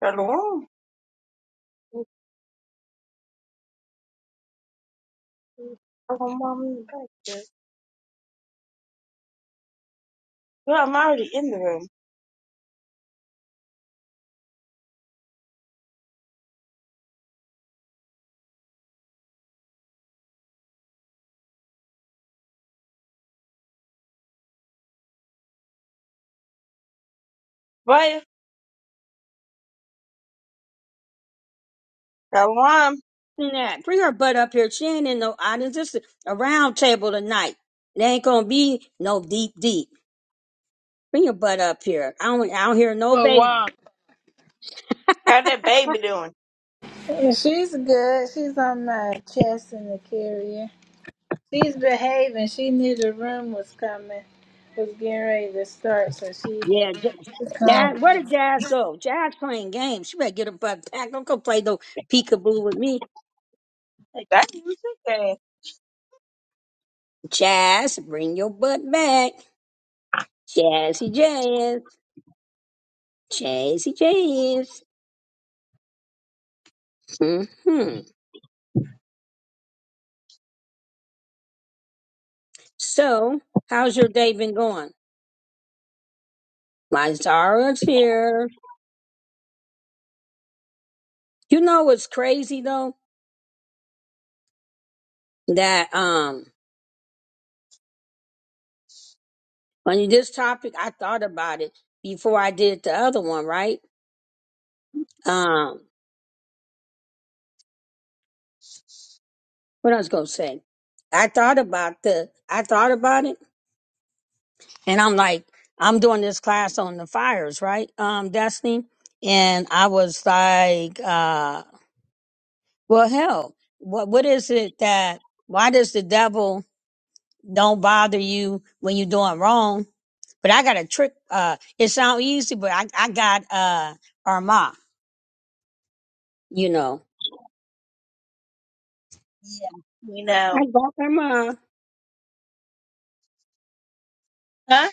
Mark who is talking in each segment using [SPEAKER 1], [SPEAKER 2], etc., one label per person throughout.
[SPEAKER 1] Shalom. Shalom. Well, I'm already in the room. But Shalom,
[SPEAKER 2] in that. Bring her butt up here. She ain't in no audience. This is a round table tonight. It ain't gonna be no deep deep. Bring your butt up here. I don't I don't hear no
[SPEAKER 3] Oh
[SPEAKER 2] baby.
[SPEAKER 3] wow,
[SPEAKER 1] how that baby doing?
[SPEAKER 3] she's good. She's on my chest in the carrier. She's behaving. She knew the room was coming, was getting ready to start, so she
[SPEAKER 2] Yeah, J-
[SPEAKER 3] she
[SPEAKER 2] Jazz.
[SPEAKER 3] calm.
[SPEAKER 2] Where did Jazz go? Jazz playing games. She better get her butt back. Don't go play no peekaboo with me.
[SPEAKER 1] Like, I knew she said.
[SPEAKER 2] Jazz, bring your butt back. Jazzy Jazz. Jazzy Jazz. hmm So, how's your day been going? My Zara's here. You know what's crazy though? That um on this topic, I thought about it before I did the other one, right? Um, what I was gonna say, I thought about the, I thought about it, and I'm like, I'm doing this class on the fires, right? Um, Destiny, and I was like, uh, well, hell, what what is it that? Why does the devil don't bother you when you're doing wrong? But I got a trick. Uh, it sounds easy, but I I got uh Arma, you know,
[SPEAKER 1] Yeah. We know.
[SPEAKER 2] I got Arma.
[SPEAKER 1] Huh?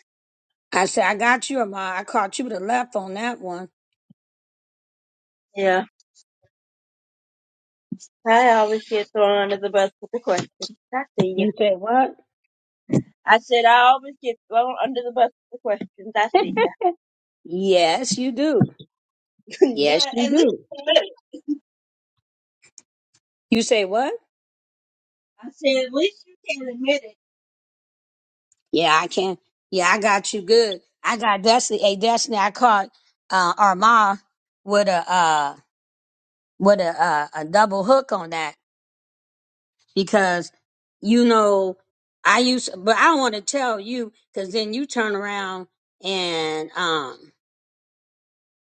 [SPEAKER 2] I said, I got you, Amar. I caught you to the left on that one.
[SPEAKER 1] Yeah. I always get thrown under the bus with the questions. I see ya.
[SPEAKER 2] You say what?
[SPEAKER 1] I said I always get thrown under the bus with the questions. I see ya.
[SPEAKER 2] Yes, you do. Yes,
[SPEAKER 1] yeah,
[SPEAKER 2] you
[SPEAKER 1] at least
[SPEAKER 2] do.
[SPEAKER 1] you admit it.
[SPEAKER 2] You say what?
[SPEAKER 1] I said at least you can admit it.
[SPEAKER 2] Yeah, I can. Yeah, I got you good. I got Destiny. Hey, Destiny, I caught uh, Armand with a uh, with a, uh, a double hook on that because you know I used, but I want to tell you because then you turn around and um,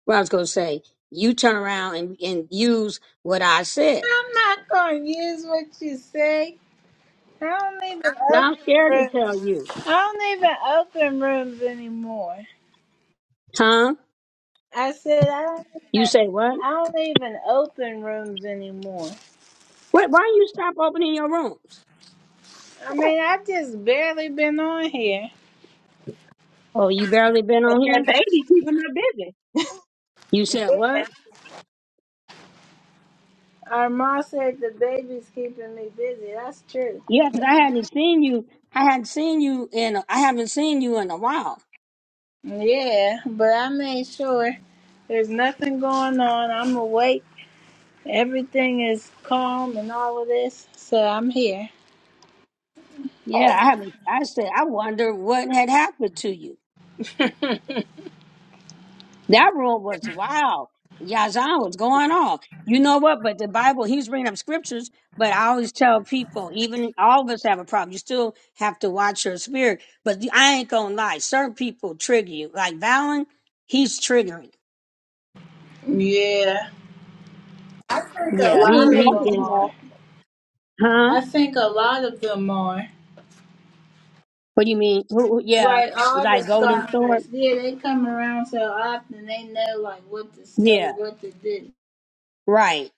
[SPEAKER 2] what I was gonna say, you turn around and, and use what I said.
[SPEAKER 3] I'm not gonna use what you say. I don't even
[SPEAKER 2] Now
[SPEAKER 3] open
[SPEAKER 2] I'm scared to
[SPEAKER 3] rooms.
[SPEAKER 2] tell you.
[SPEAKER 3] I don't even open rooms anymore.
[SPEAKER 2] Tom,
[SPEAKER 3] I said I don't
[SPEAKER 2] you
[SPEAKER 3] even.
[SPEAKER 2] say what?
[SPEAKER 3] I don't even open rooms anymore.
[SPEAKER 2] Wait, why you stop opening your rooms?
[SPEAKER 3] I mean, I just barely been on here.
[SPEAKER 2] Oh, you barely been
[SPEAKER 1] But
[SPEAKER 2] on
[SPEAKER 1] that
[SPEAKER 2] here?
[SPEAKER 1] baby keeping her busy.
[SPEAKER 2] You said what?
[SPEAKER 3] Our mom said the baby's keeping me busy. That's true.
[SPEAKER 2] Yeah, 'cause I hadn't seen you. I hadn't seen you in. I haven't seen you in a while.
[SPEAKER 3] Yeah, but I made sure there's nothing going on. I'm awake. Everything is calm and all of this. So I'm here.
[SPEAKER 2] Yeah, I haven't. I said I wonder what had happened to you. That room was wild. Yazan was going on. You know what? But the Bible, he was bringing up scriptures. But I always tell people, even all of us have a problem. You still have to watch your spirit. But the- I ain't gonna lie, certain people trigger you. Like Valen, he's triggering.
[SPEAKER 3] Yeah. I think a
[SPEAKER 1] Who
[SPEAKER 2] Yeah,
[SPEAKER 1] are
[SPEAKER 2] he
[SPEAKER 3] lot
[SPEAKER 1] you
[SPEAKER 3] of
[SPEAKER 2] he
[SPEAKER 3] them
[SPEAKER 1] talking
[SPEAKER 2] is.
[SPEAKER 3] are.
[SPEAKER 1] about?
[SPEAKER 2] Huh?
[SPEAKER 3] I think a lot of them are.
[SPEAKER 2] What do you mean? Who- who- Yeah,
[SPEAKER 3] Right, all the
[SPEAKER 2] like golden sword.
[SPEAKER 3] scoffers. Yeah, they come around so often they know like what to say,
[SPEAKER 2] Yeah,
[SPEAKER 3] what to do.
[SPEAKER 2] right.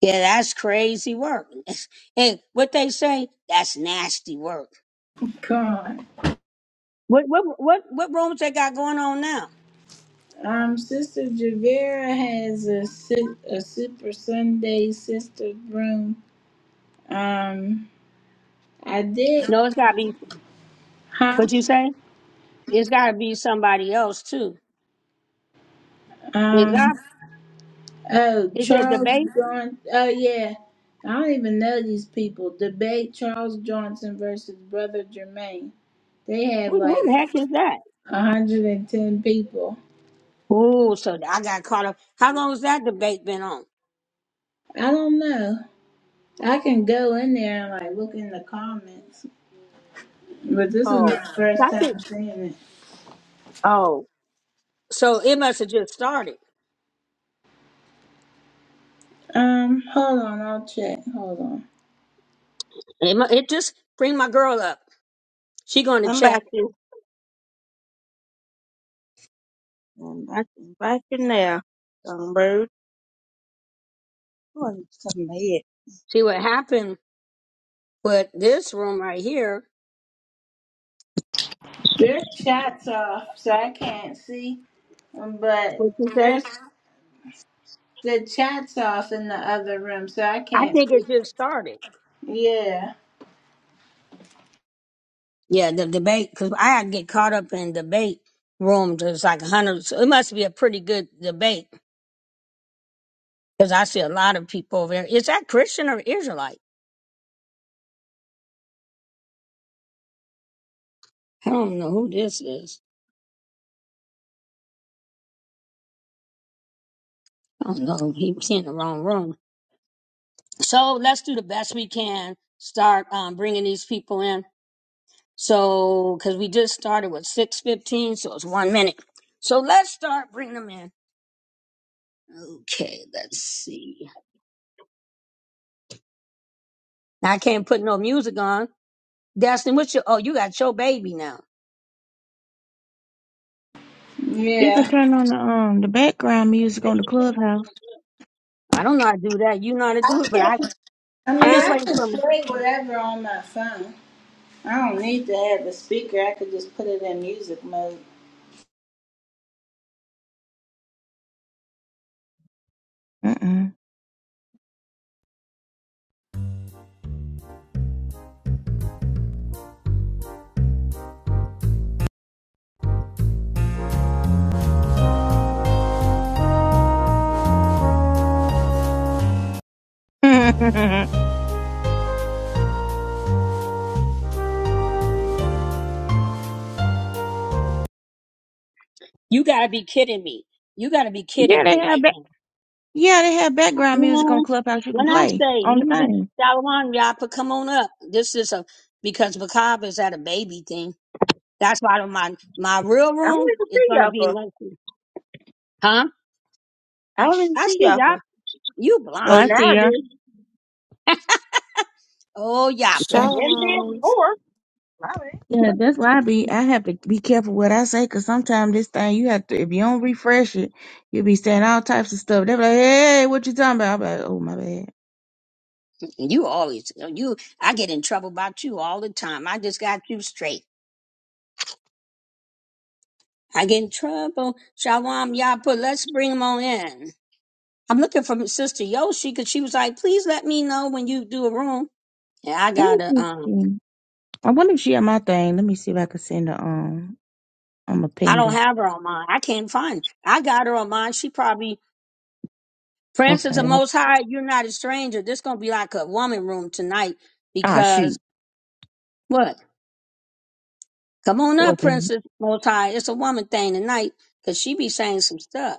[SPEAKER 2] Yeah, that's crazy work. And what they say, that's nasty work.
[SPEAKER 3] Come on.
[SPEAKER 2] What what what what rooms they got going on now?
[SPEAKER 3] Um, Sister Javera has a, si- a Super Sunday Sister room. Um, I did,
[SPEAKER 2] No, it's gotta be
[SPEAKER 3] huh?
[SPEAKER 2] what you say? It's gotta be somebody else too. Is that
[SPEAKER 3] Um, oh,
[SPEAKER 2] is it a
[SPEAKER 3] Charles
[SPEAKER 2] debate?
[SPEAKER 3] Johnson. Oh, yeah. I don't even know these people. Debate Charles Johnson versus Brother Jermaine. They have
[SPEAKER 2] Who, who
[SPEAKER 3] like
[SPEAKER 2] the heck is that?
[SPEAKER 3] 110 people.
[SPEAKER 2] Oh, so I got caught up. How long has that debate been on?
[SPEAKER 3] I don't know. I can go in there and like look in the comments, but this is my
[SPEAKER 2] Oh,
[SPEAKER 3] first
[SPEAKER 2] I think.
[SPEAKER 3] time seeing it.
[SPEAKER 2] Oh, so it must have just started.
[SPEAKER 3] Um, hold on, I'll check. Hold on.
[SPEAKER 2] It, mu- it just bring my girl up. She going to
[SPEAKER 1] I'm
[SPEAKER 2] check
[SPEAKER 1] back to. I'm back to invite you now. Who are you talking about here?
[SPEAKER 2] see what happened. with this room right here,
[SPEAKER 3] Their chat's off, so I can't see. um,
[SPEAKER 2] what
[SPEAKER 3] But
[SPEAKER 2] you say?
[SPEAKER 3] there's the chat's off in the other room, so I
[SPEAKER 2] I
[SPEAKER 3] can't
[SPEAKER 2] think
[SPEAKER 3] see.
[SPEAKER 2] it just started.
[SPEAKER 3] Yeah,
[SPEAKER 2] Yeah, the debate because I had to get caught up in debate room. There's like hundreds. It must be a pretty good debate Because I see a lot of people over there. Is that Christian or Israelite? I don't know who this is. I don't know. He was in the wrong room. So let's do the best we can. Start um, bringing these people in. So, because we just started with 6.15, so it's one minute. So let's start bringing them in. Okay, let's see. Now, I can't put no music on. Destin. what's your, oh, you got your baby now.
[SPEAKER 4] You can
[SPEAKER 3] yeah.
[SPEAKER 4] turn on the um the background music on the clubhouse.
[SPEAKER 2] I don't know how to do that. You know how to
[SPEAKER 3] I
[SPEAKER 2] do it, but
[SPEAKER 3] can.
[SPEAKER 2] I,
[SPEAKER 3] I
[SPEAKER 2] I'm
[SPEAKER 3] mean,
[SPEAKER 2] just
[SPEAKER 3] I
[SPEAKER 2] waiting
[SPEAKER 3] can
[SPEAKER 2] for,
[SPEAKER 3] play whatever on my phone. I don't need to have a speaker. I could just put it in music mode.
[SPEAKER 4] Mm-mm. yeah,
[SPEAKER 2] you gotta be kidding me. You gotta be kidding
[SPEAKER 4] they
[SPEAKER 2] me right
[SPEAKER 4] have ba-
[SPEAKER 2] now.
[SPEAKER 4] yeah they have background music on
[SPEAKER 2] When
[SPEAKER 4] clubhouse. You can
[SPEAKER 2] when I
[SPEAKER 4] play
[SPEAKER 2] say
[SPEAKER 4] on the
[SPEAKER 2] music,
[SPEAKER 4] thing.
[SPEAKER 2] Shalom, Yapa, come on up. This is a because Macabre is at a baby thing. That's why my my real
[SPEAKER 1] I don't
[SPEAKER 2] room
[SPEAKER 1] even
[SPEAKER 2] is
[SPEAKER 1] see
[SPEAKER 2] gonna
[SPEAKER 1] y'all
[SPEAKER 2] be
[SPEAKER 1] for.
[SPEAKER 2] Lexi. Huh?
[SPEAKER 1] I don't even
[SPEAKER 2] I
[SPEAKER 1] see
[SPEAKER 2] see
[SPEAKER 1] y'all
[SPEAKER 2] Yap.
[SPEAKER 1] for.
[SPEAKER 2] You
[SPEAKER 4] Oh,
[SPEAKER 1] Oh,
[SPEAKER 4] I
[SPEAKER 1] now
[SPEAKER 2] blind.
[SPEAKER 4] see
[SPEAKER 1] I do.
[SPEAKER 4] her.
[SPEAKER 2] Oh
[SPEAKER 1] I
[SPEAKER 2] Yappa,
[SPEAKER 1] didn't see it
[SPEAKER 5] Shalom.
[SPEAKER 1] before. My bad.
[SPEAKER 4] Yeah, that's why I be I have to be careful what I say because sometimes this thing you have to if you don't refresh it, you'll be saying all types of stuff. They're like, hey, what you talking about? I'm like, oh my bad.
[SPEAKER 2] You always you I get in trouble about you all the time. I just got you straight. I get in trouble. Shalom Yappa. let's bring him on in. I'm looking for Sister Yoshi because she was like, please let me know when you do a room. And I
[SPEAKER 4] Let me
[SPEAKER 2] gotta
[SPEAKER 4] see. If
[SPEAKER 2] um
[SPEAKER 4] she, I wonder if she had my thing. Let me see if I can send her um I'm a
[SPEAKER 2] I don't
[SPEAKER 4] pinger.
[SPEAKER 2] have her on mine. I can't find. Her. I got her on mine. She probably Francis the
[SPEAKER 4] Okay.
[SPEAKER 2] Most High. You're not a stranger. This gonna be like a woman room tonight
[SPEAKER 4] Ah shoot.
[SPEAKER 2] because what? Come on up, Princess Most High. It's a woman thing tonight because she be saying some stuff.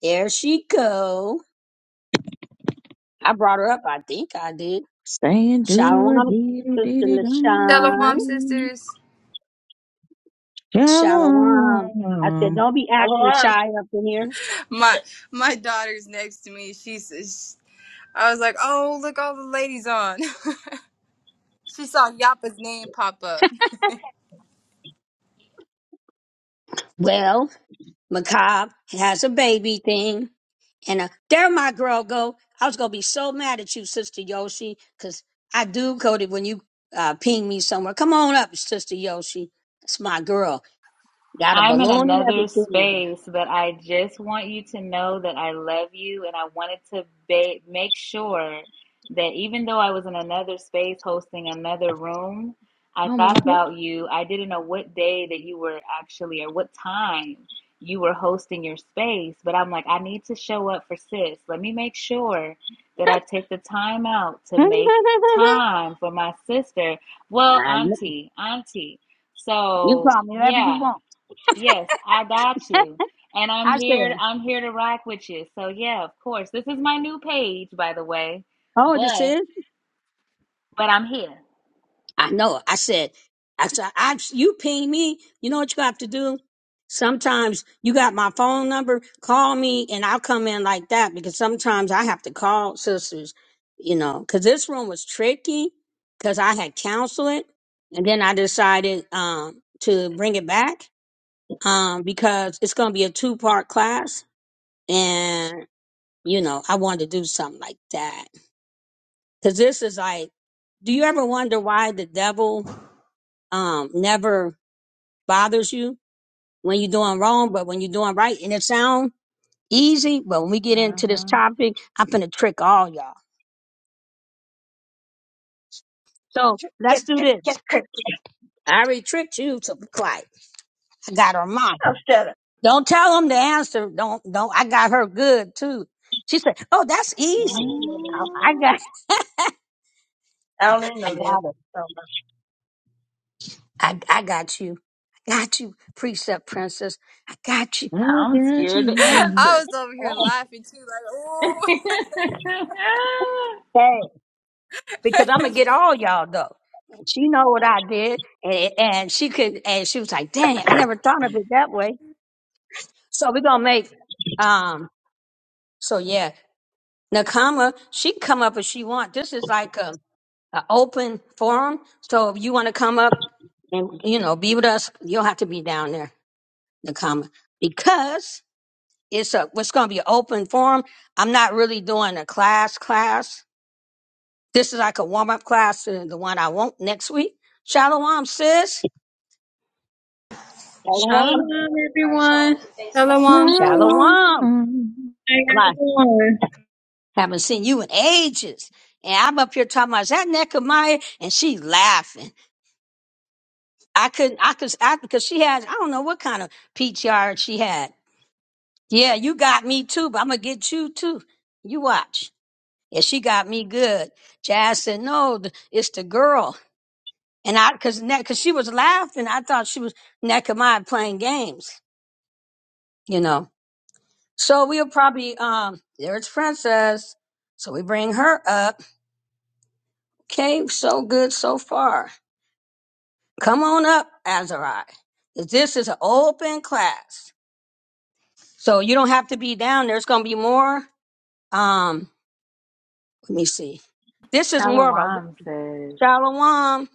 [SPEAKER 2] There she go. I brought her up. I think I did.
[SPEAKER 4] Saying do a
[SPEAKER 2] Shalom,
[SPEAKER 4] dee dee dee
[SPEAKER 2] Sister
[SPEAKER 4] dee dum dee dee
[SPEAKER 6] Hello,
[SPEAKER 2] Lashawn.
[SPEAKER 6] mom,
[SPEAKER 4] dee.
[SPEAKER 6] sisters.
[SPEAKER 2] Shalom. I said,
[SPEAKER 4] Shalom.
[SPEAKER 2] don't be
[SPEAKER 1] LOL.
[SPEAKER 2] acting
[SPEAKER 1] I'm
[SPEAKER 2] shy up in here.
[SPEAKER 6] My my daughter's next to me. She's. I was like, oh, look, all the ladies on. she saw Yappa's name pop up.
[SPEAKER 2] Well, Macabre has a baby thing. And uh, there my girl go. I was gonna be so mad at you, Sister Yoshi, because I do coded when you uh ping me somewhere. Come on up, Sister Yoshi. That's my girl. Got a
[SPEAKER 7] I'm in
[SPEAKER 2] balloon and
[SPEAKER 7] another
[SPEAKER 2] everything.
[SPEAKER 7] space, but I just want you to know that I love you and I wanted to ba- make sure that even though I was in another space hosting another room, I
[SPEAKER 2] Oh my
[SPEAKER 7] thought
[SPEAKER 2] goodness.
[SPEAKER 7] about you. I didn't know what day that you were actually or what time you were hosting your space, but I'm like, I need to show up for sis. Let me make sure that I take the time out to make time for my sister. Well,
[SPEAKER 2] I know.
[SPEAKER 7] auntie, auntie.
[SPEAKER 2] You
[SPEAKER 7] So,
[SPEAKER 2] call me whatever you
[SPEAKER 7] yeah.
[SPEAKER 2] want.
[SPEAKER 7] Yes, I got you. And I'm
[SPEAKER 2] I
[SPEAKER 7] here
[SPEAKER 2] said,
[SPEAKER 7] I'm here to rock with you. So yeah, of course. This is my new page, by the way.
[SPEAKER 2] Oh, this
[SPEAKER 7] But
[SPEAKER 2] is?
[SPEAKER 7] but I'm here.
[SPEAKER 2] I know. I said, I said, I, you ping me. You know what you have to do? Sometimes you got my phone number. Call me and I'll come in like that because sometimes I have to call sisters, you know, because this room was tricky because I had counseled it. and then I decided um, to bring it back um, because it's going to be a two part class. And, you know, I wanted to do something like that because this is like, do you ever wonder why the devil? um, never bothers you when you're doing wrong, but when you're doing right, and it sounds easy, but when we get into this
[SPEAKER 7] Mm-hmm.
[SPEAKER 2] topic, I'm finna trick all y'all. So
[SPEAKER 1] Get,
[SPEAKER 2] let's do
[SPEAKER 1] get,
[SPEAKER 2] this.
[SPEAKER 1] get, get.
[SPEAKER 2] I already tricked you to be quiet. I got her mind.
[SPEAKER 1] Oh, shut up.
[SPEAKER 2] Don't tell them the answer. Don't don't. I got her good too. She said, "Oh, that's easy. I, I
[SPEAKER 7] Mm,
[SPEAKER 2] got
[SPEAKER 1] I don't even
[SPEAKER 2] I
[SPEAKER 1] know this.
[SPEAKER 2] got it.
[SPEAKER 1] So
[SPEAKER 2] I I got you. I got you, precept princess. I got you.
[SPEAKER 4] Look
[SPEAKER 7] I'm
[SPEAKER 4] at
[SPEAKER 7] scared to
[SPEAKER 4] you be.
[SPEAKER 6] I
[SPEAKER 7] answer.
[SPEAKER 6] was over here laughing too, like, "Oh!"
[SPEAKER 2] Hey. because I'm gonna get all y'all though. And She know what I did, and, and she could, and she was like, "Dang, I never thought of it that way." So we gonna make, um, so yeah, Nakama, she can come up if she want. This is like a, a open forum, so if you want to come up and you know be with us, you'll have to be down there, Nakama, because it's a it's gonna be an open forum. I'm not really doing a class class This is like a warm up class to the one I want next week. Shalom, sis.
[SPEAKER 1] LOL.
[SPEAKER 8] Shalom, everyone.
[SPEAKER 6] Hello, mom, sis.
[SPEAKER 4] Shalom.
[SPEAKER 2] Shalom.
[SPEAKER 8] How y'all
[SPEAKER 2] Like,
[SPEAKER 8] doing?
[SPEAKER 2] haven't seen you in ages. And I'm up here talking about, is that Nehemiah? And she laughing. I couldn't, I could, I, because she has, I don't know what kind of PTR she had. Yeah, you got me too, but I'm going to get you too. You watch. Yeah, she got me good. Jazz said, no, th- it's the girl. And I, cause, Ne- cause she was laughing. I thought she was Nehemiah playing games, you know. So we'll probably um there's Princess. So we bring her up. Okay, so good so far. Come on up, Azari. This is an open class. So you don't have to be down. There's gonna be more. Um, let me see. This is more of a
[SPEAKER 7] Shalawam says,
[SPEAKER 2] Shalom.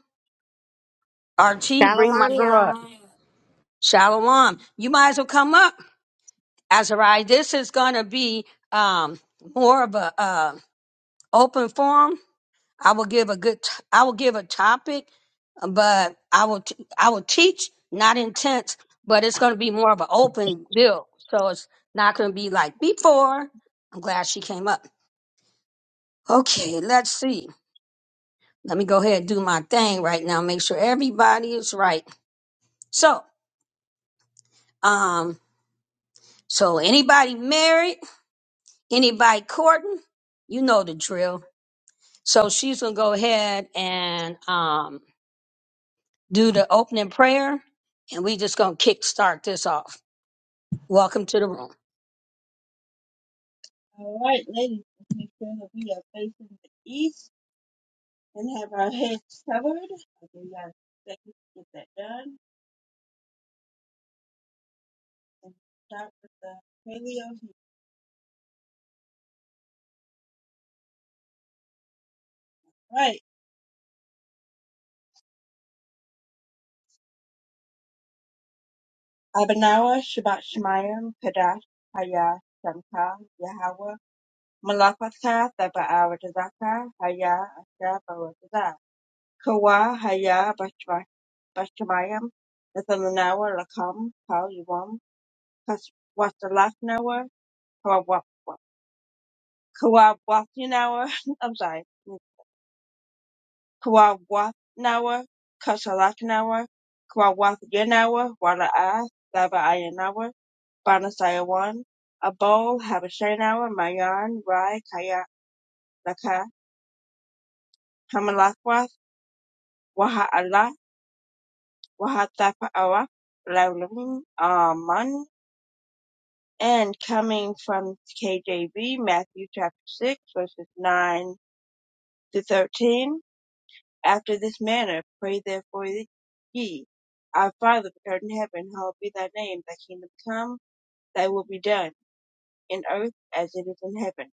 [SPEAKER 2] Archie, bring my
[SPEAKER 9] Shalom,
[SPEAKER 2] girl up.
[SPEAKER 9] y'all.
[SPEAKER 2] Shalom. You might as well come up, Azari. This is gonna be um more of a uh open forum I will give a good. T- I will give a topic, uh, but I will. T- I will teach, not intense, but it's going to be more of an open build. So it's not going to be like before. I'm glad she came up. Okay, let's see. Let me go ahead and do my thing right now. Make sure everybody is right. So, um, so anybody married? Anybody courting? You know the drill. So she's gonna go ahead and um do the opening prayer, and we just gonna kick start this off. Welcome to the room.
[SPEAKER 1] All right, ladies. Let's make sure that we are facing the east and have our heads covered. I'll give you guys a second to get that done. And start with the paleo. All Right. Abanawa Shabbat Shemayim Kadesh Haya Shamka Yahweh Malakatha Thabaawadazaka Haya Asher Bawadazah Kawa Haya Bashma- Bashamayim Nathalanawa Lakam Kal Yuam Kas Wasalaknawa Kawa Kawabwatinawa I'm sorry Kwawanawa Kasalaknawa Kwawathyanawa Wala'a Lava'ayanawa Banasayawan Abol Habashanawa Mayan Rai Kaya Laka Hamalakwath Waha'ala Wahathapa'awa Laulim Aman and coming from KJV Matthew chapter 6 verses 9 to 13 after this manner. Pray therefore ye, Our Father which art in heaven, hallowed be thy name. Thy kingdom come, thy will be done, in earth as it is in heaven.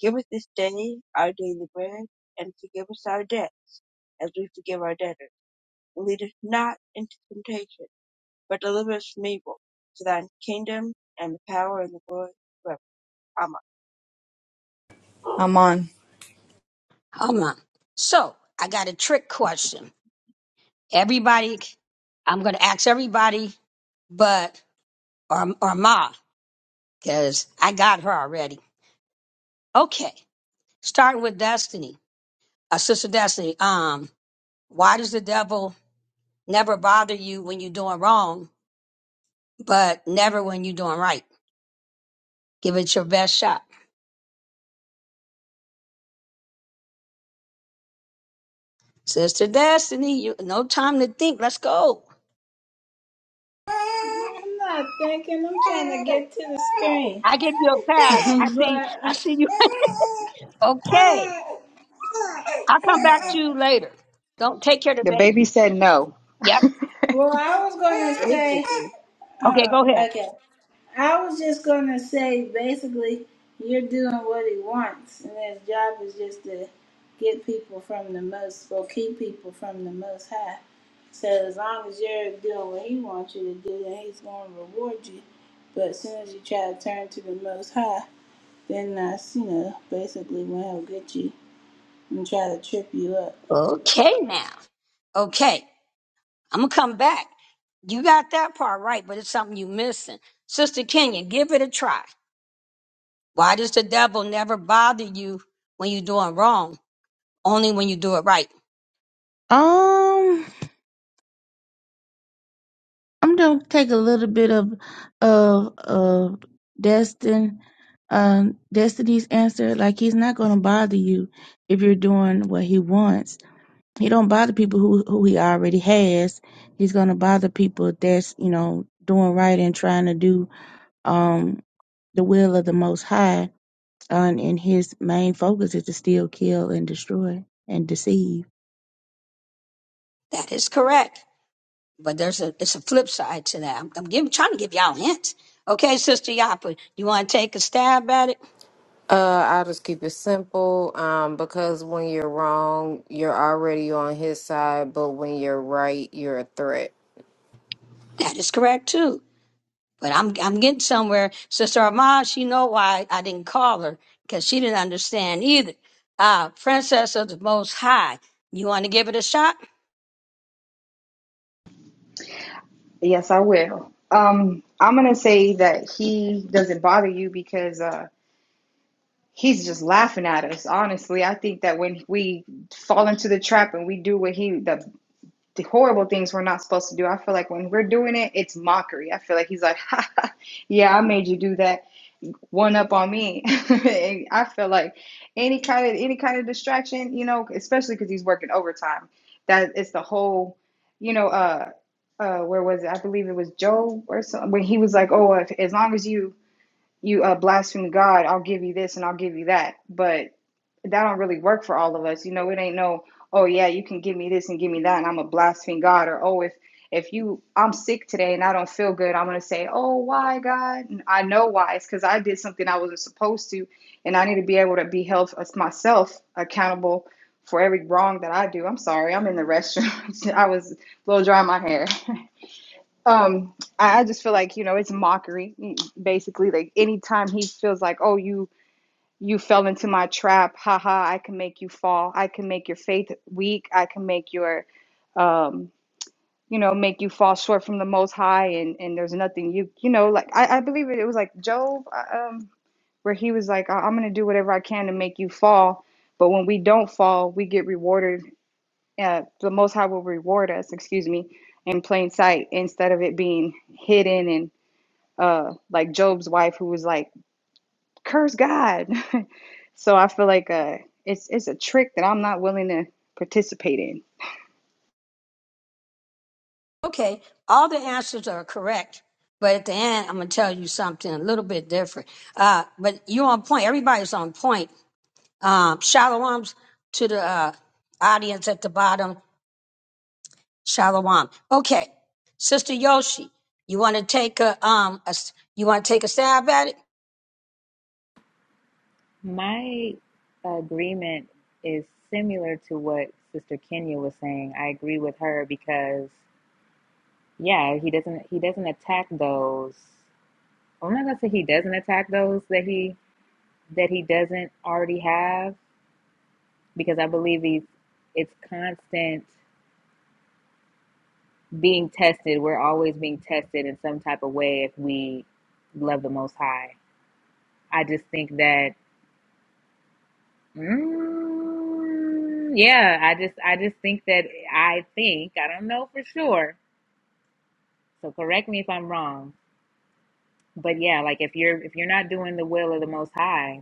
[SPEAKER 1] Give us this day our daily bread, and forgive us our debt, as we forgive our debtors. And lead us not into temptation, but deliver us from evil. For thine is the kingdom, and the power, and the glory forever. Amen.
[SPEAKER 6] I'm on.
[SPEAKER 2] Hold on. So I got a trick question. Everybody, I'm gonna ask everybody, but or or Ma, because I got her already. Okay, starting with Destiny, uh, sister Destiny. Um, why does the devil never bother you when you're doing wrong, but never when you're doing right? Give it your best shot, sister Destiny. You no time to think. Let's go.
[SPEAKER 3] I'm not thinking. I'm trying to get to the screen.
[SPEAKER 2] I give you a pass. I see.
[SPEAKER 3] but.
[SPEAKER 2] I see you. Okay. I'll come back
[SPEAKER 3] uh,
[SPEAKER 2] to you later. Don't take care of the
[SPEAKER 6] The baby
[SPEAKER 2] baby.
[SPEAKER 6] said no.
[SPEAKER 2] Yep.
[SPEAKER 3] Well, I was going to say,
[SPEAKER 1] Basically,
[SPEAKER 2] Okay,
[SPEAKER 3] uh,
[SPEAKER 2] go ahead.
[SPEAKER 3] okay, I was just going to say basically, you're doing what he wants, and his job is just to get people from the most, or keep people from the most high. So as long as you're doing what he wants you to do, then he's going to reward you. But as soon as you try to turn to the most high, then that's, you know, basically when he'll get you and try to trip you up.
[SPEAKER 2] Okay, now. Okay. I'm going to come back. You got that part right, but it's something you missing. Sister Kenya, give it a try. Why does the devil never bother you when you're doing wrong? Only when you do it right.
[SPEAKER 4] Um, I'm gonna take a little bit of of of Destin, um, Destiny's answer. Like he's not gonna bother you if you're doing what he wants. He don't bother people who who he already has. He's gonna bother people that's you know doing right and trying to do um, the will of the Most High, uh, and and his main focus is to steal, kill, and destroy and deceive.
[SPEAKER 2] That is correct. But there's a it's a flip side to that. I'm, I'm giving, trying to give y'all hints. Okay, Sister Yapa, you want to take a stab at it?
[SPEAKER 5] Uh, i just keep it simple. Um, because when you're wrong, you're already on his side, but when you're right, you're a threat.
[SPEAKER 2] That is correct too. But I'm I'm getting somewhere. Sister Armand, she know why I didn't call her because she didn't understand either. Ah, Princess of the Most High. You want to give it a shot?
[SPEAKER 6] Yes, I will. Um, I'm gonna say that he doesn't bother you because uh, he's just laughing at us. Honestly, I think that when we fall into the trap and we do what he the the horrible things we're not supposed to do. I feel like when we're doing it, it's mockery. I feel like he's like, ha, ha, yeah, I made you do that. One up on me. And I feel like any kind of any kind of distraction, you know, especially because he's working overtime. That it's the whole, you know, uh, uh, where was it? I believe it was Job or something. When he was like, oh, if, as long as you you uh, blaspheme God, I'll give you this and I'll give you that. But that don't really work for all of us. You know, it ain't no, oh yeah, you can give me this and give me that, and I'm a blaspheme God, or oh if if you I'm sick today and I don't feel good, I'm gonna say, oh why God? And I know why. It's because I did something I wasn't supposed to, and I need to be able to be held as myself accountable for every wrong that I do. I'm sorry, I'm in the restroom. I was a little dry in my hair. Um, I I just feel like you know it's mockery, mm, basically. Like anytime he feels like, oh you you fell into my trap. Haha, I can make you fall. I can make your faith weak. I can make your um you know, make you fall short from the most high and and there's nothing you you know, like I I believe it, it was like Job uh, um where he was like, "I- I'm going to do whatever I can to make you fall. But when we don't fall, we get rewarded. Uh, the Most High will reward us, excuse me, in plain sight instead of it being hidden and uh, like Job's wife, who was like, curse God. So I feel like uh, it's it's a trick that I'm not willing to participate in.
[SPEAKER 2] Okay. All the answers are correct. But at the end, I'm gonna tell you something a little bit different. Uh, but you're on point. Everybody's on point. Um, shalom's to the uh, audience at the bottom. Shalom. Okay, Sister Yoshi, you want to take a um, a s you want to take a stab at it?
[SPEAKER 7] My agreement is similar to what Sister Kenya was saying. I agree with her because yeah, he doesn't he doesn't attack those. I'm not gonna say he doesn't attack those that he that he doesn't already have because I believe he's it's constant being tested. We're always being tested in some type of way if we love the Most High. I just think that, mm, yeah, I just I just think that I think I don't know for sure. So correct me if I'm wrong, but yeah, like if you're if you're not doing the will of the Most High,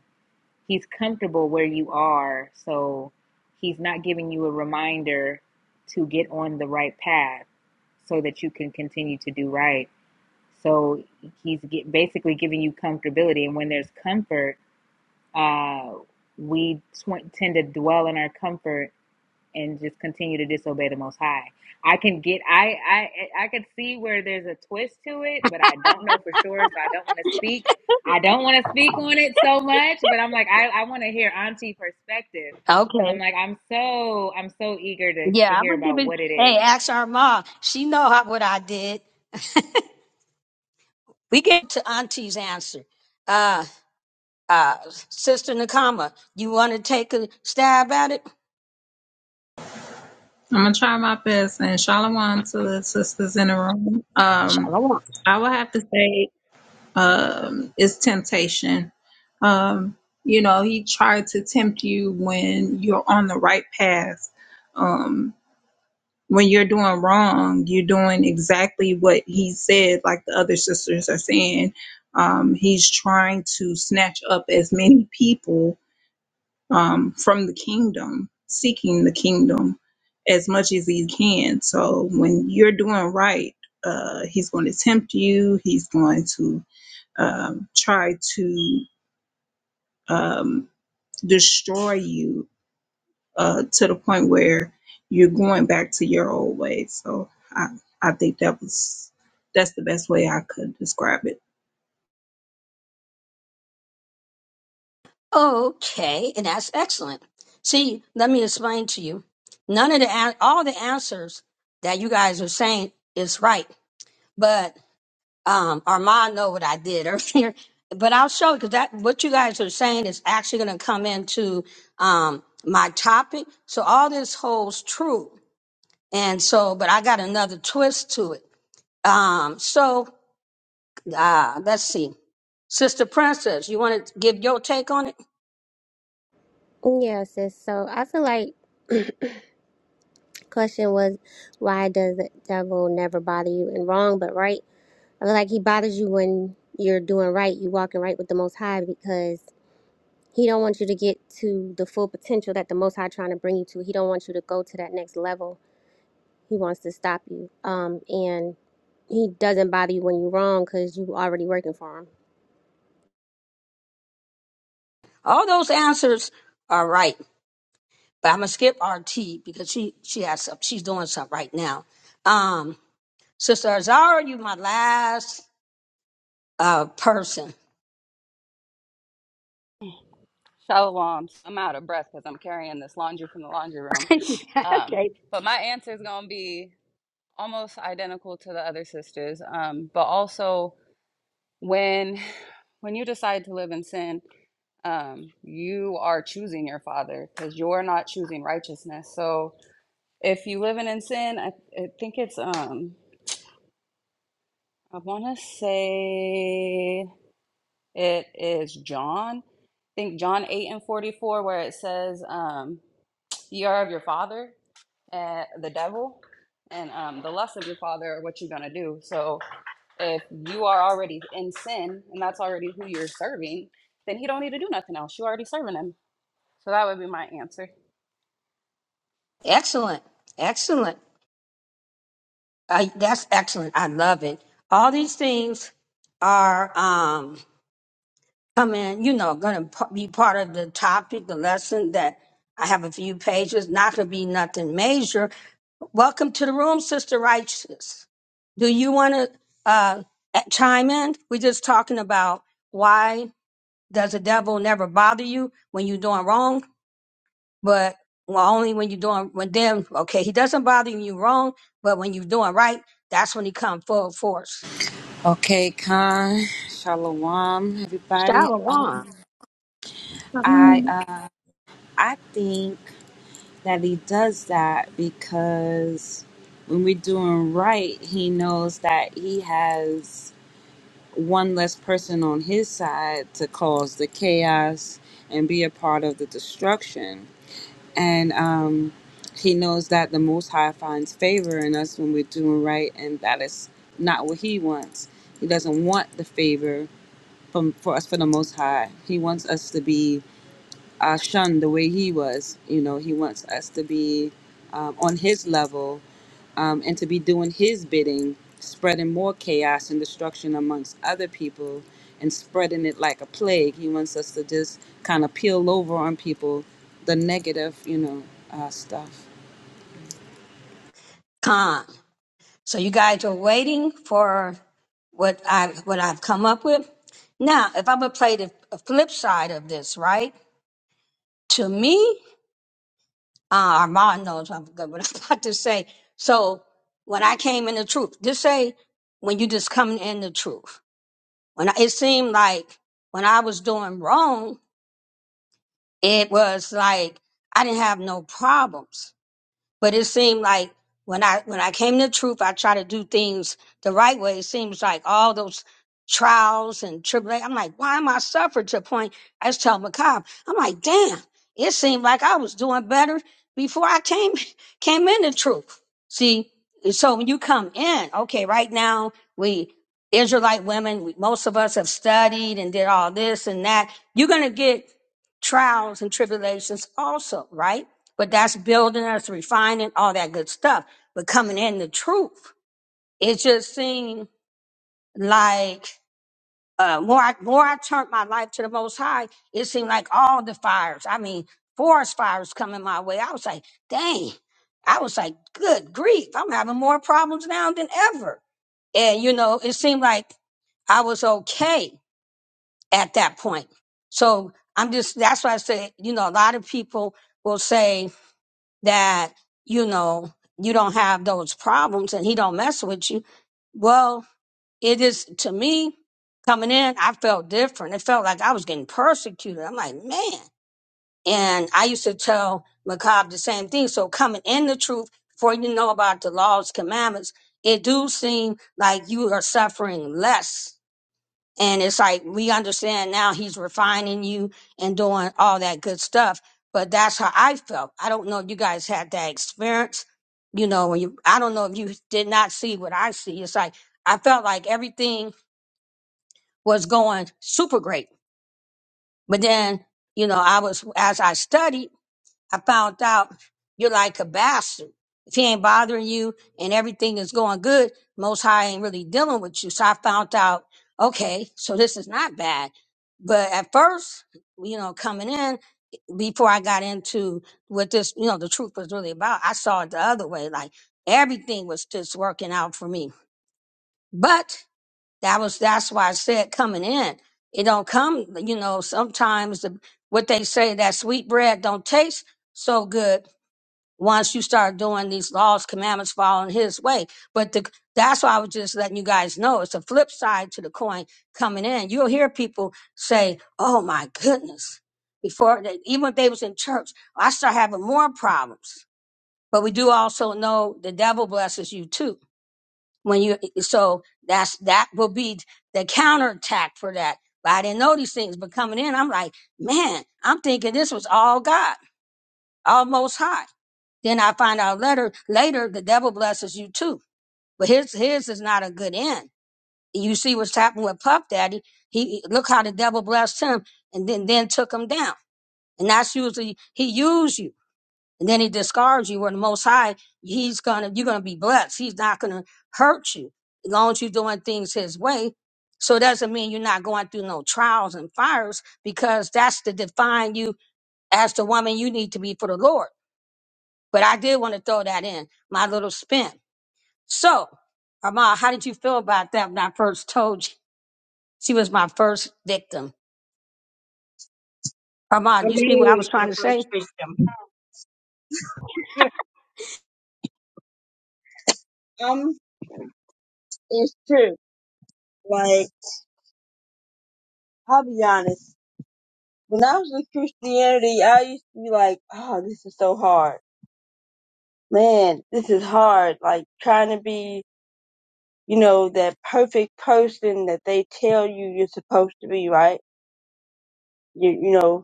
[SPEAKER 7] he's comfortable where you are so he's not giving you a reminder to get on the right path so that you can continue to do right so he's get, basically giving you comfortability and when there's comfort uh, we tw- tend to dwell in our comfort and just continue to disobey the most high i can get i i i could see where there's a twist to it but i don't know for sure so i don't want to speak i don't want to speak on it so much but i'm like i, I want to hear auntie perspective because
[SPEAKER 2] Okay.
[SPEAKER 7] i'm like i'm so i'm so eager to, to
[SPEAKER 2] Yeah, I'm
[SPEAKER 7] hear
[SPEAKER 2] gonna give
[SPEAKER 7] about
[SPEAKER 2] it.
[SPEAKER 7] what it
[SPEAKER 2] Hey,
[SPEAKER 7] is
[SPEAKER 2] ask our mom. She know how, what I did. We get to Auntie's answer. Uh, uh, Sister Nakama, you want to take a stab at it?
[SPEAKER 8] I'm gonna try my best, and shalom to the sisters in the room. Um,
[SPEAKER 2] Shalom.
[SPEAKER 8] I would have to say, um, it's temptation. Um, you know, he tried to tempt you when you're on the right path. Um, when you're doing wrong, you're doing exactly what he said, like the other sisters are saying. Um, he's trying to snatch up as many people um, from the kingdom, seeking the kingdom as much as he can. So when you're doing right, uh, he's going to tempt you. He's going to um, try to um, destroy you uh, to the point where you're going back to your old ways. So I, I think that was that's the best way I could describe it.
[SPEAKER 2] Okay, and that's excellent. See, let me explain to you. None of the an- all the answers that you guys are saying is right, but um Armand know what I did earlier, but I'll show because that what you guys are saying is actually going to come into um my topic. So all this holds true, and so but I got another twist to it. Um, so uh, let's see, Sister Princess, you want to give your take on it?
[SPEAKER 9] Yeah, sis. So I feel like question was why does the devil never bother you in wrong but right? I feel like he bothers you when you're doing right, you walking right with the Most High because he don't want you to get to the full potential that the Most High trying to bring you to. He don't want you to go to that next level. He wants to stop you. Um, and he doesn't bother you when you're wrong because you already working for him.
[SPEAKER 2] All those answers are right, but I'm gonna skip RT because she she has some, she's doing something right now. Um, Sister Azara, you my last uh person.
[SPEAKER 10] Shalom. I'm out of breath because I'm carrying this laundry from the laundry room. Um,
[SPEAKER 2] okay.
[SPEAKER 10] but my answer is going to be almost identical to the other sisters. Um, but also, when when you decide to live in sin, um, you are choosing your father because you're not choosing righteousness. So if you living in sin, I, I think it's um, I want to say it is John. I think John eight and forty four, where it says, um, "Ye are of your father." and the devil and um, the lust of your father are what you're going to do. So if you are already in sin and that's already who you're serving, then he don't need to do nothing else. you already serving him. So that would be my answer.
[SPEAKER 2] Excellent. Excellent. Uh, that's excellent. I love it. All these things are um, coming, you know, going to be part of the topic, the lesson that I have a few pages, not going to be nothing major. Welcome to the room, Sister Righteous. Do you want to uh, chime in? We're just talking about why does the devil never bother you when you're doing wrong? but well, only when you're doing when them okay he doesn't bother you wrong but when you're doing right that's when he come full force
[SPEAKER 11] Okay, Khan, Shalom, everybody.
[SPEAKER 2] shalom
[SPEAKER 11] Um, I uh, I think that he does that because when we're doing right, he knows that he has one less person on his side to cause the chaos and be a part of the destruction. And um, he knows that the Most High finds favor in us when we're doing right, and that is not what he wants. He doesn't want the favor from for us for the most high he wants us to be uh, shunned the way he was you know he wants us to be um, on his level um, and to be doing his bidding spreading more chaos and destruction amongst other people and spreading it like a plague he wants us to just kind of peel over on people the negative you know uh, stuff
[SPEAKER 2] Khan. so you guys are waiting for what i what i've come up with now if i'm gonna play the flip side of this right to me uh armand knows i'm good what i'm about to say so when i came in the truth just say when you just come in the truth when I, it seemed like when i was doing wrong it was like I didn't have no problems. But it seemed like when I when I came to the truth, I try to do things the right way. It seems like all those trials and tribulations. I'm like, why am I suffering to a point? I just tell McCobb, I'm like, damn, it seemed like I was doing better before I came came into truth. See, so when you come in, okay, right now we Israelite women, we, most of us have studied and did all this and that. You're gonna get trials and tribulations also, right? But that's building us, refining, all that good stuff. But coming in the truth, it just seemed like uh, more I, more I turned my life to the Most High, it seemed like all the fires. I mean, forest fires coming my way. I was like, dang. I was like, good grief, I'm having more problems now than ever. And you know, it seemed like I was okay at that point. So I'm just that's why I say, you know, a lot of people will say that, you know, you don't have those problems and he don't mess with you. Well, it is to me coming in, I felt different. It felt like I was getting persecuted. I'm like, man. And I used to tell Macab the same thing. So coming in the truth, before you know about the laws, commandments, it do seem like you are suffering less and it's like we understand now he's refining you and doing all that good stuff. But that's how I felt. I don't know if you guys had that experience. You know, when you I don't know if you did not see what I see. It's like I felt like everything was going super great. But then, you know, I was as I studied. I found out you're like a bastard. If he ain't bothering you and everything is going good, Most High ain't really dealing with you. So I found out, okay, so this is not bad. But at first, you know, coming in, before I got into what this, you know, the truth was really about, I saw it the other way. Like everything was just working out for me. But that was, that's why I said coming in, it don't come, you know, sometimes the, what they say, that sweet bread don't taste so good once you start doing these laws, commandments, following his way. But the, that's why I was just letting you guys know it's a flip side to the coin coming in. You'll hear people say, Oh my goodness. Before they, even if they was in church, I start having more problems. But we do also know the devil blesses you too. When you, so that's, that will be the counterattack for that. But I didn't know these things, but coming in, I'm like, man, I'm thinking this was all God, all most high. Then I find out later, later the devil blesses you too. But his his is not a good end. You see what's happened with Puff Daddy. He look how the devil blessed him and then then took him down. And that's usually he used you. And then he discards you where the most high, he's gonna you're gonna be blessed. He's not gonna hurt you as long as you're doing things his way. So it doesn't mean you're not going through no trials and fires because that's to define you as the woman you need to be for the Lord. But I did want to throw that in, my little spin. So, Armand, how did you feel about that when I first told you she was my first victim?
[SPEAKER 1] I
[SPEAKER 2] Armand, you see
[SPEAKER 1] really
[SPEAKER 2] what I was
[SPEAKER 1] like your
[SPEAKER 2] trying to say?
[SPEAKER 1] first wisdom. Um, it's true. Like, I'll be honest. When I was in Christianity, I used to be like, oh, this is so hard. Man, this is hard. Like trying to be, you know, that perfect person that they tell you you're supposed to be, right? You, you know,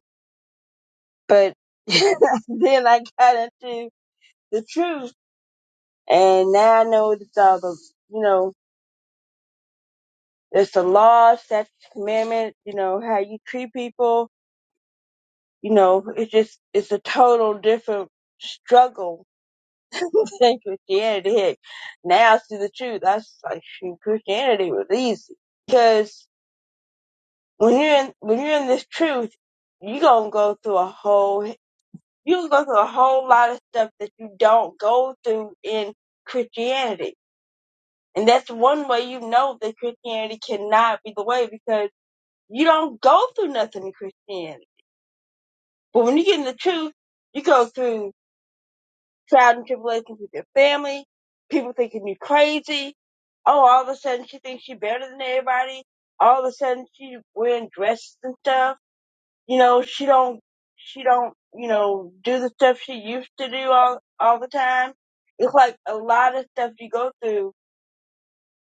[SPEAKER 1] but then I got into the truth and now I know it's all the, you know, it's the law, statutes, commandments, you know, how you treat people, you know, it's just, it's a total different struggle than Christianity. Heck, now I see the truth, that's like shoot, Christianity was easy because when you're in when you're in this truth, you gonna go through a whole you gonna go through a whole lot of stuff that you don't go through in Christianity, and that's one way you know that Christianity cannot be the way because you don't go through nothing in Christianity. But when you get in the truth, you go through trials and tribulations with your family, people thinking you crazy. Oh, all of a sudden she thinks she's better than everybody. All of a sudden she's wearing dresses and stuff. You know, she don't, she don't, you know, do the stuff she used to do all, all the time. It's like a lot of stuff you go through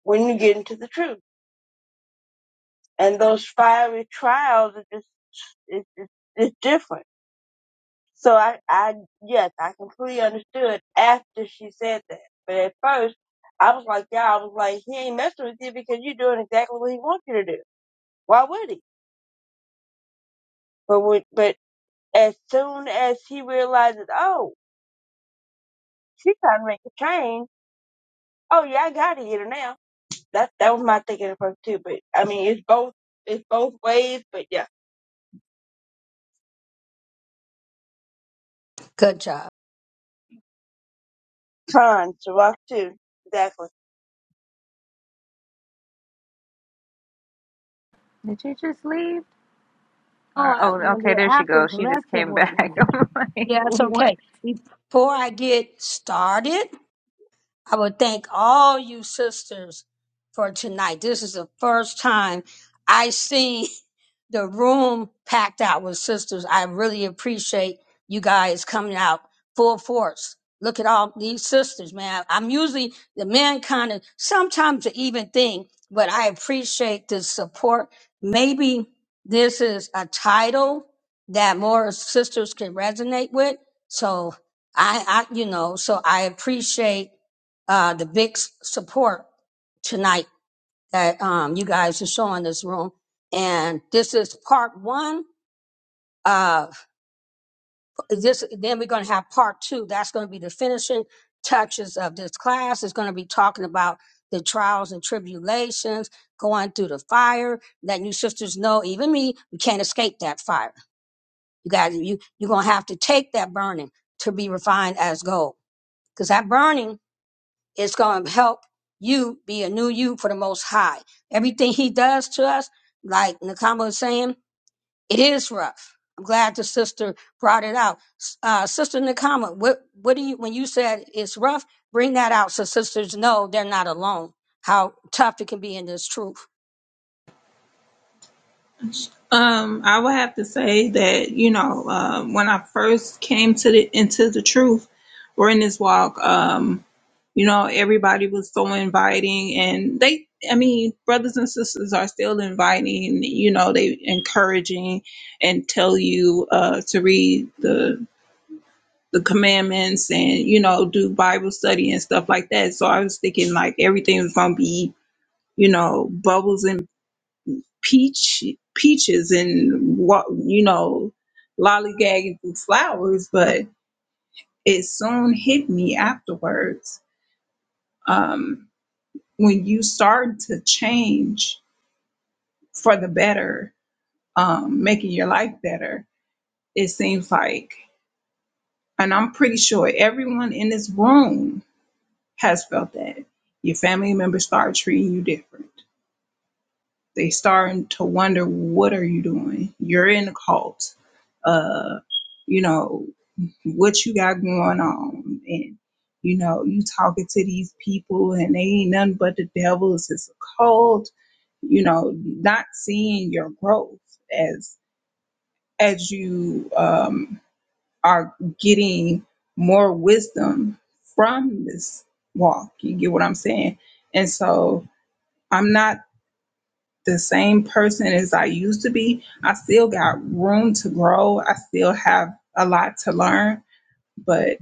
[SPEAKER 1] when you get into the truth. And those fiery trials are just, it's, it's, it's different So I, I, yes, I completely understood after she said that. But at first, I was like, yeah, I was like, he ain't messing with you because you're doing exactly what he wants you to do. Why would he? But when, but as soon as he realizes, oh, she's trying to make a change. Oh yeah, I gotta get her now. That that was my thinking at first too. But I mean, it's both it's both ways. But yeah,
[SPEAKER 2] Good job.
[SPEAKER 1] trying to rock too. Exactly.
[SPEAKER 7] did you just leave
[SPEAKER 2] Oh,
[SPEAKER 7] or,
[SPEAKER 2] I,
[SPEAKER 7] oh
[SPEAKER 2] when
[SPEAKER 7] okay
[SPEAKER 2] it
[SPEAKER 7] there she
[SPEAKER 2] happens,
[SPEAKER 7] goes she just
[SPEAKER 2] lesson
[SPEAKER 7] came
[SPEAKER 2] with
[SPEAKER 7] back
[SPEAKER 2] me.
[SPEAKER 7] i'm like
[SPEAKER 2] Yeah, it's
[SPEAKER 7] what
[SPEAKER 2] okay. Before I get started, I would thank all you sisters for tonight. This is the first time I see the room packed out with sisters. I really appreciate you guys coming out full force. Look at all these sisters, man. I'm usually the men kind of sometimes the even thing, but I appreciate the support. Maybe this is a title that more sisters can resonate with. So I, I you know, so I appreciate uh, the big s- support tonight that um, you guys are showing this room. And this is part one. Uh, this then we're going to have part two. That's going to be the finishing touches of this class. It's going to be talking about the trials and tribulations, going through the fire, letting you sisters know, even me, you can't escape that fire. You guys, you you're gonna have to take that burning to be refined as gold, because that burning It's going to help you be a new you for the Most High. Everything He does to us, like Nakama was saying, it is rough. I'm glad the sister brought it out. S- Uh, sister Nakama, what what do you when you said it's rough? Bring that out so sisters know they're not alone. How tough it can be in this truth.
[SPEAKER 8] Um, I would have to say that you know uh, when I first came to the into the truth or in this walk, um, you know everybody was so inviting, and they, I mean, brothers and sisters are still inviting. You know, they encouraging and tell you uh, to read the the commandments and you know do Bible study and stuff like that. So I was thinking like everything was gonna be you know bubbles and peach peaches and what you know lollygagging through flowers but it soon hit me afterwards um, when you start to change for the better um, making your life better it seems like and i'm pretty sure everyone in this room has felt that your family members start treating you different They starting to wonder, what are you doing? You're in a cult. Uh, you know, what you got going on and you know you talking to these people and they ain't nothing but the devils it's just a cult you know not seeing your growth as as you um are getting more wisdom from this walk you get what i'm saying and so i'm not the same person as I used to be. I still got room to grow. I still have a lot to learn. But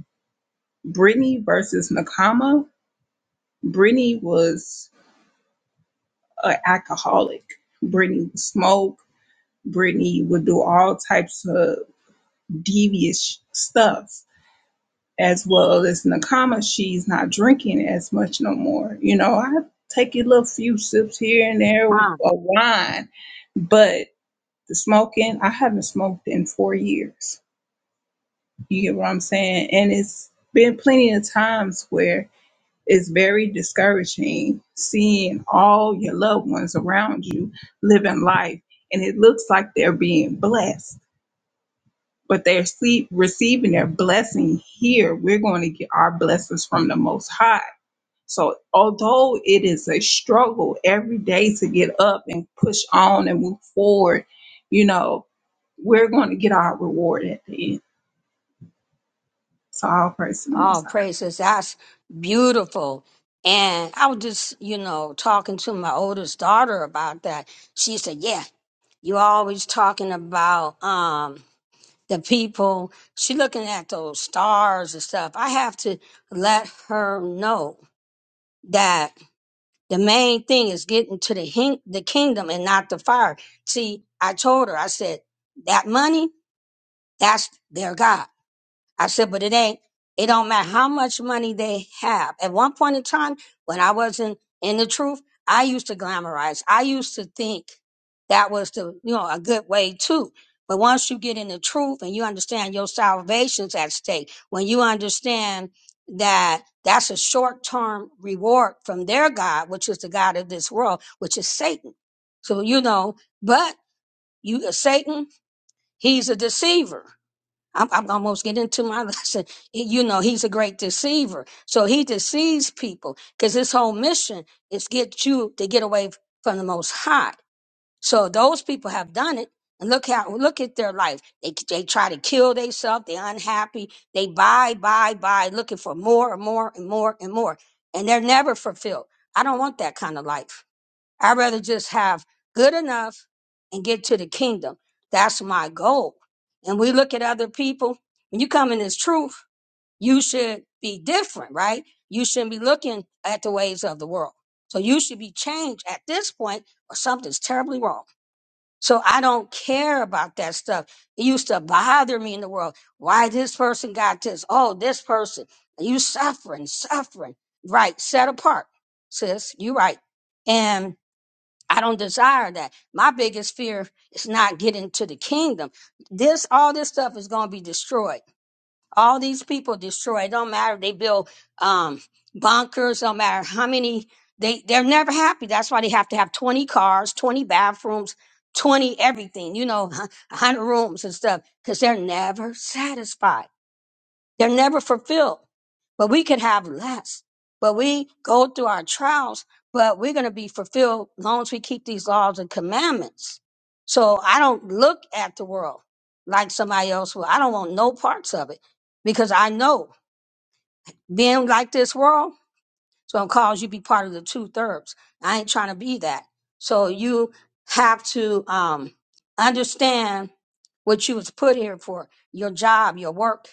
[SPEAKER 8] Brittany versus Nakama, Brittany was an alcoholic. Brittany would smoke. Brittany would do all types of devious stuff. As well as Nakama, she's not drinking as much no more. You know, I take a little few sips here and there of
[SPEAKER 2] Wow.
[SPEAKER 8] wine, but. The smoking, I haven't smoked in four years. You get what I'm saying? And it's been plenty of times where it's very discouraging seeing all your loved ones around you living life and it looks like they're being blessed, but they're sleep, receiving their blessing here. We're going to get our blessings from the Most High. So, although it is a struggle every day to get up and push on and move forward, you know, we're going to get our reward at the end. So all praise to the Most
[SPEAKER 2] Oh,
[SPEAKER 8] High.
[SPEAKER 2] praises. That's beautiful. And I was just, you know, talking to my oldest daughter about that. She said, Yeah, you always talking about um, the people. She looking at those stars and stuff. I have to let her know that the main thing is getting to the hin- the kingdom and not the fire. See, I told her. I said that money, that's their God. I said, but it ain't, it don't matter how much money they have. At one point in time, when I wasn't in the truth, I used to glamorize. I used to think that was the, you know, a good way too. But once you get in the truth and you understand your salvation's at stake, when you understand that that's a short-term reward from their God, which is the God of this world, which is Satan. So, you know, but you, Satan, he's a deceiver I'm, I'm almost getting into my lesson. You know, he's a great deceiver. So he deceives people because his whole mission is get you to get away from the most high. So those people have done it. And look how, look at their life. They, they try to kill themselves. They're unhappy. They buy, buy, buy, looking for more and more and more and more. And they're never fulfilled. I don't want that kind of life. I'd rather just have good enough and get to the kingdom. That's my goal. And we look at other people. When you come in this truth, you should be different, right? You shouldn't be looking at the ways of the world. So you should be changed at this point or something's terribly wrong. So I don't care about that stuff. It used to bother me in the world. Why this person got this? Oh, this person. You suffering, suffering. Right. Set apart, sis. You right. And I don't desire that. My biggest fear is not getting to the kingdom. This, all this stuff is going to be destroyed. All these people destroyed. Don't matter. They build um, bunkers. Don't matter how many. They they're never happy. That's why they have to have twenty cars, twenty bathrooms, twenty everything. You know, one hundred rooms and stuff because they're never satisfied. They're never fulfilled. But we could have less. But we go through our trials, but we're going to be fulfilled as long as we keep these laws and commandments. So I don't look at the world like somebody else will. I don't want no parts of it because I know being like this world. So I'm called you be part of the two thirds. I ain't trying to be that. So you have to um, understand what you was put here for, your job, your work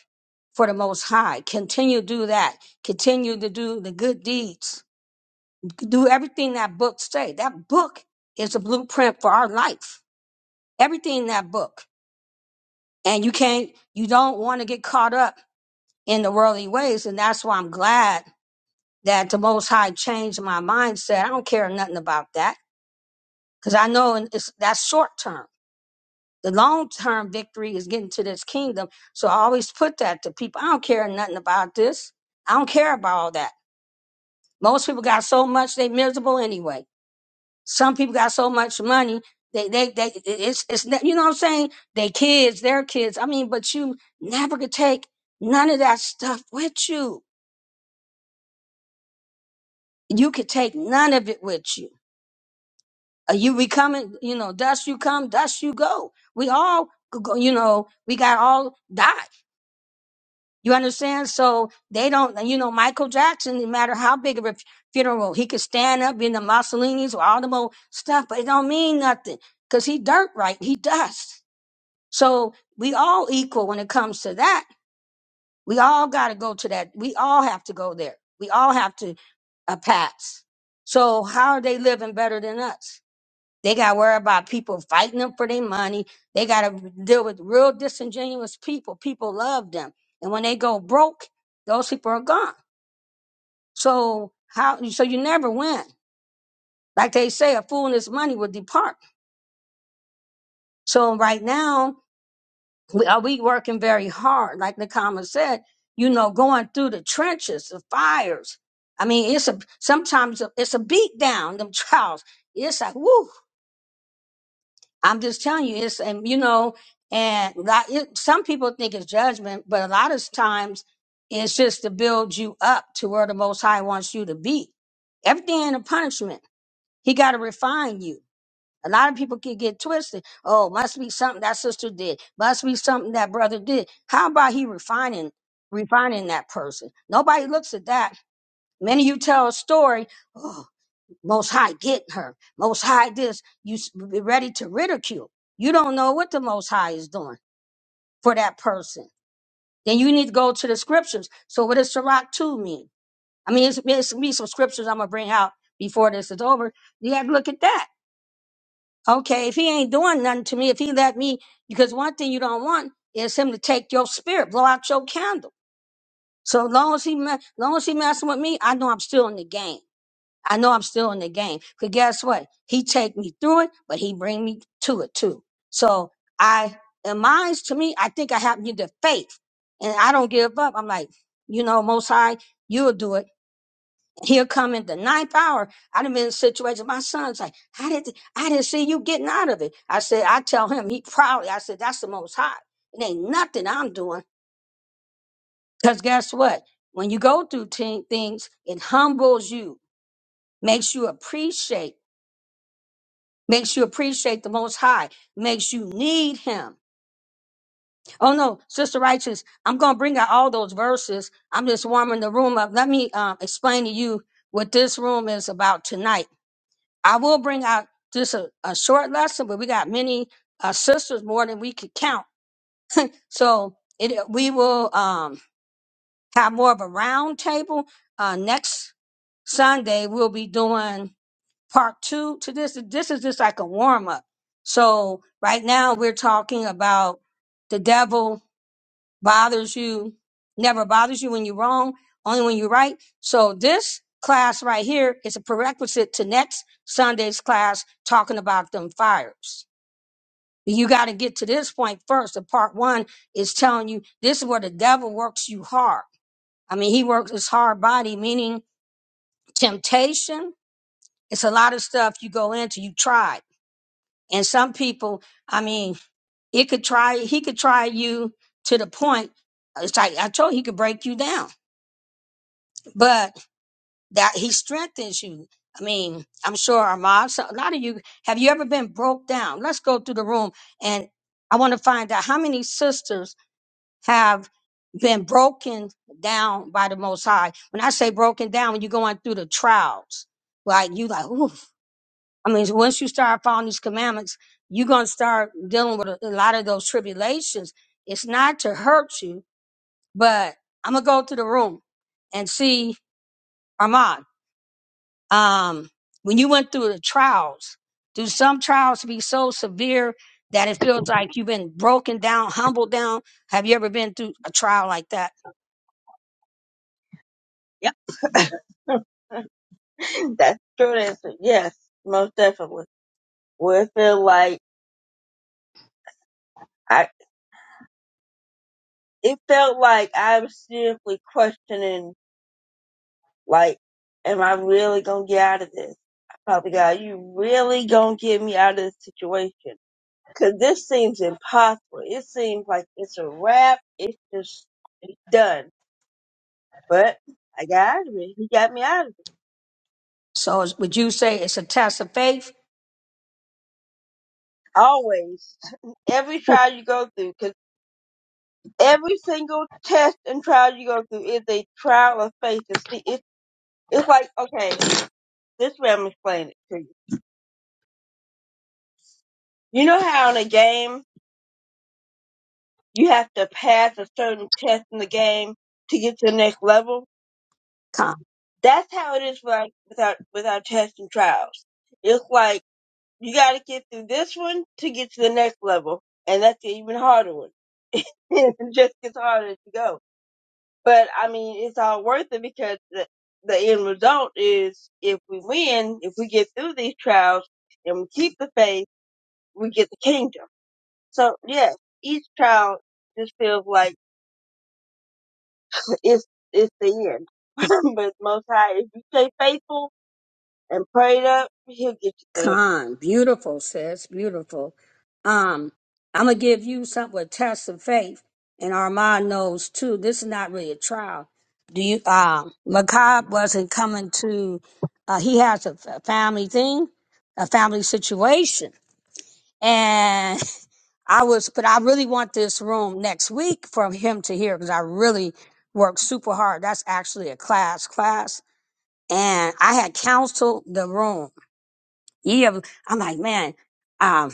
[SPEAKER 2] for the most high. Continue to do that. Continue to do the good deeds. Do everything that book say. That book is a blueprint for our life. Everything in that book. And you can't you don't want to get caught up in the worldly ways. And that's why I'm glad that the Most High changed my mindset. I don't care nothing about that because I know and it's, that's short term. The long term victory is getting to this kingdom. So I always put that to people. I don't care nothing about this. I don't care about all that. Most people got so much they miserable anyway. Some people got so much money they they they it- it's it's not- you know what I'm saying. They kids, their kids. I mean, but you never could take none of that stuff with you. You could take none of it with you Are you becoming, you know, dust you come, dust you go. We all, go- you know, we got all die. You understand? So they don't, you know, Michael Jackson, no matter how big of a funeral, he could stand up in the Mussolini's or all the old stuff, but it don't mean nothing because he dirt right. He dust. So we all equal when it comes to that. We all got to go to that. We all have to go there. We all have to uh, pass. So how are they living better than us? They got to worry about people fighting them for their money. They got to deal with real disingenuous people. People love them, and when they go broke, those people are gone. So how? So you never win. Like they say, a fool and his money will depart. So right now, we are we working very hard. Like Nakama said, you know, going through the trenches, the fires. I mean, it's a sometimes it's a beat down. Them trials. It's like woo. I'm just telling you, it's and you know, and that it, some people think it's judgment, but a lot of times it's just to build you up to where the Most High wants you to be. Everything ain't a punishment. He got to refine you. A lot of people can get twisted. Oh, must be something that sister did. Must be something that brother did. How about he refining, refining that person? Nobody looks at that. Many of you tell a story. "Oh, most High getting her. Most High this. You s- be ready to ridicule. You don't know what the Most High is doing for that person. Then you need to go to the scriptures. So what does Sirach 2 mean? I mean, it's, it's me some scriptures I'm going to bring out before this is over. You have to look at that. Okay, if he ain't doing nothing to me, if he let me, because one thing you don't want is him to take your spirit, blow out your candle. So long as he, me- long as he messing with me, I know I'm still in the game. I know I'm still in the game. Cause guess what? He take me through it, but he bring me to it too. So I, in minds to me, I think I have need the faith and I don't give up. I'm like, you know, most high, you'll do it. He'll come in the ninth hour. I done been in situations. My son's like, I didn't, I didn't see you getting out of it. I said, I tell him, he proudly, I said, that's the most high. It ain't nothing I'm doing. Cause guess what? When you go through t- things, it humbles you, makes you appreciate makes you appreciate the most high makes you need him oh no sister righteous i'm gonna bring out all those verses i'm just warming the room up let me um, explain to you what this room is about tonight i will bring out just a, a short lesson but we got many uh, sisters more than we could count so it we will um, have more of a round table uh, next sunday we'll be doing part two to this. This is just like a warm up. So right now we're talking about the devil bothers you, never bothers you when you're wrong, only when you're right. So this class right here is a prerequisite to next Sunday's class talking about them fires. You got to get to this point first. The part one is telling you this is where the devil works you hard. I mean, he works his hard body, meaning temptation. It's a lot of stuff you go into, you try. And some people, I mean, it could try, he could try you to the point. It's like I told you, he could break you down, but that he strengthens you. I mean, I'm sure Ahmad, so a lot of you, have you ever been broke down? Let's go through the room. And I want to find out how many sisters have been broken down by the Most High. When I say broken down, when you're going through the trials, like You like, ooh. I mean, once you start following these commandments, you're going to start dealing with a, a lot of those tribulations. It's not to hurt you, but I'm going to go to the room and see Armand. Um, when you went through the trials, do some trials be so severe that it feels like you've been broken down, humbled down? Have you ever been through a trial like that?
[SPEAKER 1] Yep. That's the short answer. Yes, most definitely. Would feel like. I. it felt like I was seriously questioning, like, am I really gonna get out of this? Father God, you really gonna get me out of this situation? Cause this seems impossible. It seems like it's a wrap. It's just, it's done. But I got out of it. He got me out of it.
[SPEAKER 2] So is- would you say it's a test of faith?
[SPEAKER 1] Always. Every trial you go through, cause every single test and trial you go through is a trial of faith. To see, it's, it's like, okay, this way I'm explaining it to you. You know how in a game, you have to pass a certain test in the game to get to the next level. That's how it is like with our with our tests and trials. It's like you got to get through this one to get to the next level, and that's an even harder one. it just gets harder as you go. But I mean, it's all worth it because the the end result is if we win, if we get through these trials and we keep the faith, we get the kingdom. So yes, each trial just feels like it's it's the end. but most high, if you stay faithful and prayed up, he'll get you through it.
[SPEAKER 2] Con, beautiful, sis, beautiful. Um, I'm gonna give you something a test of faith, and Armand knows too. This is not really a trial. Do you? Um, Macab wasn't coming to. Uh, he has a f- family thing, a family situation, and I was. But I really want this room next week for him to hear because I really worked super hard. That's actually a class class, and I had counseled the room yeah, I'm like, man, um,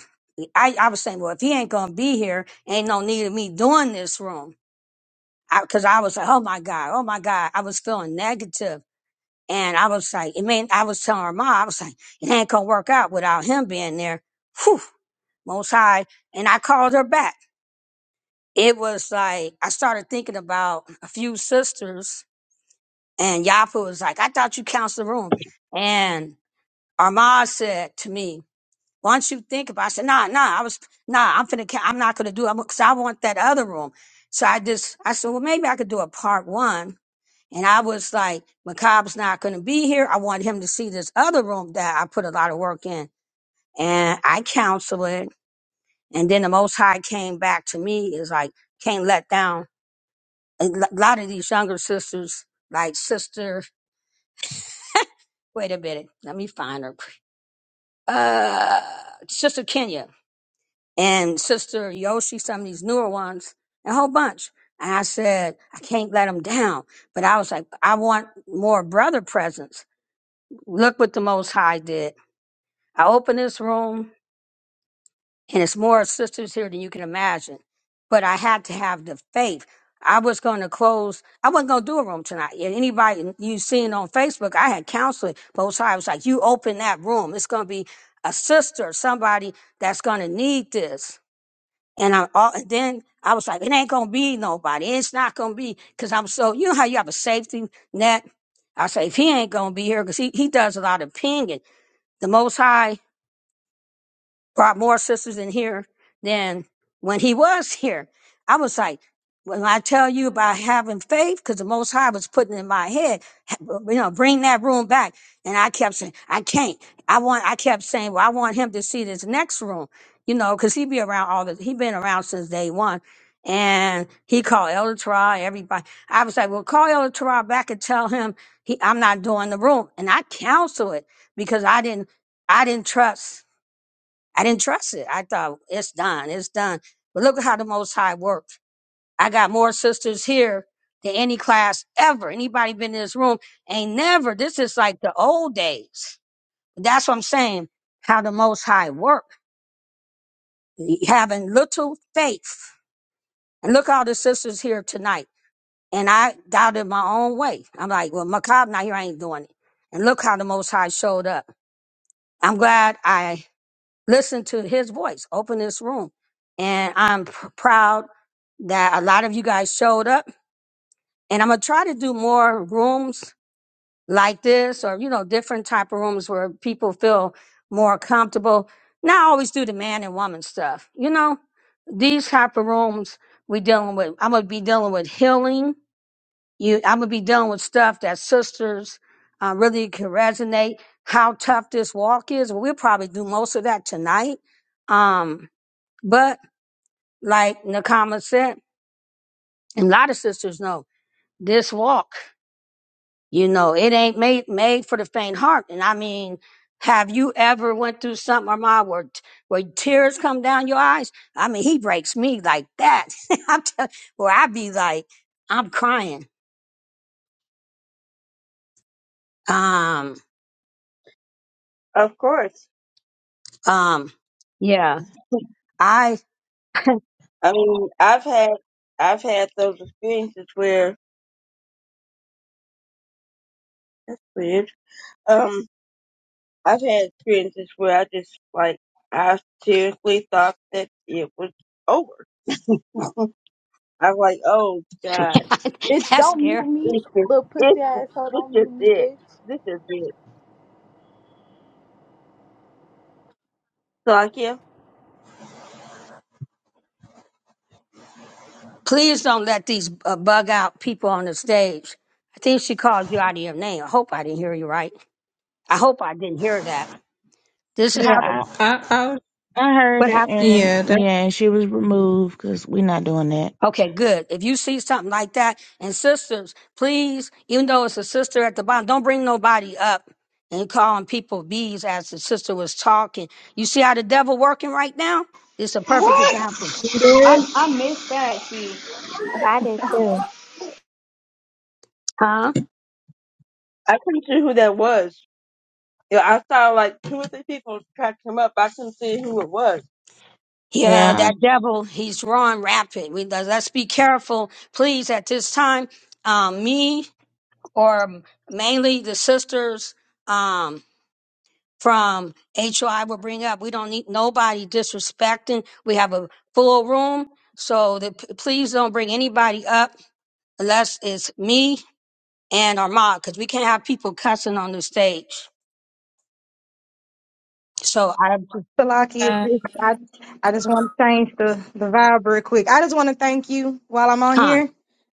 [SPEAKER 2] I, I was saying, well, if he ain't gonna be here, ain't no need of me doing this room. I, Cause I was like, oh my God, oh my God. I was feeling negative And I was like, it mean, I was telling her mom, I was like, it ain't gonna work out without him being there. Whew, most high. And I called her back. It was like, I started thinking about a few sisters and Yapu was like, I thought you counseled the room. And Armand said to me, Why don't you think about? it? I said, nah, nah. I was nah. I'm finna. ca- I'm not gonna do. it because I want that other room. So I just I said, well, maybe I could do a part one. And I was like, McCobb's not gonna be here. I want him to see this other room that I put a lot of work in, and I counsel it. And then the Most High came back to me is like, can't let down. A lo- lot of these younger sisters, like sister, wait a minute, let me find her. Uh, sister Kenya. and Sister Yoshi, some of these newer ones, a whole bunch. And I said, I can't let them down. But I was like, I want more brother presence. Look what the Most High did. I opened this room, and it's more sisters here than you can imagine. But I had to have the faith. I was going to close. I wasn't going to do a room tonight. And Anybody you seen on Facebook, I had counseling. Most High was like, you open that room. It's going to be a sister, somebody that's going to need this and I all and then I was like, it ain't gonna be nobody. It's not gonna be because I'm so you know how you have a safety net. I say if he ain't gonna be here because he he does a lot of pinging. The Most High brought more sisters in here than when he was here. I was like, when I tell you about having faith, because the Most High was putting it in my head, ha- you know, bring that room back. And I kept saying, I can't. I want. I kept saying, well, I want him to see this next room, you know, because he be around all the. He been around since day one, and he called Elder Try everybody. I was like, well, call Elder Try back and tell him he, I'm not doing the room, and I counsel it because I didn't. I didn't trust. I didn't trust it. I thought it's done, it's done. But look at how the Most High worked. I got more sisters here than any class ever. Anybody been in this room? Ain't never. This is like the old days. That's what I'm saying. How the Most High worked. Having little faith. And look how the sisters here tonight. And I doubted my own way. I'm like, well, Macabre, now here I ain't doing it. And look how the Most High showed up. I'm glad I listen to his voice, open this room. And I'm pr- proud that a lot of you guys showed up. And I'm going to try to do more rooms like this or, you know, different type of rooms where people feel more comfortable. Not always do the man and woman stuff. You know, these type of rooms we dealing with, I'm going to be dealing with healing. You, I'm going to be dealing with stuff that sisters uh, really can resonate. How tough this walk is. We'll probably do most of that tonight. Um, but like Nakama said, and a lot of sisters know this walk. You know, it ain't made made for the faint heart. And I mean, have you ever went through something, Armand, where t- where tears come down your eyes? I mean, he breaks me like that. I'm tell- where I be like, I'm crying. Um,
[SPEAKER 1] Of course.
[SPEAKER 2] um, yeah, I.
[SPEAKER 1] I mean, I've had I've had those experiences where weird. Um, I've had experiences where I just like I seriously thought that it was over. I was like, oh god,
[SPEAKER 12] Bitch,
[SPEAKER 2] that's
[SPEAKER 12] don't mute
[SPEAKER 2] scary.
[SPEAKER 12] me.
[SPEAKER 1] it's just,
[SPEAKER 12] Little
[SPEAKER 1] it's
[SPEAKER 12] pussy
[SPEAKER 1] just,
[SPEAKER 12] ass don't
[SPEAKER 1] this is
[SPEAKER 12] mute me,
[SPEAKER 1] it.
[SPEAKER 12] bitch.
[SPEAKER 1] This is it. So like, yeah,
[SPEAKER 2] Please don't let these uh, bug out people on the stage. I think she called you out of your name. I hope I didn't hear you right I hope I didn't hear that. This is
[SPEAKER 4] Yeah,
[SPEAKER 2] how they
[SPEAKER 4] I,
[SPEAKER 8] I, I
[SPEAKER 4] I heard
[SPEAKER 2] what
[SPEAKER 4] it,
[SPEAKER 2] happened.
[SPEAKER 4] and
[SPEAKER 8] yeah, that's
[SPEAKER 4] yeah, she was removed because we're not doing that.
[SPEAKER 2] Okay, good. If you see something like that, and sisters, please, even though it's a sister at the bottom, don't bring nobody up and calling people bees as the sister was talking. You see how the devil working right now? This is a perfect
[SPEAKER 6] What?
[SPEAKER 2] example.
[SPEAKER 8] good.
[SPEAKER 6] I I missed that. See,
[SPEAKER 9] I did too.
[SPEAKER 2] Huh?
[SPEAKER 1] I couldn't see who that was. Yeah, I saw like two or three people try to come up. I couldn't see who it was.
[SPEAKER 2] Yeah,
[SPEAKER 4] Yeah.
[SPEAKER 2] that devil, he's drawing rapid. We let's be careful, please, at this time. Um, me or mainly the sisters. um, from HOI will bring up. We don't need nobody disrespecting. We have a full room, so the, please don't bring anybody up unless it's me and our mom, because we can't have people cussing on the stage. So I
[SPEAKER 13] Salaki, it's- it's- I, I just want to change the, the vibe real quick. I just want to thank you while I'm on
[SPEAKER 2] con
[SPEAKER 13] here.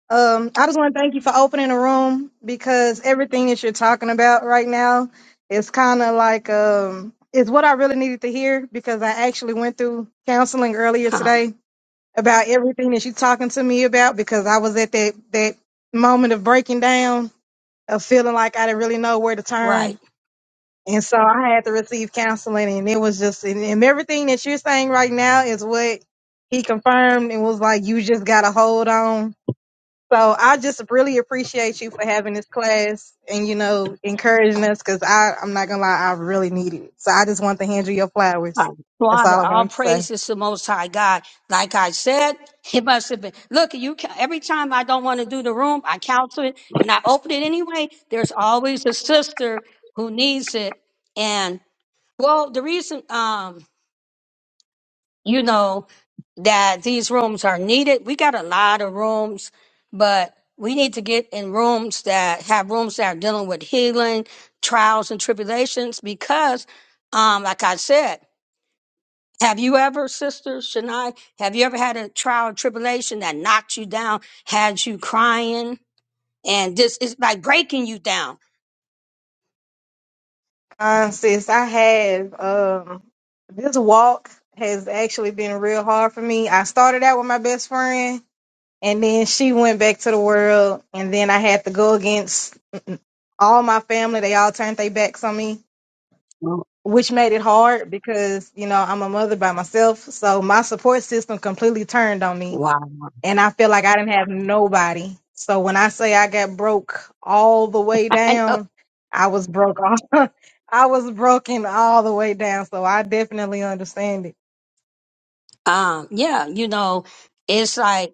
[SPEAKER 13] Um, I just want to thank you for opening the room because everything that you're talking about right now is kind of like um, is what I really needed to hear because I actually went through counseling earlier
[SPEAKER 2] con
[SPEAKER 13] today about everything that you're talking to me about because I was at that that moment of breaking down of feeling like I didn't really know where to turn
[SPEAKER 2] right.
[SPEAKER 13] and so I had to receive counseling, and it was just, and, and everything that you're saying right now is what he confirmed and was like, you just got to hold on. So I just really appreciate you for having this class and, you know, encouraging us because I'm not going to lie, I really need it. So I just want to hand you your flowers.
[SPEAKER 2] Con.
[SPEAKER 13] That's
[SPEAKER 2] Father,
[SPEAKER 13] all I
[SPEAKER 2] all
[SPEAKER 13] wanted to say.
[SPEAKER 2] praise is the Most High God. Like I said, it must have been. Look, you ca- every time I don't want to do the room, I counsel it. When I open it anyway, there's always a sister who needs it, and Well, the reason, um, you know, that these rooms are needed, we got a lot of rooms, but we need to get in rooms that have rooms that are dealing with healing, trials, and tribulations because, um, like I said, have you ever, Sister Shania, have you ever had a trial or tribulation that knocked you down, had you crying, and this is like breaking you down?
[SPEAKER 13] Um, sis, I have, um, this walk has actually been real hard for me. I started out with my best friend and then she went back to the world and then i had to go against all my family they all turned their backs on me
[SPEAKER 2] Oh,
[SPEAKER 13] which made it hard because you know i'm a mother by myself so my support system completely turned on me
[SPEAKER 2] Wow.
[SPEAKER 13] and i feel like i didn't have nobody so when i say i got broke all the way
[SPEAKER 2] I know.
[SPEAKER 13] down i was broke all i was broken all the way down so i definitely understand it
[SPEAKER 2] Um, yeah, you know, it's like,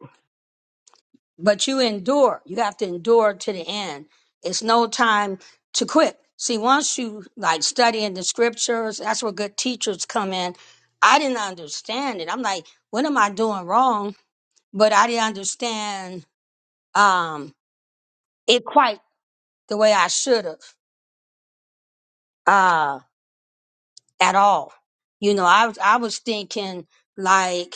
[SPEAKER 2] but you endure. You have to endure to the end. It's no time to quit. See, once you like studying the scriptures, that's where good teachers come in. I didn't understand it. I'm like, what am I doing wrong? But I didn't understand um, it quite the way I should have uh, at all. You know, I was I was thinking like.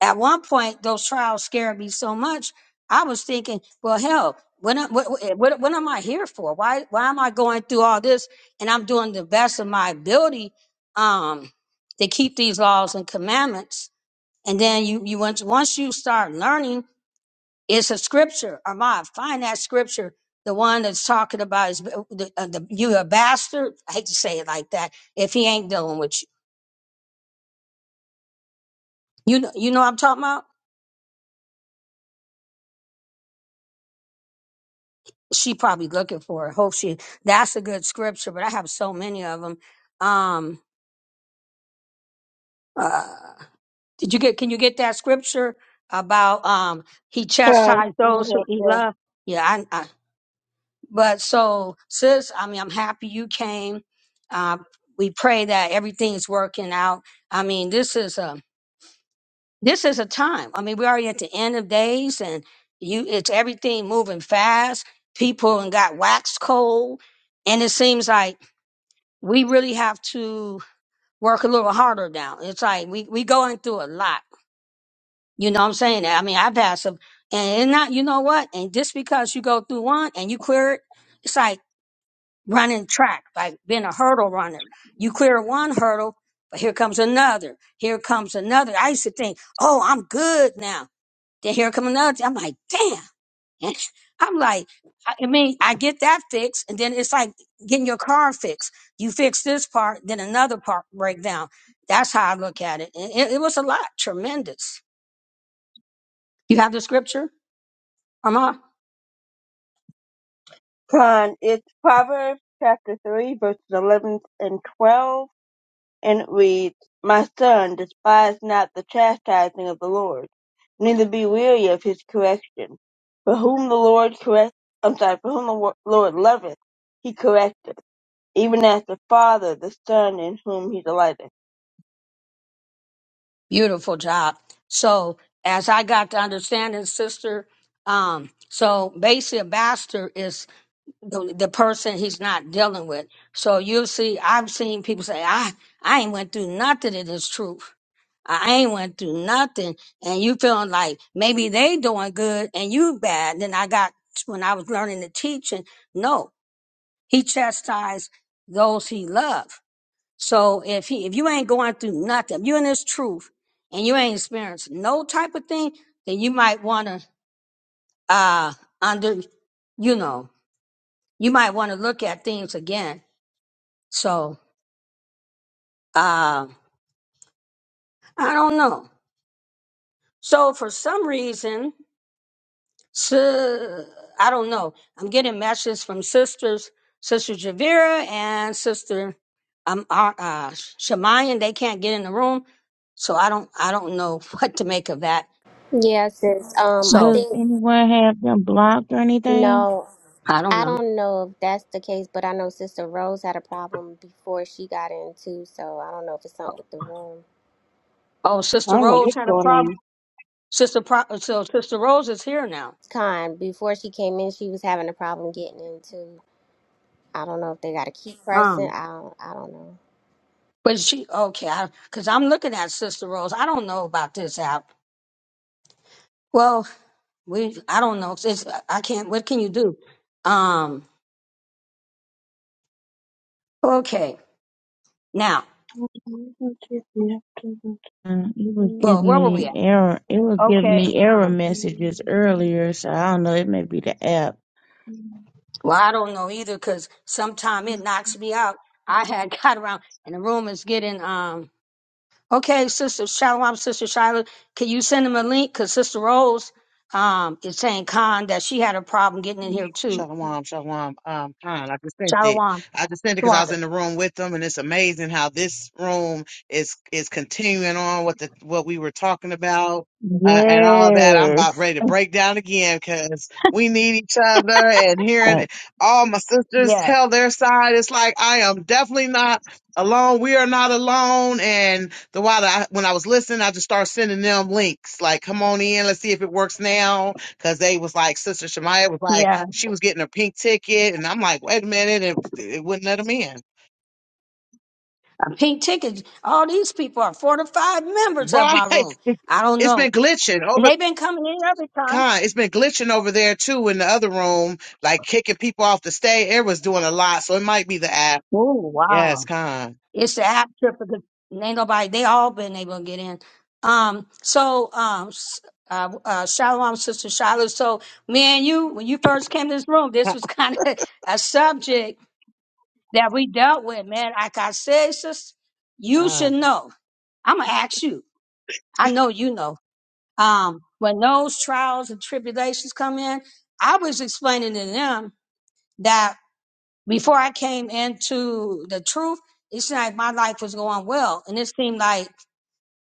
[SPEAKER 2] at one point those trials scared me so much i was thinking well hell when I, what, what, what am i here for why why am i going through all this and i'm doing the best of my ability um to keep these laws and commandments and then you you once once you start learning it's a scripture or my find that scripture the one that's talking about is uh, the, uh, the you a bastard i hate to say it like that if he ain't dealing with you you know you know what i'm talking about she probably looking for it. Hope she. That's a good scripture, but I have so many of them. Um, uh, did you get? Can you get that scripture about um he
[SPEAKER 1] Con, I'm
[SPEAKER 2] chastised
[SPEAKER 1] gonna
[SPEAKER 2] those who
[SPEAKER 1] help
[SPEAKER 2] he
[SPEAKER 1] you.
[SPEAKER 2] loved? Yeah, I. I but so, sis, I mean, I'm happy you came. Uh, we pray that everything's working out. I mean, this is a this is a time. I mean, we're already at the end of days, and you, it's everything moving fast. People and got wax cold, and it seems like we really have to work a little harder now. It's like we we going through a lot. You know what I'm saying? I mean, I have had some, and it's not you know what? And just because you go through one and you clear it, it's like running track, like being a hurdle runner. You clear one hurdle, but here comes another. Here comes another. I used to think, oh, I'm good now. Then here come another thing. I'm like, damn. And I'm like, I I mean, I get that fixed, and then it's like getting your car fixed. You fix this part, then another part breakdown. That's how I look at it. And it, it was a lot, tremendous. You have the scripture, Amma.
[SPEAKER 1] Con, it's Proverbs chapter 3, verses 11 and 12, and it reads, My son, despise not the chastising of the Lord, neither be weary of his correction. For whom the Lord correct, I'm sorry, for whom the wo- Lord loveth, he correcteth, even as the father, the son in whom he delighteth.
[SPEAKER 2] Beautiful job. So as I got to understanding, sister, um, so basically a bastard is the, the person he's not dealing with. So you'll see, I've seen people say, I, I ain't went through nothing of this truth. I ain't went through nothing. And you feeling like maybe they doing good and you bad. Then I got, when I was learning the teaching, no, he chastised those he loved. So if he, if you ain't going through nothing, if you in this truth and you ain't experienced no type of thing, then you might want to, uh, under, you know, you might want to look at things again so uh, I don't know. So for some reason, si- I don't know. I'm getting messages from sisters, Sister Javira and Sister um, uh, uh, Shemai, and they can't get in the room. So I don't, I don't know what to make of that.
[SPEAKER 9] Yeah, sis. Um, I
[SPEAKER 2] So
[SPEAKER 4] Does
[SPEAKER 9] think
[SPEAKER 4] anyone have them blocked or anything?
[SPEAKER 9] no.
[SPEAKER 2] I don't
[SPEAKER 9] I
[SPEAKER 2] know.
[SPEAKER 9] don't know if that's the case, but I know Sister Rose had a problem before she got in too, so I don't know if it's something with the room.
[SPEAKER 2] Oh,
[SPEAKER 1] I
[SPEAKER 2] Sister
[SPEAKER 1] don't know
[SPEAKER 2] Rose
[SPEAKER 1] what's
[SPEAKER 2] had a problem.
[SPEAKER 1] going
[SPEAKER 2] Sister, Pro- so Sister Rose is here now.
[SPEAKER 9] Con, before she came in, she was having a problem getting in too. I don't know if they got to keep pressing.
[SPEAKER 2] Um,
[SPEAKER 9] I don't, I don't know.
[SPEAKER 2] but she okay? Because I'm looking at Sister Rose. I don't know about this app. Well. We, I don't know. It's, I can't. What can you do? Um. Okay. Now,
[SPEAKER 1] on.
[SPEAKER 4] Uh, It was
[SPEAKER 2] well,
[SPEAKER 4] giving
[SPEAKER 2] where were
[SPEAKER 4] me
[SPEAKER 2] we at?
[SPEAKER 4] error. It was giving
[SPEAKER 2] Okay.
[SPEAKER 4] me error
[SPEAKER 2] Um,
[SPEAKER 4] messages earlier, so I don't know. It may be the app.
[SPEAKER 2] well, I don't know either because sometime it knocks me out. I had got around, and the room is getting. Um. Okay, Sister Shalom, Sister Shiloh, can you send him a link? Because Sister Rose, um, is saying Khan that she had a problem getting in here too.
[SPEAKER 14] Shalom, shalom. Um, Khan, I just sent it.
[SPEAKER 2] Shalom,
[SPEAKER 14] I just sent it because I was
[SPEAKER 2] Swada.
[SPEAKER 14] in the room with them, and it's amazing how this room is is continuing on what the what we were talking about uh, and all that. I'm about
[SPEAKER 4] Yes.
[SPEAKER 14] ready to break down again because we need each other, and hearing
[SPEAKER 4] But
[SPEAKER 14] it- all my sisters
[SPEAKER 2] Yeah.
[SPEAKER 14] tell their side, it's like I am definitely not alone. We are not alone. And the while that I, when I was listening, I just started sending them links like, "Come on in, let's see if it works now." Because they was like, Sister Shemaya was like.
[SPEAKER 2] Yeah.
[SPEAKER 14] She was getting a pink ticket, and I'm like, wait a minute, it, it wouldn't let him in.
[SPEAKER 2] A Pink tickets. All these people are four to five members of
[SPEAKER 14] Right?
[SPEAKER 2] my room. I don't
[SPEAKER 14] It's
[SPEAKER 2] know.
[SPEAKER 14] been glitching
[SPEAKER 2] And
[SPEAKER 14] over.
[SPEAKER 2] they've been coming in every time.
[SPEAKER 14] Con, it's been glitching over there too in the other room, like kicking people off the stage. It was doing a lot, so it might be the app.
[SPEAKER 2] Oh wow.
[SPEAKER 14] Yes, Con.
[SPEAKER 2] It's the app trip because ain't nobody they all been able to get in. Um so um s- uh, uh Shalom sister Shiloh. So me and you, when you first came to this room, this was kind of a subject that we dealt with, man. Like I said, sis, you should
[SPEAKER 14] Con.
[SPEAKER 2] know. I'ma ask you. I know you know. Um when those trials and tribulations come in, I was explaining to them that before I came into the truth, it seemed like my life was going well. And it seemed like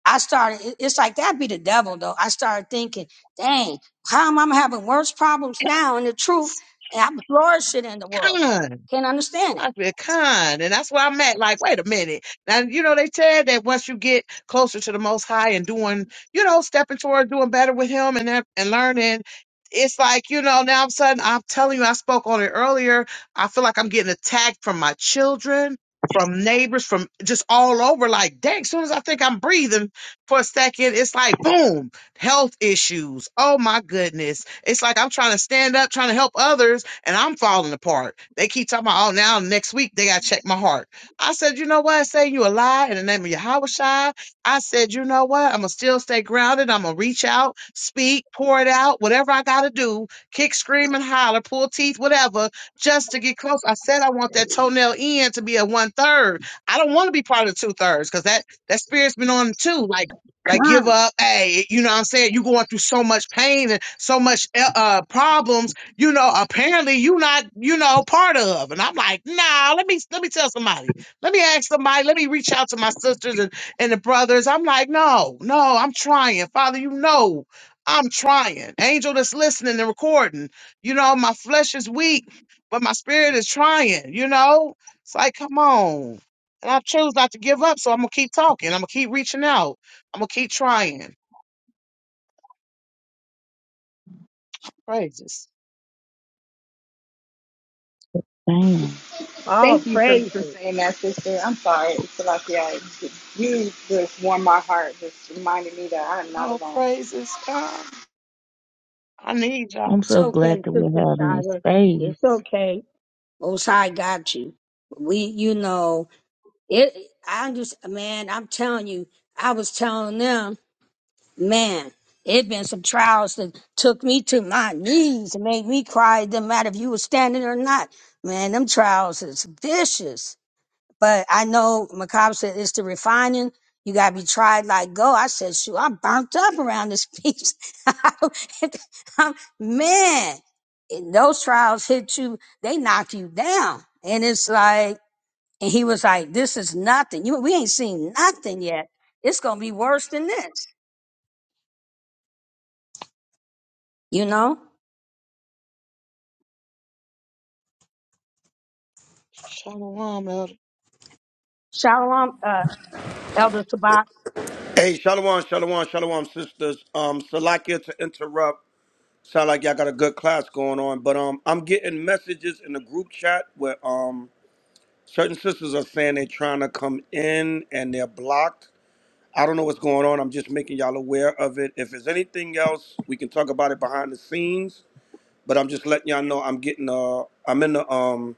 [SPEAKER 2] I started, it- it's like that'd be the devil though. I started thinking, dang, how am I having worse problems now in the truth? And I'm flourishing in the world.
[SPEAKER 14] Con.
[SPEAKER 2] Can't
[SPEAKER 14] It's
[SPEAKER 2] understand it.
[SPEAKER 14] like a con. And that's where I'm at. Like, wait a minute. Now, you know, they said that once you get closer to the most high and doing, you know, stepping toward doing better with him and that- and learning, it's like, you know, now all of a sudden I'm telling you, I spoke on it earlier. I feel like I'm getting attacked from my children, from neighbors, from just all over. Like, dang, soon as I think I'm breathing for a second, it's like boom, health issues. Oh my goodness. It's like I'm trying to stand up, trying to help others and I'm falling apart. They keep talking about, oh, now next week they got to check my heart. I said, you know what? Say you a lie in the name of Yahweh Shai. I said, you know what? I'm going to still stay grounded. I'm going to reach out, speak, pour it out, whatever I got to do, kick, scream, and holler, pull teeth, whatever, just to get close. I said, I want that toenail end to be a one third. I don't want to be part of the two thirds because that, that spirit's been on too. Like, like give
[SPEAKER 2] Come,
[SPEAKER 14] up. Hey, you know what I'm saying? you are going through so much pain and so much uh, uh, problems you know, apparently you not, you know, part of. And I'm like, nah, let me let me tell somebody. Let me ask somebody. Let me reach out to my sisters and, and the brothers. I'm like, no, no, I'm trying. Father, you know I'm trying. Angel that's listening and recording. You know, my flesh is weak, but my spirit is trying, you know? It's like, come on. And I choose not to give up, so I'm gonna keep talking. I'm gonna keep reaching out. I'm gonna keep trying. Praises.
[SPEAKER 4] damn,
[SPEAKER 2] all
[SPEAKER 6] thank you for, for
[SPEAKER 2] praises.
[SPEAKER 6] saying that, sister. I'm sorry. It's like yeah, you just warmed my heart. Just reminded me that I am not
[SPEAKER 14] Oh,
[SPEAKER 6] alone.
[SPEAKER 14] praises, God. I need y'all.
[SPEAKER 4] I'm
[SPEAKER 2] It's
[SPEAKER 4] so glad
[SPEAKER 2] okay,
[SPEAKER 4] that
[SPEAKER 2] Sister
[SPEAKER 4] we're having this
[SPEAKER 2] Shira. It's
[SPEAKER 4] space.
[SPEAKER 2] okay. Most High got you. We, you know, it, I just, man, I'm telling you, I was telling them man, it been some trials that took me to my knees and made me cry. It didn't matter if you were standing or not. Man, them trials is vicious. But I know Macabre said it's the refining. You gotta be tried like go. I said, shoot, I'm burnt up around this piece. man, and those trials hit you, they knock you down. And it's like, and he was like, this is nothing. You, we ain't seen nothing yet. It's gonna be worse than this, you know?
[SPEAKER 14] Shalom, Elder.
[SPEAKER 2] Shalom, uh, Elder Sabak,
[SPEAKER 15] Hey, shalom, shalom, shalom, sisters. Um, Salakia to interrupt. Sound like y'all got a good class going on, but um, I'm getting messages in the group chat where um, certain sisters are saying they're trying to come in and they're blocked. I don't know what's going on. I'm just making y'all aware of it. If there's anything else, we can talk about it behind the scenes. But I'm just letting y'all know I'm getting uh, I'm in the um,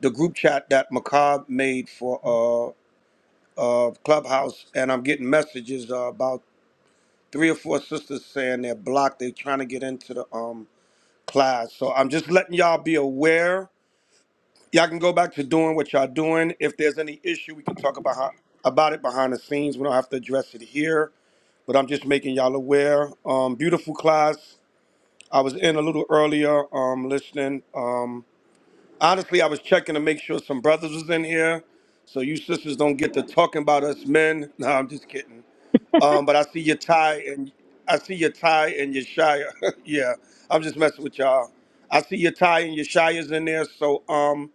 [SPEAKER 15] the group chat that Macabre made for uh, uh, Clubhouse, and I'm getting messages uh, about three or four sisters saying they're blocked. They're trying to get into the um class. So I'm just letting y'all be aware. Y'all can go back to doing what y'all doing. If there's any issue, we can talk about how, about it behind the scenes. We don't have to address it here. But I'm just making y'all aware. Um, beautiful class. I was in a little earlier, um, listening. Um, honestly, I was checking to make sure some brothers was in here, so you sisters don't get to talking about us men. No, I'm just kidding. Um, but I see your tie and I see your tie and your shire. yeah, I'm just messing with y'all. I see your tie and your shires in there. So um,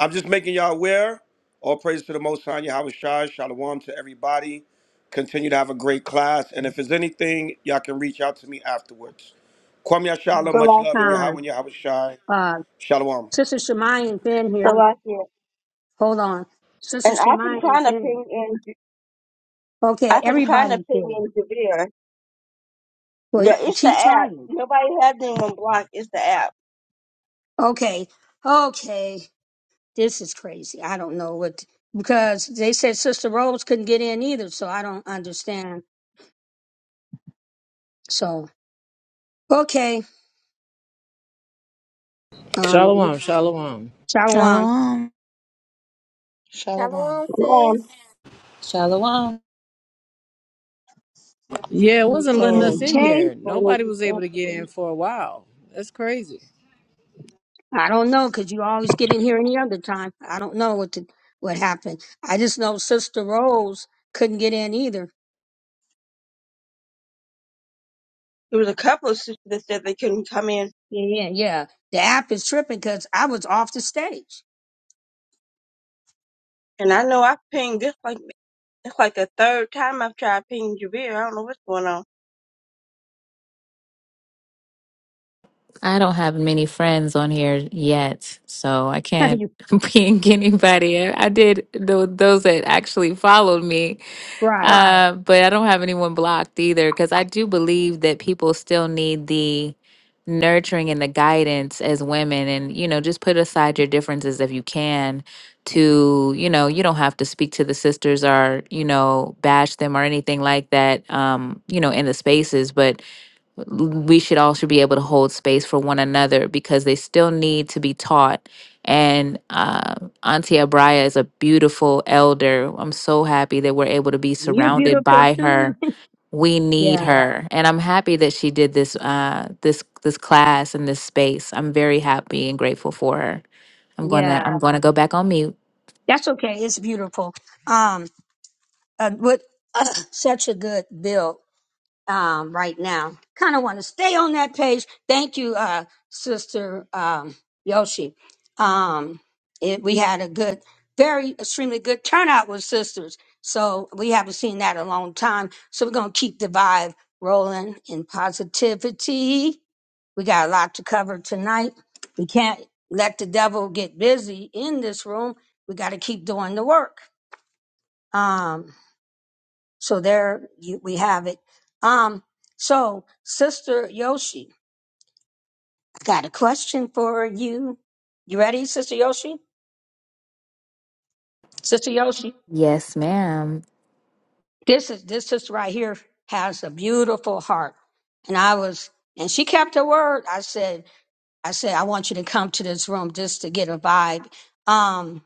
[SPEAKER 15] I'm just making y'all aware. All praise to the Most High, Yahweh Shai. Shalom to everybody. Continue to have a great class. And if there's anything, y'all can reach out to me afterwards. Kwame Yashala,
[SPEAKER 2] um,
[SPEAKER 15] much love and
[SPEAKER 1] Salakia,
[SPEAKER 15] Yahweh
[SPEAKER 2] Khan,
[SPEAKER 15] and Yahweh Shai.
[SPEAKER 2] uh,
[SPEAKER 15] Shalom.
[SPEAKER 2] Sister Shemayan's in here.
[SPEAKER 1] Salakia.
[SPEAKER 2] Hold on. Sister
[SPEAKER 1] And I've been
[SPEAKER 2] Shemayan's
[SPEAKER 1] trying to
[SPEAKER 2] in.
[SPEAKER 1] ping in.
[SPEAKER 2] Okay,
[SPEAKER 1] I've been trying to
[SPEAKER 2] everybody's
[SPEAKER 1] ping
[SPEAKER 2] in.
[SPEAKER 1] in Javier.
[SPEAKER 2] Well,
[SPEAKER 1] Yeah, it's the
[SPEAKER 2] keep
[SPEAKER 1] app.
[SPEAKER 2] trying.
[SPEAKER 1] Nobody has anyone blocked. It's the app.
[SPEAKER 2] Okay, okay. This is crazy. I don't know what, because they said Sister Rose couldn't get in either, so I don't understand. So, okay. Um,
[SPEAKER 16] Shalom, shalom.
[SPEAKER 2] Shalom.
[SPEAKER 4] Shalom.
[SPEAKER 14] Shalom.
[SPEAKER 9] Shalom, sis.
[SPEAKER 1] Um,
[SPEAKER 11] shalom
[SPEAKER 16] Yeah, it wasn't letting
[SPEAKER 1] again,
[SPEAKER 16] us
[SPEAKER 1] I don't
[SPEAKER 16] in
[SPEAKER 1] know
[SPEAKER 2] Okay.
[SPEAKER 16] here.
[SPEAKER 1] what's going on
[SPEAKER 16] Nobody
[SPEAKER 1] with this
[SPEAKER 16] was able
[SPEAKER 1] app
[SPEAKER 16] to get in
[SPEAKER 1] today.
[SPEAKER 16] for a while. That's crazy.
[SPEAKER 2] I don't know because you always get in here any other time. I don't know what to, what happened. I just know Sister Rose couldn't get in either.
[SPEAKER 1] There was a couple of sisters that said they couldn't come in,
[SPEAKER 2] Yeah, yeah, yeah. The app is tripping because I was off the stage.
[SPEAKER 1] and I know I pinged this like it's like the third time I've tried pinging Javier. I don't know what's going on.
[SPEAKER 7] I don't have many friends on here yet, so I can't
[SPEAKER 2] You-
[SPEAKER 7] ping anybody. I did tho- those that actually followed me, Right.
[SPEAKER 2] right.
[SPEAKER 7] uh, but I don't have anyone blocked either because I do believe that people still need the nurturing and the guidance as women. And, you know, just put aside your differences if you can to, you know, you don't have to speak to the sisters or, you know, bash them or anything like that, um, you know, in the spaces, but we should also be able to hold space for one another because they still need to be taught. And uh, Auntie Abraya is a beautiful elder. I'm so happy that we're able to be
[SPEAKER 2] You're
[SPEAKER 7] surrounded
[SPEAKER 2] beautiful
[SPEAKER 7] by
[SPEAKER 2] too.
[SPEAKER 7] her. We need
[SPEAKER 2] yeah,
[SPEAKER 7] her, and I'm happy that she did this uh, this this class and this space. I'm very happy and grateful for her. I'm gonna
[SPEAKER 2] yeah.
[SPEAKER 7] I'm gonna go back on mute.
[SPEAKER 2] That's okay. It's beautiful. Um, uh, with such a good build. um, right now. Kind of want to stay on that page. Thank you, uh, Sister um, Yoshi. Um, it, we had a good, very extremely good turnout with sisters. So we haven't seen that in a long time. So we're going to keep the vibe rolling in positivity. We got a lot to cover tonight. We can't let the devil get busy in this room. We got to keep doing the work. Um, so there you, we have it. Um, so Sister Yoshi, I got a question for you. You ready, Sister Yoshi? Sister Yoshi,
[SPEAKER 7] Yes, ma'am.
[SPEAKER 2] this is this sister right here has a beautiful heart, and I was and she kept her word. I said, I said, I want you to come to this room just to get a vibe. Um,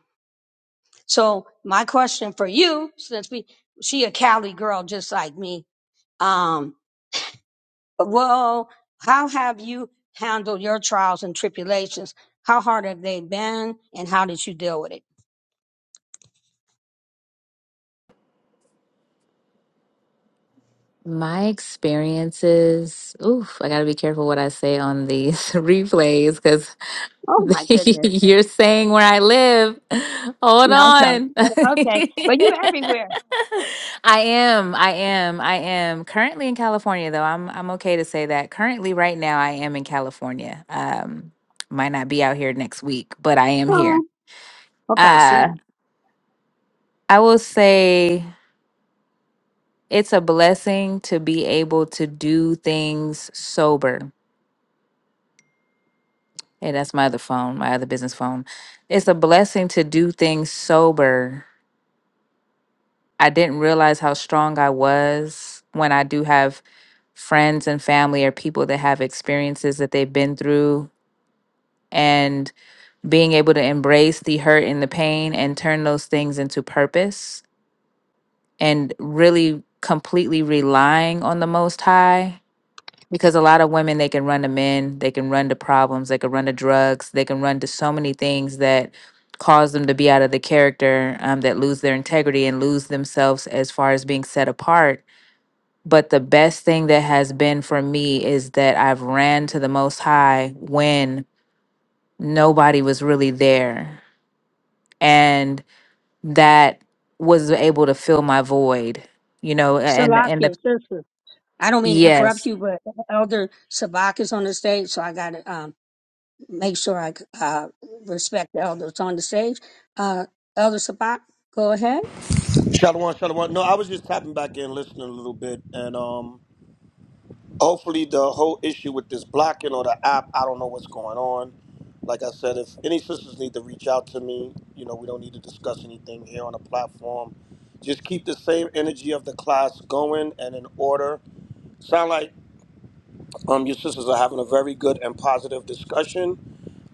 [SPEAKER 2] so my question for you, since we she a Cali girl just like me, Um. Well, how have you handled your trials and tribulations? How hard have they been, and how did you deal with it?
[SPEAKER 7] My experiences. Oof, I gotta be careful what I say on these replays because
[SPEAKER 2] Oh my goodness.
[SPEAKER 7] You're saying where I live. Hold
[SPEAKER 2] No, okay,
[SPEAKER 7] on.
[SPEAKER 2] Oh, okay, but you everywhere.
[SPEAKER 7] I am. I am. I am currently in California, though. I'm. I'm okay to say that. Currently, right now, I am in California. Um, might not be out here next week, but I am here.
[SPEAKER 2] Oh, hope I see
[SPEAKER 7] Uh,
[SPEAKER 2] you.
[SPEAKER 7] I will say it's a blessing to be able to do things sober. Hey, that's my other phone, my other business phone. It's a blessing to do things sober I didn't realize how strong I was when I do have friends and family or people that have experiences that they've been through and being able to embrace the hurt and the pain and turn those things into purpose and really completely relying on the most high because a lot of women they can run to men they can run to problems they can run to drugs they can run to so many things that cause them to be out of the character um, that lose their integrity and lose themselves as far as being set apart But the best thing that has been for me is that I've ran to the Most High when nobody was really there. And that was able to fill my void, you know, and, and the,
[SPEAKER 2] Salakia, sister. I don't mean to interrupt
[SPEAKER 7] yes,
[SPEAKER 2] you, but Elder Sabak is on the stage, so I got to um, make sure I uh, respect the elders on the stage. Uh, Elder Sabak, go ahead.
[SPEAKER 15] Shalom, shalom. No, I was just tapping back in, listening a little bit, and um. hopefully the whole issue with this blocking or the app, I don't know what's going on. Like I said, if any sisters need to reach out to me, you know, we don't need to discuss anything here on the platform. Just keep the same energy of the class going and in order. Sound like um, your sisters are having a very good and positive discussion.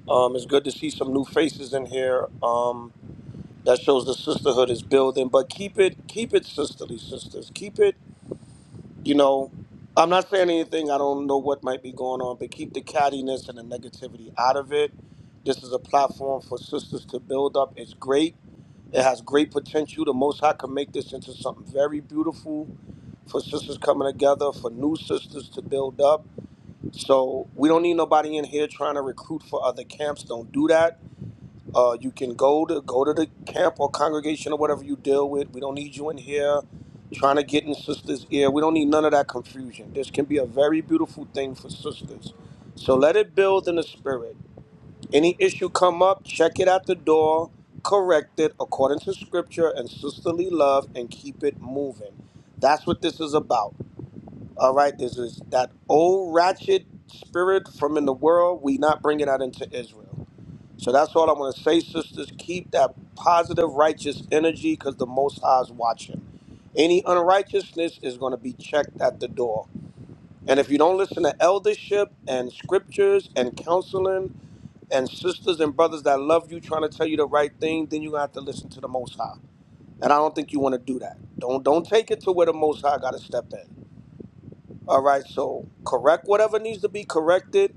[SPEAKER 15] Um, it's good to see some new faces in here. Um, that shows the sisterhood is building. But keep it, keep it sisterly, sisters. Keep it you know, I'm not saying anything. I don't know what might be going on, but keep the cattiness and the negativity out of it. This is a platform for sisters to build up. It's great. It has great potential. The Most High can make this into something very beautiful for sisters coming together, for new sisters to build up. So we don't need nobody in here trying to recruit for other camps. Don't do that uh, you can go to go to the camp or congregation or whatever you deal with. We don't need you in here trying to get in sisters' ear. We don't need none of that confusion. This can be a very beautiful thing for sisters. So let it build in the spirit. Any issue come up, check it at the door, correct it according to scripture and sisterly love, and keep it moving. That's what this is about. All right, this is that old ratchet spirit from in the world. We not bringing that into Israel. So that's all I'm going to say, sisters. Keep that positive, righteous energy because the Most High is watching. Any unrighteousness is going to be checked at the door. And if you don't listen to eldership and scriptures and counseling and sisters and brothers that love you trying to tell you the right thing, then you have to listen to the Most High. And I don't think you want to do that. Don't don't take it to where the Most High got to step in. All right, so correct whatever needs to be corrected.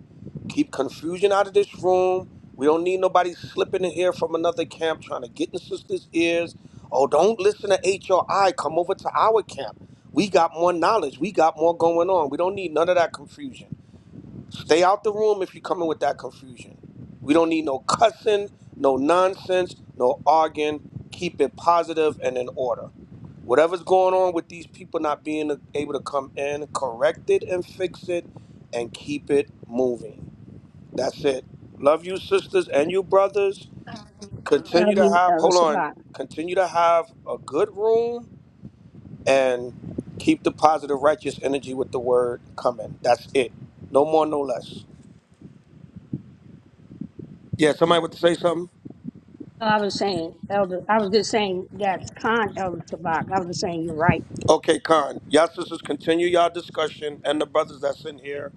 [SPEAKER 15] Keep confusion out of this room. We don't need nobody slipping in here from another camp trying to get in sisters' ears. Oh, don't listen to HRI. Come over to our camp. We got more knowledge. We got more going on. We don't need none of that confusion. Stay out the room if you're coming with that confusion. We don't need no cussing, no nonsense, no arguing. Keep it positive and in order. Whatever's going on with these people not being able to come in, correct it and fix it and keep it moving. That's it. Love you, sisters and you, brothers.
[SPEAKER 2] Uh,
[SPEAKER 15] Continue to
[SPEAKER 2] you,
[SPEAKER 15] have,
[SPEAKER 2] Elder
[SPEAKER 15] hold on,
[SPEAKER 2] Sabak.
[SPEAKER 15] continue to have a good room and keep the positive, righteous energy with the word coming. That's it. No more, no less. Yeah, somebody want to say something?
[SPEAKER 2] No, I was saying, Elder, I was just saying that's con Elder Sabak. I was just saying you're right.
[SPEAKER 15] Okay, Khan. Y'all sisters continue y'all discussion and the brothers that's in here.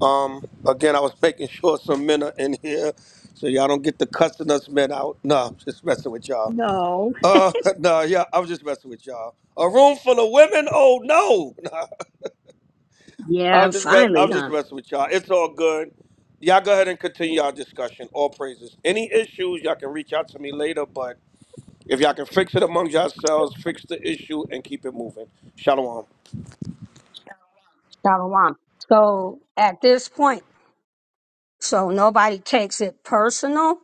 [SPEAKER 15] Um, again, I was making sure some men are in here so y'all don't get the cussing us men out. No, I'm just messing with y'all.
[SPEAKER 2] No,
[SPEAKER 15] Uh, no, yeah, I was just messing with y'all. A room full of women? Oh no. I
[SPEAKER 2] yeah,
[SPEAKER 15] was just mess- I
[SPEAKER 2] finally,
[SPEAKER 15] was just
[SPEAKER 2] huh?
[SPEAKER 15] messing with y'all. It's all good. Y'all go ahead and continue y'all discussion. All praises. Any issues, y'all can reach out to me later, but if y'all can fix it among yourselves, fix the issue and keep it moving. Shalom.
[SPEAKER 2] Shalom. So at this point, so nobody takes it personal.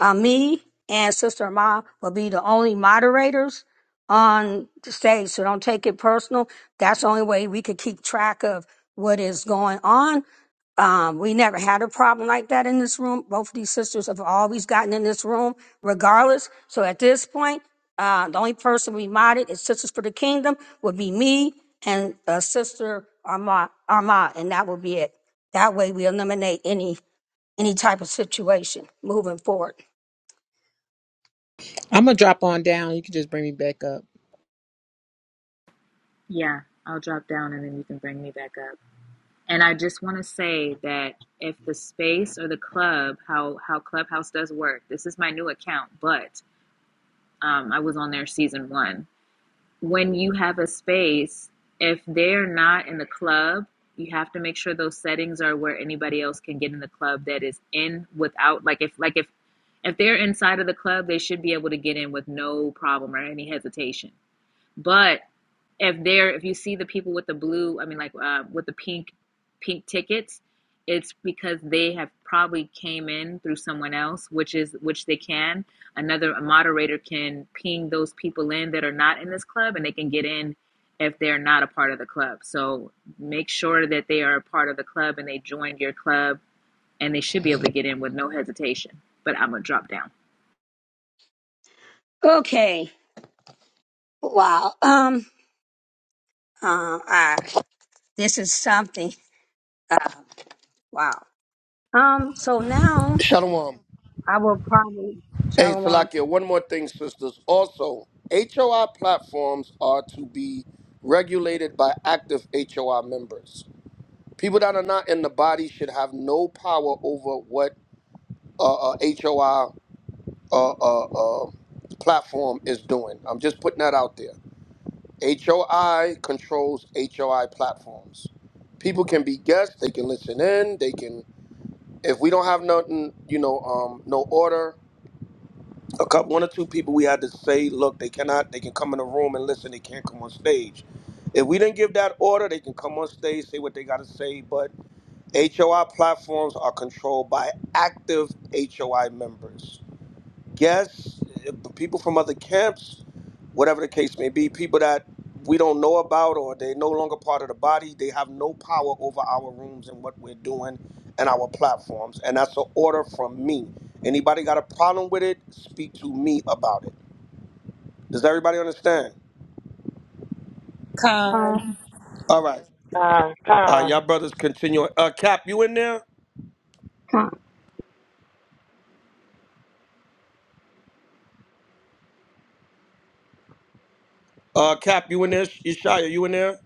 [SPEAKER 2] uh, me and Sister Ma will be the only moderators on the stage. So don't take it personal. That's the only way we could keep track of what is going on. Um, we never had a problem like that in this room. Both of these sisters have always gotten in this room, regardless. So at this point, uh, the only person we modded is Sisters for the Kingdom would be me and uh, Sister Arma, Arma, and that will be it. That way, we eliminate any any type of situation moving forward.
[SPEAKER 16] I'm gonna drop on down. You can just bring me back up.
[SPEAKER 7] Yeah, I'll drop down and then you can bring me back up. And I just want to say that if the space or the club, how how Clubhouse does work. This is my new account, but um, I was on there season one. when you have a space, if they're not in the club, you have to make sure those settings are where anybody else can get in the club that is in without like if like if if they're inside of the club, they should be able to get in with no problem or any hesitation. But if they're if you see the people with the blue, I mean like uh, with the pink pink tickets, it's because they have probably came in through someone else, which is which they can. Another a moderator can ping those people in that are not in this club, and they can get in if they're not a part of the club. So make sure that they are a part of the club and they joined your club, and they should be able to get in with no hesitation. But I'm gonna drop down.
[SPEAKER 2] Okay. Wow. Um. Uh, uh, this is something. Wow. Um. So now
[SPEAKER 15] Shalom.
[SPEAKER 2] I will probably
[SPEAKER 15] Hey,
[SPEAKER 2] shalom
[SPEAKER 15] Salakia, one more thing, sisters. Also, HOI platforms are to be regulated by active HOI members. People that are not in the body should have no power over what uh, uh, HOI uh, uh, uh, platform is doing. I'm just putting that out there. HOI controls HOI platforms. People can be guests. They can listen in. They can. If we don't have nothing, you know, um, no order. a couple one or two people we had to say, look, they cannot, they can come in the room and listen, they can't come on stage. If we didn't give that order, they can come on stage, say what they gotta say, but HOI platforms are controlled by active HOI members guests, uh, people from other camps, whatever the case may be, people that we don't know about or they're no longer part of the body, they have no power over our rooms and what we're doing and our platforms. And that's an order from me. Anybody got a problem with it, speak to me about it. Does everybody understand?
[SPEAKER 11] khan
[SPEAKER 15] All right. All right, y'all brothers continue. Uh, Cap, you in there?
[SPEAKER 2] con
[SPEAKER 15] Uh, Cap, you in there? Ishaya, you in there?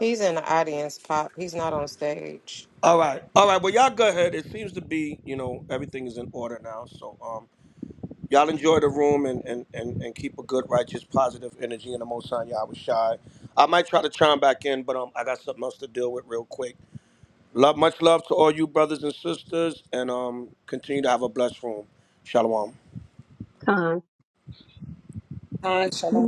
[SPEAKER 5] He's in the audience, Pop. He's not on stage.
[SPEAKER 15] All right. All right. Well, y'all go ahead. It seems to be, you know, everything is in order now. So, um, Y'all enjoy the room and, and, and, and keep a good, righteous, positive energy in the Most High Yahweh Shai. I might try to chime back in, but um, I got something else to deal with real quick. Love, much love to all you brothers and sisters, and um, continue to have a blessed room. Shalom.
[SPEAKER 2] con.
[SPEAKER 11] khan shalom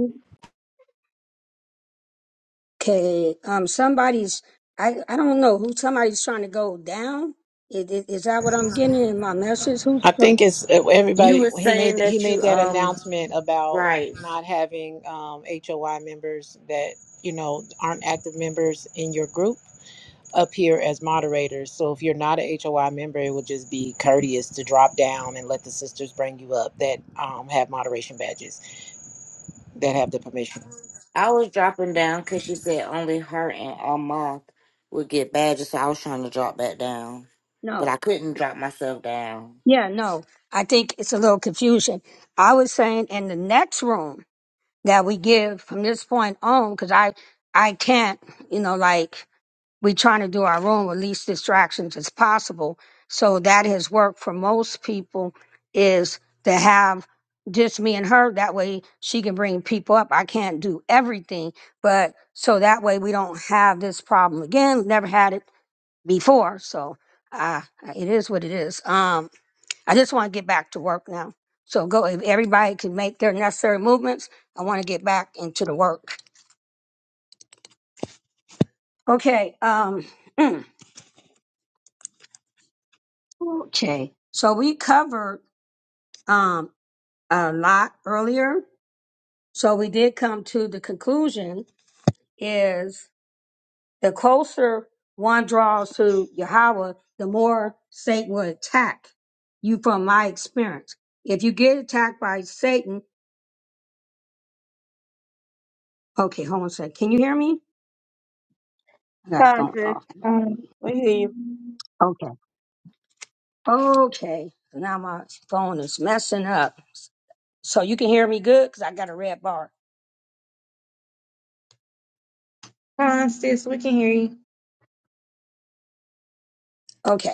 [SPEAKER 2] Okay. Um. Somebody's. I. I don't know who. Somebody's trying to go down. Is, is, is that what I'm getting in my message? Who's
[SPEAKER 16] I
[SPEAKER 2] trying?
[SPEAKER 16] think it's
[SPEAKER 17] You
[SPEAKER 16] everybody.
[SPEAKER 17] were
[SPEAKER 16] He made
[SPEAKER 17] saying
[SPEAKER 16] he
[SPEAKER 17] that
[SPEAKER 16] made
[SPEAKER 17] you
[SPEAKER 16] that
[SPEAKER 17] um
[SPEAKER 16] announcement about
[SPEAKER 17] right.
[SPEAKER 16] not having um, HOI members that you know aren't active members in your group up here as moderators. So if you're not a H O I member, it would just be courteous to drop down and let the sisters bring you up that um, have moderation badges that have the permission.
[SPEAKER 17] I was dropping down because she said only her and Amath would get badges, so I was trying to drop back down, but
[SPEAKER 2] No.
[SPEAKER 17] I couldn't drop myself down.
[SPEAKER 2] Yeah. No. I think it's a little confusion. I was saying in the next room that we give from this point on, because I. I can't. You know, like. we're trying to do our own with least distractions as possible. So that has worked for most people is to have just me and her. That way she can bring people up. I can't do everything, but so that way we don't have this problem again. Never had it before. So uh, it is what it is. Um, I just want to get back to work now. So go, if everybody can make their necessary movements, I want to get back into the work. Okay. Um, okay. So we covered um, a lot earlier. So we did come to the conclusion is the closer one draws to Yahweh, the more Satan will attack you from my experience. If you get attacked by Satan, okay, hold on a second. Can you hear me? I got
[SPEAKER 1] Come on,
[SPEAKER 2] phone
[SPEAKER 1] sis.
[SPEAKER 2] off.
[SPEAKER 13] um,
[SPEAKER 1] We hear you.
[SPEAKER 2] Okay. Okay. So now my phone is messing up. So you can hear me good because I got a red bar.
[SPEAKER 13] hi sis we can hear you
[SPEAKER 2] Okay.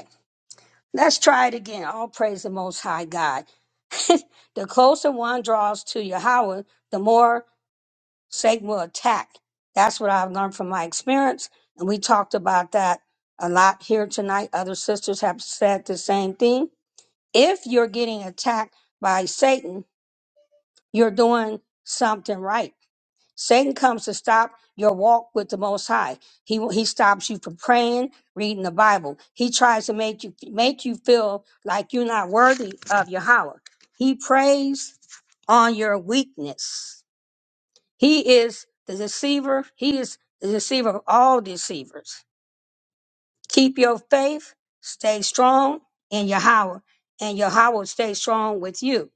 [SPEAKER 2] Let's try it again. All praise the Most High God. the closer one draws to Yahweh, the more Satan will attack. That's what I've learned from my experience. And we talked about that a lot here tonight. Other sisters have said the same thing. If you're getting attacked by Satan, you're doing something right Satan comes to stop your walk with the Most High. He he stops you from praying, reading the Bible. He tries to make you make you feel like you're not worthy of Yahweh. He preys on your weakness. He is the deceiver. He is the deceiver of all deceivers. Keep your faith. Stay strong in Yahweh, and Yahweh will stay strong with you.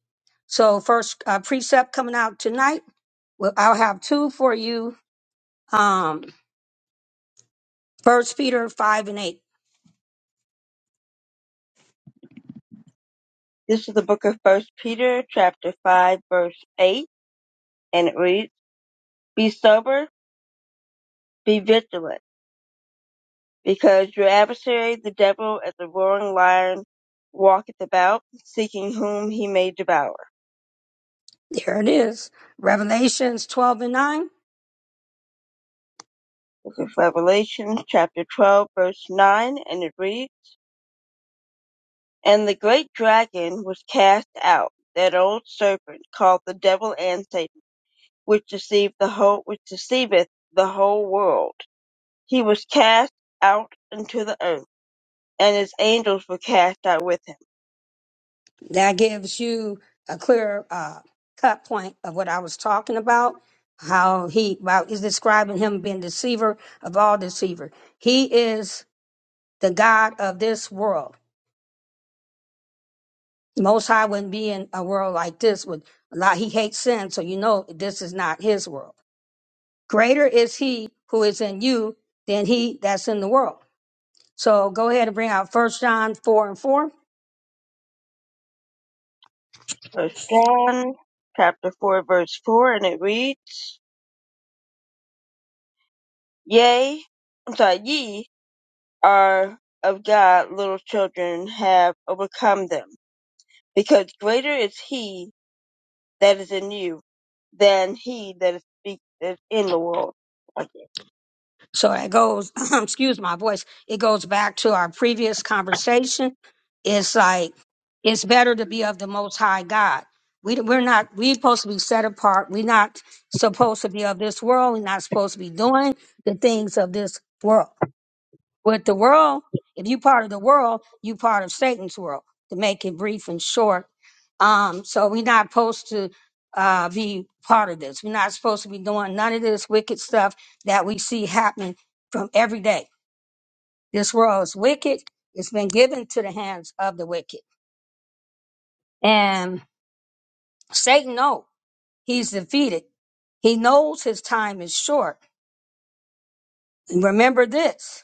[SPEAKER 2] So, first uh, precept coming out tonight. Well, I'll have two for you. Um, First Peter 5 and 8.
[SPEAKER 1] This is the book of First Peter, chapter five, verse eight, and it reads: "Be sober, be vigilant." Because your adversary, the devil, as a roaring lion, walketh about, seeking whom he may devour.
[SPEAKER 2] There it is. Revelations 12 and 9.
[SPEAKER 1] Book of Revelation, chapter 12, verse 9, and it reads, And the great dragon was cast out, that old serpent called the devil and Satan, which deceived the whole, which deceiveth the whole world. He was cast out into the earth, and his angels were cast out with him.
[SPEAKER 2] That gives you a clear uh, cut point of what I was talking about. How he about is describing him being deceiver of all deceiver. He is the God of this world. Most High wouldn't be in a world like this with a lot. He hates sin, so you know this is not his world. Greater is he who is in you than he that's in the world. So go ahead and bring out First John 4 and 4.
[SPEAKER 1] First John, chapter 4, verse 4, and it reads, Yea, I'm sorry, ye are of God, little children, have overcome them, because greater is he that is in you than he that is, be- that is in the world. Okay.
[SPEAKER 2] So it goes, excuse my voice, it goes back to our previous conversation. It's like, it's better to be of the Most High God. We, we're not, we're supposed to be set apart. We're not supposed to be of this world. We're not supposed to be doing the things of this world. With the world, if you part of the world, you part of Satan's world. To make it brief and short, um, so we're not supposed to uh, be part of this. We're not supposed to be doing none of this wicked stuff that we see happening from every day. This world is wicked. It's been given to the hands of the wicked, and Satan knows he's defeated. He knows his time is short. Remember this: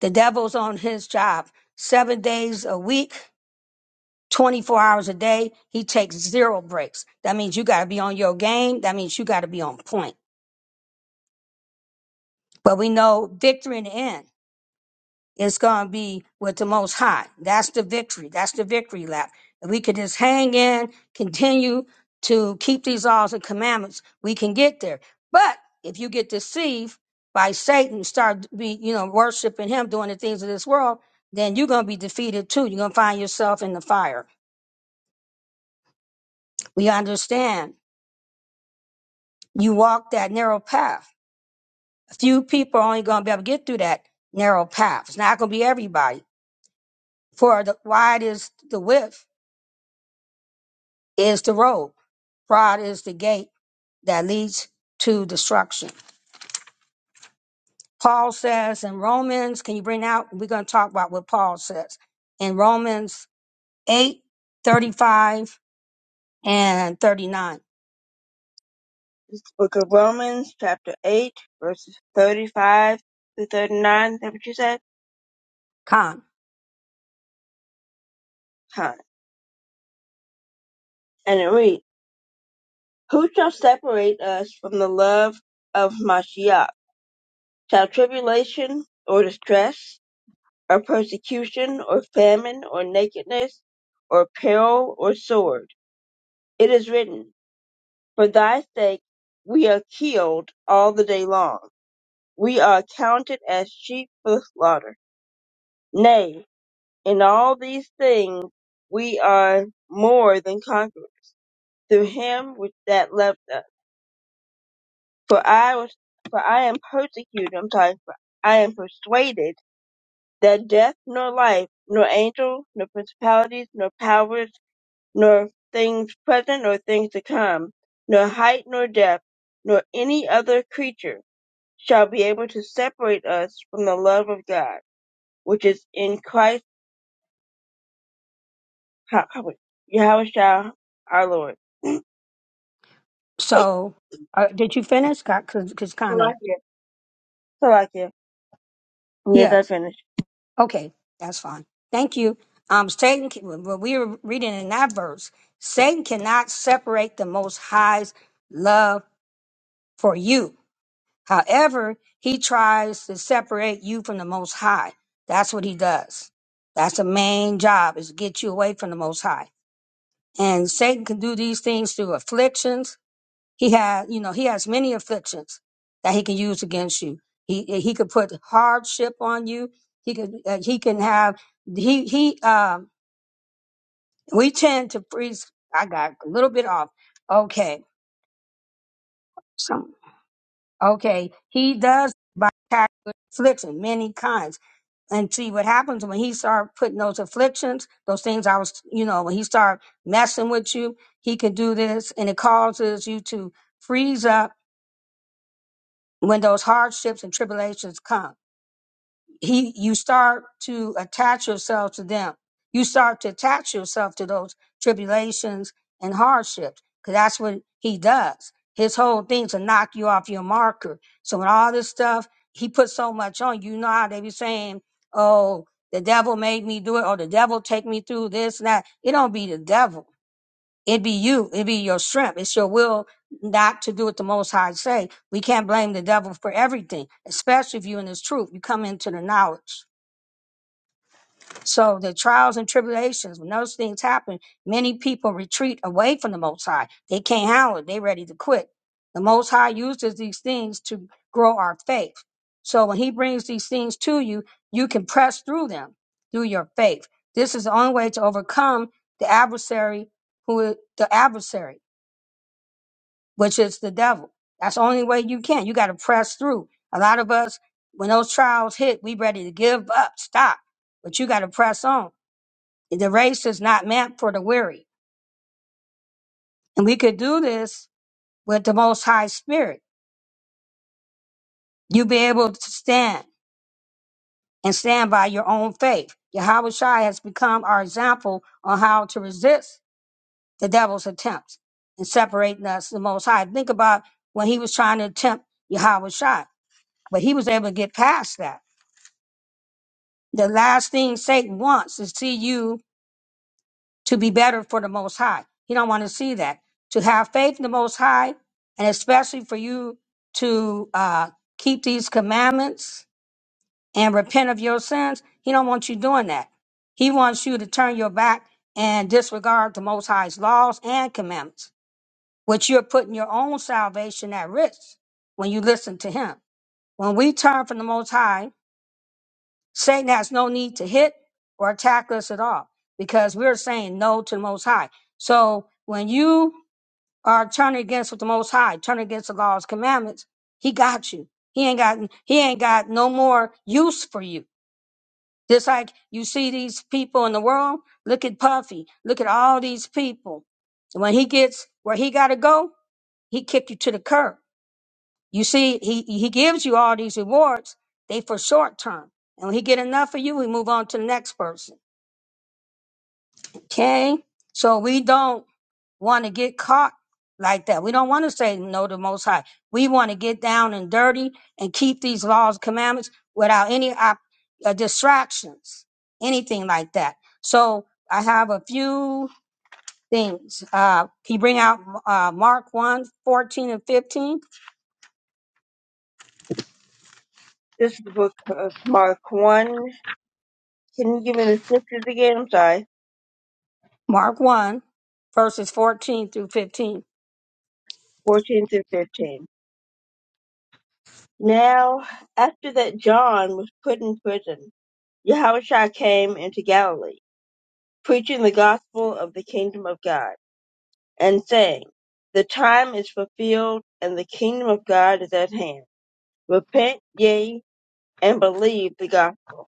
[SPEAKER 2] the devil's on his job seven days a week 24 hours a day. He takes zero breaks. That means you got to be on your game. That means you got to be on point. But we know victory in the end is going to be with the Most High. That's the victory. That's the victory lap. If we could just hang in, continue to keep these laws and commandments, we can get there. But if you get deceived by Satan, start be you know worshiping him, doing the things of this world, then you're going to be defeated too. You're going to find yourself in the fire. We understand you walk that narrow path. A few people are only going to be able to get through that narrow path. It's not going to be everybody. For the wide is the width, is the road. Broad is the gate that leads to destruction. Paul says in Romans, can you bring out? We're going to talk about what Paul says in Romans 8 35 and 39.
[SPEAKER 1] This is the book of Romans, chapter 8, verses 35 to 39, is that what you said?
[SPEAKER 2] Con.
[SPEAKER 1] Huh. And it reads, Who shall separate us from the love of Mashiach? Shall tribulation or distress? or persecution, or famine, or nakedness, or peril, or sword. It is written, For thy sake we are killed all the day long. We are counted as sheep for the slaughter. Nay, in all these things we are more than conquerors through him which that loved us. For I was, for I am persecuted, I'm sorry, for I am persuaded that death nor life, nor angel, nor principalities, nor powers, nor things present nor things to come, nor height nor depth, nor any other creature shall be able to separate us from the love of God, which is in Christ Ha- Ha- Yahweh Shah, our Lord.
[SPEAKER 2] So, uh, did you finish? Because kind of,
[SPEAKER 1] Salakia. Salakia. Yes, I
[SPEAKER 2] yes.
[SPEAKER 1] finished.
[SPEAKER 2] Okay, that's fine. Thank you. Um, Satan, can- well, we were reading in that verse, Satan cannot separate the Most High's love for you. However, he tries to separate you from the Most High. That's what he does. That's the main job is to get you away from the Most High. And Satan can do these things through afflictions, he had, you know, he has many afflictions that he can use against you. He he could put hardship on you. He could uh, he can have he he um we tend to freeze. I got a little bit off. Okay, some okay. He does by attack with affliction many kinds. And see what happens when he start putting those afflictions, those things I was, you know, when he start messing with you, he can do this, and it causes you to freeze up when those hardships and tribulations come he you start to attach yourself to them you start to attach yourself to those tribulations and hardships because that's what he does his whole thing is to knock you off your marker so when all this stuff he puts so much on you You know how they be saying oh the devil made me do it or the devil take me through this and that it don't be the devil it be you. It be your strength. It's your will not to do what the Most High say. We can't blame the devil for everything, especially if you in this truth. You come into the knowledge. So the trials and tribulations, when those things happen, many people retreat away from the Most High. They can't handle it. They ready to quit. The Most High uses these things to grow our faith. So when He brings these things to you, you can press through them through your faith. This is the only way to overcome the adversary who the adversary. which is the devil. That's the only way you can. You got to press through. A lot of us, when those trials hit, we ready to give up, stop. But you got to press on. The race is not meant for the weary. And we could do this with the most high spirit. You be able to stand and stand by your own faith. Yahweh Shai has become our example on how to resist the devil's attempts and separating us the most high. Think about when he was trying to tempt Yahweh Shai, but he was able to get past that The last thing Satan wants is see you to be better for the Most High. He don't want to see that. To have faith in the Most High, and especially for you to uh, keep these commandments and repent of your sins, he don't want you doing that. He wants you to turn your back and disregard the Most High's laws and commandments, which you're putting your own salvation at risk when you listen to him. When we turn from the Most High Satan has no need to hit or attack us at all because we're saying no to the Most High. So when you are turning against with the Most High, turning against the law's commandments, He got you. He ain't got He ain't got no more use for you. Just like you see these people in the world. Look at Puffy. Look at all these people. When he gets where he got to go, he kick you to the curb you see, he, he gives you all these rewards. They for short term. And when he get enough of you, we move on to the next person. Okay. So we don't want to get caught like that. We don't want to say no to the most high. We want to get down and dirty and keep these laws, commandments without any op- uh, distractions, anything like that. So I have a few things. Uh, can you bring out uh, Mark one 14 and 15?
[SPEAKER 1] This is the book of Mark 1. Can you give me the scriptures again? I'm sorry.
[SPEAKER 2] Mark 1, verses 14 through 15.
[SPEAKER 1] 14 through 15. Now, after that John was put in prison, Yahushua came into Galilee preaching the gospel of the kingdom of God, and saying, The time is fulfilled, and the kingdom of God is at hand. Repent ye and believe the gospel.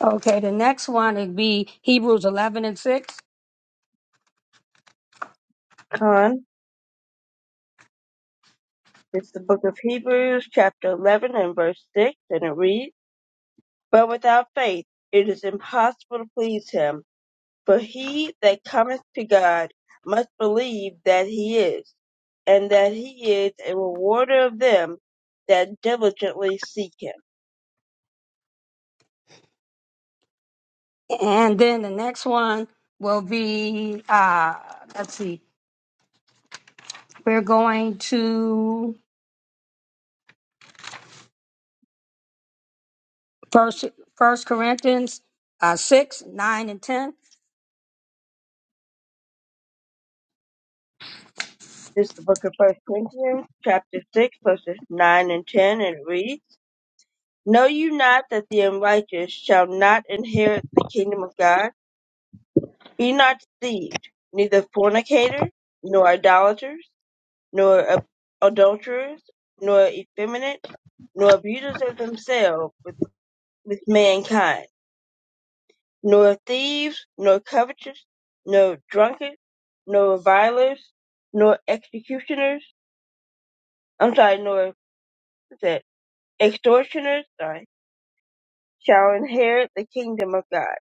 [SPEAKER 2] Okay, the next one would be Hebrews 11 and 6.
[SPEAKER 1] Con, it's the book of Hebrews, chapter 11, and verse 6, and it reads, But without faith it is impossible to please him, for he that cometh to God must believe that he is, and that he is a rewarder of them that diligently seek him
[SPEAKER 2] And then the next one will be, uh, let's see, we're going to First, First Corinthians uh, 6, 9, and 10.
[SPEAKER 1] This is the book of First Corinthians, chapter six, verses nine and ten, and it reads, Know you not that the unrighteous shall not inherit the kingdom of God? Be not deceived, neither fornicators, nor idolaters, nor ad- adulterers, nor effeminate, nor abusers of themselves with, with mankind, nor thieves, nor covetous, nor drunkards, nor revilers, nor executioners, I'm sorry, nor, Extortioners sorry, shall inherit the kingdom of God.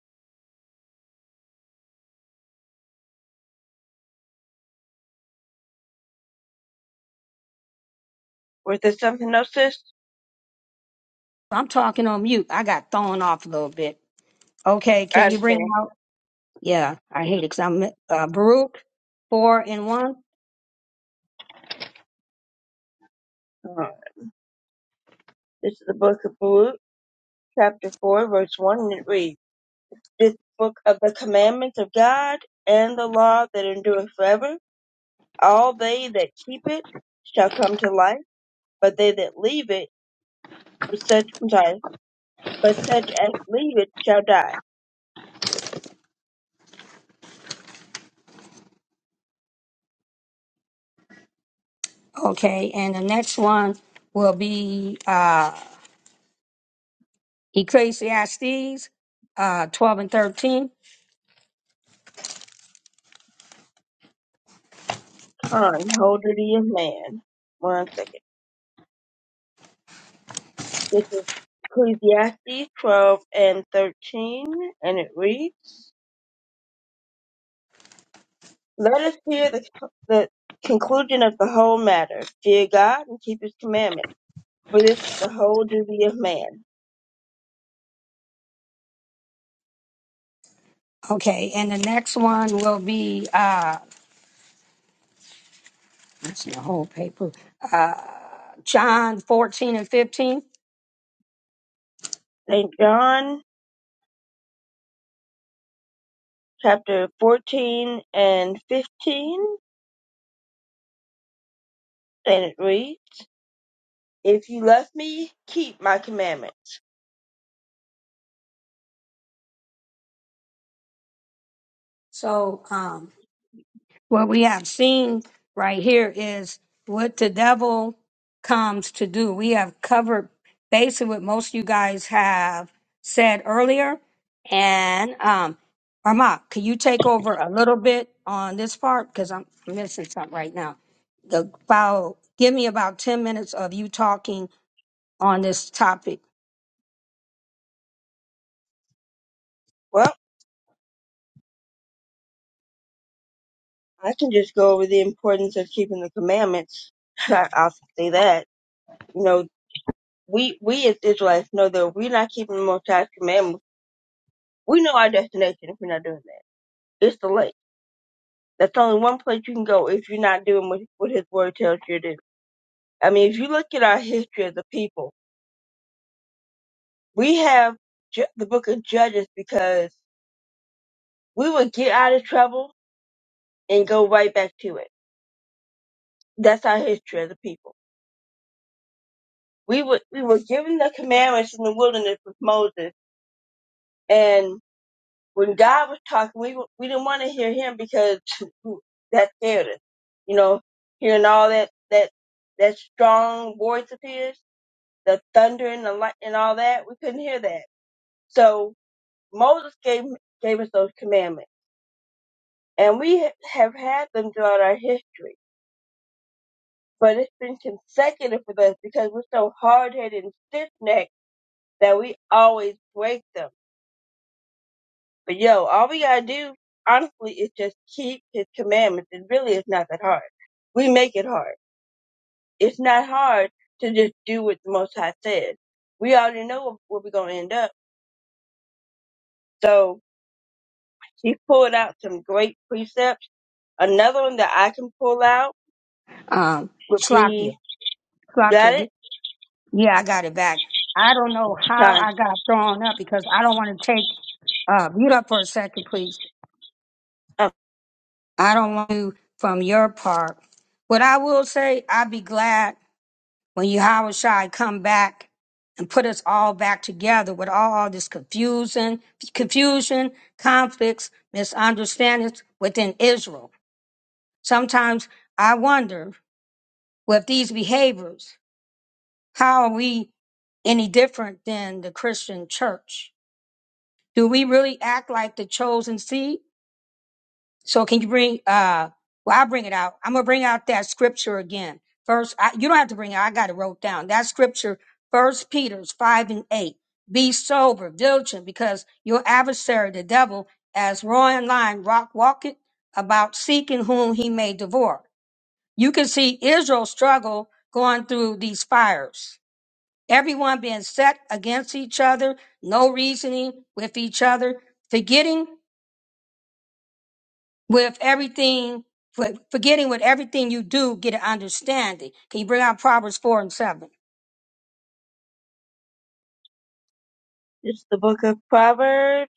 [SPEAKER 1] Was there something else, sis?
[SPEAKER 2] I'm talking on mute. I got thrown off a little bit. Okay,
[SPEAKER 1] I
[SPEAKER 2] can you bring
[SPEAKER 1] understand.
[SPEAKER 2] out? Yeah, I hate it because 'cause I'm uh, Baruch 4 and 1.
[SPEAKER 1] Uh, This is the book of Luke, chapter 4, verse 1, and it reads, This book of the commandments of God and the law that endureth forever, all they that keep it shall come to life, but they that leave it, but such, I'm sorry, but such as leave it shall die.
[SPEAKER 2] Okay, and the next one will be. uh, Ecclesiastes uh, 12 and 13.
[SPEAKER 1] Con, holder of man. One second. This is Ecclesiastes 12 and 13, and it reads, Let us hear the, the conclusion of the whole matter. Fear God and keep his commandments, for this is the whole duty of man.
[SPEAKER 2] Okay, and the next one will be, uh, that's the whole paper, uh, John 14 and 15.
[SPEAKER 1] St. John chapter 14 and 15, and it reads, If you love me, keep my commandments.
[SPEAKER 2] So, um, what we have seen right here is what the devil comes to do. We have covered basically what most of you guys have said earlier. And um Arma, can you take over a little bit on this part? Because I'm missing something right now. The, about give me about ten minutes of you talking on this topic.
[SPEAKER 1] Well, I can just go over the importance of keeping the commandments. I'll say that. you know. we we as Israelites know that if we're not keeping the Most High's commandments. We know our destination if we're not doing that. It's the lake. That's only one place you can go if you're not doing what, what His Word tells you to do. I mean, if you look at our history as a people, we have ju- the Book of Judges because we would get out of trouble and go right back to it. That's our history as a people. We were we were given the commandments in the wilderness with Moses, and When God was talking, we we didn't want to hear Him because that scared us. You know, hearing all that that that strong voice of His, the thunder and the light and all that, we couldn't hear that. So Moses gave gave us those commandments, and we ha- have had them throughout our history. But it's been consecutive with us because we're so hard headed and stiff necked that we always break them But yo, all we gotta do, honestly, is just keep his commandments. It really is not that hard. We make it hard. It's not hard to just do what the Most High says. We already know where we're gonna end up. So he pulled out some great precepts. Another one that I can pull out
[SPEAKER 2] Um
[SPEAKER 1] would
[SPEAKER 2] Slakia.
[SPEAKER 1] be
[SPEAKER 2] Slakia.
[SPEAKER 1] got it.
[SPEAKER 2] Yeah, I got it back. I don't know how
[SPEAKER 1] Time.
[SPEAKER 2] I got thrown up because I don't want to take uh, mute up for a second, please.
[SPEAKER 1] Um,
[SPEAKER 2] I don't want to from your part. What I will say, I'd be glad when Yahweh Shai come back and put us all back together with all, all this confusion, confusion, conflicts, misunderstandings within Israel. Sometimes I wonder with these behaviors, how are we any different than the Christian church? do we really act like the chosen seed? So can you bring uh well I'll bring it out. I'm gonna bring out that scripture again. First I, you don't have to bring it out, I got it wrote down. That scripture, first Peter's five and eight. Be sober, vigilant, because your adversary, the devil, as roaring lion, rock walketh about seeking whom he may devour. You can see Israel struggle going through these fires. Everyone being set against each other, no reasoning with each other, forgetting with everything, for- forgetting with everything you do, get an understanding. Can you bring out Proverbs 4 and 7?
[SPEAKER 1] it's the book of Proverbs,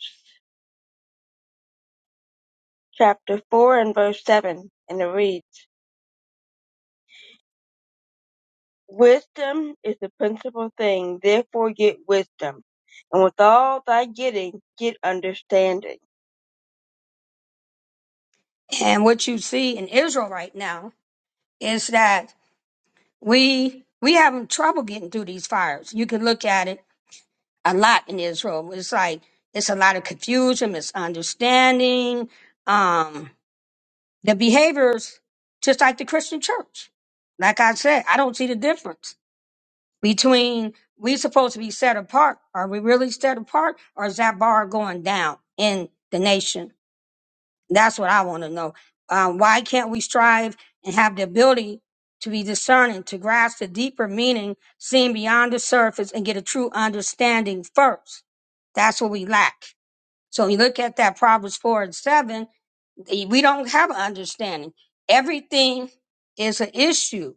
[SPEAKER 1] chapter four and verse seven, and it reads. Wisdom is the principal thing, therefore get wisdom, and with all thy getting, get understanding.
[SPEAKER 2] And what you see in Israel right now is that we we having trouble getting through these fires. You can look at it a lot in Israel. It's like it's a lot of confusion, misunderstanding, um, the behaviors just like the Christian church. Like I said, I don't see the difference between we supposed to be set apart. Are we really set apart, or is that bar going down in the nation? That's what I want to know. Um, why can't we strive and have the ability to be discerning, to grasp the deeper meaning, seen beyond the surface, and get a true understanding first? That's what we lack. So you look at that Proverbs four and seven, eh, we don't have an understanding. Everything is an issue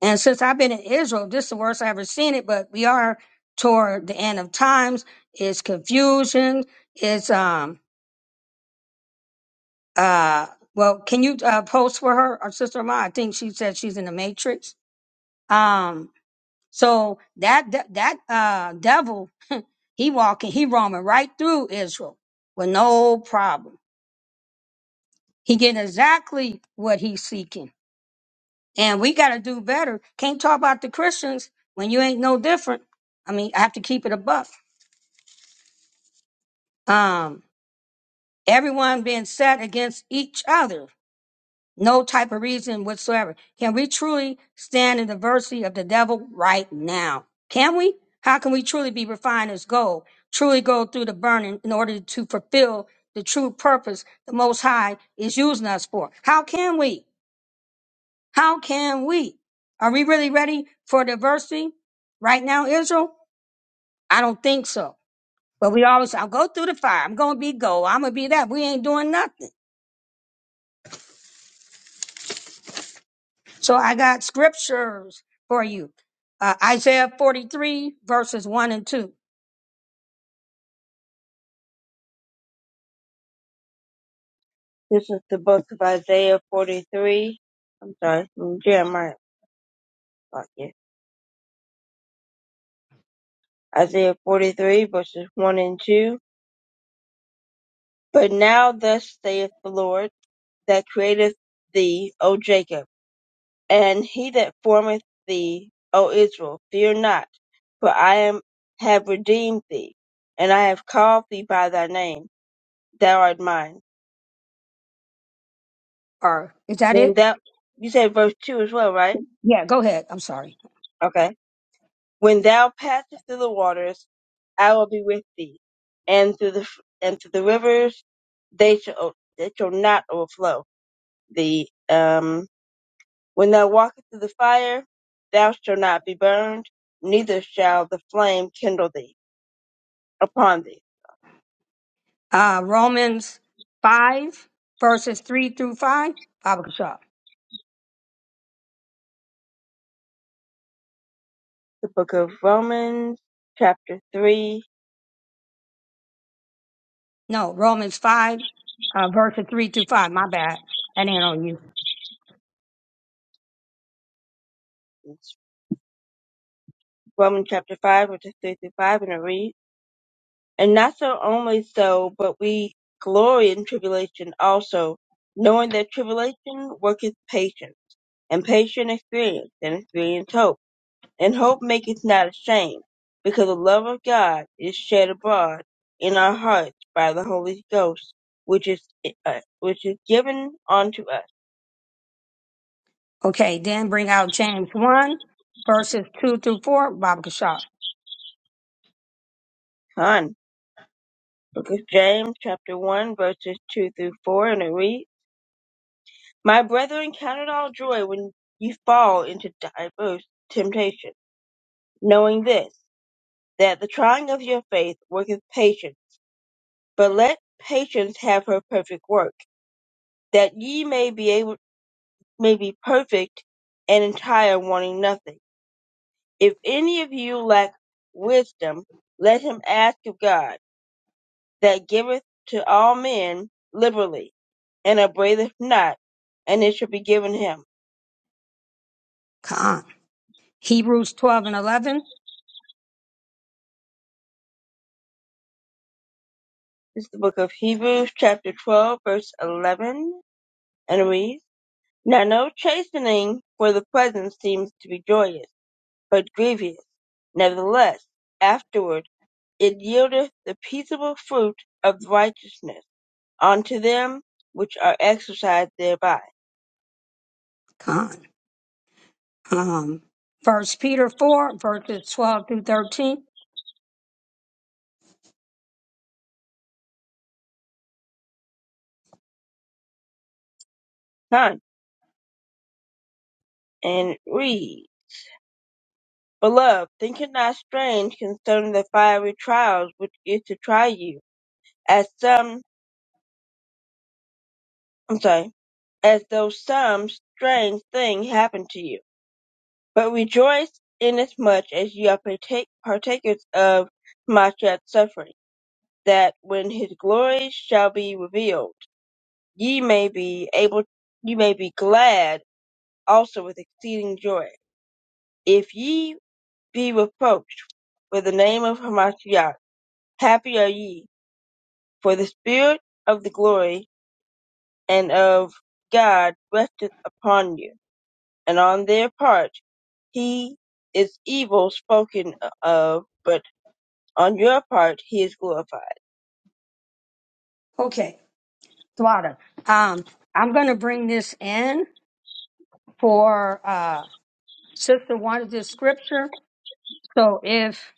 [SPEAKER 2] and since I've been in Israel, this is the worst I ever seen it, but we are toward the end of times. It's confusion. It's, um, uh, well, can you uh, post for her or sister Ma? I think she said she's in the matrix. Um, so that, that, that, uh, devil, he walking, he roaming right through Israel with no problem. He getting exactly what he's seeking. And we got to do better. Can't talk about the Christians when you ain't no different. I mean, I have to keep it above. um, everyone being set against each other, no type of reason whatsoever. Can we truly stand in the adversity of the devil right now? Can we? How can we truly be refined as gold? Truly go through the burning in order to fulfill the true purpose the Most High is using us for? How can we? How can we? Are we really ready for diversity right now, Israel? I don't think so. But we always, I'll go through the fire. I'm going to be gold. I'm going to be that. We ain't doing nothing. So I got scriptures for you. Uh, Isaiah 43 verses 1 and 2.
[SPEAKER 1] This is the book of Isaiah 43. I'm sorry, mm, Jeremiah. fuck yeah. Isaiah 43, verses 1 and 2. But now thus saith the Lord, that createth thee, O Jacob, and he that formeth thee, O Israel, fear not, for I am have redeemed thee, and I have called thee by thy name. Thou art mine.
[SPEAKER 2] Or is that
[SPEAKER 1] When
[SPEAKER 2] it?
[SPEAKER 1] thou, you said verse 2 as well, right?
[SPEAKER 2] Yeah, go ahead. I'm sorry.
[SPEAKER 1] Okay. When thou passest through the waters, I will be with thee, and through the and through the rivers, they shall they shall not overflow thee. Um, when thou walkest through the fire, thou shalt not be burned, neither shall the flame kindle thee upon thee.
[SPEAKER 2] Uh, Romans 5 verses 3 through 5. Baba Kishab.
[SPEAKER 1] The book of Romans, chapter three,
[SPEAKER 2] No, Romans 5 uh, verses 3 through 5. My bad. That ain't on you.
[SPEAKER 1] it's Romans chapter five, which is three through five, and it reads. And not so only so, but we glory in tribulation also, knowing that tribulation worketh patience, and patient experience, and experience hope. And hope maketh not ashamed, because the love of God is shed abroad in our hearts by the Holy Ghost, which is uh, which is given unto us.
[SPEAKER 2] Okay, then bring out James 1 verses 2 through 4. Baba Kishab.
[SPEAKER 1] Con. Book of James, chapter 1, verses 2 through 4, and it reads, My brethren, count it all joy when you fall into diverse temptation knowing this, that the trying of your faith worketh patience. But let patience have her perfect work, that ye may be able may be perfect and entire, wanting nothing. If any of you lack wisdom, let him ask of God, that giveth to all men liberally, and upbraideth not, and it shall be given him.
[SPEAKER 2] Khan. Hebrews 12 and 11.
[SPEAKER 1] This is the book of Hebrews, chapter 12, verse 11, and it reads, Now no chastening for the present seems to be joyous but grievous. Nevertheless afterward it yieldeth the peaceable fruit of righteousness unto them which are exercised thereby.
[SPEAKER 2] Khan. Um, First Peter 4 verses 12 through 13.
[SPEAKER 1] 9. And read. Beloved, think it not strange concerning the fiery trials which is to try you, as some, I'm sorry, as though some strange thing happened to you. But rejoice inasmuch as you are partake, partakers of Mashiach's suffering. that when his glory shall be revealed, ye may be able, ye may be glad also with exceeding joy. If ye be reproached for the name of Hamashiach, happy are ye, for the spirit of the glory and of God resteth upon you. And on their part, he is evil spoken of, but on your part he is glorified.
[SPEAKER 2] Okay, Thwada. Um, I'm going to bring this in for uh, Sister wanted this scripture. So if,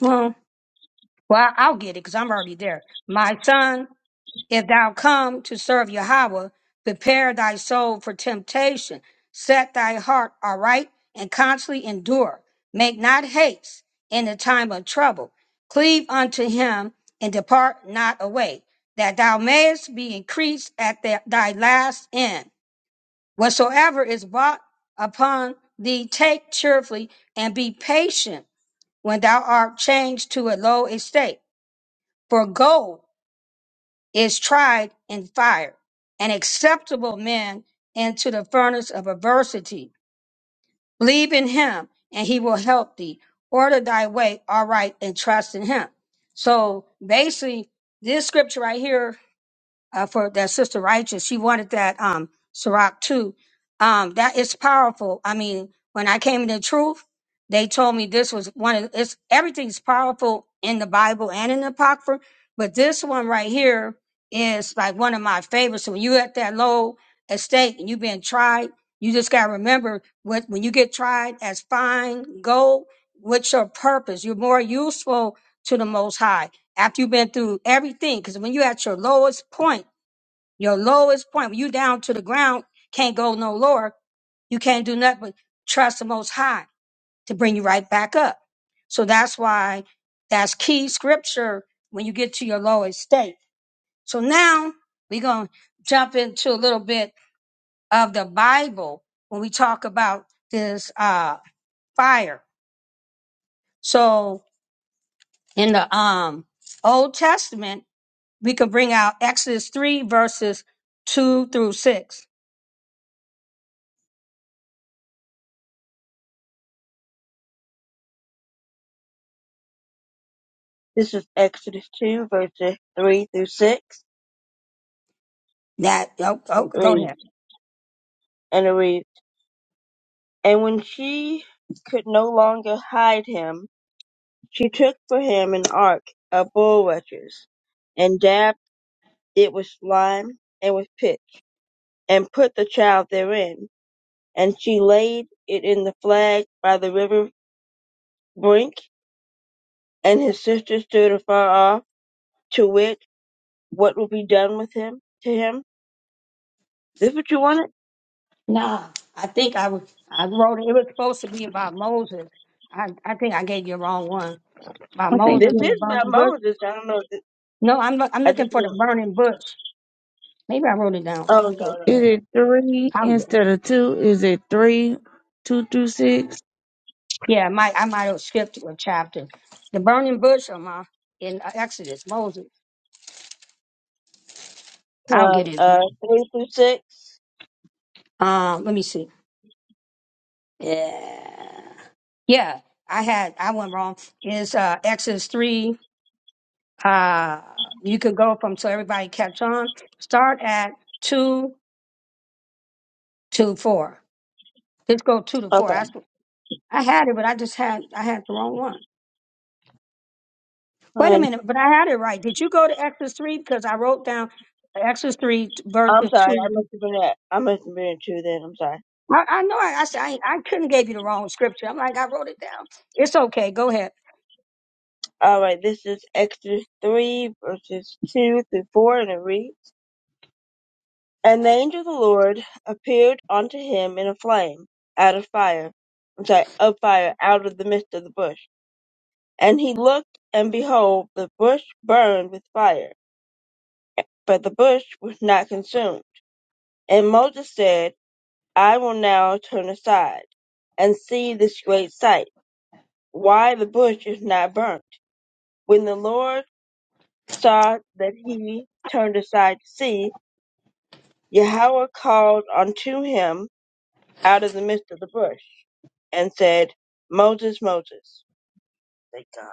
[SPEAKER 2] well, well, I'll get it because I'm already there. My son, if thou come to serve Yahweh, prepare thy soul for temptation. Set thy heart aright and constantly endure. Make not haste in the time of trouble. Cleave unto him and depart not away, that thou mayest be increased at thy thy last end Whatsoever is brought upon thee, take cheerfully, and be patient when thou art changed to a low estate. For gold is tried in fire, an acceptable man into the furnace of adversity. Believe in him, and he will help thee. Order thy way aright and trust in him. So basically, this scripture right here uh, for that sister righteous. She wanted that um Ciroc too. Um, that is powerful. I mean, when I came into truth, they told me this was one of it's everything's powerful in the Bible and in the Apocrypha, but this one right here is like one of my favorites. So when you're at that low estate and you've been tried, you just gotta remember what when you get tried as fine gold, what's your purpose? You're more useful to the most high after you've been through everything, because when you're at your lowest point, your lowest point, when you down to the ground, can't go no lower, you can't do nothing but trust the most high to bring you right back up. So that's why that's key scripture when you get to your lowest state. So now we're going to jump into a little bit of the Bible when we talk about this uh, fire. So in the um, Old Testament, we could bring out Exodus 3, verses 2 through 6.
[SPEAKER 1] This is Exodus 2, verses 3 through 6.
[SPEAKER 2] That, oh, oh,
[SPEAKER 1] It
[SPEAKER 2] go
[SPEAKER 1] reads.
[SPEAKER 2] ahead.
[SPEAKER 1] and it reads, And when she could no longer hide him, she took for him an ark of bulrushes, and dabbed it with slime and with pitch, and put the child therein. And she laid it in the flag by the river brink, and his sister stood afar off, to wit, what will be done with him to him? This what you wanted?
[SPEAKER 2] Nah, I think I, was- I wrote it. It was supposed to be about Moses. I, I think I gave you the wrong one. About
[SPEAKER 4] I think
[SPEAKER 2] Moses
[SPEAKER 1] This
[SPEAKER 4] it-
[SPEAKER 2] and the
[SPEAKER 1] is by
[SPEAKER 2] burning bush.
[SPEAKER 1] Moses. I don't know. If this,
[SPEAKER 2] No, I'm, look, I'm
[SPEAKER 1] I
[SPEAKER 2] looking
[SPEAKER 1] just
[SPEAKER 2] for the burning bush. Maybe I wrote it down.
[SPEAKER 1] oh
[SPEAKER 2] Let
[SPEAKER 1] no
[SPEAKER 2] me go.
[SPEAKER 4] is
[SPEAKER 1] no.
[SPEAKER 4] it three
[SPEAKER 2] I'm,
[SPEAKER 4] instead of two? Is it three, two through six?
[SPEAKER 2] yeah, I might, I might have skipped a chapter. The burning bush on my, in Exodus, Moses. I'll get
[SPEAKER 1] Con
[SPEAKER 2] it.
[SPEAKER 1] uh three through six.
[SPEAKER 2] Um, let me see. Yeah. Yeah, I had I went wrong. Is uh Exodus three. Uh you can go from so everybody catch on. Start at two to four. Just go two to four.
[SPEAKER 1] Okay.
[SPEAKER 2] That's what- I had it, but I just had I had the wrong one. Wait a
[SPEAKER 1] Con
[SPEAKER 2] minute, but I had it right. Did you go to Exodus three? Because I wrote down Exodus three t-
[SPEAKER 1] I'm
[SPEAKER 2] verses
[SPEAKER 1] sorry, I
[SPEAKER 2] two.
[SPEAKER 1] must have been at I must have been at two then, I'm sorry.
[SPEAKER 2] I, I know I I, said, I I couldn't gave you the wrong scripture. I'm like I wrote it down. It's okay. Go ahead.
[SPEAKER 1] Alright, this is Exodus three verses two through four and it reads And the angel of the Lord appeared unto him in a flame out of fire I'm sorry, of fire out of the midst of the bush. And he looked and behold the bush burned with fire, but the bush was not consumed. And Moses said, I will now turn aside and see this great sight, why the bush is not burnt. When the Lord saw that he turned aside to see, Yahweh called unto him out of the midst of the bush and said, Moses, Moses. Thank God.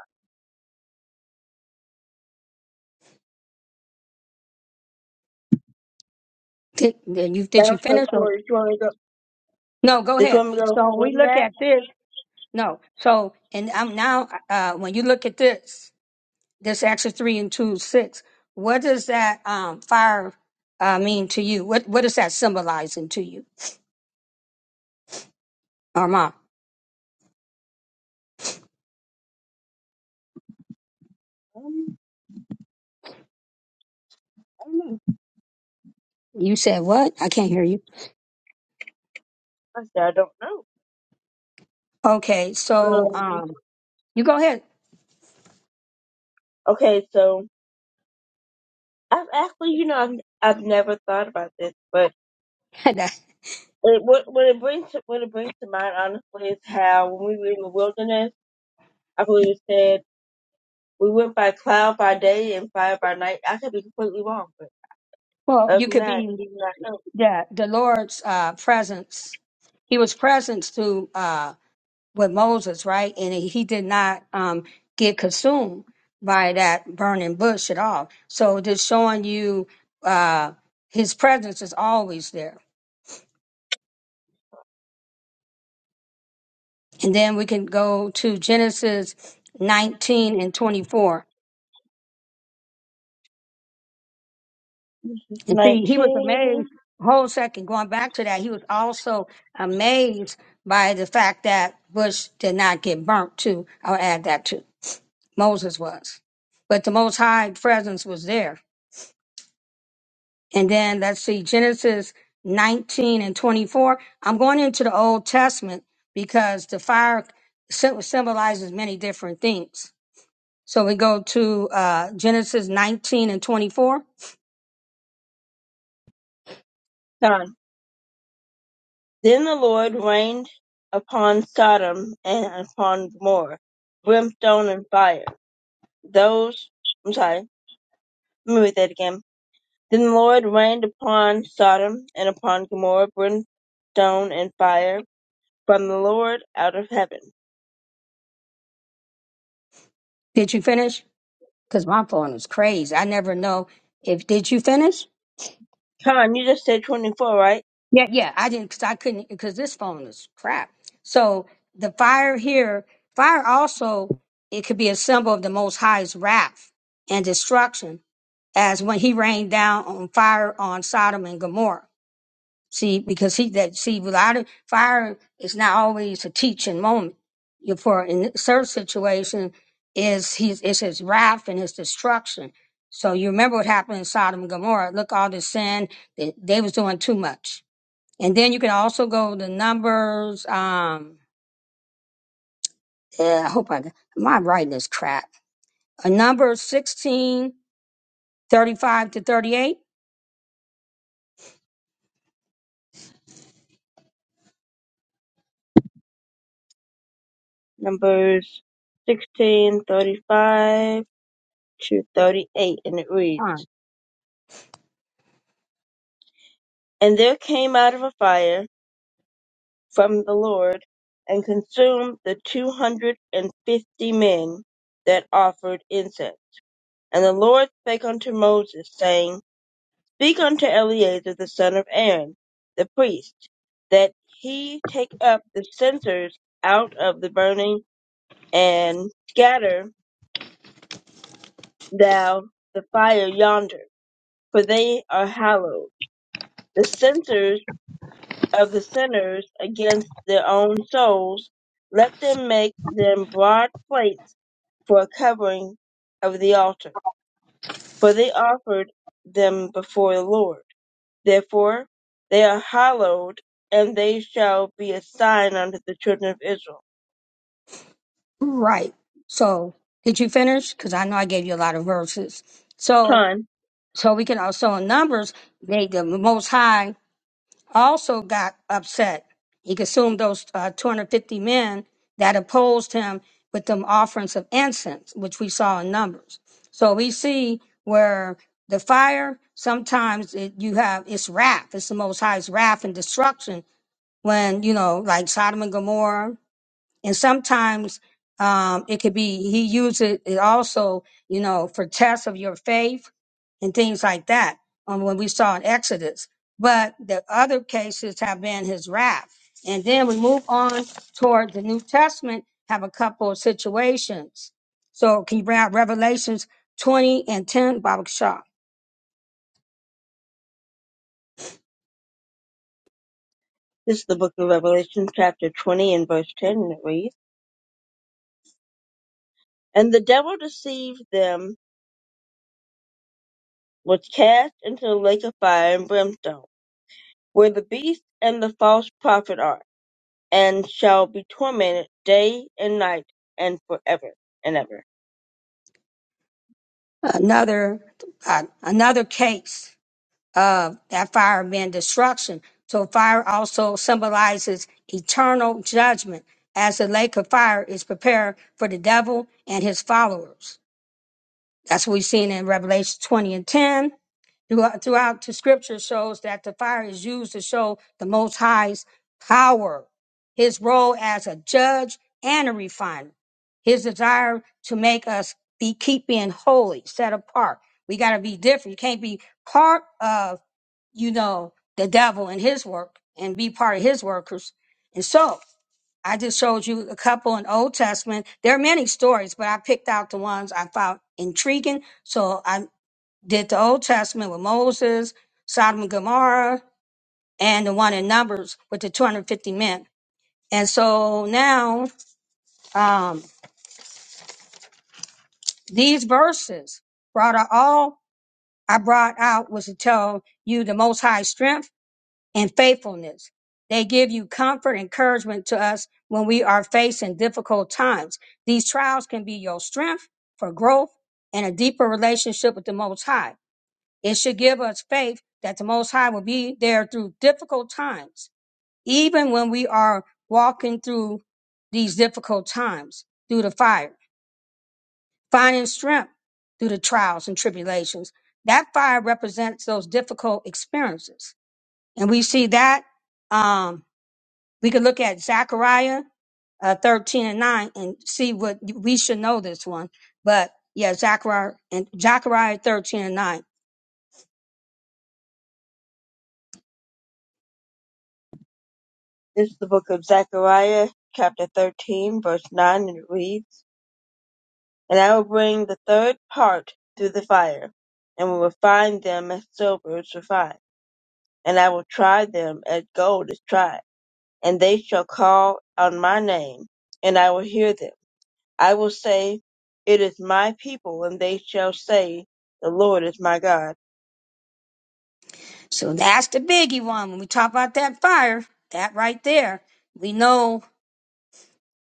[SPEAKER 2] Did, did you
[SPEAKER 1] That
[SPEAKER 2] did you
[SPEAKER 1] was verse
[SPEAKER 2] finish? Or,
[SPEAKER 1] 4. Did you want me to go?
[SPEAKER 2] no, go
[SPEAKER 1] Did you
[SPEAKER 2] ahead.
[SPEAKER 1] want me to go
[SPEAKER 2] So we
[SPEAKER 1] Wasn't
[SPEAKER 2] look
[SPEAKER 1] that?
[SPEAKER 2] at this. No. So, and I'm now, uh, when you look at this, this Acts three and two six, what does that um, fire uh, mean to you? What what is that symbolizing to you, Armand?
[SPEAKER 1] Um, I don't know.
[SPEAKER 2] You said what? I can't hear you.
[SPEAKER 1] I said, I don't know.
[SPEAKER 2] Okay, so
[SPEAKER 1] Um,
[SPEAKER 2] um, you go ahead.
[SPEAKER 1] okay, so I've actually, you know, I've, I've never thought about this, but it, what, what it brings to, what it brings to mind, honestly, is how when we were in the wilderness, I believe it said We went by cloud by day and fire by night. I could be completely wrong, but
[SPEAKER 2] well,
[SPEAKER 1] of
[SPEAKER 2] you could
[SPEAKER 1] that,
[SPEAKER 2] be
[SPEAKER 1] do not know.
[SPEAKER 2] the the Lord's uh, presence. He was present through. uh, with Moses, right? And he did not um, get consumed by that burning bush at all. So just showing you uh, his presence is always there. And then we can go to Genesis 19 and 24. And see, he was
[SPEAKER 1] 19.
[SPEAKER 2] amazed. Whole second, going back to that, he was also amazed by the fact that Bush did not get burnt, too. I'll add that too. Moses was. But the Most High presence was there. And then let's see, Genesis 19 and 24. I'm going into the Old Testament because the fire sym- symbolizes many different things. So we go to uh, Genesis 19 and 24.
[SPEAKER 1] Done. Then the Lord rained upon Sodom and upon Gomorrah, brimstone and fire. Those, I'm sorry, let me read that again. Then the Lord rained upon Sodom and upon Gomorrah, brimstone and fire from the Lord out of heaven.
[SPEAKER 2] Did you finish? Because my phone is crazy. I never know if did you finish.
[SPEAKER 1] Con, you just said 24, right?
[SPEAKER 2] Yeah, yeah. I didn't because I couldn't because this phone is crap. So the fire here, fire also it could be a symbol of the Most High's wrath and destruction, as when He rained down on fire on Sodom and Gomorrah. See, because he that see without it, fire is not always a teaching moment. You- For in this certain situation, is he's it's his wrath and his destruction. So you remember what happened in Sodom and Gomorrah. Look, all the sin they, they was doing too much and then you can also go to numbers. Um, yeah, I hope I got, my writing is crap. A number 16 35 to 38.
[SPEAKER 1] Numbers sixteen thirty-five. 2:38 and it reads
[SPEAKER 2] Fine.
[SPEAKER 1] and there came out of a fire from the lord and consumed the two hundred and fifty men that offered incense and the lord spake unto moses saying speak unto eleazar the son of aaron the priest that he take up the censers out of the burning and scatter thou the fire yonder for they are hallowed the censers. of the sinners against their own souls, let them make them broad plates for a covering of the altar. For they offered them before the Lord. Therefore they are hallowed, and they shall be a sign unto the children of Israel.
[SPEAKER 2] Right. So did you finish? Because I know I gave you a lot of verses. So
[SPEAKER 1] Time.
[SPEAKER 2] so we can also in numbers, they the most high also got upset. He consumed those uh, 250 men that opposed him with them offerings of incense, which we saw in Numbers. So we see where the fire sometimes it, you have it's wrath. It's the Most High's wrath and destruction when you know, like Sodom and Gomorrah and sometimes um, it could be he uses it also you know for tests of your faith and things like that um, when we saw in exodus but the other cases have been his wrath and then we move on toward the new testament have a couple of situations so can you bring out revelations 20 and 10 baba shah
[SPEAKER 1] This is the book of Revelation, chapter 20, and verse 10, and it reads, And the devil deceived them, was cast into the lake of fire and brimstone, where the beast and the false prophet are and shall be tormented day and night and forever and ever.
[SPEAKER 2] another uh, another case of that fire meant destruction. So fire also symbolizes eternal judgment as the lake of fire is prepared for the devil and his followers. That's what we've seen in Revelation 20 and 10. Throughout, throughout the scripture shows that the fire is used to show the Most High's power, his role as a judge and a refiner, his desire to make us be keeping holy, set apart. We got to be different. You can't be part of you know, the devil and his work and be part of his workers. And so I just showed you a couple in Old Testament. There are many stories, but I picked out the ones I found intriguing. So I did the Old Testament with Moses, Sodom and Gomorrah, and the one in Numbers with the 250 men. And so now um, these verses brought out all I brought out was to tell you the most high strength and faithfulness. They give you comfort, and encouragement to us when we are facing difficult times. These trials can be your strength for growth and a deeper relationship with the Most High. It should give us faith that the Most High will be there through difficult times, even when we are walking through these difficult times through the fire, finding strength through the trials and tribulations. That fire represents those difficult experiences. And we see that, um, we could look at Zechariah uh, 13 and 9 and see what we should know this one. But yeah, Zechariah and Zechariah 13 and 9.
[SPEAKER 1] This is the book of Zechariah, chapter 13, verse 9, and it reads, And I will bring the third part through the fire, and will refine them as silver is refined, and I will try them as gold is tried, and they shall call on my name, and I will hear them. I will say, It is my people, and they shall say, The Lord is my God.
[SPEAKER 2] So that's the biggie one. When we talk about that fire, that right there, we know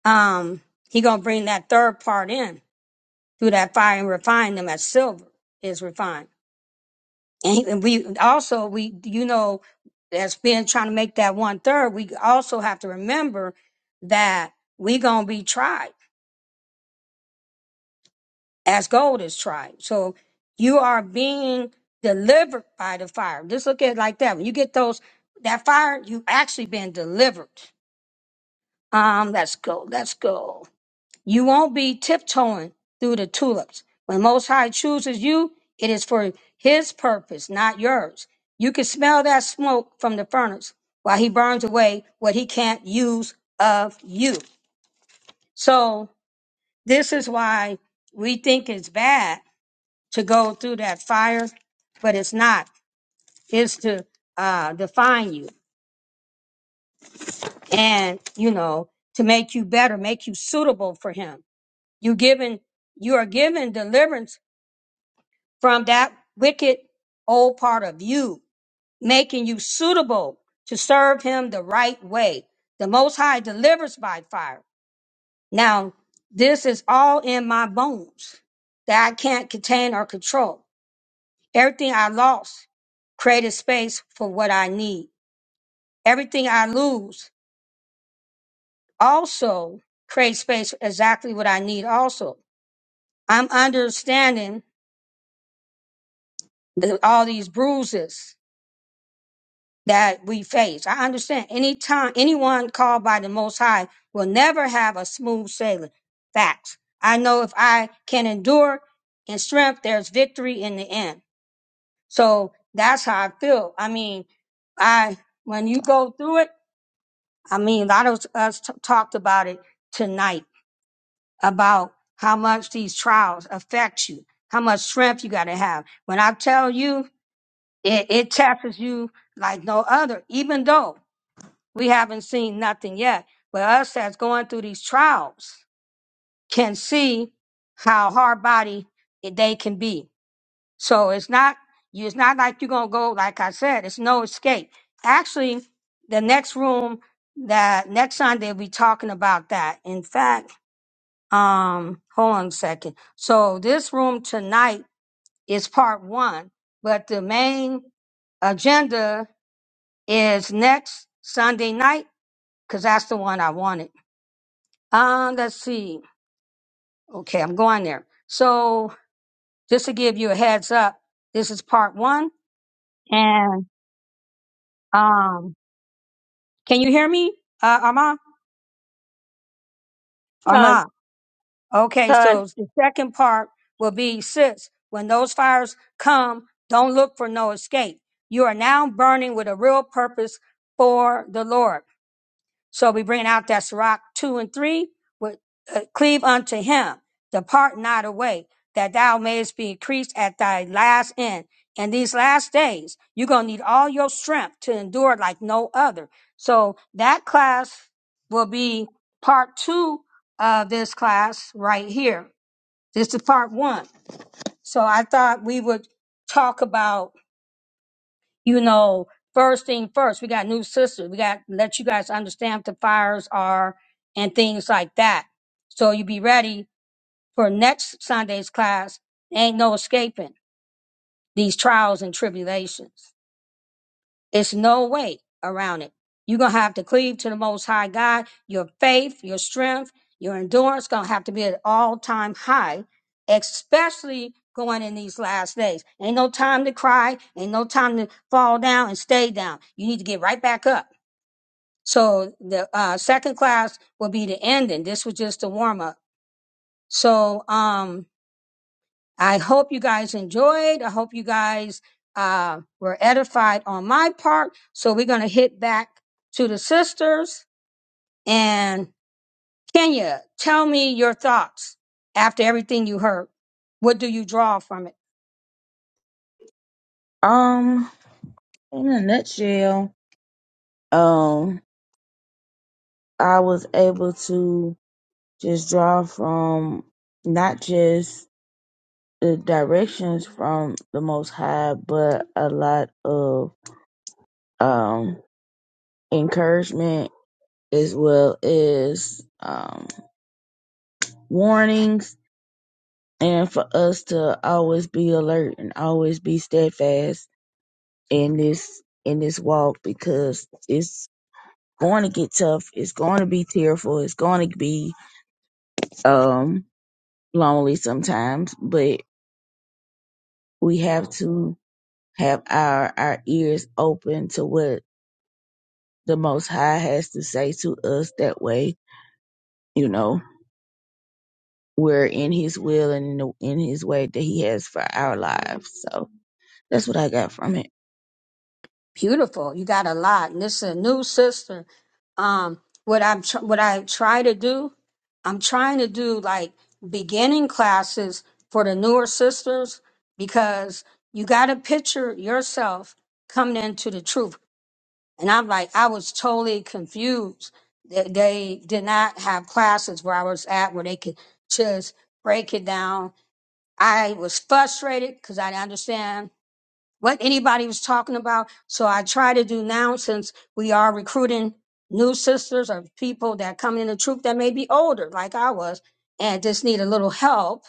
[SPEAKER 2] um he gonna bring that third part in through that fire and refine them as silver is refined. And, he- and we also we you know as being trying to make that one third, we also have to remember that we gonna be tried as gold is tried. So you are being delivered by the fire. Just look at it like that. When you get those that fire, you actually been delivered. Um, let's go, let's go. You won't be tiptoeing through the tulips. When Most High chooses you, it is for His purpose, not yours. You can smell that smoke from the furnace while He burns away what He can't use of you. So this is why we think it's bad to go through that fire, but it's not. It's to uh, define you and, you know, to make you better, make you suitable for him. You given, you are given deliverance from that wicked old part of you, making you suitable to serve him the right way. The most high delivers by fire. Now, this is all in my bones that I can't contain or control. Everything I lost created space for what I need. Everything I lose also creates space for exactly what I need also. I'm understanding the, all these bruises that we face. I understand any time anyone called by the Most High will never have a smooth sailing. Facts. I know if I can endure in strength, there's victory in the end. So that's how I feel. I mean, I when you go through it. I mean, a lot of us t- talked about it tonight about how much these trials affect you, how much strength you got to have. When I tell you, it, it tests you like no other, even though we haven't seen nothing yet. But us that's going through these trials can see how hard body they can be so it's not you. It's not like you're gonna go. Like I said, it's no escape. Actually, the next room that next Sunday we'll be talking about that. In fact, um, hold on a second. So this room tonight is part one, but the main agenda is next Sunday night because that's the one I wanted. Um, let's see. Okay, I'm going there. So just to give you a heads up, this is part one, and um, Can you hear me, uh, Ama?
[SPEAKER 1] Con,
[SPEAKER 2] Ama. Okay,
[SPEAKER 1] con.
[SPEAKER 2] so the second part will be six. When those fires come, don't look for no escape. You are now burning with a real purpose for the Lord. So we bring out that Sirach 2 and 3, with, uh, cleave unto him, depart not away, that thou mayest be increased at thy last end. And these last days, you're going to need all your strength to endure like no other. So that class will be part two of this class right here. This is part one. So I thought we would talk about you know, first thing first, we got new sisters. We got let you guys understand what the fires are and things like that. So you be ready for next Sunday's class. Ain't no escaping these trials and tribulations. It's no way around it. You're gonna have to cleave to the Most High God. Your faith, your strength, your endurance gonna have to be at all time high, especially going in these last days. Ain't no time to cry. Ain't no time to fall down and stay down. You need to get right back up. So the uh, second class will be the ending. This was just a warm up. So um, I hope you guys enjoyed. I hope you guys uh, were edified on my part. So we're going to hit back to the sisters. And Kenya, tell me your thoughts after everything you heard. What do you draw from it?
[SPEAKER 4] Um, in a nutshell, um, I was able to just draw from not just the directions from the Most High, but a lot of um encouragement as well as um warnings, and for us to always be alert and always be steadfast in this in this walk because it's going to get tough. It's going to be tearful. It's going to be um lonely sometimes, but we have to have our our ears open to what the Most High has to say to us. That way, you know, we're in His will and in, the, in His way that He has for our lives. So that's what I got from it.
[SPEAKER 2] beautiful. You got a lot. And this is a new sister. Um, what I'm tr- what I try to do, I'm trying to do like beginning classes for the newer sisters because you got to picture yourself coming into the truth. And I'm like, I was totally confused. They, they did not have classes where I was at where they could just break it down. I was frustrated because I didn't understand what anybody was talking about. So I try to do now since we are recruiting new sisters or people that come in the troop that may be older, like I was, and just need a little help.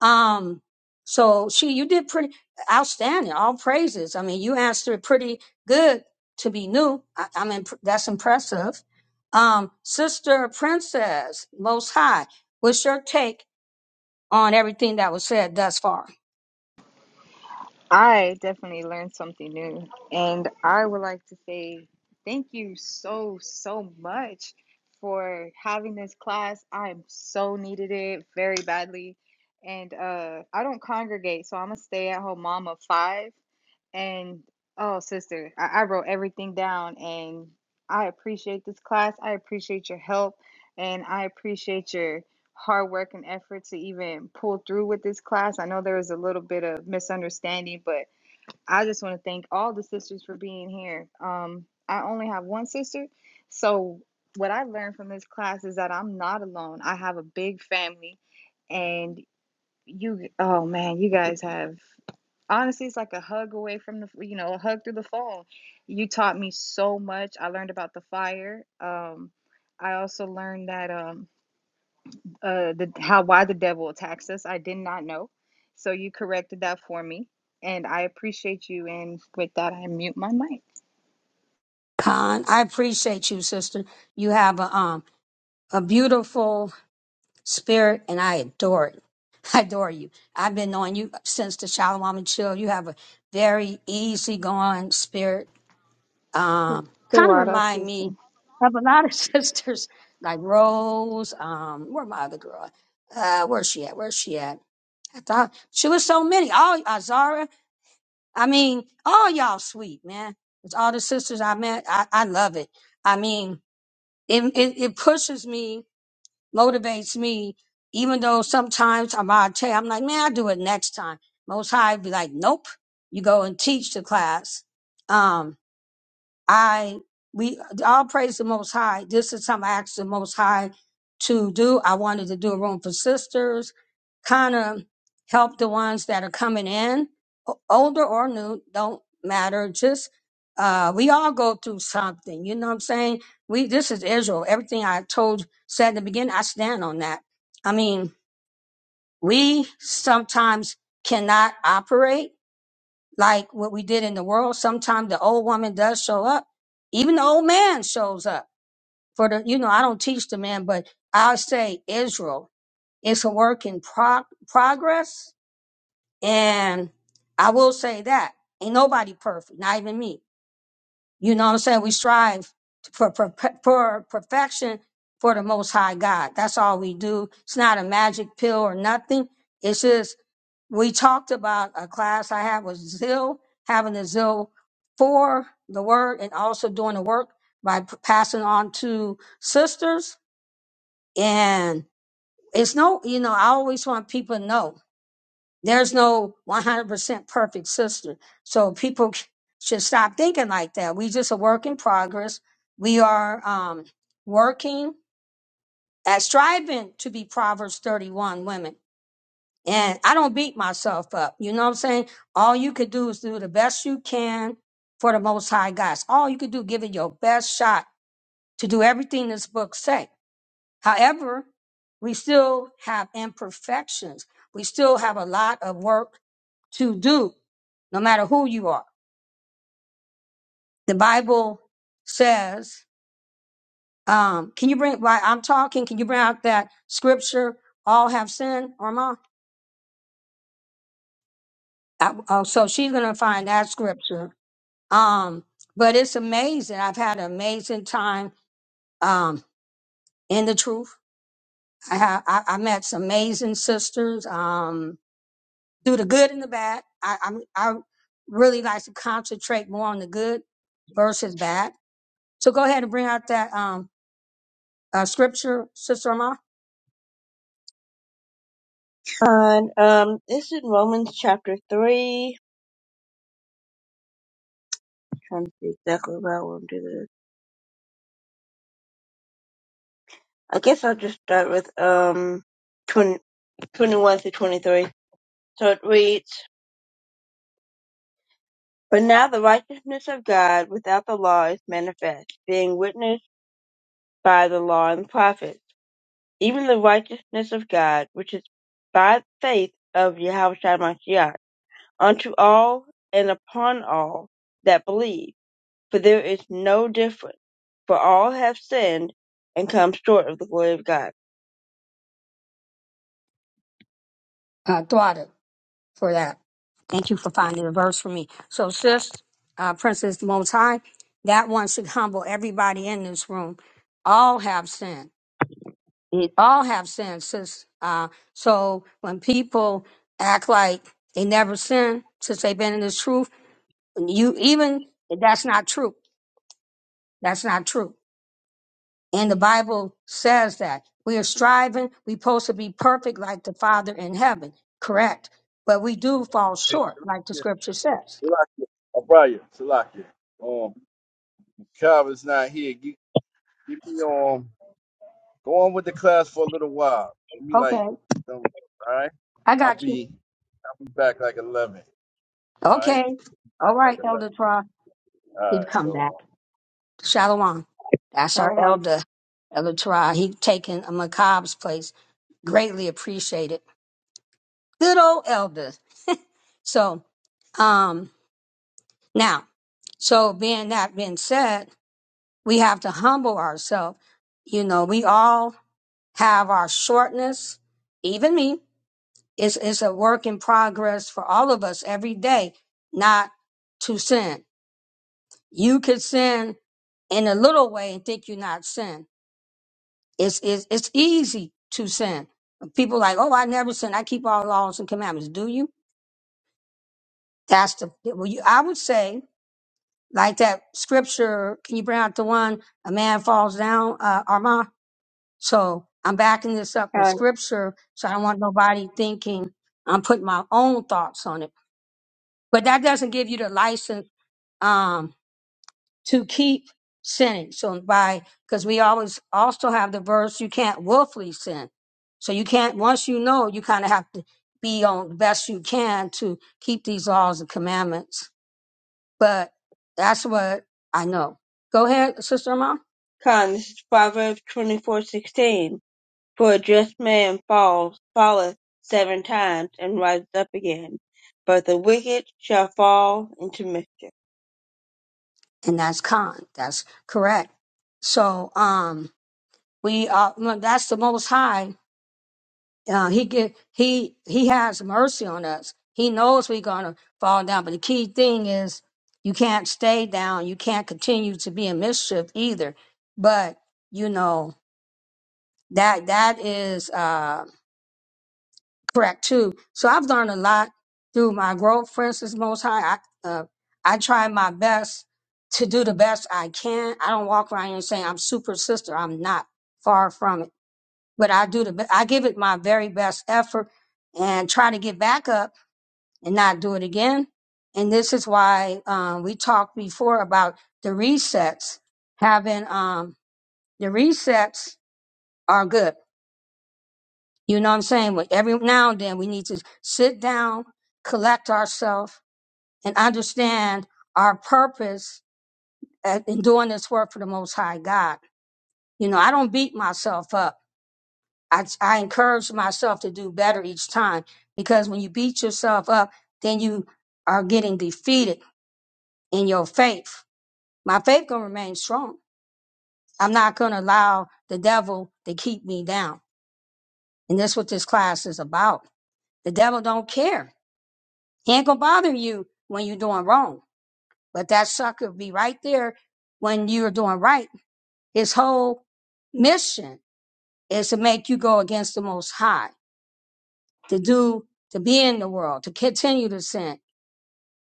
[SPEAKER 2] Um, so she, you did pretty outstanding. All praises. I mean, you answered pretty good to be new. I, I mean, that's impressive. Um, Sister Princess, Most High, what's your take on everything that was said thus far?
[SPEAKER 6] I definitely learned something new. And I would like to say thank you so, so much for having this class. I so needed it very badly. And uh, I don't congregate, so I'm a stay at home mom of five. And oh, sister, I, I wrote everything down. And I appreciate this class. I appreciate your help. And I appreciate your hard work and effort to even pull through with this class. I know there was a little bit of misunderstanding, but I just want to thank all the sisters for being here. Um, I only have one sister, so what I learned from this class is that I'm not alone. I have a big family, and you, oh man, you guys have honestly, it's like a hug away from the, you know, a hug through the phone. You taught me so much. I learned about the fire. Um, I also learned that. Um, uh the how why the devil attacks us. I did not know. So you corrected that for me, and I appreciate you. And with that, I mute my mic.
[SPEAKER 2] Khan, I appreciate you, sister. You have a um a beautiful spirit, and I adore it. I adore you. I've been knowing you since the Shalom and Chill. You have a very easygoing spirit.
[SPEAKER 6] The
[SPEAKER 2] Um,
[SPEAKER 6] the
[SPEAKER 2] kind of
[SPEAKER 6] water
[SPEAKER 2] remind me
[SPEAKER 6] system,
[SPEAKER 2] of a lot of sisters like Rose. Um, where my other girl? Uh, where's she at? Where's she at? I thought she was so many. All Azara. I mean, all y'all sweet man. It's all the sisters I met. I, I love it. I mean, it, it it pushes me motivates me, even though sometimes I'm out of tell I'm like, man, I'll do it next time. Most high be like, nope, you go and teach the class. Um, I we all praise the Most High. This is something I asked the Most High to do. I wanted to do a room for sisters, kind of help the ones that are coming in, o- older or new, don't matter. Just uh, we all go through something. You know what I'm saying? We this is Israel. Everything I told said in the beginning, I stand on that. I mean, we sometimes cannot operate like what we did in the world. Sometimes the old woman does show up. Even the old man shows up for the, you know, I don't teach the man, but I'll say Israel is a work in prog- progress. And I will say that ain't nobody perfect, not even me. You know what I'm saying? We strive for, for, for perfection for the most high God. That's all we do. It's not a magic pill or nothing. It's just we talked about a class I had was zeal, having a zeal for the word and also doing the work by p- passing on to sisters. And it's no, you know, I always want people to know there's no 100% perfect sister. So people c- should stop thinking like that. We just a work in progress. We are um, working at striving to be Proverbs 31 women And I don't beat myself up. You know what I'm saying? All you could do is do the best you can for the most high God. It's All you could do, give it your best shot to do everything this book say. However, we still have imperfections. We still have a lot of work to do, no matter who you are. The Bible says, um, can you bring, while I'm talking, can you bring out that scripture, all have sinned, or I, oh, so she's going to find that scripture Um, but it's amazing. I've had an amazing time um, in the truth. I have I, I met some amazing sisters. Um, do the good and the bad. I, I I really like to concentrate more on the good versus bad. So go ahead and bring out that um uh, scripture, Sister Amar,
[SPEAKER 1] And um, this is Romans chapter 3 I'm trying to see exactly where I want to do this. I guess I'll just start with um twenty twenty one 21 through 23. So it reads, But now the righteousness of God without the law is manifest, being witnessed by the law and the prophets, even the righteousness of God, which is by faith of Yahweh Shai Mashiach, unto all and upon all that believe For there is no difference, for all have sinned and come short of the glory of God.
[SPEAKER 2] uh, Thwada, for that. Thank you for finding the verse for me. So, sis, uh, Princess Most High, that one should humble everybody in this room. All have sinned It all have sinned since. Uh, so when people act like they never sin since they've been in this truth, you even that's not true. That's not true. And the Bible says that we are striving. We supposed to be perfect like the Father in heaven. Correct. But we do fall
[SPEAKER 18] Hey,
[SPEAKER 2] short, like the Scripture says.
[SPEAKER 18] Salakia. O'Brien, Salakia. Um, Calvin's not here. Give, give me um, go on with the class for a little while. Give me like,
[SPEAKER 2] Okay,
[SPEAKER 18] some, all right.
[SPEAKER 2] I
[SPEAKER 18] I'll
[SPEAKER 2] got you.
[SPEAKER 18] be, I'll be back like eleven. All right,
[SPEAKER 2] Okay, all
[SPEAKER 18] like
[SPEAKER 2] right,
[SPEAKER 18] eleven.
[SPEAKER 2] Elder Tra,
[SPEAKER 18] All
[SPEAKER 2] he've
[SPEAKER 18] right,
[SPEAKER 2] come
[SPEAKER 18] Shalom.
[SPEAKER 2] back. Shalom. That's our
[SPEAKER 1] Shalom.
[SPEAKER 2] elder, Elder Torah. He taken a macabre's place. Greatly appreciated. Good old elder. So, um, now, so being that being said, we have to humble ourselves. You know, we all have our shortness. Even me. It's, it's a work in progress for all of us every day, not to sin. You could sin in a little way and think you're not sin It's it's it's easy to sin. People like, oh, I never sin. I keep all laws and commandments. Do you? That's the well. You, I would say like that scripture. Can you bring out the one a man falls down, uh, Armand? So I'm backing this up with
[SPEAKER 1] Con,
[SPEAKER 2] scripture. So I don't want nobody thinking I'm putting my own thoughts on it. But that doesn't give you the license. Um, to keep sinning. So by because we always also have the verse you can't willfully sin. So you can't once you know you kind of have to be on the best you can to keep these laws and commandments. But that's what I know. Go ahead, sister mom.
[SPEAKER 1] Con, this is Proverbs twenty four sixteen. For a just man falls, falleth seven times and rises up again, but the wicked shall fall into mischief.
[SPEAKER 2] And that's con. That's correct. So um we are well, that's the most high uh, he get he he has mercy on us. He knows we're gonna fall down, but the key thing is you can't stay down. You can't continue to be in mischief either. But you know that that is uh, correct too. So I've learned a lot through my growth. For instance, Most High, I uh, I try my best to do the best I can. I don't walk around here saying I'm super sister. I'm not far from it but I do the be- I give it my very best effort and try to get back up and not do it again. And this is why um, we talked before about the resets. Having um, the resets are good. You know what I'm saying? But every now and then we need to sit down, collect ourselves, and understand our purpose at- in doing this work for the Most High God. You know, I don't beat myself up. I, I encourage myself to do better each time because when you beat yourself up, then you are getting defeated in your faith. My faith gonna remain strong. I'm not gonna allow the devil to keep me down. And that's what this class is about. The devil don't care. He ain't gonna bother you when you're doing wrong. But that sucker be right there when you're doing right. His whole mission is to make you go against the most high, to do, to be in the world, to continue to sin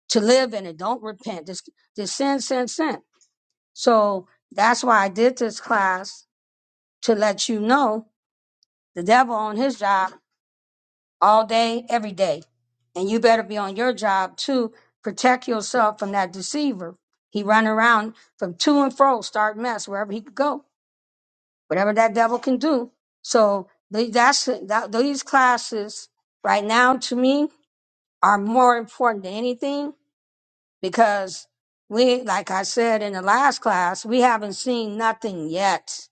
[SPEAKER 2] to live in it. Don't repent. Just, just sin, sin, sin. So that's why I did this class to let you know the devil on his job all day, every day. And you better be on your job to protect yourself from that deceiver. He run around from to and fro, start mess wherever he could go, whatever that devil can do. So the- that's that, these classes right now to me are more important than anything because we, like I said in the last class, we haven't seen nothing yet.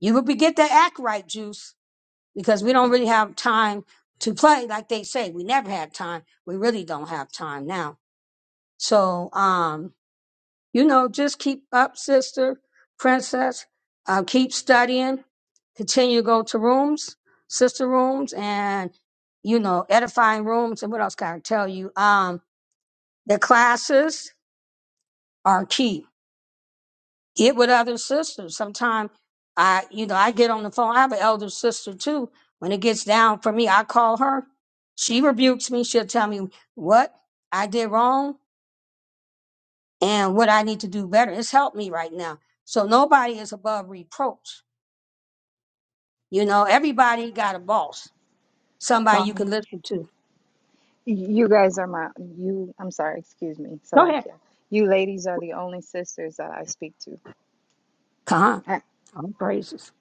[SPEAKER 2] You will be get the act right juice because we don't really have time to play. Like they say, we never had time. We really don't have time now. So, um, you know, just keep up, sister, princess. Uh, keep studying. Continue to go to rooms, sister rooms, and you know, edifying rooms. And what else can I tell you? Um, the classes are key get with other sisters. Sometimes I, you know, I get on the phone. I have an elder sister too. When it gets down for me, I call her. She rebukes me. She'll tell me what I did wrong and what I need to do better. It's helped me right now. So nobody is above reproach. You know, everybody got a boss, somebody you can
[SPEAKER 6] Khan.
[SPEAKER 2] listen to.
[SPEAKER 6] You guys are my you. I'm sorry, excuse me,
[SPEAKER 2] Go ahead.
[SPEAKER 6] Salakia. You ladies are the only sisters that I speak to.
[SPEAKER 2] Come on.
[SPEAKER 6] I,
[SPEAKER 2] All praises.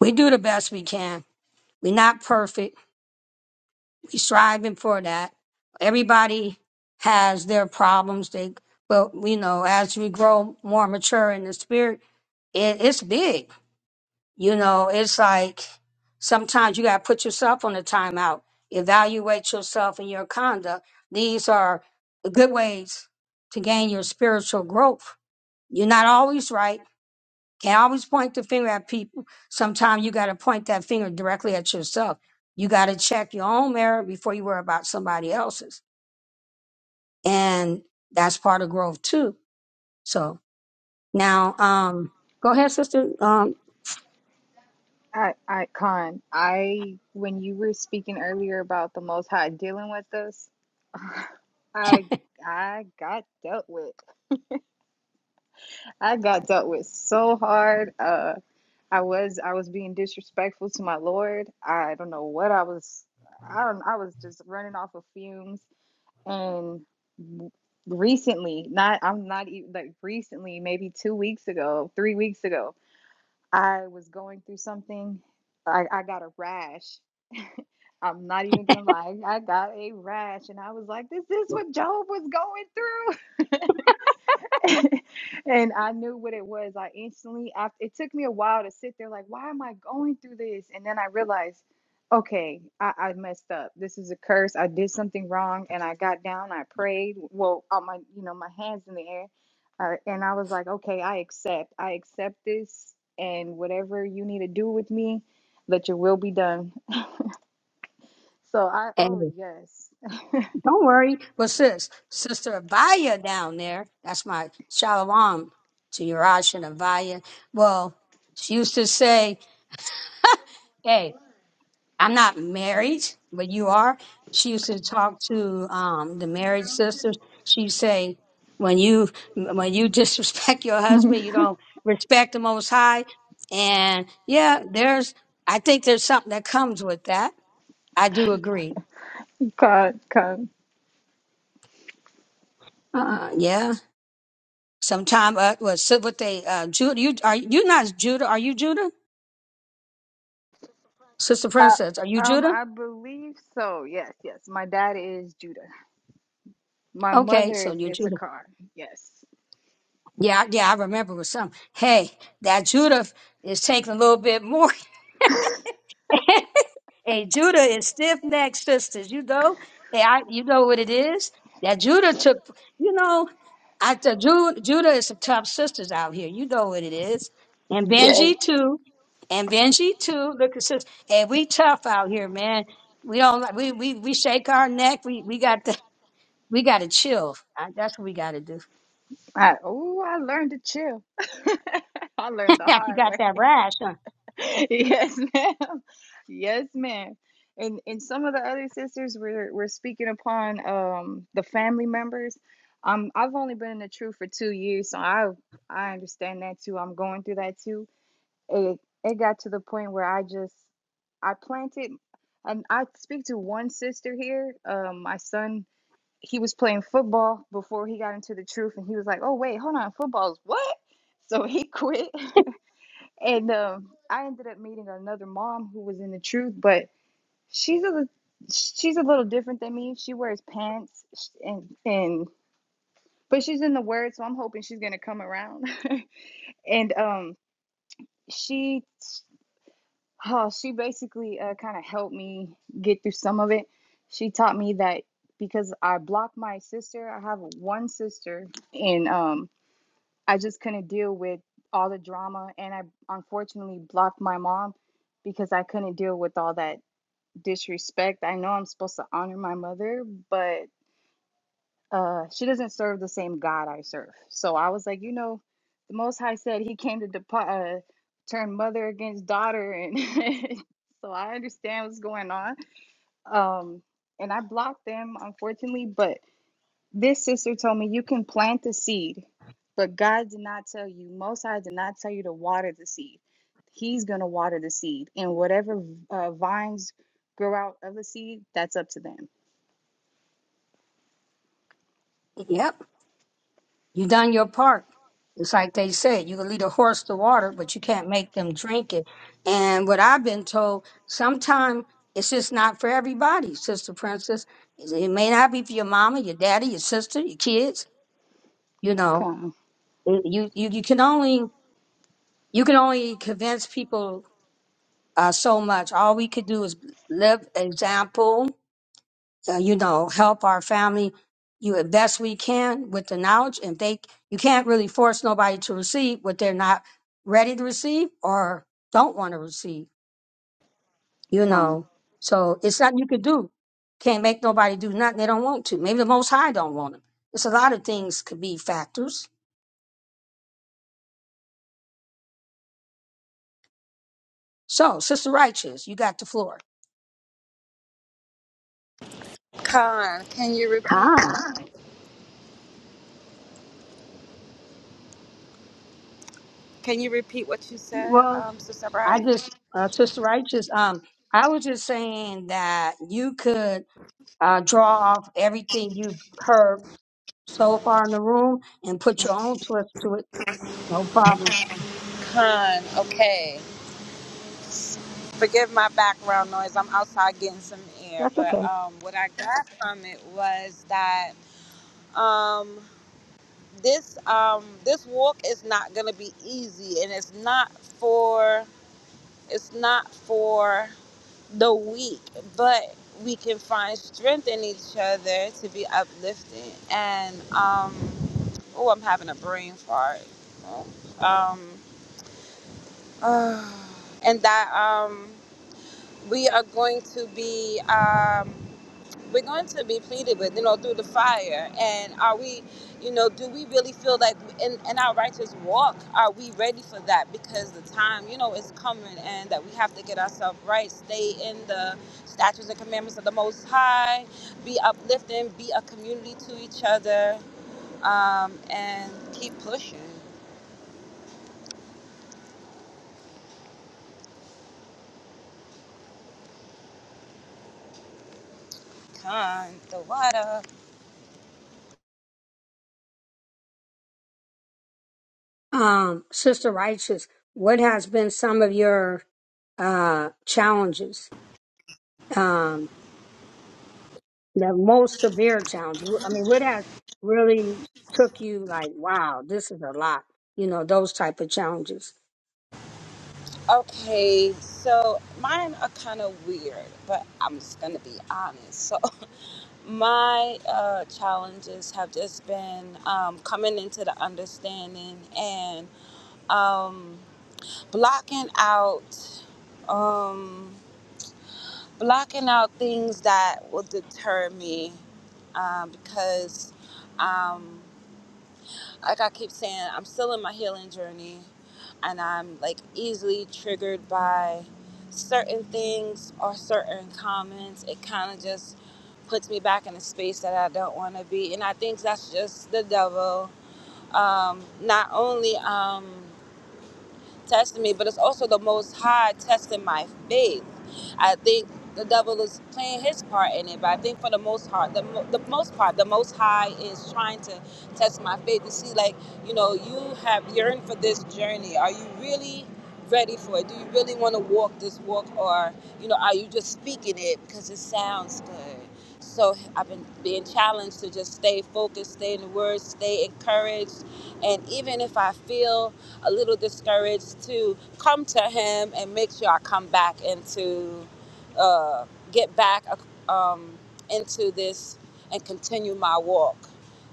[SPEAKER 2] We do the best we can. We're not perfect. we striving for that. Everybody has their problems. They, but you know, as we grow more mature in the spirit, it, it's big. You know, it's like sometimes you got to put yourself on a timeout, evaluate yourself and your conduct. These are good ways to gain your spiritual growth. You're not always right can't always point the finger at people. Sometimes you got to point that finger directly at yourself. You got to check your own mirror before you worry about somebody else's. And that's part of growth too. So now, um, go ahead, sister. Um,
[SPEAKER 6] I, I, Khan. I when you were speaking earlier about the Most High dealing with us, I I got dealt with. I got dealt with so hard. Uh I was I was being disrespectful to my Lord. I don't know what I was I don't I was just running off of fumes and recently, not I'm not even like recently, maybe 2 weeks ago, 3 weeks ago, I was going through something. I I got a rash. I'm not even going to lie. I got a rash and I was like, this is what Job was going through. and I knew what it was. I instantly, after, it took me a while to sit there, like, why am I going through this? And then I realized, okay, I, I messed up. This is a curse. I did something wrong, and I got down. I prayed. Well, on my, you know, my hands in the air, uh, and I was like, okay, I accept. I accept this, and whatever you need to do with me, let your will be done. So I, oh
[SPEAKER 2] and
[SPEAKER 6] yes,
[SPEAKER 2] don't worry, but sis, sister Abaya down there, that's my shalom to Yarash and Abaya. Well, she used to say, "Hey." I'm not married, but you are. She used to talk to um, the married sisters. She'd say, when you when you disrespect your husband, you don't respect the Most High. And yeah, there's I think there's something that comes with that. I do agree.
[SPEAKER 6] God, God.
[SPEAKER 2] Uh, yeah, sometime uh, was what they uh, Judah. You are you not Judah? Are you Judah, Sister
[SPEAKER 6] Uh,
[SPEAKER 2] Princess? Are you
[SPEAKER 6] um,
[SPEAKER 2] Judah?
[SPEAKER 6] I believe so. Yes, yes. My dad is Judah. My
[SPEAKER 2] Okay,
[SPEAKER 6] mother
[SPEAKER 2] so
[SPEAKER 6] is
[SPEAKER 2] you're Judah.
[SPEAKER 6] Issachar. Yes,
[SPEAKER 2] Yeah, yeah, I remember with some. Hey, that Judah is taking a little bit more. Hey, Judah is stiff necked sisters. You know, hey, I, you know what it is that Judah took. You know, I t- Ju- Judah is some tough sisters out here. You know what it is, and
[SPEAKER 6] yes.
[SPEAKER 2] Benji too, and Benji too. Look at sis, hey, we tough out here, man. We don't like we we we shake our neck. We we got the we got to chill. I, that's what we got to do.
[SPEAKER 6] I, oh, I learned to chill. I learned the
[SPEAKER 2] you
[SPEAKER 6] hard
[SPEAKER 2] got
[SPEAKER 6] way.
[SPEAKER 2] that rash, huh?
[SPEAKER 6] Yes, ma'am. Yes, ma'am. And and some of the other sisters were were speaking upon um the family members. Um, I've only been in the truth for two years, so I I understand that too. I'm going through that too. it it got to the point where I just I planted um I speak to one sister here. Um my son he was playing football before he got into the truth and he was like, "Oh wait, hold on, football's what?" So he quit and um I ended up meeting another mom who was in the truth, but she's a she's a little different than me. She wears pants and and but she's in the word, so I'm hoping she's going to come around. and um she Oh, she basically uh, kind of helped me get through some of it. She taught me that because I blocked my sister, I have one sister, and um, I just couldn't deal with all the drama. And I unfortunately blocked my mom because I couldn't deal with all that disrespect. I know I'm supposed to honor my mother, but uh she doesn't serve the same god i serve so i was like you know the most high said he came to depart uh, turn mother against daughter and so i understand what's going on um and i blocked them unfortunately but this sister told me you can plant the seed but god did not tell you most high did not tell you to water the seed he's going to water the seed and whatever uh, vines grow out of the seed that's up to them
[SPEAKER 2] Yep. You done your part. It's like they said, you can lead a horse to water, but you can't make them drink it. And what I've been told, sometimes it's just not for everybody, Sister Princess. It may not be for your mama, your daddy, your sister, your kids. You know,
[SPEAKER 6] come
[SPEAKER 2] It- you you, you can only you can only convince people uh, so much. All we could do is live example uh, you know, help our family, you as best we can with the knowledge. And they, you can't really force nobody to receive what they're not ready to receive or don't want to receive, you
[SPEAKER 6] come
[SPEAKER 2] know. So it's nothing you could do. Can't make nobody do nothing they don't want to. Maybe the Most High don't want them. It's a lot of things could be factors. So, Sister Righteous, you got the floor.
[SPEAKER 11] khan can you repeat
[SPEAKER 2] Hi.
[SPEAKER 11] can you repeat what you said
[SPEAKER 2] Well,
[SPEAKER 11] um sister
[SPEAKER 2] I
[SPEAKER 11] brian
[SPEAKER 2] just, uh, Sister Righteous, um, I was just saying that you could uh, draw off everything you've heard so far in the room and put your own twist to it. No problem.
[SPEAKER 11] Con, okay. Forgive my background noise. I'm outside getting some air.
[SPEAKER 2] That's
[SPEAKER 11] But
[SPEAKER 2] okay.
[SPEAKER 11] um, what I got from it was that um, this um, this walk is not going to be easy, and it's not for it's not for the weak, but we can find strength in each other to be uplifting. And um, oh, I'm having a brain fart. Um, and that um. we are going to be um, we're going to be pleaded with you know through the fire and are we you know do we really feel like in, in our righteous walk are we ready for that because the time you know is coming and that we have to get ourselves right stay in the statutes and commandments of the most high be uplifting be a community to each other um, and keep pushing come the water
[SPEAKER 2] Um, Sister Righteous, what has been some of your uh, challenges? Um, the most severe challenge. Wh- I mean, what has really took you like, wow, this is a lot. You know, those type of challenges.
[SPEAKER 11] Okay, so mine are kind of weird, but I'm just gonna be honest. So, my uh, challenges have just been um, coming into the understanding and um, blocking out, um, blocking out things that will deter me um, because. um, like I keep saying, I'm still in my healing journey and I'm like easily triggered by certain things or certain comments. It kind of just puts me back in a space that I don't want to be. And I think that's just the devil. Um, not only. Um, testing me, but it's also the Most High testing my faith. I think the devil is playing his part in it, but I think for the most part, the, mo- the most part, the Most High is trying to test my faith to see, like, you know, you have yearned for this journey. Are you really ready for it? Do you really want to walk this walk, or you know, are you just speaking it because it sounds good? So I've been being challenged to just stay focused, stay in the word, stay encouraged, and even if I feel a little discouraged to come to him and make sure I come back into, uh, get back um, into this and continue my walk.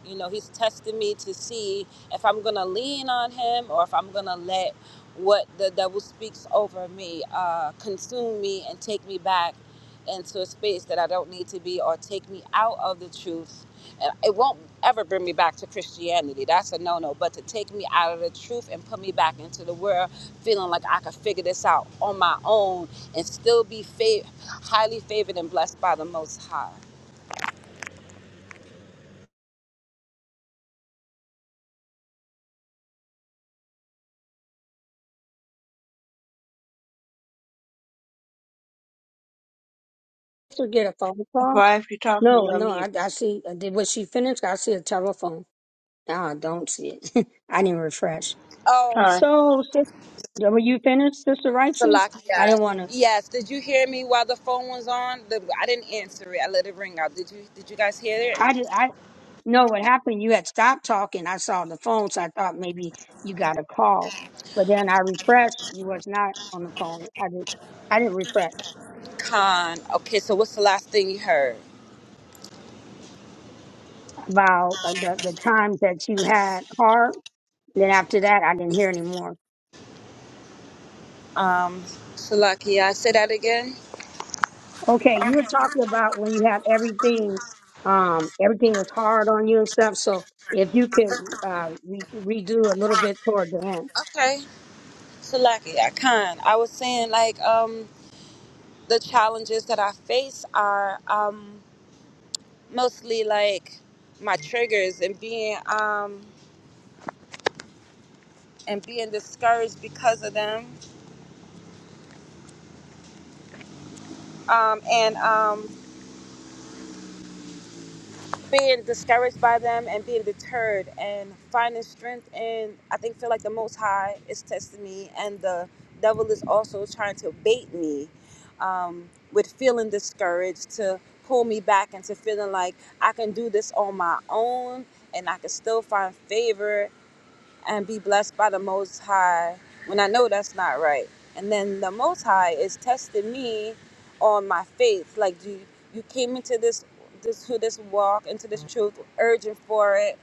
[SPEAKER 11] You know, he's testing me to see if I'm going to lean on him or if I'm going to let what the devil speaks over me uh, consume me and take me back into a space that I don't need to be or take me out of the truth and it won't ever bring me back to Christianity. That's a no no. But to take me out of the truth and put me back into the world, feeling like I could figure this out on my own and still be fav- highly favored and blessed by the Most High.
[SPEAKER 2] To get a phone call?
[SPEAKER 1] Brian, if you're talking,
[SPEAKER 2] No,
[SPEAKER 1] you're on
[SPEAKER 2] no.
[SPEAKER 1] mute.
[SPEAKER 2] I, I see. Did was she finished? I see a telephone. No, I don't see it. I didn't refresh.
[SPEAKER 11] Oh,
[SPEAKER 1] Con,
[SPEAKER 2] So, sis, yeah, were you finished, Sister Righteous? I
[SPEAKER 11] Salakia.
[SPEAKER 2] didn't want to.
[SPEAKER 11] Yes. Did you hear me while the phone was on? The, I didn't answer it. I let it ring out. Did you? Did you guys hear
[SPEAKER 2] I
[SPEAKER 11] it?
[SPEAKER 2] did. I know what happened. You had stopped talking. I saw the phone, so I thought maybe you got a call. But then I refreshed. You was not on the phone. I did. I didn't refresh
[SPEAKER 11] Con. Okay. So what's the last thing you heard?
[SPEAKER 2] about uh, the the times that you had hard. Then after that, I didn't hear anymore.
[SPEAKER 11] Um, Salakia. Say that again.
[SPEAKER 2] Okay, you were talking about when you had everything. Um, everything was hard on you and stuff. So if you could uh, re- redo a little bit toward the end.
[SPEAKER 11] Okay. Salakia. Con. I was saying like um. the challenges that I face are um, mostly like my triggers and being um, and being discouraged because of them, um, and um, being discouraged by them and being deterred and finding strength in I think feel like the Most High is testing me and the devil is also trying to bait me um, with feeling discouraged to pull me back into feeling like I can do this on my own and I can still find favor and be blessed by the Most High when I know that's not right. And then the Most High is testing me on my faith. Like you, you came into this, this to this walk, into this truth, urging for it,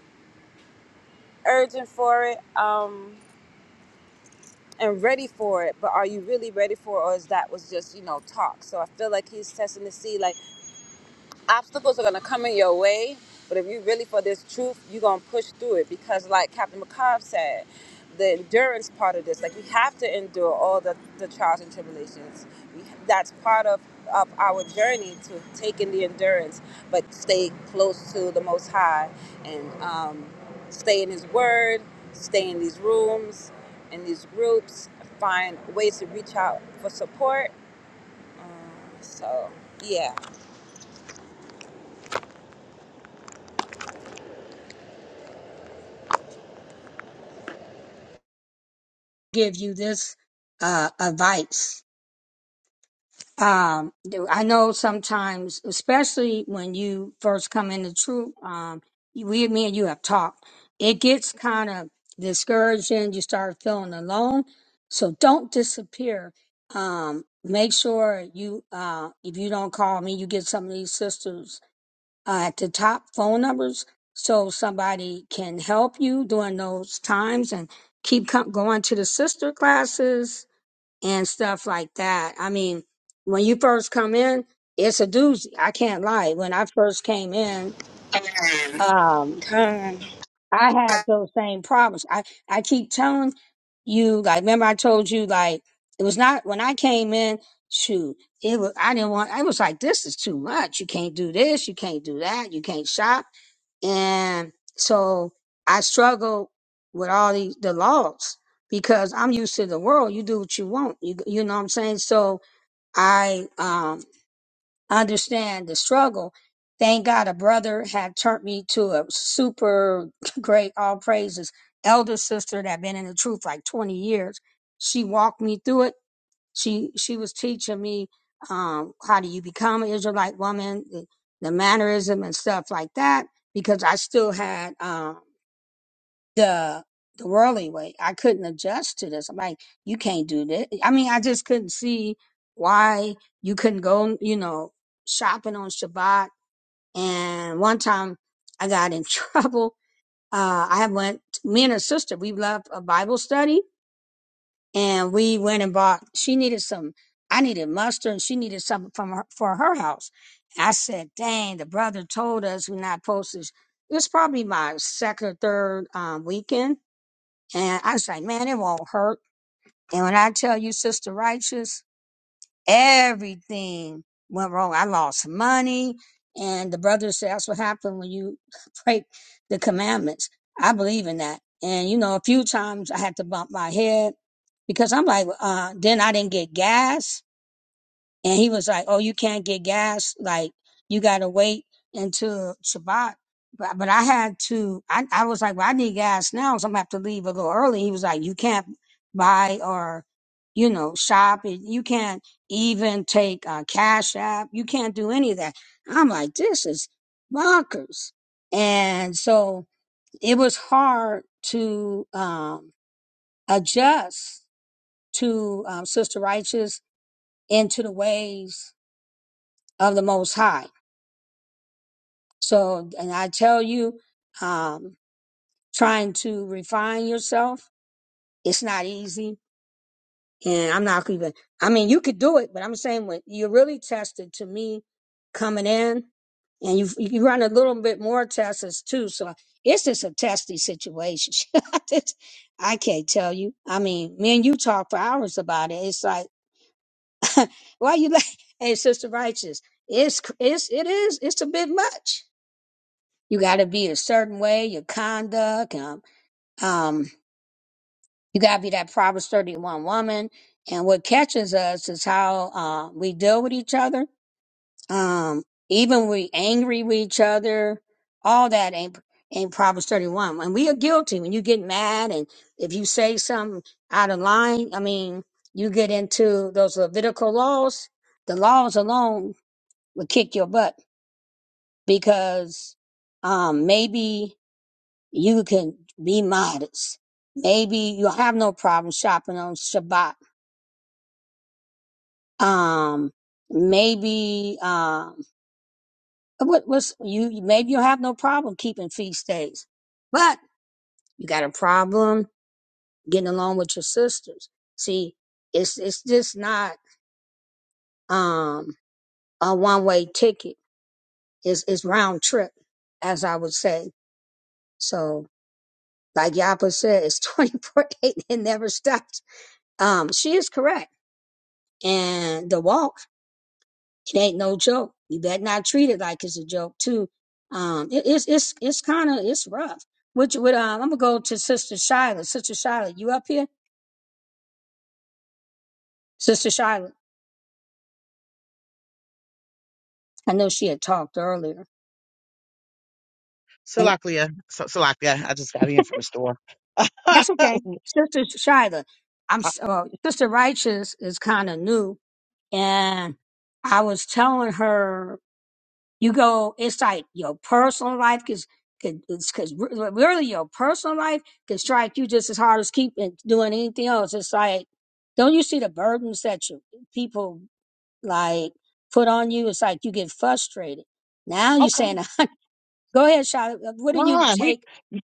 [SPEAKER 11] urging for it, um, and ready for it. But are you really ready for, it, or is that was just you know talk? So I feel like he's testing to see like obstacles are gonna come in your way, but if you're really for this truth, you're gonna push through it because, like Captain McCobb said, the endurance part of this, like we have to endure all the, the trials and tribulations. We, that's part of, of our journey to taking the endurance, but stay close to the Most High and um, stay in His Word, stay in these rooms, in these groups, find ways to reach out for support. So, yeah.
[SPEAKER 2] give you this uh, advice. Um, do- I know sometimes, especially when you first come into truth, um, you- we, me and you have talked. It gets kind of discouraging. You start feeling alone. So don't disappear. Um, make sure you, uh, if you don't call me, you get some of these sisters uh, at the top phone numbers so somebody can help you during those times and keep co- going to the sister classes and stuff like that. I mean, when you first come in, it's a doozy. I can't lie. When I first came in, um, I had those same problems. I, I keep telling you, like, remember I told you, like, it was not when I came in, shoot, it was, I didn't want, I was like, this is too much. You can't do this. You can't do that. You can't shop. And so I struggled with all these the laws because I'm used to the world. You do what you want. You, you know what I'm saying? So, I um, understand the struggle. Thank God a brother had turned me to a super great, all praises, elder sister that been in the truth like 20 years. She walked me through it. She she was teaching me um, how do you become an Israelite woman, the, the mannerism and stuff like that, because I still had um, the the worldly way. I couldn't adjust to this. I'm like, you can't do this. I mean, I just couldn't see why you couldn't go, you know, shopping on Shabbat. And one time I got in trouble. Uh, I went, me and her sister, we loved a Bible study and we went and bought, she needed some, I needed mustard and she needed something from her, for her house. I said, dang, the brother told us we're not supposed to. It's probably my second or third um, weekend and I was like, man, it won't hurt. And when I tell you, Sister Righteous, everything went wrong. I lost money. And the brother said, that's what happened when you break the commandments. I believe in that. And, you know, a few times I had to bump my head because I'm like, uh, then I didn't get gas and he was like, "Oh, you can't get gas. Like you gotta wait until Shabbat." But but I had to. I I was like, "Well, I need gas now, so I'm gonna have to leave a little early." He was like, "You can't buy or, you know, shop. and You can't even take a cash app. You can't do any of that." I'm like, "This is bonkers," and so it was hard to um, adjust to um, Sister Righteous into the ways of the Most High. So, and I tell you, um, trying to refine yourself, it's not easy. And I'm not even, I mean, you could do it, but I'm saying when you're really tested to me coming in and you you run a little bit more tests too. So it's just a testy situation. It's- I can't tell you. I mean, me and you talk for hours about it. It's like, why you like, hey, Sister Righteous, it's, it's, it is, it's a bit much You got to be a certain way, your conduct. Um, um, you got to be that Proverbs 31 woman. And what catches us is how uh, we deal with each other. Um, even we angry with each other, all that ain't ain't Proverbs 31. And we are guilty when you get mad and if you say something out of line, I mean, you get into those Levitical laws. The laws alone would kick your butt because um, maybe– You can be modest. Maybe you'll have no problem shopping on Shabbat. Um, maybe um, what was you? Maybe you'll have no problem keeping feast days, but you got a problem getting along with your sisters. See, it's it's just not um a one way ticket. It's it's round trip, as I would say. So, like Yapa said, it's twenty four eight. It never stops. Um, she is correct and the walk. it ain't no joke. You better not treat it like it's a joke too. Um, it, it's it's it's kind of it's rough. Which would um, I'm gonna go to Sister Shyla. Sister Shyla, you up here? Sister Shyla, I know she had talked earlier, and
[SPEAKER 14] Salakia. So, Salakia. I just got in from the store.
[SPEAKER 2] that's okay. Sister Shyla, I'm s- uh, Sister Righteous is kind of new, and I was telling her you go inside your personal life because because really your personal life can strike you just as hard as keeping doing anything else it's like don't you see the burdens that you people like put on you it's like you get frustrated now you're
[SPEAKER 14] Okay, am
[SPEAKER 2] saying go ahead Charlotte. what do
[SPEAKER 14] kind
[SPEAKER 2] you
[SPEAKER 14] of
[SPEAKER 2] take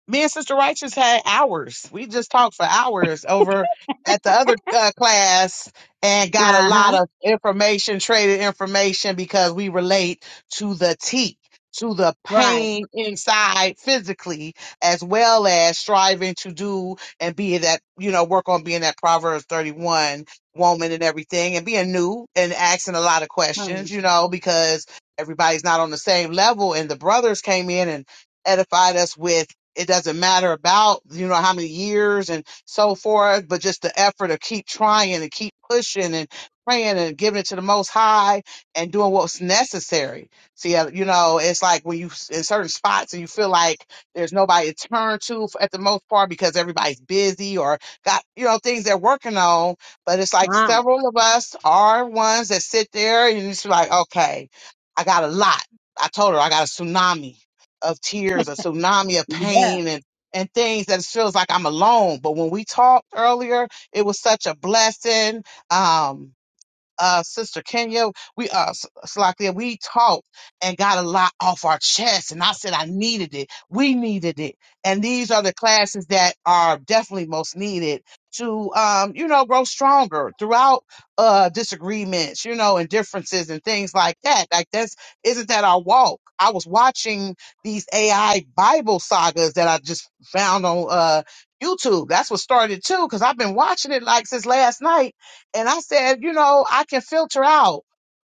[SPEAKER 14] Me and Sister Righteous had hours. We just talked for hours over at the other uh, class and got a lot
[SPEAKER 2] uh-huh
[SPEAKER 14] of information, traded information because we relate to the T, to the
[SPEAKER 2] right
[SPEAKER 14] pain inside physically, as well as striving to do and be that, you know, work on being that Proverbs 31 woman and everything and being new and asking a lot of questions,
[SPEAKER 2] um,
[SPEAKER 14] you know, because everybody's not on the same level. And the brothers came in and edified us with it doesn't matter about you know how many years and so forth but just the effort to keep trying and keep pushing and praying and giving it to the most high and doing what's necessary see uh, you know it's like when you s- in certain spots and you feel like there's nobody to turn to f- at the most part because everybody's busy or got you know things they're working on but it's like
[SPEAKER 2] come
[SPEAKER 14] several of us are ones that sit there and it's like okay i got a lot i told her i got a tsunami of tears, a tsunami of
[SPEAKER 2] yeah
[SPEAKER 14] pain, and and things that it feels like I'm alone. But when we talked earlier, it was such a blessing. Um, uh, Sister Kenya, we uh, S- Salakia, we talked and got a lot off our chest, and I said I needed it. We needed it, and these are the classes that are definitely most needed to, um, you know, grow stronger throughout uh, disagreements, you know, and differences and things like that. Like that's isn't that our walk? I was watching these AI Bible sagas that I just found on uh, YouTube. That's what started too, because I've been watching it like since last night and I said, you know, I can filter out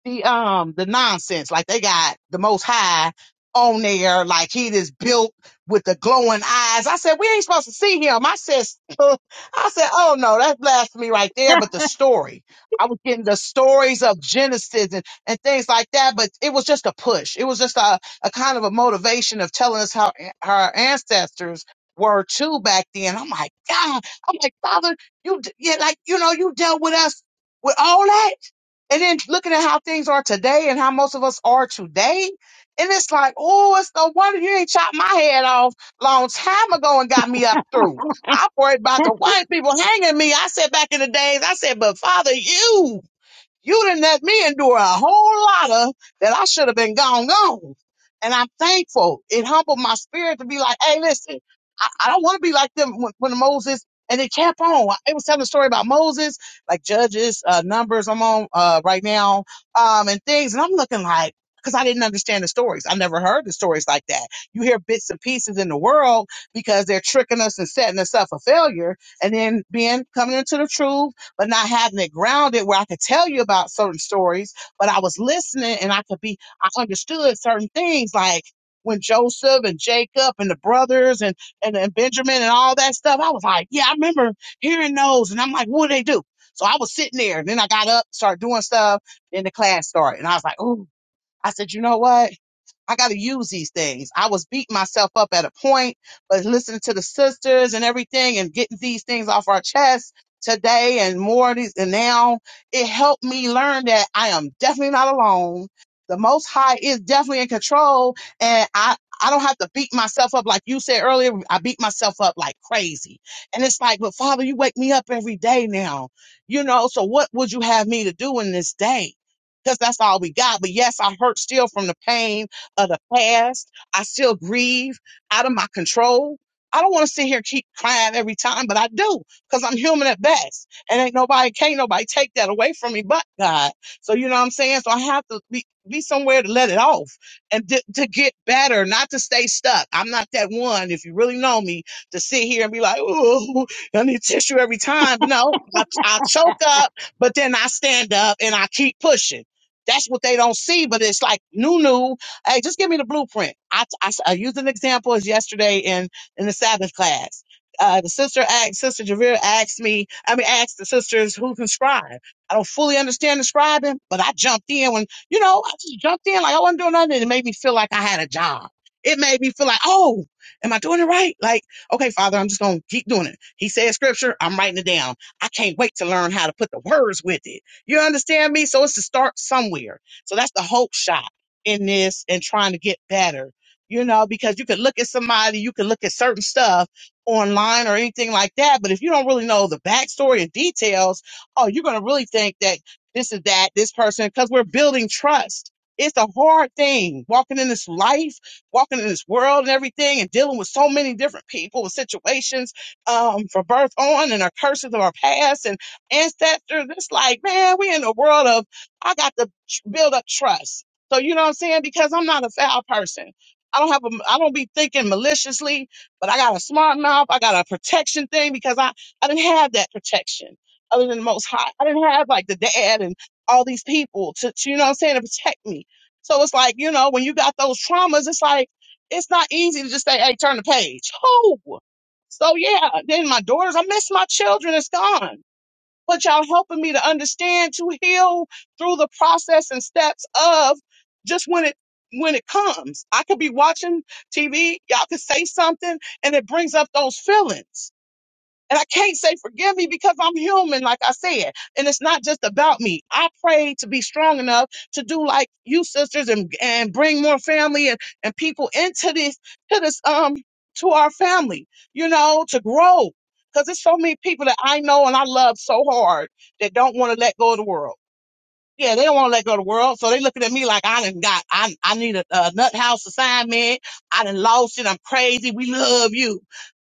[SPEAKER 14] the um the nonsense. Like they got the most high on there, like he is built with the glowing eyes. I said, we ain't supposed to see him. I said I said, oh no, that's blasphemy right there. But the story. I was getting the stories of Genesis and, and things like that, but it was just a push. It was just a, a kind of a motivation of telling us how our ancestors were too back then. I'm like, God, I'm like, Father. You, d- yeah, like, you know, you dealt with us with all that. And then looking at how things are today and how most of us are today. And it's like, oh, it's no wonder you ain't chopped my head off long time ago and got me up through. I worried about the white people hanging me. I said back in the days, I said, but Father, you. You didn't let me endure a whole lot of that I should have been gone, gone. And I'm thankful. It humbled my spirit to be like, hey, listen, I, I don't want to be like them when, when Moses, and it kept on. It was telling a story about Moses, like judges, uh, numbers I'm on uh, right now, um, and things. And I'm looking like, because I didn't understand the stories. I never heard the stories like that. You hear bits and pieces in the world because they're tricking us and setting us up for failure and then being coming into the truth but not having it grounded where I could tell you about certain stories, but I was listening and I could be, I understood certain things like when Joseph and Jacob and the brothers and, and, and Benjamin and all that stuff. I was like, yeah, I remember hearing those. And I'm like, what do they do? So I was sitting there and then I got up, started doing stuff, then the class started. And I was like, oh, I said, you know what? I got to use these things. I was beating myself up at a point, but listening to the sisters and everything and getting these things off our chest today and more of these. And now it helped me learn that I am definitely not alone. The Most High is definitely in control. And I, I don't have to beat myself up like you said earlier. I beat myself up like crazy. And it's like, but Father, you wake me up every day now, you know? So what would you have me to do in this day? Because that's all we got. But yes, I hurt still from the pain of the past. I still grieve out of my control. I don't want to sit here and keep crying every time, but I do because I'm human at best. And ain't nobody, can't nobody take that away from me but God. So, you know what I'm saying? So I have to be, be somewhere to let it off and to, to get better, not to stay stuck. I'm not that one, if you really know me, to sit here and be like, oh, I need tissue every time. But no, I, I choke up, but then I stand up and I keep pushing. That's what they don't see, but it's like Nunu. Hey, just give me the blueprint. I, I, I used an example as yesterday in, in the Sabbath class. Uh, the sister asked, Sister Javier asked me, I mean, asked the sisters who can scribe. I don't fully understand the scribing, but I jumped in when, you know, I just jumped in like I wasn't doing nothing. It made me feel like I had a job. It made me feel like, oh, am I doing it right? Like, okay, Father, I'm just going to keep doing it. He said scripture. I'm writing it down. I can't wait to learn how to put the words with it. You understand me? So it's to start somewhere. So that's the hope shot in this and trying to get better. You know, because you could look at somebody, you could look at certain stuff online or anything like that, but if you don't really know the backstory and details, oh, you're going to really think that this is that, this person, because we're building trust. It's a hard thing walking in this life, walking in this world and everything, and dealing with so many different people and situations um, from birth on and our curses of our past and ancestors. It's like, man, we're in a world of I got to tr- build up trust. So you know what I'm saying? Because I'm not a foul person. I don't have a I don't be thinking maliciously, but I got a smart mouth. I got a protection thing because I I didn't have that protection other than the most high. I didn't have like the dad and all these people to, to you know what I'm saying to protect me. So it's like, you know, when you got those traumas, it's like it's not easy to just say, hey, turn the page. Oh. So yeah, then my daughters, I miss my children, it's gone but y'all helping me to understand to heal through the process and steps of just when it when it comes. I could be watching TV, y'all could say something, and it brings up those feelings. And I can't say forgive me because I'm human, like I said. And it's not just about me. I pray to be strong enough to do like you sisters and, and bring more family and, and people into this to this um to our family, you know, to grow. Because there's so many people that I know and I love so hard that don't want to let go of the world. Yeah, they don't want to let go of the world. So they looking at me like I done got, I, I need a, a nut house assignment. I done lost it. I'm crazy. We love you.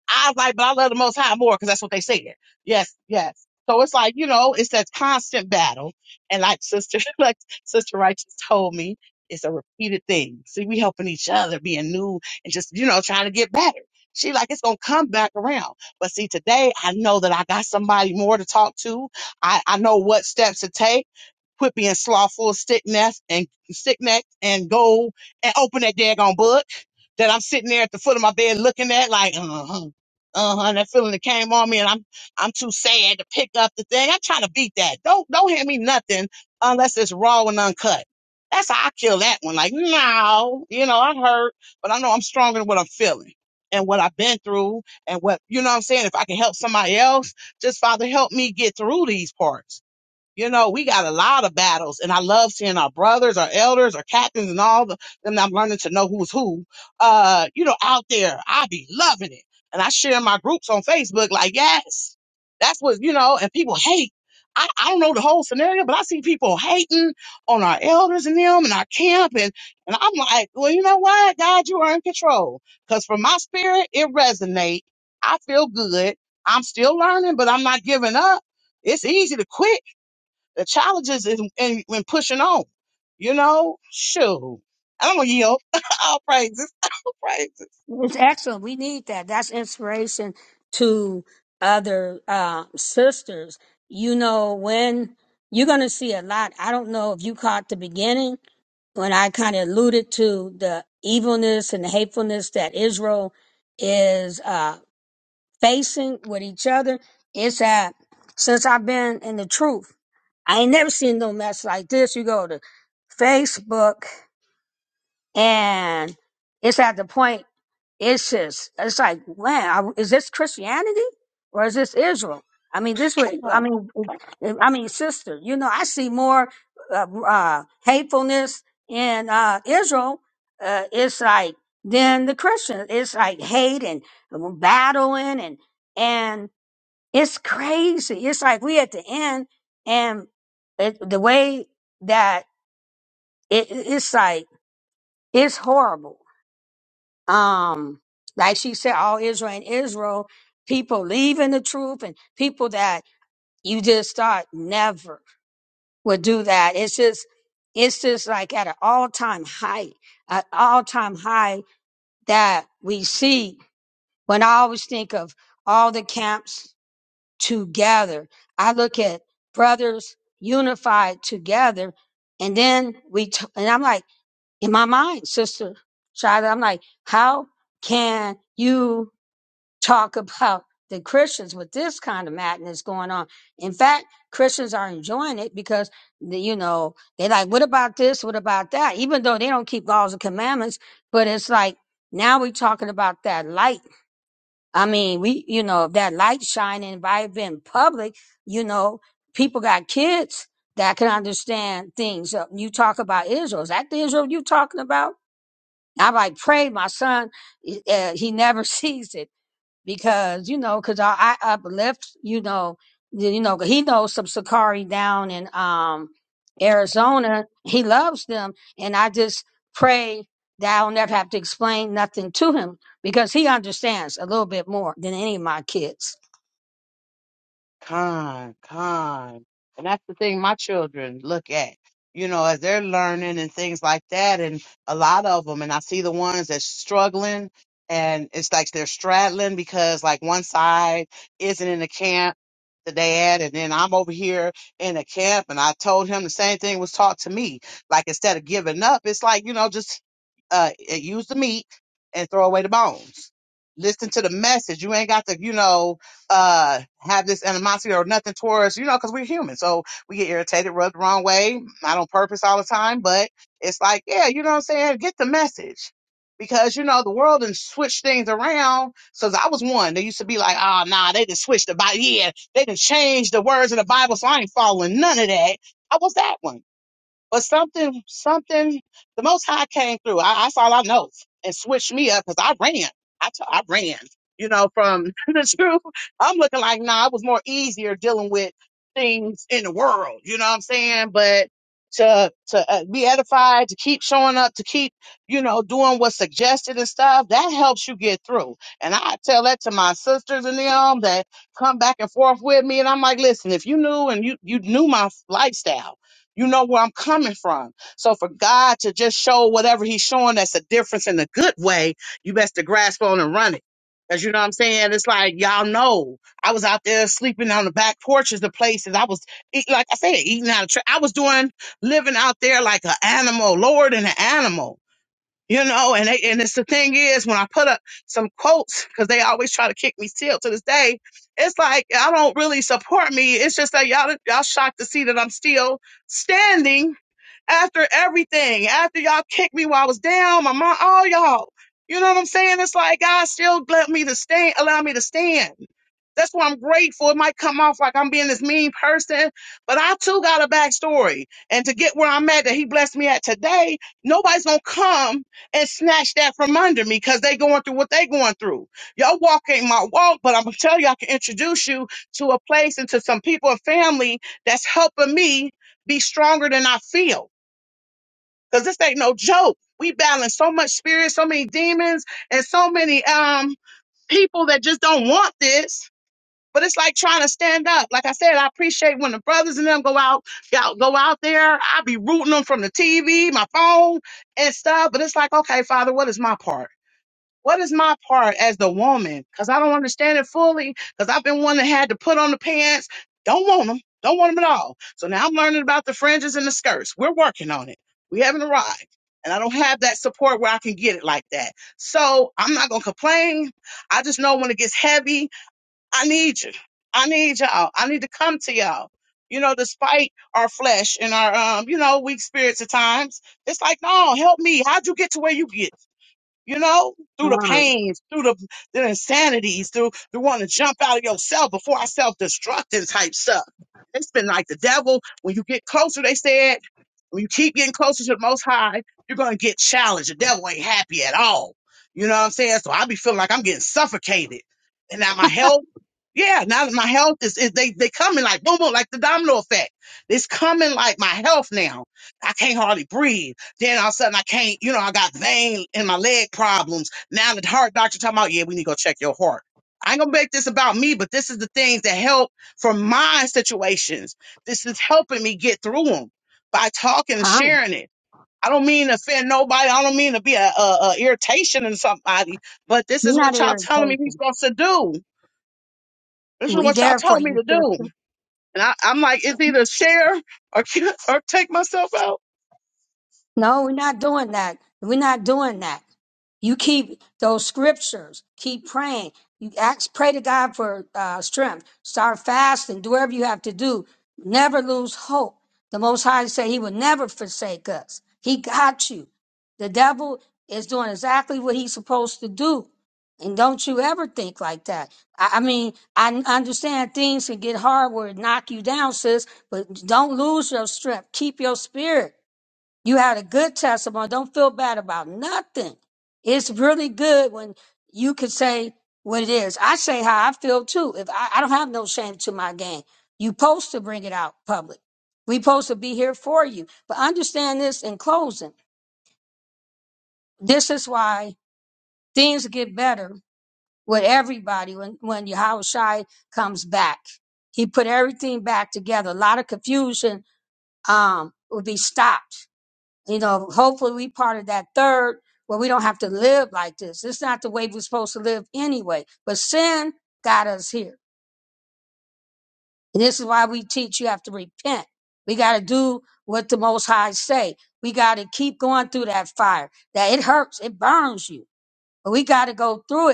[SPEAKER 14] I was like, but I love the most high more because that's what they said. Yes, yes. So it's like, you know, it's that constant battle. And like sister, like sister righteous told me, it's a repeated thing. See, we helping each other being new and just, you know, trying to get better. She like, it's going to come back around. But see, today I know that I got somebody more to talk to. I, I know what steps to take. Quit being slothful, stick necked and stick necked and go and open that daggone book that I'm sitting there at the foot of my bed looking at, like, uh-huh. Uh-huh. That feeling that came on me and I'm I'm too sad to pick up the thing. I'm trying to beat that. Don't don't hand me nothing unless it's raw and uncut. That's how I kill that one. Like, no, you know, I hurt, but I know I'm stronger than what I'm feeling and what I've been through and what you know what I'm saying. If I can help somebody else, just Father, help me get through these parts you know, we got a lot of battles, and I love seeing our brothers, our elders, our captains, and all the them. I'm learning to know who's who. Uh, you know, out there, I be loving it, and I share in my groups on Facebook. Like, yes, that's what you know. And people hate. I, I don't know the whole scenario, but I see people hating on our elders and them and our camp, and and I'm like, well, you know what, God, you are in control. Cause for my spirit, it resonate. I feel good. I'm still learning, but I'm not giving up. It's easy to quit the challenges is in, when pushing on. You know, shoot. I'm gonna yield. All praises. All praises.
[SPEAKER 2] It's excellent. We need that. That's inspiration to other uh, sisters. You know, when you're going to see a lot, I don't know if you caught the beginning when I kind of alluded to the evilness and the hatefulness that Israel is uh, facing with each other. It's that since I've been in the truth, I ain't never seen no mess like this. You go to Facebook and it's at the point it's just, it's like, wow, is this Christianity or is this Israel? I mean, this way, I mean, uh, I mean, sister, you know, I see more uh, uh, hatefulness in uh, Israel. Uh, it's like than the Christians. It's like hate and uh, battling and and it's crazy. It's like we at the end and it, the way that it, it's like it's horrible um, like she said, all Israel and Israel, people leaving the truth and people that you just thought never would do that. It's just, it's just like at an all time high, an all time high that we see when I always think of all the camps together. I look at brothers unified together and then we, t- and I'm like, in my mind, sister, Shada, I'm like, how can you talk about the Christians with this kind of madness going on. In fact, Christians are enjoying it because the- you know they like, what about this? What about that? Even though they don't keep laws and commandments, but it's like now we're talking about that light. I mean, we you know that light shining vibrant in public. You know, people got kids that can understand things. Uh, You talk about Israel. Is that the Israel you talking about? I like prayed my son. Uh, he never sees it because you know, because I, I uplift, you know, you know, he knows some Sakari down in um Arizona. He loves them, and I just pray that I'll never have to explain nothing to him because he understands a little bit more than any of my kids.
[SPEAKER 14] Con, con. And that's the thing my children look at, you know, as they're learning and things like that. And a lot of them, and I see the ones that's struggling and it's like they're straddling because like one side isn't in the camp, the dad, and then I'm over here in the camp and I told him the same thing was taught to me. Like instead of giving up, it's like, you know, just uh use the meat and throw away the bones. Listen to the message. You ain't got to, you know, uh have this animosity or nothing towards you know because we're human so we get irritated rubbed the wrong way not on purpose all the time but it's like yeah you know what i'm saying get the message because you know the world and switch things around so i was one they used to be like oh nah they just switched the bible yeah they didn't change the words of the bible so i ain't following none of that i was that one but something, something, the Most High came through. I, that's all I know, and switched me up because I ran. I t- I ran. You know, from the truth, I'm looking like nah. It was more easier dealing with things in the world. You know what I'm saying? But to to uh, be edified, to keep showing up, to keep you know doing what's suggested and stuff, that helps you get through. And I tell that to my sisters and them that come back and forth with me, and I'm like, listen, if you knew and you you knew my lifestyle. You know where I'm coming from. So for God to just show whatever He's showing us a difference in a good way, you best to grasp on and run it. Cause you know what I'm saying? It's like y'all know I was out there sleeping on the back porches of places. I was eat, like I said, eating out of. Tra- I was doing living out there like an animal, Lord and an animal. You know, and they, and it's the thing is when I put up some quotes because they always try to kick me still to this day. It's like I don't really support me. It's just that y'all y'all shocked to see that I'm still standing after everything, after y'all kicked me while I was down, my mom, all y'all. You know what I'm saying? It's like God still let me to stand, allow me to stand. That's why I'm grateful. It might come off like I'm being this mean person, but I too got a backstory. And to get where I'm at that he blessed me at today, nobody's gonna come and snatch that from under me because they going through what they going through. Your walk ain't my walk, but I'm gonna tell you I can introduce you to a place and to some people and family that's helping me be stronger than I feel. Cause this ain't no joke. We balance so much spirit, so many demons, and so many um people that just don't want this. But it's like trying to stand up. Like I said, I appreciate when the brothers and them go out, y'all go out there. I be rooting them from the TV, my phone, and stuff. But it's like, okay, Father, what is my part? What is my part as the woman? Because I don't understand it fully. Because I've been one that had to put on the pants. Don't want them. Don't want them at all. So now I'm learning about the fringes and the skirts. We're working on it. We haven't arrived. And I don't have that support where I can get it like that. So I'm not going to complain. I just know when it gets heavy, I need you. I need y'all. I need to come to y'all. You know, despite our flesh and our, um, you know, weak spirits at times, it's like, no, help me. How'd you get to where you get? you know, through the
[SPEAKER 2] Come,
[SPEAKER 14] pains, through the, the insanities, through the wanting to jump out of yourself before I self-destructing type stuff. It's been like the devil. When you get closer, they said, when you keep getting closer to the most high, you're gonna get challenged. The devil ain't happy at all. You know what I'm saying? So I be feeling like I'm getting suffocated. And now my health, yeah, now that my health is, is they they coming like boom boom, like the domino effect. It's coming like my health now. I can't hardly breathe. Then all of a sudden I can't, you know, I got vein in my leg problems. Now the heart doctor talking about, yeah, we need to go check your heart. I ain't gonna make this about me, but this is the things that help for my situations. This is helping me get through them by talking and
[SPEAKER 2] come,
[SPEAKER 14] sharing it. I don't mean to offend nobody. I don't mean to be a, a, a irritation in somebody, but this
[SPEAKER 2] you're
[SPEAKER 14] is
[SPEAKER 2] not
[SPEAKER 14] what y'all telling me we
[SPEAKER 2] irritating.
[SPEAKER 14] supposed to do. This is
[SPEAKER 2] We
[SPEAKER 14] what y'all
[SPEAKER 2] there for
[SPEAKER 14] telling me
[SPEAKER 2] you,
[SPEAKER 14] to
[SPEAKER 2] sister.
[SPEAKER 14] do. And I, I'm like, it's either share or, or take myself out.
[SPEAKER 2] No, we're not doing that. We're not doing that. You keep those scriptures. Keep praying. You ask, pray to God for uh, strength. Start fasting. Do whatever you have to do. Never lose hope. The Most High said He will never forsake us. He got you. The devil is doing exactly what he's supposed to do. And don't you ever think like that. I, I mean, I n- understand things can get hard where it knock you down, sis, but don't lose your strength. Keep your spirit. You had a good testimony. Don't feel bad about nothing. It's really good when you can say what it is. I say how I feel too. If I, I don't have no shame to my game, you supposed to bring it out public. We supposed to be here for you. But understand this in closing. This is why things get better with everybody when when Yahweh comes back. He put everything back together. A lot of confusion um, would be stopped You know, hopefully we part of that third where we don't have to live like this. It's not the way we're supposed to live anyway. But sin got us here. And this is why we teach you have to repent. We got to do what the Most High say. We got to keep going through that fire. That it hurts. It burns you. But we got to go through it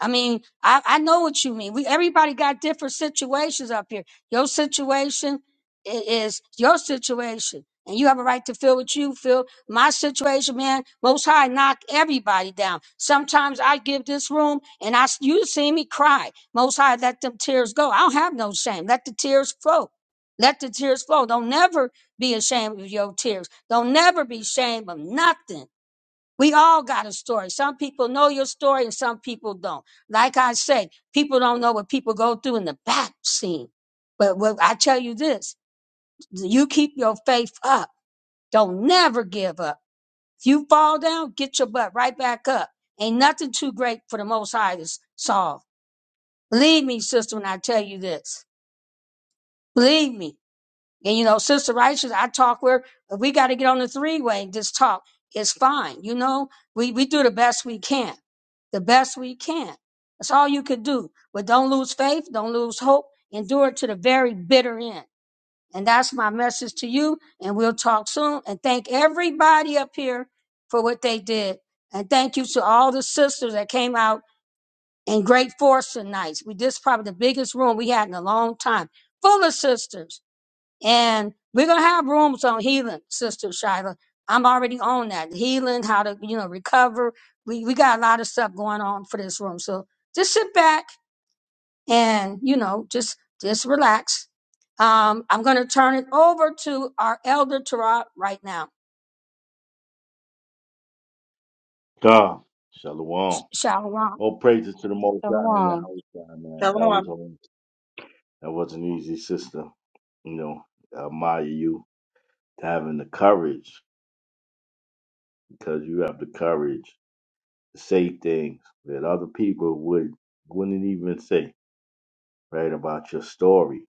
[SPEAKER 2] I mean, I, I know what you mean. We everybody got different situations up here. Your situation i- is your situation, and you have a right to feel what you feel. My situation, man, Most High knock everybody down. Sometimes I give this room, and I s- you see me cry. Most High let them tears go. I don't have no shame. Let the tears flow. Let the tears flow. Don't never be ashamed of your tears. Don't never be ashamed of nothing. We all got a story. Some people know your story and some people don't. Like I said, people don't know what people go through in the back scene. But what I tell you this, you keep your faith up. Don't never give up. If you fall down, get your butt right back up. Ain't nothing too great for the most high to solve. Believe me, sister, when I tell you this. Believe me. And you know, Sister Righteous, I talk with her. If we got to get on the three way and just talk, it's fine. You know, we, we do the best we can. The best we can. That's all you could do. But don't lose faith, don't lose hope, endure to the very bitter end. And that's my message to you. And we'll talk soon. And thank everybody up here for what they did. And thank you to all the sisters that came out in great force tonight. We this is probably the biggest room we had in a long time. Full of sisters. And we're gonna have rooms on healing, Sister Shyla. I'm already on that. Healing, how to, you know, recover. We we got a lot of stuff going on for this room. So just sit back and, you know, just just relax. Um, I'm gonna turn it over to our elder Tarot right now.
[SPEAKER 18] God, shalom.
[SPEAKER 2] Shalom.
[SPEAKER 18] All praises to the Most High,
[SPEAKER 14] Shalom.
[SPEAKER 18] Yahweh, man. That was
[SPEAKER 1] Shalom.
[SPEAKER 18] home. That wasn't easy, sister. You know, I admire you having the courage because you have the courage. say things that other people would wouldn't even say, right? About your story,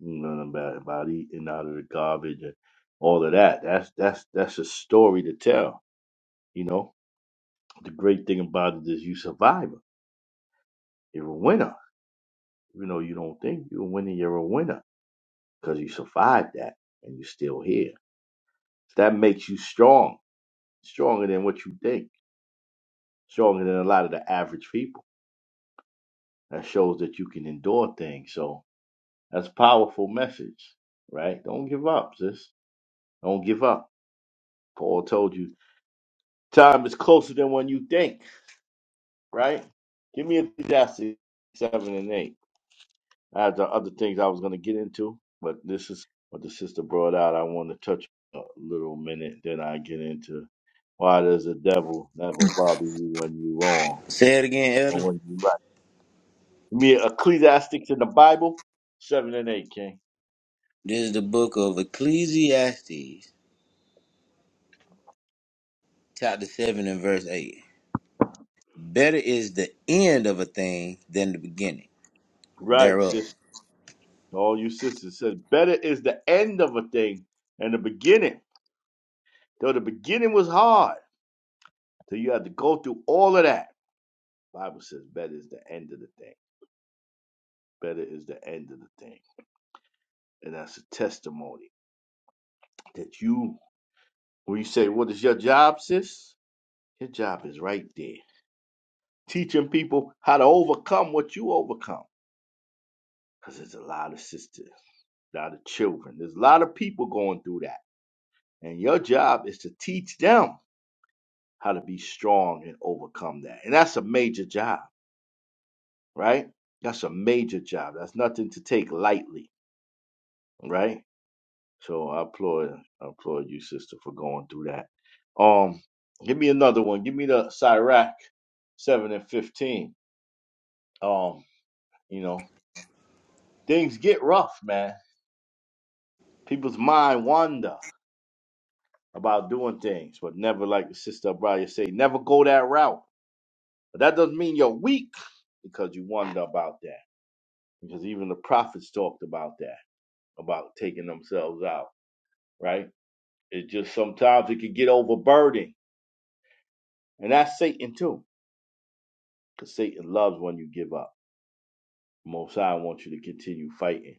[SPEAKER 18] you know, about about eating out of the garbage and all of that. That's that's that's a story to tell, you know. The great thing about it is you survive. it. You're a winner, even though you don't think you're a winner. You're a winner because you survived that and you're still here. that makes you strong, stronger than what you think, stronger than a lot of the average people. That shows that you can endure things. So That's a powerful message, right? Don't give up, sis. Don't give up. Paul told you time is closer than when you think, right? Give me Ecclesiastes 7 and 8. I had the other things I was going to get into, but this is what the sister brought out. I want to touch a little minute, then I get into why does the devil never bother you when you're wrong
[SPEAKER 19] Say it again,
[SPEAKER 18] or
[SPEAKER 19] Elder.
[SPEAKER 18] when you're right. Give me Ecclesiastics in the Bible 7 and 8, King.
[SPEAKER 19] This is the book of Ecclesiastes, chapter 7 and verse 8. Better is the end of a thing than the beginning
[SPEAKER 18] Right,
[SPEAKER 19] thereof.
[SPEAKER 18] sis. All you sisters said, better is the end of a thing than the beginning. Though the beginning was hard, so you had to go through all of that. Bible says, better is the end of the thing. Better is the end of the thing. And that's a testimony that you, when you say, what is your job, sis? Your job is right there. Teaching people how to overcome what you overcome. Because there's a lot of sisters, a lot of children, there's a lot of people going through that. And your job is to teach them how to be strong and overcome that. And that's a major job, right? That's a major job. That's nothing to take lightly, right? So I applaud I applaud you, sister, for going through that. Um, give me another one. Give me the Sirach seven and fifteen. Um, you know, things get rough, man. People's mind wander about doing things, but never like the sister Abraya say, never go that route. But that doesn't mean you're weak because you wonder about that. because even the prophets talked about that, about taking themselves out, right? It just sometimes it could get overburdened. And that's Satan too, because Satan loves when you give up. Most High wants you to continue fighting.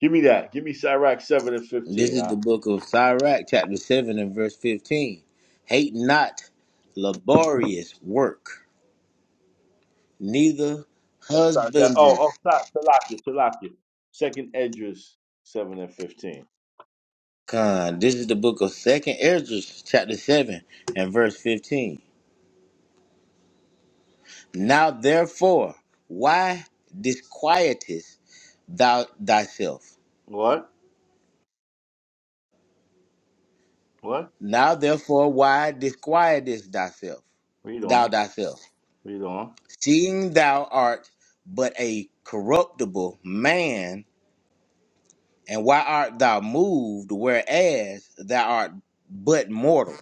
[SPEAKER 18] Give me that. Give me Sirach 7 and
[SPEAKER 19] This
[SPEAKER 18] 15.
[SPEAKER 19] is
[SPEAKER 18] Huh?
[SPEAKER 19] the book of Sirach, chapter 7 and verse 15. Hate not laborious work, neither
[SPEAKER 18] That's not that. Oh,
[SPEAKER 19] husbandry.
[SPEAKER 18] oh, not Salakia, Salakia. Second Edges 7 and 15.
[SPEAKER 19] Con. This is the book of Second Ezra, chapter 7 and verse 15. Now therefore, why disquietest thou thyself?
[SPEAKER 18] What? What?
[SPEAKER 19] Now therefore, why disquietest thyself,
[SPEAKER 18] Read
[SPEAKER 19] thou
[SPEAKER 18] on.
[SPEAKER 19] thyself,
[SPEAKER 18] Read on.
[SPEAKER 19] seeing thou art but a corruptible man, and why art thou moved, whereas thou art but mortal?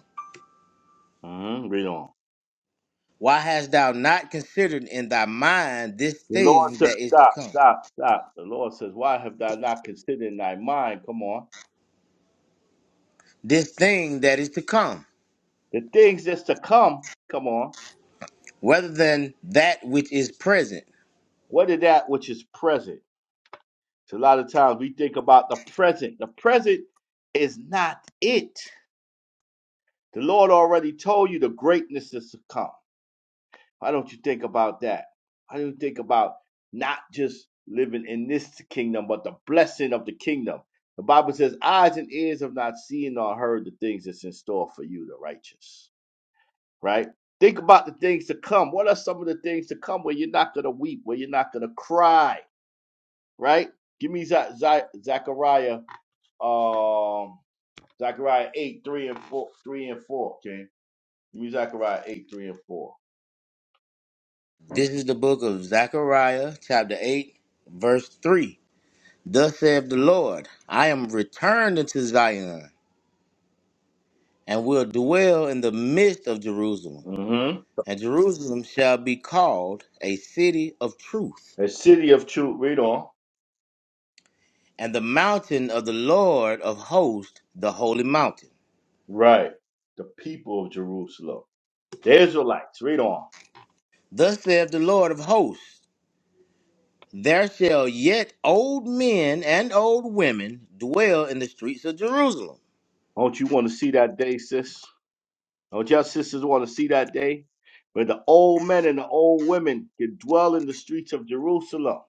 [SPEAKER 18] mm hmm Read on.
[SPEAKER 19] Why hast thou not considered in thy mind this
[SPEAKER 18] The Lord
[SPEAKER 19] thing
[SPEAKER 18] says,
[SPEAKER 19] that is to
[SPEAKER 18] stop,
[SPEAKER 19] come?
[SPEAKER 18] stop, stop. The Lord says, why have thou not considered in thy mind? Come on
[SPEAKER 19] This thing that is to come,
[SPEAKER 18] the things that's to come, come on,
[SPEAKER 19] rather than that which is present.
[SPEAKER 18] what is that which is present? So a lot of times we think about the present. The present is not it. The Lord already told you the greatness is to come. Why don't you think about that? Why don't you think about not just living in this kingdom, but the blessing of the kingdom? The Bible says, eyes and ears have not seen nor heard the things that's in store for you, the righteous. right? Think about the things to come. What are some of the things to come where you're not going to weep, where you're not going to cry, right? Give me Za Za- Zechariah, um, Zechariah 8, 3 and 4, 3 and 4, okay? Give me Zechariah 8, 3 and 4.
[SPEAKER 19] This is the book of Zechariah, chapter 8, verse 3. Thus saith the Lord, I am returned into Zion, and will dwell in the midst of Jerusalem.
[SPEAKER 18] Mm-hmm.
[SPEAKER 19] And Jerusalem shall be called a city of truth,
[SPEAKER 18] The city of truth, read on.
[SPEAKER 19] and the mountain of the Lord of hosts, the holy mountain.
[SPEAKER 18] Right. The people of Jerusalem. The Israelites, read on.
[SPEAKER 19] Thus saith the Lord of hosts, there shall yet old men and old women dwell in the streets of Jerusalem,
[SPEAKER 18] Don't you want to see that day, sis? Don't you sisters want to see that day? Where the old men and the old women can dwell in the streets of Jerusalem.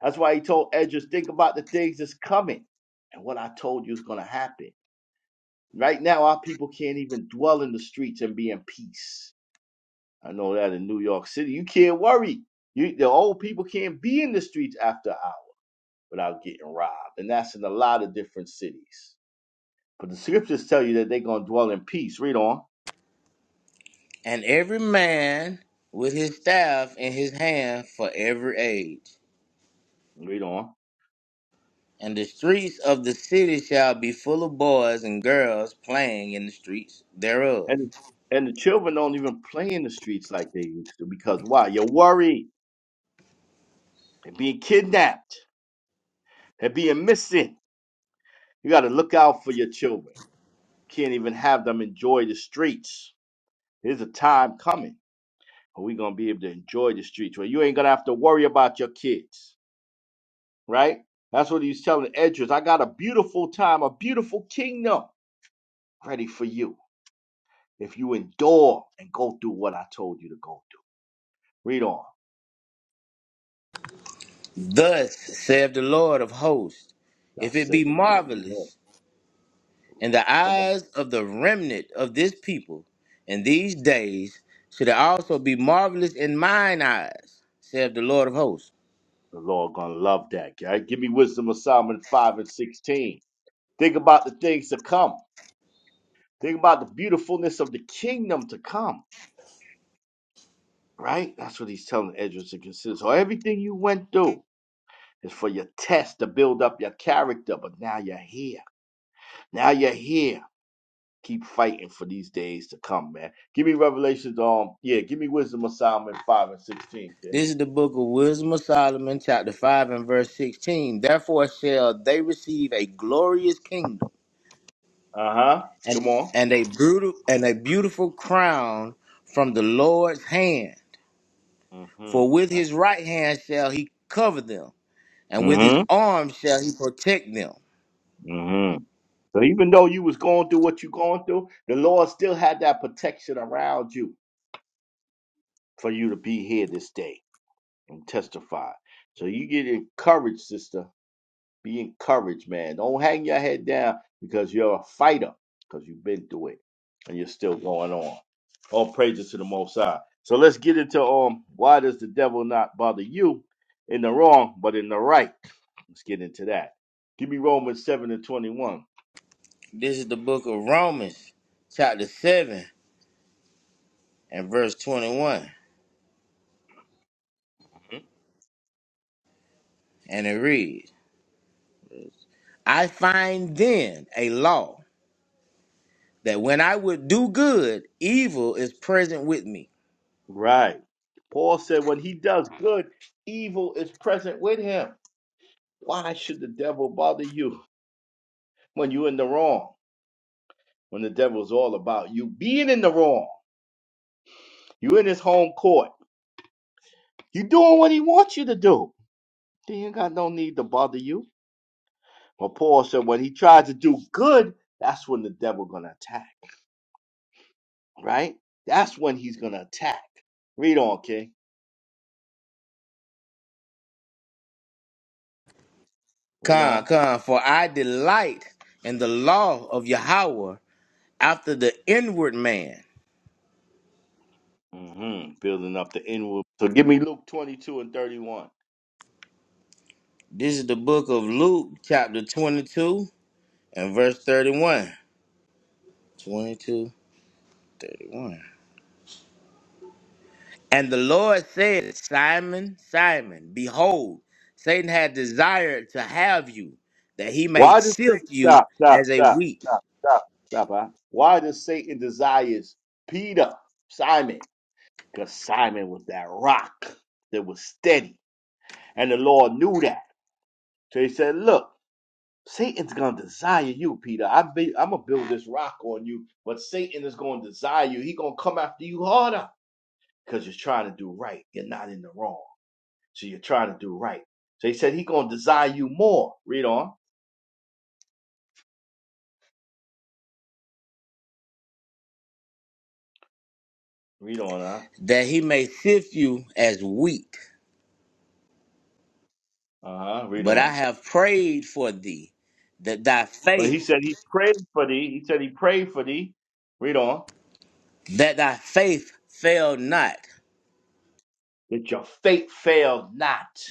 [SPEAKER 18] That's why he told Edges, think about the things that's coming and what I told you is going to happen. Right now, our people can't even dwell in the streets and be in peace. I know that in New York City, you can't worry. You, the old people can't be in the streets after hours without getting robbed. And that's in a lot of different cities. But the scriptures tell you that they're going to dwell in peace. Read on.
[SPEAKER 19] and every man with his staff in his hand for every age.
[SPEAKER 18] Read on.
[SPEAKER 19] And the streets of the city shall be full of boys and girls playing in the streets thereof.
[SPEAKER 18] And and the children don't even play in the streets like they used to because why? You're worried. They're being kidnapped. They're being missing. You got to look out for your children. Can't even have them enjoy the streets. There's a time coming where we're gonna be able to enjoy the streets where you ain't gonna have to worry about your kids, right? That's what he's telling Edris. I got a beautiful time, a beautiful kingdom ready for you if you endure and go through what I told you to go through. Read on.
[SPEAKER 19] Thus saith the Lord of hosts, if
[SPEAKER 18] Thus
[SPEAKER 19] it
[SPEAKER 18] said
[SPEAKER 19] be
[SPEAKER 18] the Lord. of hosts.
[SPEAKER 19] marvelous in
[SPEAKER 18] Right.
[SPEAKER 19] the
[SPEAKER 18] Come on.
[SPEAKER 19] eyes of the remnant of this people in these days, should it also be marvelous in mine eyes, saith the Lord of hosts.
[SPEAKER 18] The Lord gonna love that. Right? Give me wisdom of Solomon five and sixteen. Think about the things to come. Think about the beautifulness of the kingdom to come. Right? That's what he's telling Ezra to consider. So everything you went through is for your test to build up your character. But now you're here. Now you're here. Keep fighting for these days to come, man. Give me revelations Um, yeah. Give me wisdom of Solomon five and sixteen. Okay.
[SPEAKER 19] This is the book of Wisdom of Solomon, chapter 5 and verse 16. Therefore shall they receive a glorious kingdom
[SPEAKER 18] Uh huh.
[SPEAKER 19] and
[SPEAKER 18] Come on.
[SPEAKER 19] and a brutal and a beautiful crown from the Lord's hand.
[SPEAKER 18] Mm
[SPEAKER 19] For with
[SPEAKER 18] hmm.
[SPEAKER 19] his right hand shall he cover them, and with
[SPEAKER 18] Mm hmm.
[SPEAKER 19] his arm shall he protect them.
[SPEAKER 18] Mm So even though you was going through what you going through, the Lord still had that protection around you for you to be here this day and testify. So you get encouraged, sister. Be encouraged, man. Don't hang your head down because you're a fighter, because you've been through it and you're still going on. All praises to the Most High. So let's get into um why does the devil not bother you in the wrong but in the right? Let's get into that. Give me Romans seven and twenty one.
[SPEAKER 19] This is the book of Romans, chapter seven and verse twenty-one, and it reads: I find then a law that when I would do good, evil is present with me.
[SPEAKER 18] Right. Paul said, when he does good, evil is present with him. Why should the devil bother you when you're in the wrong? When the devil's all about you being in the wrong, you are in his home court, you are doing what he wants you to do. Then you got no need to bother you. But Paul said, when he tries to do good, that's when the devil gonna attack. Right? That's when he's gonna attack. Read on, King. Read
[SPEAKER 19] Come,
[SPEAKER 18] on.
[SPEAKER 19] come, for I delight in the law of Yahweh after the inward man
[SPEAKER 18] hmm Building up the inward. So give me Luke 22 and 31.
[SPEAKER 19] This is the book of Luke, chapter 22 and verse 31. 22, 31. And the Lord said, Simon, Simon, behold, Satan had desired to have you, that he may
[SPEAKER 18] Why does Satan
[SPEAKER 19] sift you
[SPEAKER 18] stop, stop,
[SPEAKER 19] as a
[SPEAKER 18] stop,
[SPEAKER 19] wheat,
[SPEAKER 18] stop, stop, stop? Huh? Why does Satan desires Peter, Simon? Because Simon was that rock that was steady, and the Lord knew that. So He said, "Look, Satan's gonna desire you, Peter. I be, I'm gonna build this rock on you, but Satan is gonna desire you. He gonna come after you harder because you're trying to do right. You're not in the wrong, so you're trying to do right. So He said He's gonna desire you more. Read on, read on, huh?
[SPEAKER 19] that he may sift you as wheat.
[SPEAKER 18] Uh huh. Read
[SPEAKER 19] But
[SPEAKER 18] on.
[SPEAKER 19] I have prayed for thee, that thy
[SPEAKER 18] But
[SPEAKER 19] faith,
[SPEAKER 18] he said he prayed for thee. He said he prayed for thee. Read on.
[SPEAKER 19] that thy faith fail not.
[SPEAKER 18] That your faith fail not.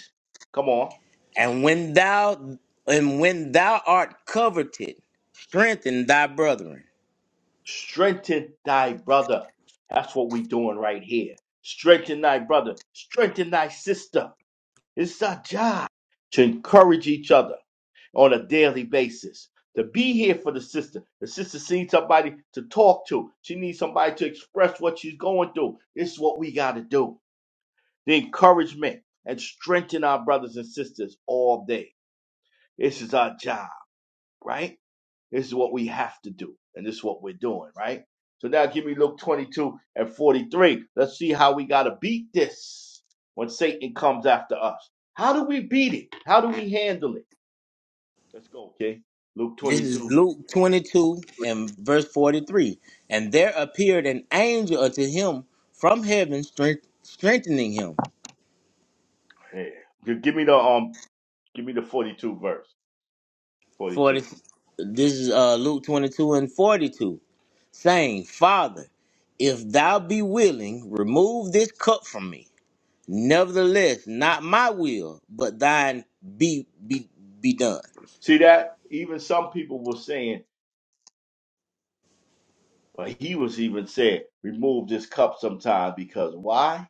[SPEAKER 18] Come on.
[SPEAKER 19] And when thou and when thou art coveted, strengthen thy brethren.
[SPEAKER 18] Strengthen thy brother. That's what we doing right here. Strengthen thy brother. Strengthen thy sister. It's our job to encourage each other on a daily basis. To be here for the sister. The sister needs somebody to talk to. She needs somebody to express what she's going through. This is what we got to do. the encouragement and strengthen our brothers and sisters all day. This is our job, right? This is what we have to do, and this is what we're doing, right? So now give me Luke 22 and 43. Let's see how we got to beat this when Satan comes after us. How do we beat it? How do we handle it? Let's go, okay? Luke
[SPEAKER 19] This is
[SPEAKER 18] 22.
[SPEAKER 19] Luke 22 and verse 43. And there appeared an angel unto him from heaven, strength, strengthening him.
[SPEAKER 18] Yeah. Gi- Give me the um give me the 42 verse.
[SPEAKER 19] For
[SPEAKER 18] 42.
[SPEAKER 19] this, this is uh, Luke 22 and 42, saying, Father, if thou be willing, remove this cup from me. Nevertheless, not my will, but thine be be be done.
[SPEAKER 18] See that? Even some people were saying But he was even said, remove this cup sometime because why?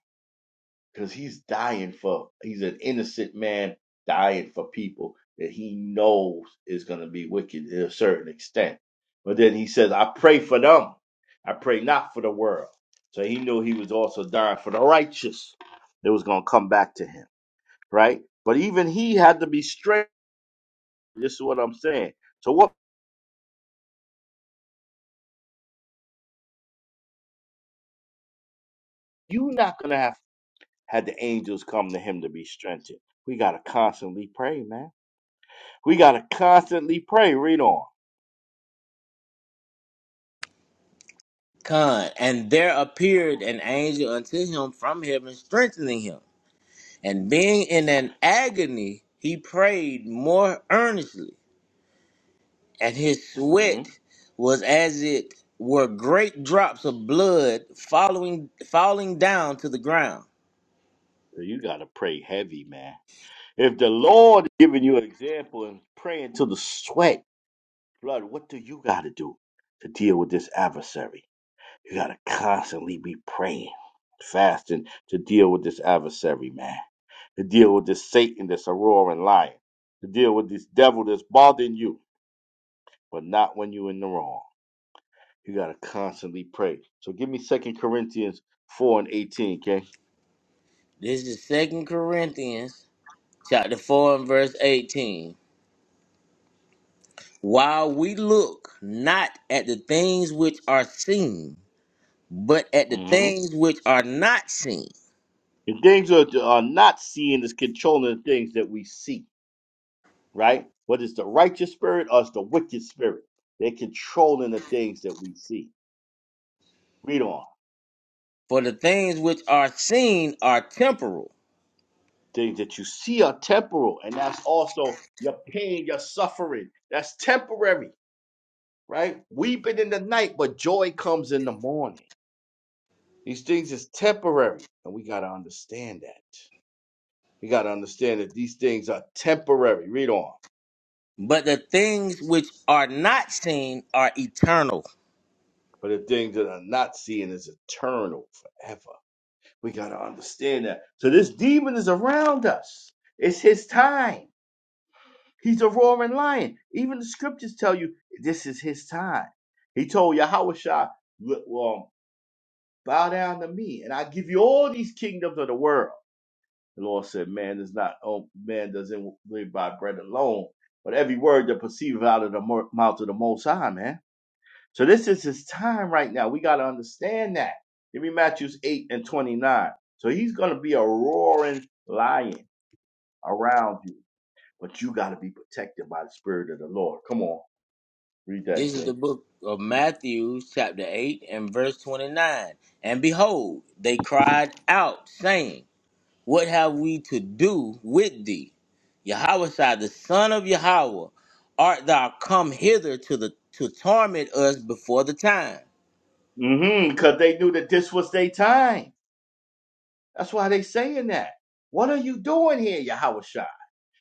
[SPEAKER 18] Because he's dying for, he's an innocent man dying for people that he knows is going to be wicked to a certain extent. But then he says, I pray for them. I pray not for the world. So he knew he was also dying for the righteous that was going to come back to him, right? But even he had to be straight. This is what I'm saying. So what? You're not going to have had the angels come to him to be strengthened. We got to constantly pray, man. We got to constantly pray. Read on.
[SPEAKER 19] Con, and there appeared an angel unto him from heaven, strengthening him. And being in an agony, he prayed more earnestly, and his
[SPEAKER 18] hmm
[SPEAKER 19] sweat was as it were great drops of blood following falling down to the ground.
[SPEAKER 18] So you got to pray heavy, man. If the Lord is giving you an example and praying to the sweat, blood, what do you got to do to deal with this adversary? You got to constantly be praying, fasting to deal with this adversary, man. To deal with this Satan that's a roaring lion. To deal with this devil that's bothering you, but not when you're in the wrong. You gotta constantly pray. So give me Second Corinthians four and eighteen, okay?
[SPEAKER 19] This is Second Corinthians chapter four and verse eighteen. While we look not at the things which are seen, but at the
[SPEAKER 18] hmm
[SPEAKER 19] things which are not seen.
[SPEAKER 18] The things that are not seen is controlling the things that we see, right? Whether it's the righteous spirit or it's the wicked spirit, they're controlling the things that we see. Read on.
[SPEAKER 19] For the things which are seen are temporal,
[SPEAKER 18] Things that you see are temporal, and that's also your pain, your suffering. That's temporary, right? Weeping in the night, but joy comes in the morning. These things is temporary, and we gotta understand that. We got to understand that these things are temporary. Read on.
[SPEAKER 19] but the things which are not seen are eternal.
[SPEAKER 18] But the things that are not seen is eternal forever. We got to understand that. So this demon is around us. It's his time. He's a roaring lion. Even the scriptures tell you this is his time. He told Yahushua, well, bow down to me and I give you all these kingdoms of the world. The Lord said, man is not, oh, man doesn't live by bread alone, but every word that proceeds out of the mo- mouth of the Most High, man. So this is his time right now. We got to understand that. Give me Matthews 8 and 29. So he's going to be a roaring lion around you, but you got to be protected by the Spirit of the Lord. Come on, read that,
[SPEAKER 19] This is the
[SPEAKER 18] King.
[SPEAKER 19] book of Matthew, chapter 8, and verse 29. And behold, they cried out, saying, What have we to do with thee? Yahweh, the son of Yahweh, art thou come hither to, the, to torment us before the time?
[SPEAKER 18] Mm-hmm, because they knew that this was their time. That's why they saying that. What are you doing here, Yahweh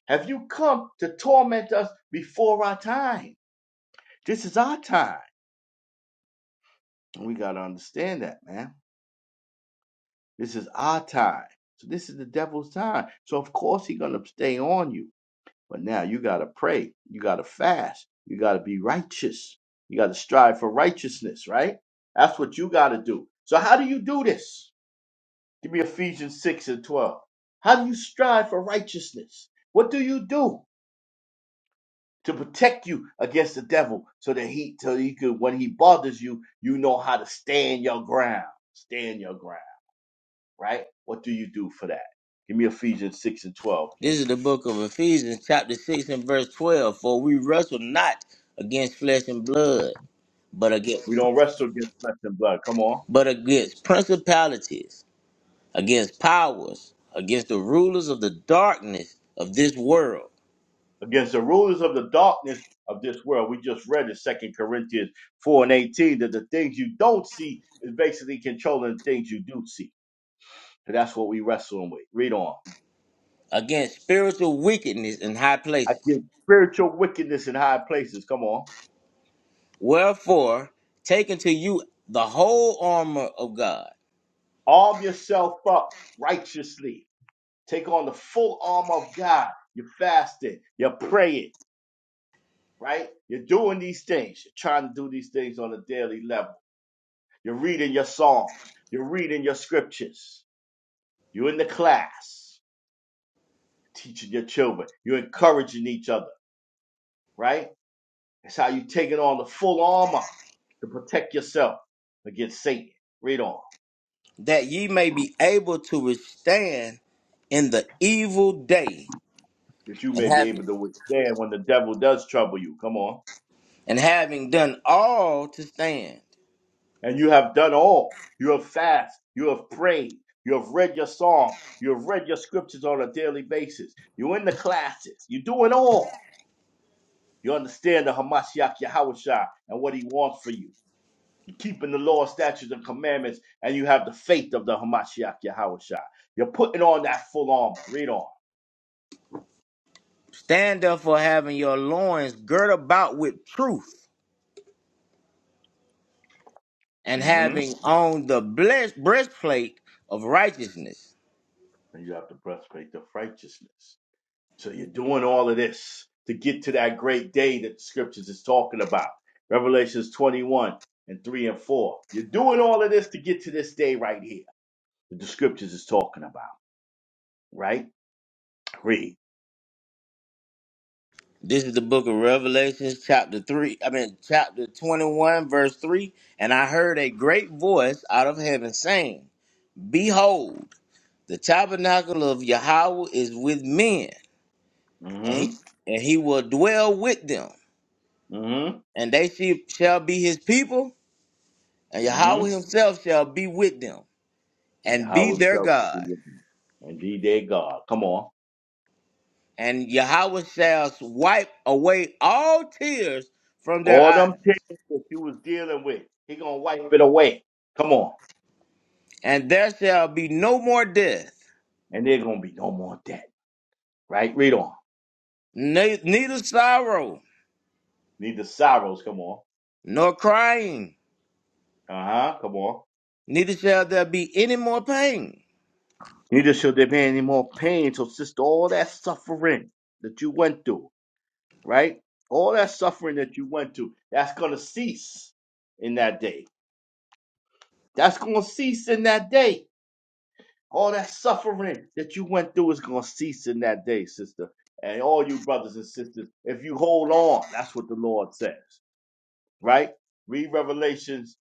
[SPEAKER 18] Have you come to torment us before our time? This is our time. We got to understand that, man. This is our time. So this is the devil's time. So of course he's gonna stay on you. But now you gotta pray. You gotta fast. You gotta be righteous. You gotta strive for righteousness, right? That's what you gotta do. So how do you do this? Give me Ephesians 6 and 12. How do you strive for righteousness? What do you do to protect you against the devil so that he so he could when he bothers you, you know how to stand your ground. Stand your ground. right? What do you do for that? Give me Ephesians 6 and 12,
[SPEAKER 19] This
[SPEAKER 18] okay?
[SPEAKER 19] is the book of Ephesians, chapter 6, and verse 12. For we wrestle not against flesh and blood but
[SPEAKER 18] We
[SPEAKER 19] against
[SPEAKER 18] don't wrestle against flesh and blood. Come on.
[SPEAKER 19] but against principalities, against powers, against the rulers of the darkness of this world,
[SPEAKER 18] Against the rulers of the darkness of this world. We just read in Second Corinthians 4 and 18 that the things you don't see is basically controlling the things you do see. So that's what we wrestling with. Read on.
[SPEAKER 19] against spiritual wickedness in high
[SPEAKER 18] I
[SPEAKER 19] places.
[SPEAKER 18] spiritual wickedness in high places. Come on.
[SPEAKER 19] Wherefore, take unto you the whole armor of God,
[SPEAKER 18] Arm yourself up righteously. Take on the full arm of God. You're fasting. You're praying right? You're doing these things. You're trying to do these things on a daily level. You're reading your songs. You're reading your scriptures. You're in the class teaching your children. You're encouraging each other, right? That's how you're taking on the full armor to protect yourself against Satan. Read on.
[SPEAKER 19] that ye may be able to withstand in the evil day,
[SPEAKER 18] That you
[SPEAKER 19] and
[SPEAKER 18] may be
[SPEAKER 19] having
[SPEAKER 18] able to withstand when the devil does trouble you. Come on.
[SPEAKER 19] and having done all to stand.
[SPEAKER 18] and you have done all. You have fasted. you have prayed, you have read your psalms, you have read your scriptures on a daily basis. You're in the classes, you do it all. You understand the Hamashiach Yahawashah and what he wants for you. You're keeping the law, statutes, and commandments, and you have the faith of the Hamashiach Yahawashah. You're putting on that full armor. Read on.
[SPEAKER 19] Stand therefore having your loins girt about with truth and
[SPEAKER 18] hmm
[SPEAKER 19] having on the blessed breastplate of righteousness.
[SPEAKER 18] And you have the breastplate of righteousness. So you're doing all of this to get to that great day that the scriptures is talking about. Revelations 21 and 3 and 4. You're doing all of this to get to this day right here that the scriptures is talking about, right? Read.
[SPEAKER 19] This is the book of Revelations, chapter 3, I mean, chapter 21, verse 3. And I heard a great voice out of heaven saying, Behold, the tabernacle of Yahweh is with men, and he,
[SPEAKER 18] Mm-hmm.
[SPEAKER 19] and he will dwell with them,
[SPEAKER 18] Mm-hmm.
[SPEAKER 19] and they she- shall be his people, and
[SPEAKER 18] Mm-hmm.
[SPEAKER 19] Yahweh himself shall be with them,
[SPEAKER 18] And
[SPEAKER 19] and be
[SPEAKER 18] how
[SPEAKER 19] their
[SPEAKER 18] himself will
[SPEAKER 19] God.
[SPEAKER 18] be with you. And be their God. Come on.
[SPEAKER 19] and Yahweh shall wipe away all tears from their
[SPEAKER 18] All
[SPEAKER 19] eyes,
[SPEAKER 18] them things that you was dealing with, he gonna wipe it away. Come on.
[SPEAKER 19] and there shall be no more death,
[SPEAKER 18] And there gonna be no more debt. Right? Read on.
[SPEAKER 19] ne- neither sorrow,
[SPEAKER 18] Neither sorrows. Come on.
[SPEAKER 19] nor crying,
[SPEAKER 18] Uh-huh. Come on.
[SPEAKER 19] neither shall there be any more pain.
[SPEAKER 18] Neither shall there be any more pain. So, sister, all that suffering that you went through, right? All that suffering that you went through, that's going to cease in that day. That's going to cease in that day. All that suffering that you went through is going to cease in that day, sister. And all you brothers and sisters, if you hold on, that's what the Lord says, right? Read Revelations,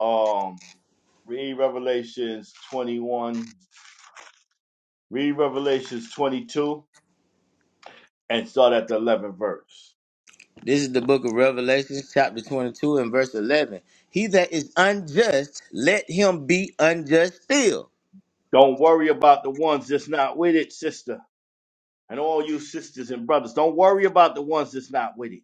[SPEAKER 18] um, read Revelations 21, read Revelations 22 and start at the 11th verse.
[SPEAKER 19] This is the book of Revelation, chapter 22, and verse 11. He that is unjust, let him be unjust still,
[SPEAKER 18] Don't worry about the ones that's not with it, sister. And all you sisters and brothers, don't worry about the ones that's not with it.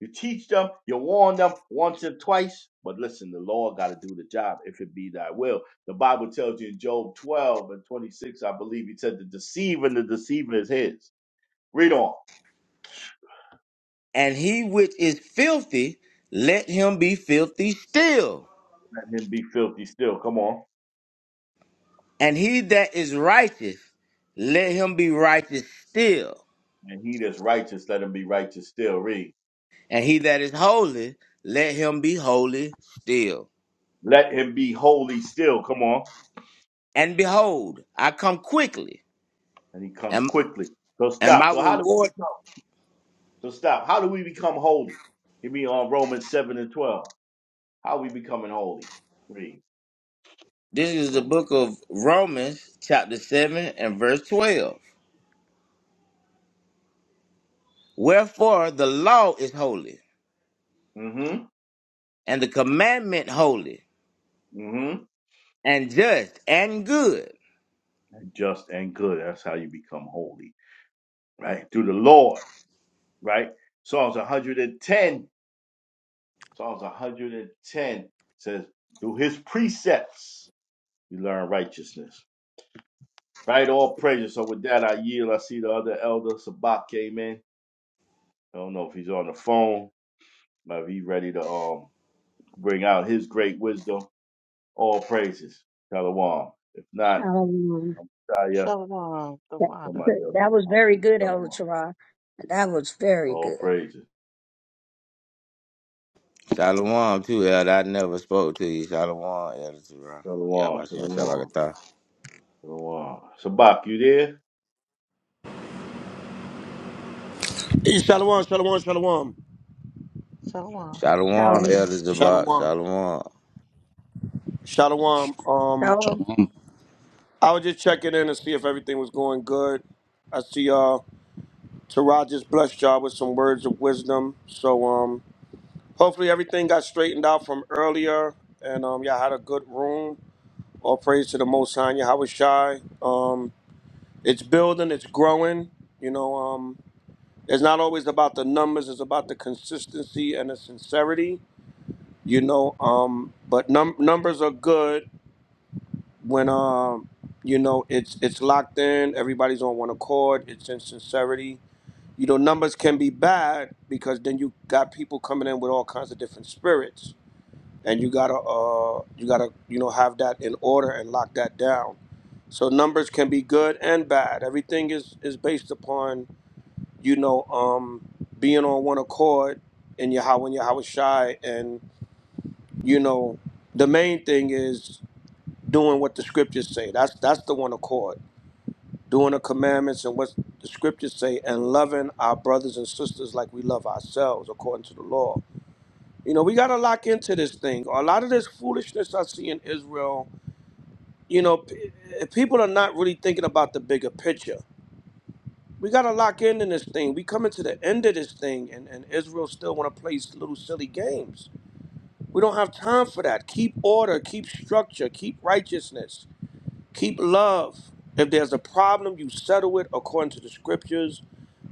[SPEAKER 18] You teach them, you warn them once and twice. But listen, the Lord got to do the job if it be thy will. The Bible tells you in Job 12 and 26, I believe he said, the deceiver and the deceiver is his. Read on.
[SPEAKER 19] and he which is filthy, let him be filthy still,
[SPEAKER 18] Let him be filthy still. Come on.
[SPEAKER 19] and he that is righteous, let him be righteous still
[SPEAKER 18] And he that's righteous, let him be righteous still. Read.
[SPEAKER 19] And he that is holy, let him be holy still.
[SPEAKER 18] Let him be holy still. Come on.
[SPEAKER 19] And behold, I come quickly,
[SPEAKER 18] and he comes
[SPEAKER 19] and
[SPEAKER 18] quickly. So
[SPEAKER 19] and my
[SPEAKER 18] stop. So how do we
[SPEAKER 19] reward.
[SPEAKER 18] become? So stop. How do we become holy? Give me on Romans seven and twelve. How are we becoming holy? Read
[SPEAKER 19] This is the
[SPEAKER 18] Romans
[SPEAKER 19] book
[SPEAKER 18] seven.
[SPEAKER 19] of Romans, chapter seven and verse twelve. Wherefore the law is holy,
[SPEAKER 18] Mm-hmm.
[SPEAKER 19] and the commandment holy,
[SPEAKER 18] Mm-hmm.
[SPEAKER 19] and just and good.
[SPEAKER 18] Just and good. That's how you become holy, right? Through the Lord, right? Psalms 110. Psalms 110 says, "Through His precepts you learn righteousness." Right? All praise. So with that, I yield. I see the other elder Sabak came in. I don't know if he's on the phone Now, if he ready to um bring out his great wisdom, all praises. Shalom. If not,
[SPEAKER 2] Shalom.
[SPEAKER 18] I'm Shia.
[SPEAKER 14] Shalom. The
[SPEAKER 2] That,
[SPEAKER 14] water.
[SPEAKER 18] Somebody
[SPEAKER 2] that
[SPEAKER 18] else can
[SPEAKER 2] was
[SPEAKER 18] come
[SPEAKER 2] very
[SPEAKER 18] through.
[SPEAKER 2] good, Elder
[SPEAKER 18] Shalom.
[SPEAKER 2] Tarot. That was very
[SPEAKER 18] All
[SPEAKER 2] good.
[SPEAKER 18] praises.
[SPEAKER 19] Shalom too, Elder. I never spoke to you. Shalom, Elder Zerah. Y'all
[SPEAKER 18] Shalom.
[SPEAKER 19] about to say
[SPEAKER 18] Shalom.
[SPEAKER 19] Shalakatah.
[SPEAKER 18] Shalom. Sabak, you there?
[SPEAKER 15] Eh, Shalom, shalom, shalom,
[SPEAKER 14] Shalom.
[SPEAKER 19] Shalom,
[SPEAKER 2] Shalom.
[SPEAKER 19] Elder Zabak.
[SPEAKER 15] shalom,
[SPEAKER 19] Shalom.
[SPEAKER 15] shalom. Um,
[SPEAKER 1] Shalom.
[SPEAKER 20] Shalom.
[SPEAKER 15] I was just checking in to see if everything was going good. I see uh, Taraj just blessed y'all with some words of wisdom. So um, Hopefully everything got straightened out from earlier, and um, yeah, I had a good room. All praise to the Most High, Yahweh Shai. Um, it's building, it's growing. You know, um, it's not always about the numbers; it's about the consistency and the sincerity. You know, um, but num- numbers are good when um, you know it's it's locked in. Everybody's on one accord. It's in sincerity. You know, numbers can be bad because then you got people coming in with all kinds of different spirits and you gotta uh you gotta you know have that in order and lock that down so numbers can be good and bad everything is is based upon you know um being on one accord in your how when your how shy and you know the main thing is doing what the scriptures say that's that's the one accord doing the commandments and what the scriptures say and loving our brothers and sisters like we love ourselves according to the law you know we got to lock into this thing a lot of this foolishness i see in israel you know, p- eh, people are not really thinking about the bigger picture. We got to lock in in this thing. We coming to the end of this thing, and, and Israel still want to play s- little silly games. We don't have time for that. Keep order, keep structure, keep righteousness, keep love. If there's a problem, you settle it according to the scriptures.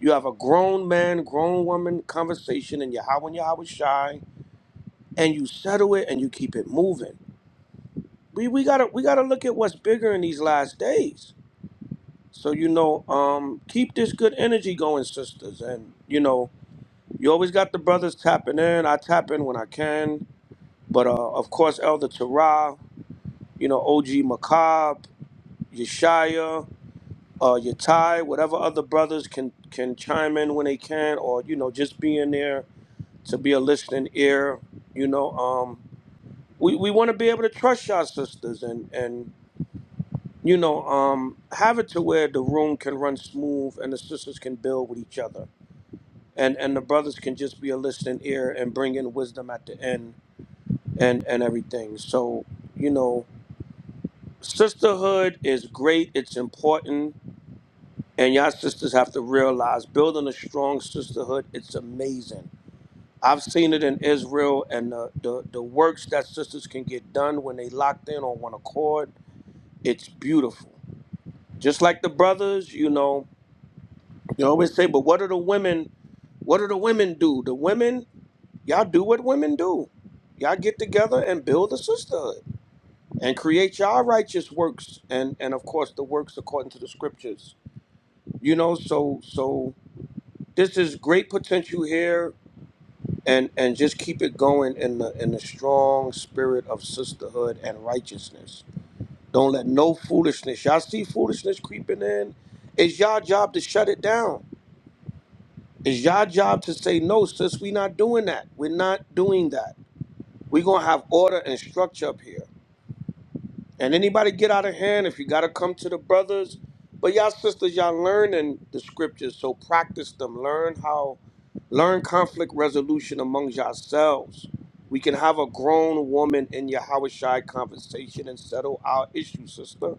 [SPEAKER 15] You have a grown man, grown woman conversation in Yahweh and Yahweh Shai, and you settle it and you keep it moving. We, we gotta we gotta look at what's bigger in these last days So you know, um, keep this good energy going, sisters, and you know, you always got the brothers tapping in. I tap in when I can, but uh, of course, Elder Terah, you know, OG Macab, Yeshaya, uh, Yatai, whatever other brothers can can chime in when they can, or you know, just be in there to be a listening ear. You know, um, we we want to be able to trust y'all sisters, and and you know, um, have it to where the room can run smooth and the sisters can build with each other and and the brothers can just be a listening ear and bring in wisdom at the end and and everything so you know sisterhood is great it's important and y'all sisters have to realize building a strong sisterhood it's amazing i've seen it in israel and the the, the works that sisters can get done when they locked in on one accord it's beautiful just like the brothers you know you always say but what do the women what do the women do the women Y'all do what women do. Y'all get together and build a sisterhood and create y'all righteous works and and of course the works according to the scriptures. You know, so so this is great potential here and and just keep it going in the in the strong spirit of sisterhood and righteousness. Don't let no foolishness. Y'all see foolishness creeping in. It's y'all job to shut it down. It's y'all job to say no, sis. We not doing that. We're not doing that. We're gonna have order and structure up here. And anybody get out of hand if you got to come to the brothers. But y'all sisters, y'all learning the scriptures, so practice them. Learn how, learn conflict resolution among yourselves. We can have a grown woman in your Hawashai conversation and settle our issue, sister.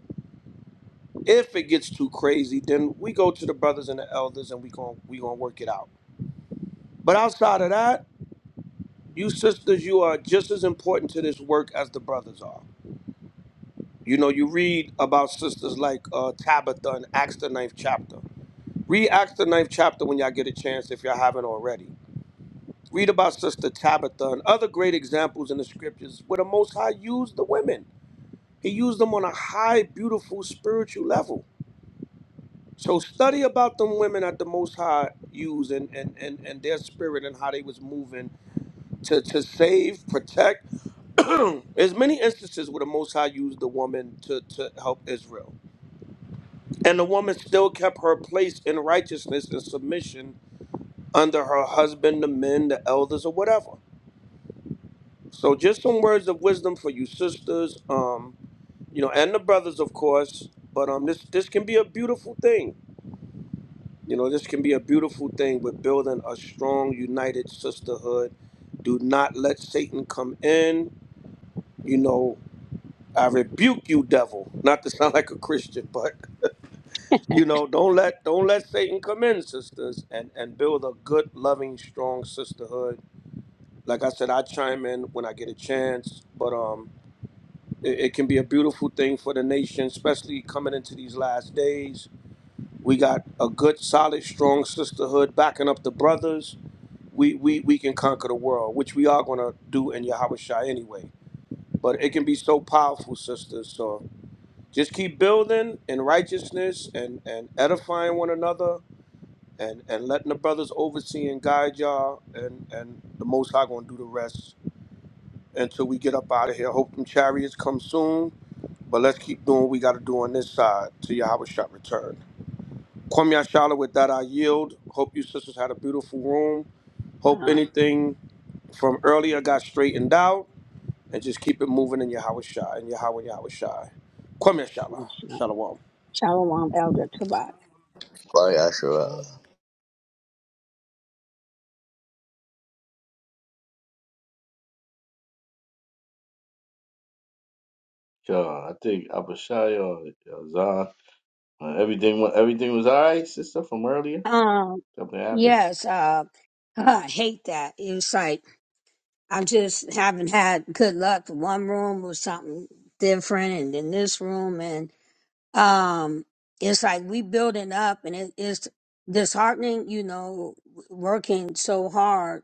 [SPEAKER 15] If it gets too crazy, then we go to the brothers and the elders and we gon' we gonna work it out. But outside of that, you sisters, you are just as important to this work as the brothers are. You know, you read about sisters like uh, Tabitha in Acts the ninth chapter. Read Acts the ninth chapter when y'all get a chance if y'all haven't already. Read about Sister Tabitha and other great examples in the scriptures where the Most High used the women. He used them on a high, beautiful spiritual level. So study about them women that the Most High used and, and, and, and their spirit and how they was moving to, to save, protect. There's many instances where the Most High used the woman to, to help Israel. And the woman still kept her place in righteousness and submission under her husband, the men, the elders, or whatever. So, just some words of wisdom for you sisters, um, you know, and the brothers, of course. But um, this this can be a beautiful thing. You know, this can be a beautiful thing with building a strong, united sisterhood. Do not let Satan come in. You know, I rebuke you, devil. Not to sound like a Christian, but You know, don't let don't let Satan come in, sisters, and and build a good, loving, strong sisterhood. Like I said, I chime in when I get a chance, but um, it, it can be a beautiful thing for the nation, especially coming into these last days. We got a good, solid, strong sisterhood backing up the brothers. We we we can conquer the world, which we are gonna do in Yahushua anyway. But it can be so powerful, sisters. So just keep building in righteousness and and edifying one another and and letting the brothers oversee and guide y'all, and and the Most High gonna do the rest until we get up out of here. Hope them chariots come soon, but let's keep doing what we gotta do on this side till Yahweh shot return. Kwame Yashala, with that I yield. Hope you sisters had a beautiful room. Hope
[SPEAKER 2] Uh,
[SPEAKER 15] anything from earlier got straightened out, and just keep it moving in Yahweh Shai and Yahweh Yahweh Shai. Kwame Yashala, Shalom.
[SPEAKER 2] Shalom, Elder Tarot.
[SPEAKER 19] Why Asherah?
[SPEAKER 14] Shalom.
[SPEAKER 18] Sure. I think Abishai or or Zahn. Uh, everything wa- everything was all right, sister, from earlier?
[SPEAKER 2] Um,
[SPEAKER 18] Something happened?
[SPEAKER 2] yes, uh, I hate that. It's like I just haven't had good luck. One room was something different, and then this room, and um, it's like we building up, and it is disheartening. You know, working so hard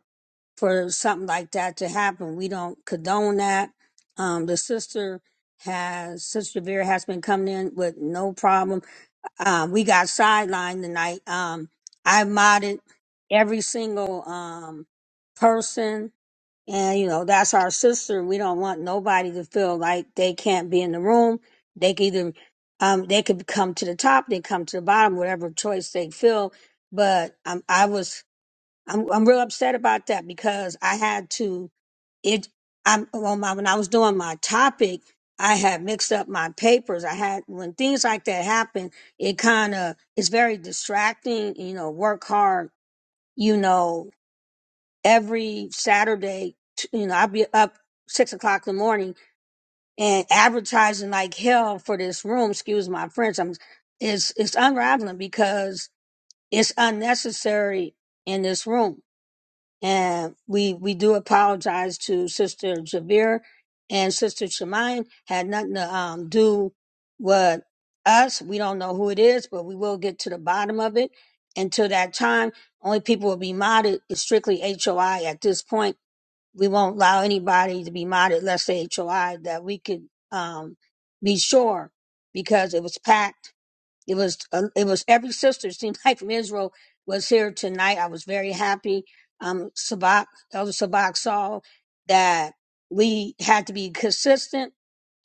[SPEAKER 2] for something like that to happen. We don't condone that. Um, the sister has Sister Vera has been coming in with no problems. Um, we got sidelined tonight. Um, I modded every single um person, and you know that's our sister. We don't want nobody to feel like they can't be in the room. They can either um they could come to the top, they come to the bottom, whatever choice they feel. But um, I was I'm I'm real upset about that because I had to it I on my when I was doing my topic, I had mixed up my papers. I had when things like that happen, it kind of it's very distracting. You know, work hard. You know, every Saturday, t- you know, I'd be up six o'clock in the morning and advertising like hell for this room. Excuse my French. I'm it's it's unraveling because it's unnecessary in this room and we we do apologize to Sister Javier and Sister Shemaine. Had nothing to um, do with us. We don't know who it is, but we will get to the bottom of it. Until that time, only people will be modded is strictly HOI. At this point, we won't allow anybody to be modded less than HOI that we could um, be sure because it was packed it was uh, it was every sister it seemed like from Israel was here tonight. I was very happy. Um, Sabak Elder Sabak saw that we had to be consistent,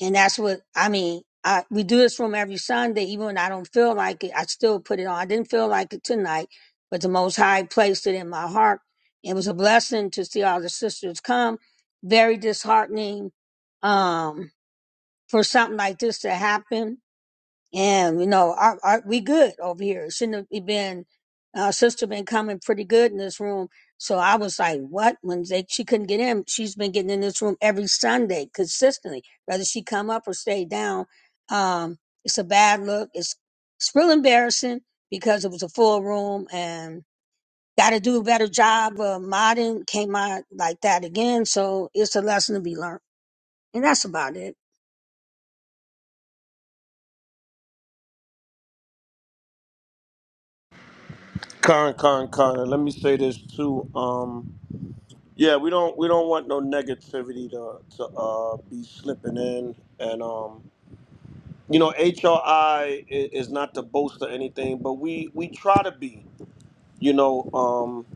[SPEAKER 2] and that's what I mean. I, we do this room every Sunday, even when I don't feel like it. I still put it on. I didn't feel like it tonight, but the Most High placed it in my heart. It was a blessing to see all the sisters come. Very disheartening um, for something like this to happen and you know, our, our, we good over here. It Shouldn't have been our sister been coming pretty good in this room. So I was like, what? When they, she couldn't get in, she's been getting in this room every Sunday consistently, whether she come up or stay down. Um, it's a bad look. It's it's real embarrassing because it was a full room and got to do a better job of modding. Came out like that again, so it's a lesson to be learned. And that's about it.
[SPEAKER 15] Karen, Karen, Karen. Let me say this too. Um, Yeah, we don't we don't want no negativity to to uh, be slipping in, and um, you know, HRI is, is not to boast or anything, but we we try to be. You know, um,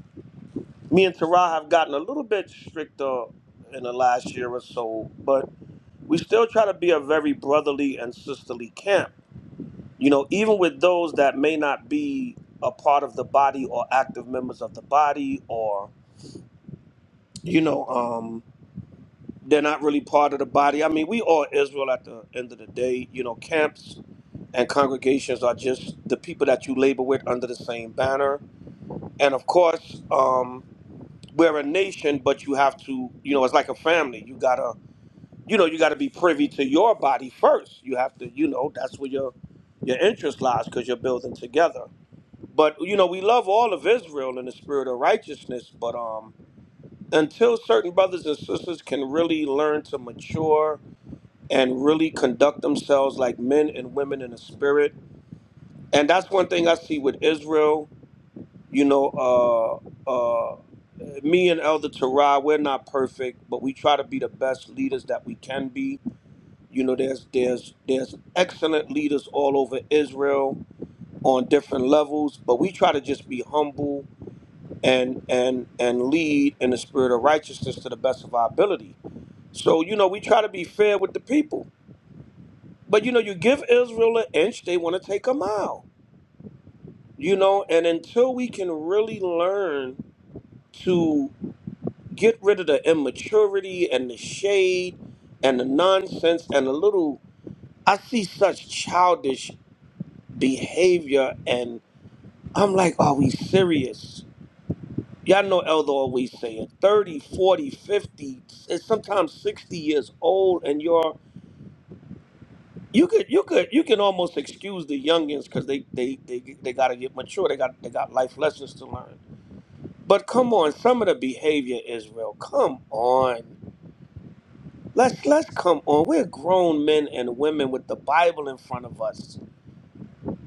[SPEAKER 15] me and Tara have gotten a little bit stricter in the last year or so, but we still try to be a very brotherly and sisterly camp. You know, even with those that may not be a part of the body or active members of the body, or you know. Um, They're not really part of the body. I mean, we all Israel at the end of the day. You know, camps and congregations are just the people that you labor with under the same banner. And of course, um, we're a nation, but you have to, you know, it's like a family. You gotta, you know, you gotta be privy to your body first. You have to, you know, that's where your your interest lies because you're building together. But you know, we love all of Israel in the spirit of righteousness. But um, until certain brothers and sisters can really learn to mature and really conduct themselves like men and women in the spirit. And that's one thing I see with Israel. You know, uh, uh, me and Elder Terah, we're not perfect, but we try to be the best leaders that we can be. You know, there's there's there's excellent leaders all over Israel on different levels, but we try to just be humble and and and lead in the spirit of righteousness to the best of our ability. So you know, we try to be fair with the people But you know, you give Israel an inch, they want to take a mile. You know, and until we can really learn to get rid of the immaturity and the shade and the nonsense and the little, I see such childish behavior and I'm like, are we serious? Y'all know Elder always saying 30, 40, 50, and sometimes 60 years old and you're you could you could you can almost excuse the youngins because they they they they got to get mature. They got they got life lessons to learn. But come on, some of the behavior, Israel. Come on, let's let's come on. We're grown men and women with the Bible in front of us.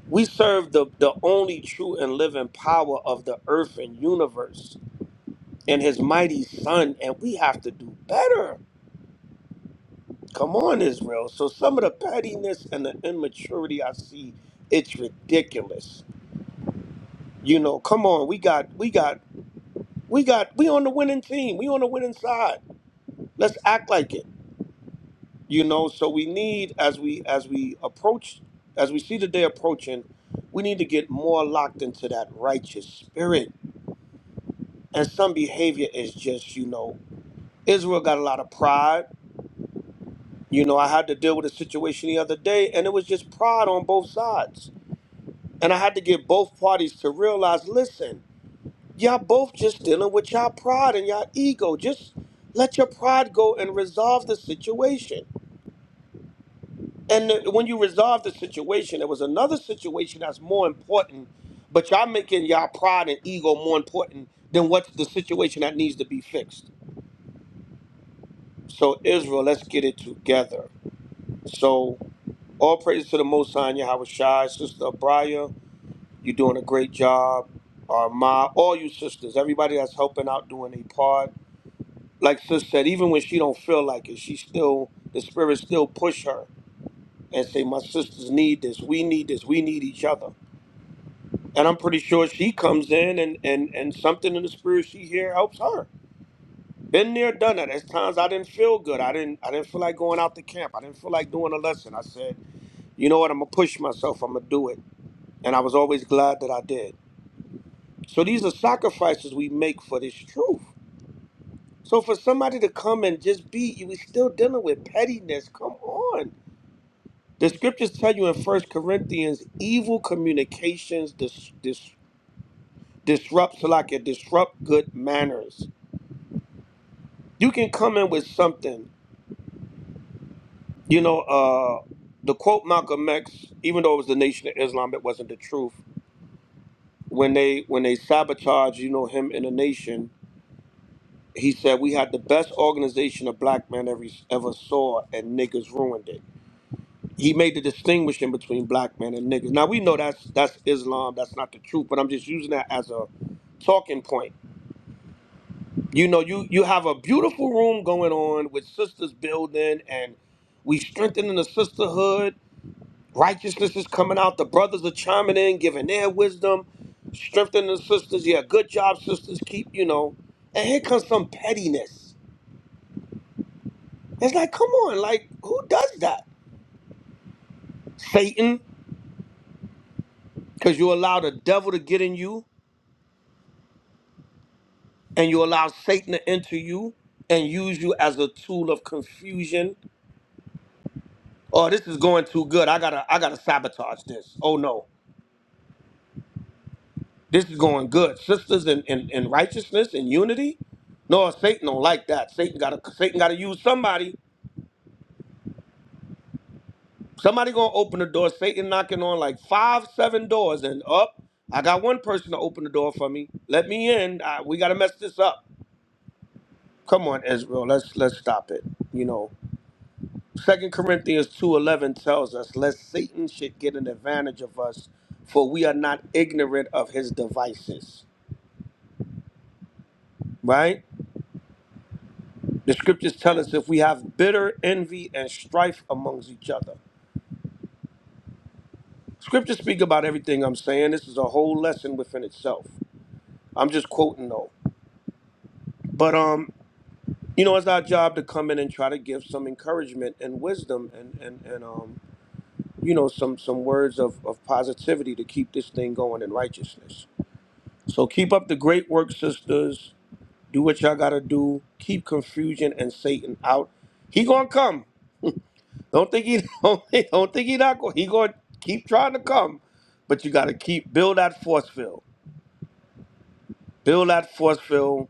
[SPEAKER 15] We serve the the only true and living power of the earth and universe and His mighty Son, and we have to do better. Come on, Israel. So some of the pettiness and the immaturity I see, it's ridiculous You know, come on, we got, we got, we got, we on the winning team. We on the winning side. Let's act like it. You know, so we need as we as we approach, as we see the day approaching, we need to get more locked into that righteous spirit. And some behavior is just, you know, Israel got a lot of pride. You know, I had to deal with a situation the other day, and it was just pride on both sides. And I had to get both parties to realize, listen. Y'all both just dealing with y'all pride and y'all ego. Just let your pride go and resolve the situation. And the- when you resolve the situation, there was another situation that's more important, but y'all making y'all pride and ego more important than what's the situation that needs to be fixed. So Israel, let's get it together. So all praise to the Most High, Yahweh Shai, Sister Abraya. You're doing a great job. Arma, all you sisters, everybody that's helping out doing a part. like sis said, even when she don't feel like it, she still the spirit still push her and say, My sisters need this, we need this, we need each other. And I'm pretty sure she comes in and and and something in the spirit she hear helps her. Been there, done that. There's times I didn't feel good. I didn't I didn't feel like going out to camp. I didn't feel like doing a lesson. I said, you know what, I'm gonna push myself, I'm gonna do it. And I was always glad that I did. So these are sacrifices we make for this truth. So for somebody to come and just be, you we still dealing with pettiness. Come on The scriptures tell you in First Corinthians, evil communications dis- dis- disrupts like it disrupt good manners. You can come in with something, you know. Uh, the quote Malcolm X, even though it was the Nation of Islam, it wasn't the truth. When they when they sabotaged, you know, him in the nation, he said we had the best organization a black man ever ever saw, and niggas ruined it. he made the distinguishing between black men and niggas. Now we know that's that's Islam, that's not the truth, but I'm just using that as a talking point. You know, you you have a beautiful room going on with sisters building and we strengthening the sisterhood. Righteousness is coming out. The brothers are chiming in, giving their wisdom, strengthening the sisters. Yeah, good job, sisters. Keep, you know. And here comes some pettiness. It's like, come on, like, who does that? Satan, because you allow the devil to get in you and you allow Satan to enter you and use you as a tool of confusion. Oh, this is going too good. I gotta I gotta sabotage this. Oh no. This is going good. Sisters in, in, in righteousness and unity. No, Satan don't like that. Satan gotta Satan gotta use somebody. Somebody gonna open the door. Satan knocking on like five, seven doors and up. I got one person to open the door for me. Let me in. I, we gotta mess this up. Come on, Israel. Let's let's stop it. You know. Second Corinthians two eleven tells us, lest Satan should get an advantage of us, for we are not ignorant of his devices. Right? The scriptures tell us if we have bitter envy and strife amongst each other. Scriptures speak about everything I'm saying. This is a whole lesson within itself. I'm just quoting though. But um, you know, it's our job to come in and try to give some encouragement and wisdom and and, and um, you know, some some words of, of positivity to keep this thing going in righteousness. So keep up the great work, sisters. Do what y'all gotta do. Keep confusion and Satan out. He gonna come. Don't think he don't think, don't think he not going. He gonna keep trying to come, but you gotta keep build that force field. Build that force field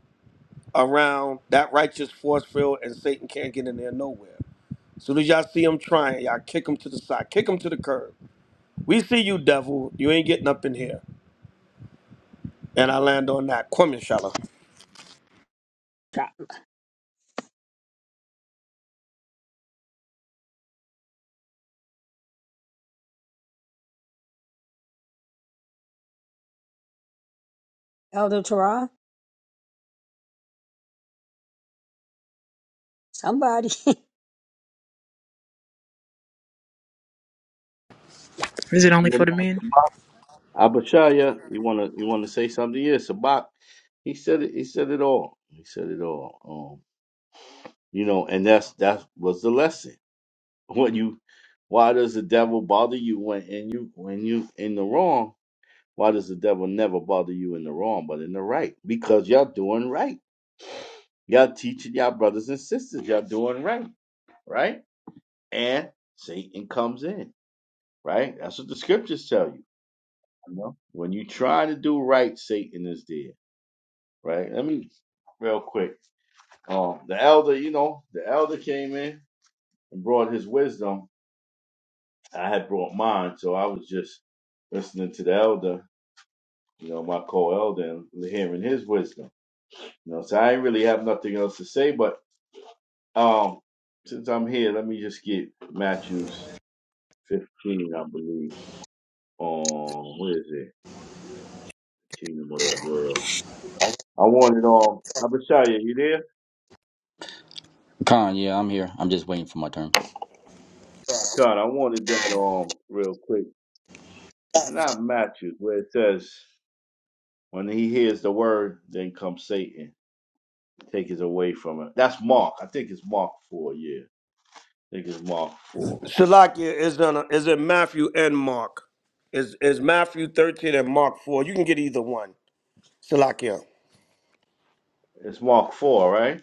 [SPEAKER 15] around that righteous force field, and Satan can't get in there nowhere. Soon as y'all see him trying, y'all kick him to the side, kick him to the curb. We see you, devil. You ain't getting up in here. And I land on that. Kwame Shala.
[SPEAKER 2] Elder Tara, somebody.
[SPEAKER 16] Is it only
[SPEAKER 18] Yeah,
[SPEAKER 16] for
[SPEAKER 18] no,
[SPEAKER 16] the men?
[SPEAKER 18] Sabak. Abishai, uh, you wanna you wanna say something? Yeah, Sabak. He said it he said it all. He said it all. Um, You know, and that's that was the lesson. When you why does the devil bother you when and you when you in the wrong? Why does the devil never bother you in the wrong but in the right? Because y'all doing right. Y'all teaching y'all brothers and sisters, y'all doing right, right? And Satan comes in, right? That's what the scriptures tell you. You know, when you try to do right, Satan is there, right? Let me real quick. Um, the elder, you know, the elder came in and brought his wisdom I had brought mine, so I was just listening to the elder, you know, my co-elder, and hearing his wisdom. You know, so I ain't really have nothing else to say. But um, since I'm here, let me just get Matthew's 15, I believe. Um, where is it? Kingdom of the World. I wanted um, Abishaya, you there?
[SPEAKER 20] Khan, yeah, I'm here. I'm just waiting for my turn.
[SPEAKER 18] God, I wanted that um, real quick. It's not Matthew where it says, "When he hears the word, then comes Satan." Take it away from it. That's Mark. I think it's Mark 4, yeah. I think it's Mark 4.
[SPEAKER 15] Salakia is in is in Matthew and Mark. Is is Matthew thirteen and Mark four? You can get either one. Salakia.
[SPEAKER 18] It's Mark 4, right?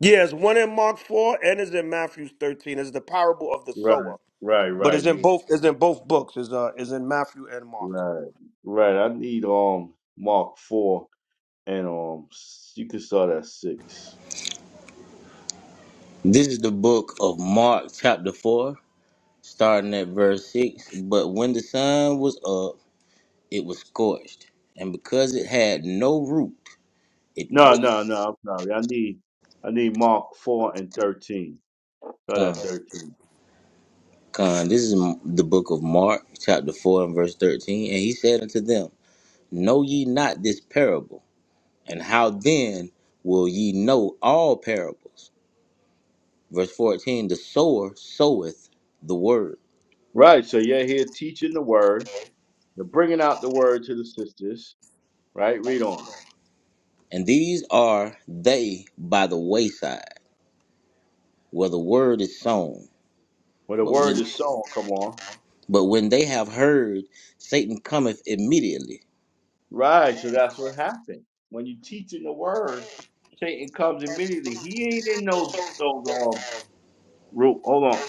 [SPEAKER 15] Yeah, it's one in Mark four and it's in Matthew thirteen. It's the parable of the
[SPEAKER 18] Right,
[SPEAKER 15] sower,
[SPEAKER 18] right,
[SPEAKER 15] but
[SPEAKER 18] right,
[SPEAKER 15] it's in
[SPEAKER 18] yeah.
[SPEAKER 15] both. It's in both books. Is uh is in Matthew and Mark.
[SPEAKER 18] Right, right. I need um Mark 4 and um s- you can start at 6.
[SPEAKER 19] This is the book of Mark, chapter 4, starting at verse 6. But when the sun was up, it was scorched, and because it had no root, it
[SPEAKER 18] No,
[SPEAKER 19] withered.
[SPEAKER 18] no, no, I'm sorry. I need I need Mark 4 and 13. Start
[SPEAKER 19] Con,
[SPEAKER 18] at 13.
[SPEAKER 19] con. This is m- the book of Mark, chapter 4, and verse 13. And he said unto them, Know ye not this parable? And how then will ye know all parables? Verse 14 The sower soweth the word,
[SPEAKER 18] Right, so you're here teaching the word. You're bringing out the word to the sisters, right? Read on.
[SPEAKER 19] and these are they by the wayside, where the word is sown.
[SPEAKER 18] When the
[SPEAKER 19] But
[SPEAKER 18] word
[SPEAKER 19] when
[SPEAKER 18] is sown, come on.
[SPEAKER 19] but when they have heard, Satan cometh immediately
[SPEAKER 18] Right. So that's what happened. When you teach in the word, Satan comes immediately. He ain't in those those um room. Hold on.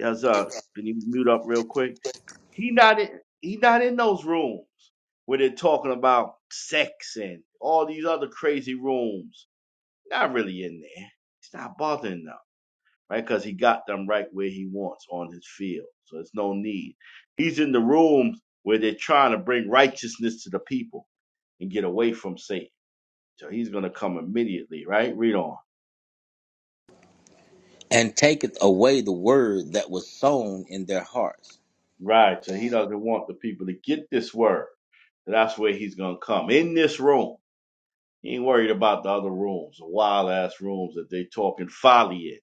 [SPEAKER 18] As uh can you mute up real quick? He not in he not in those rooms where they're talking about sex and all these other crazy rooms. Not really in there. It's not bothering them, right? Because he got them right where he wants on his field. So it's no need. He's in the rooms where they're trying to bring righteousness to the people and get away from Satan. So he's going to come immediately, right? Read on.
[SPEAKER 19] and taketh away the word that was sown in their hearts.
[SPEAKER 18] Right. So he doesn't want the people to get this word. That's where he's going to come in this room. He ain't worried about the other rooms, the wild ass rooms that they talking folly in.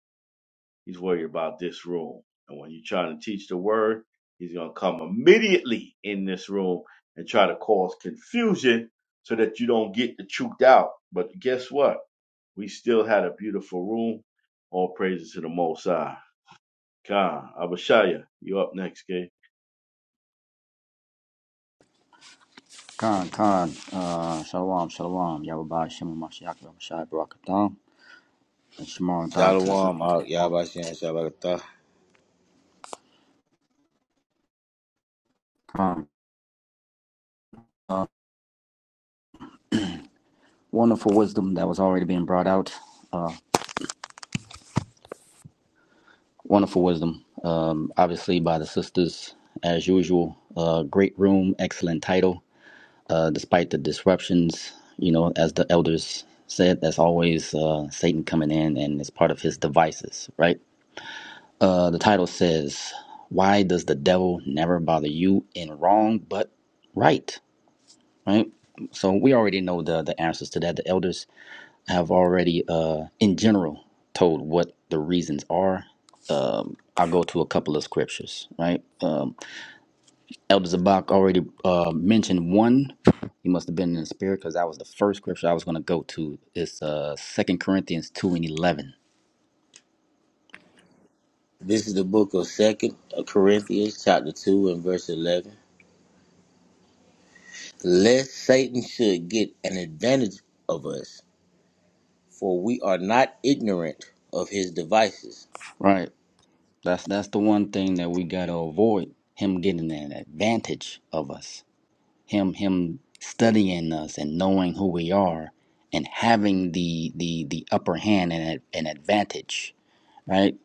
[SPEAKER 18] He's worried about this room. And when you're trying to teach the word, he's going to come immediately in this room and try to cause confusion so that you don't get the truth out. But guess what? We still had a beautiful room. All praises to the Most High. Khan, Abashaya, you up next, Gay.
[SPEAKER 20] Khan, Khan, uh, Shalom, Shalom. Yahweh Shimon Mashiach, Ramashai, Barakatam, and Shimon Dad to the
[SPEAKER 19] Shalom,
[SPEAKER 20] sisters.
[SPEAKER 19] out
[SPEAKER 20] Shalom.
[SPEAKER 19] Yabashan Shabbatah.
[SPEAKER 20] Khan, uh, wonderful wisdom that was already being brought out. Uh, wonderful wisdom, um, obviously, by the sisters, as usual. Uh, great room, excellent title. Uh, despite the disruptions, you know, as the elders said, that's always uh, Satan coming in and it's part of his devices, right? Uh, the title says, "Why does the devil never bother you in wrong but right?" Right. So we already know the the answers to that. The elders have already, uh, in general, told what the reasons are. Um, I'll go to a couple of scriptures. Right. Um, Elder Zabak already uh, mentioned one. He must have been in the spirit because that was the first scripture I was going to go to. It's uh, Second Corinthians two and eleven.
[SPEAKER 19] This is the book of Second Corinthians, chapter two and verse eleven. Lest Satan should get an advantage of us, for we are not ignorant of his devices.
[SPEAKER 20] Right. That's that's the one thing that we gotta avoid him getting an advantage of us. Him him studying us and knowing who we are and having the the the upper hand and an advantage, right?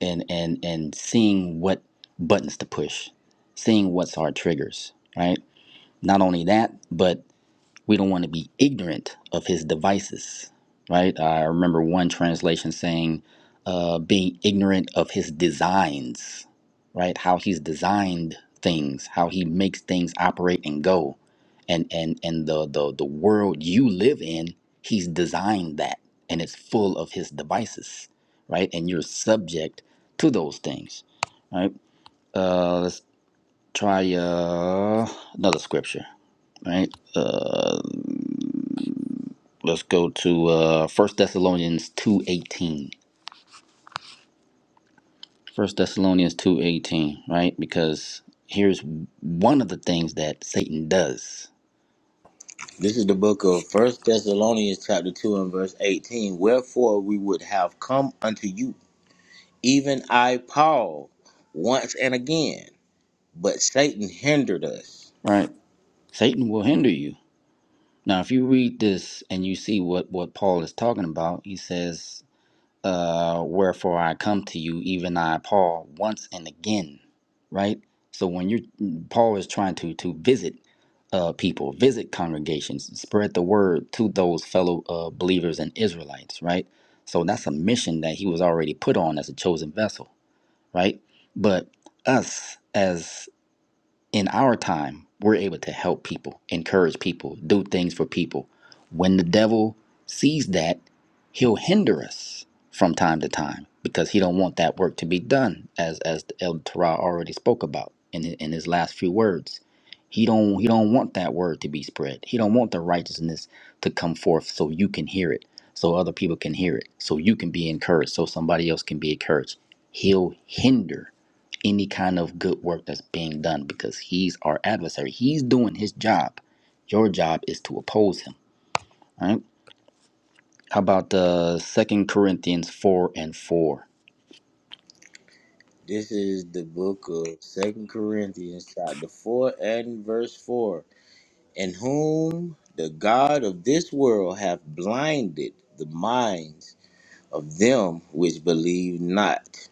[SPEAKER 20] And and and seeing what buttons to push, seeing what's our triggers, right? Not only that, but we don't want to be ignorant of his devices, right? I remember one translation saying, uh, being ignorant of his designs, right? How he's designed things, how he makes things operate and go. And, and, and the, the, the world you live in, he's designed that and it's full of his devices, right? And you're subject to those things, right? Uh, let's try uh, another scripture, right? Let's go to uh First Thessalonians two eighteen. First Thessalonians two eighteen, right? Because here's one of the things that Satan does,
[SPEAKER 19] This is the book of First Thessalonians, chapter two and verse eighteen. Wherefore we would have come unto you Even I, Paul, once and again, but Satan hindered us.
[SPEAKER 20] right? Satan will hinder you. Now, if you read this and you see what what Paul is talking about, he says uh, wherefore I come to you, even I, Paul, once and again, right? So when you're Paul is trying to to visit uh, people, visit congregations, spread the word to those fellow uh, believers and Israelites, right? So that's a mission that he was already put on as a chosen vessel, right? But us as in our time, we're able to help people, encourage people, do things for people. When the devil sees that, he'll hinder us from time to time because he don't want that work to be done, as as El Torah already spoke about in hi- in his last few words. He don't he don't want that word to be spread. He don't want the righteousness to come forth so you can hear it, so other people can hear it, so you can be encouraged, so somebody else can be encouraged. He'll hinder any kind of good work that's being done because he's our adversary. He's doing his job. Your job is to oppose him. All right. How about uh, Second Corinthians 4 and 4?
[SPEAKER 19] This is the book of Second Corinthians, chapter 4 and verse 4. In whom the God of this world hath blinded the minds of them which believe not,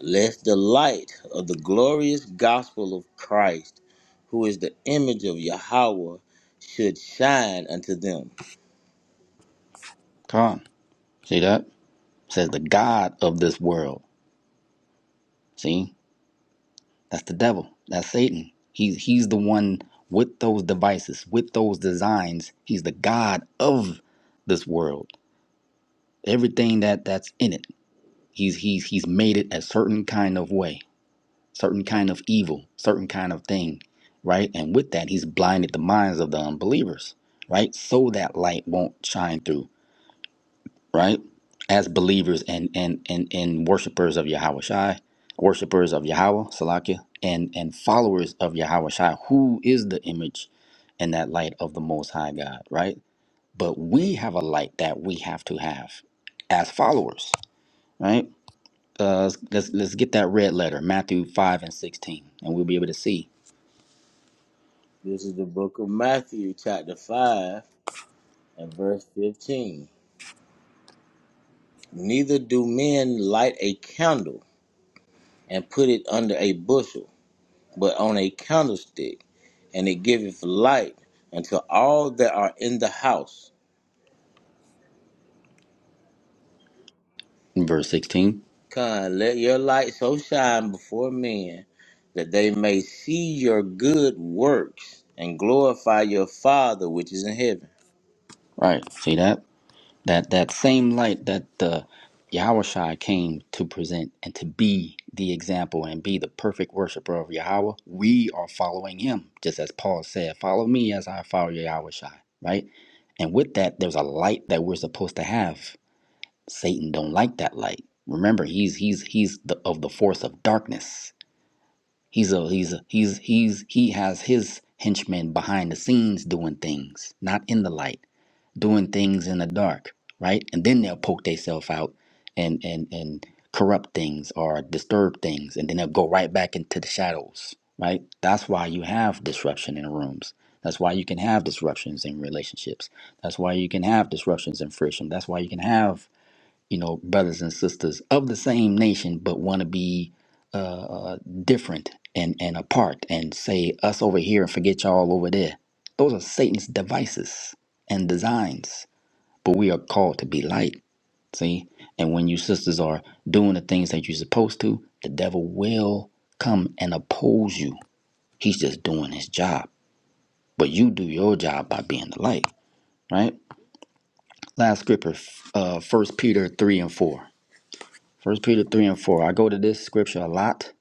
[SPEAKER 19] lest the light of the glorious gospel of Christ, who is the image of Yahweh, should shine unto them.
[SPEAKER 20] Come on. See that? It says the God of this world. See? That's the devil. That's Satan. He's he's the one with those devices, with those designs. He's the God of this world. Everything that that's in it. He's he's he's made it a certain kind of way certain kind of evil, certain kind of thing, right? And with that, he's blinded the minds of the unbelievers, right? So that light won't shine through, right? As believers and and and and worshipers of Yahweh Shai, worshipers of Yahweh Salakia, and and followers of Yahweh Shai, who is the image and that light of the Most High God, right? But we have a light that we have to have as followers, right? Uh, let's let's let's get that red letter, Matthew five and sixteen, and we'll be able to see.
[SPEAKER 19] This is the book of Matthew, chapter 5 And verse 15 Neither do men light a candle and put it under a bushel, but on a candlestick, and it giveth light unto all that are in the house.
[SPEAKER 20] in verse 16
[SPEAKER 19] Come, let your light so shine before men that they may see your good works and glorify your Father which is in heaven.
[SPEAKER 20] right see that that that same light that the Yahushua came to present and to be the example and be the perfect worshiper of Yahweh we are following him just as Paul said follow me as I follow Yahushua right and with that there's a light that we're supposed to have Satan don't like that light remember he's he's he's the, of the force of darkness he's a he's a, he's he's he has his henchmen behind the scenes doing things not in the light doing things in the dark, right? And then they'll poke themselves out and and and corrupt things or disturb things, and then they'll go right back into the shadows, right? That's why you have disruption in rooms. That's why you can have disruptions in relationships. That's why you can have disruptions in friction. That's why you can have you know, brothers and sisters of the same nation, but want to be uh, uh, different and, and apart and say us over here and forget y'all over there. Those are Satan's devices and designs, but we are called to be light. See? And when you sisters are doing the things that you're supposed to, the devil will come and oppose you. He's just doing his job. But you do your job by being the light, right? Last scripture, f- uh, 1 Peter 3 and 4. First Peter three and four. I go to this scripture a lot.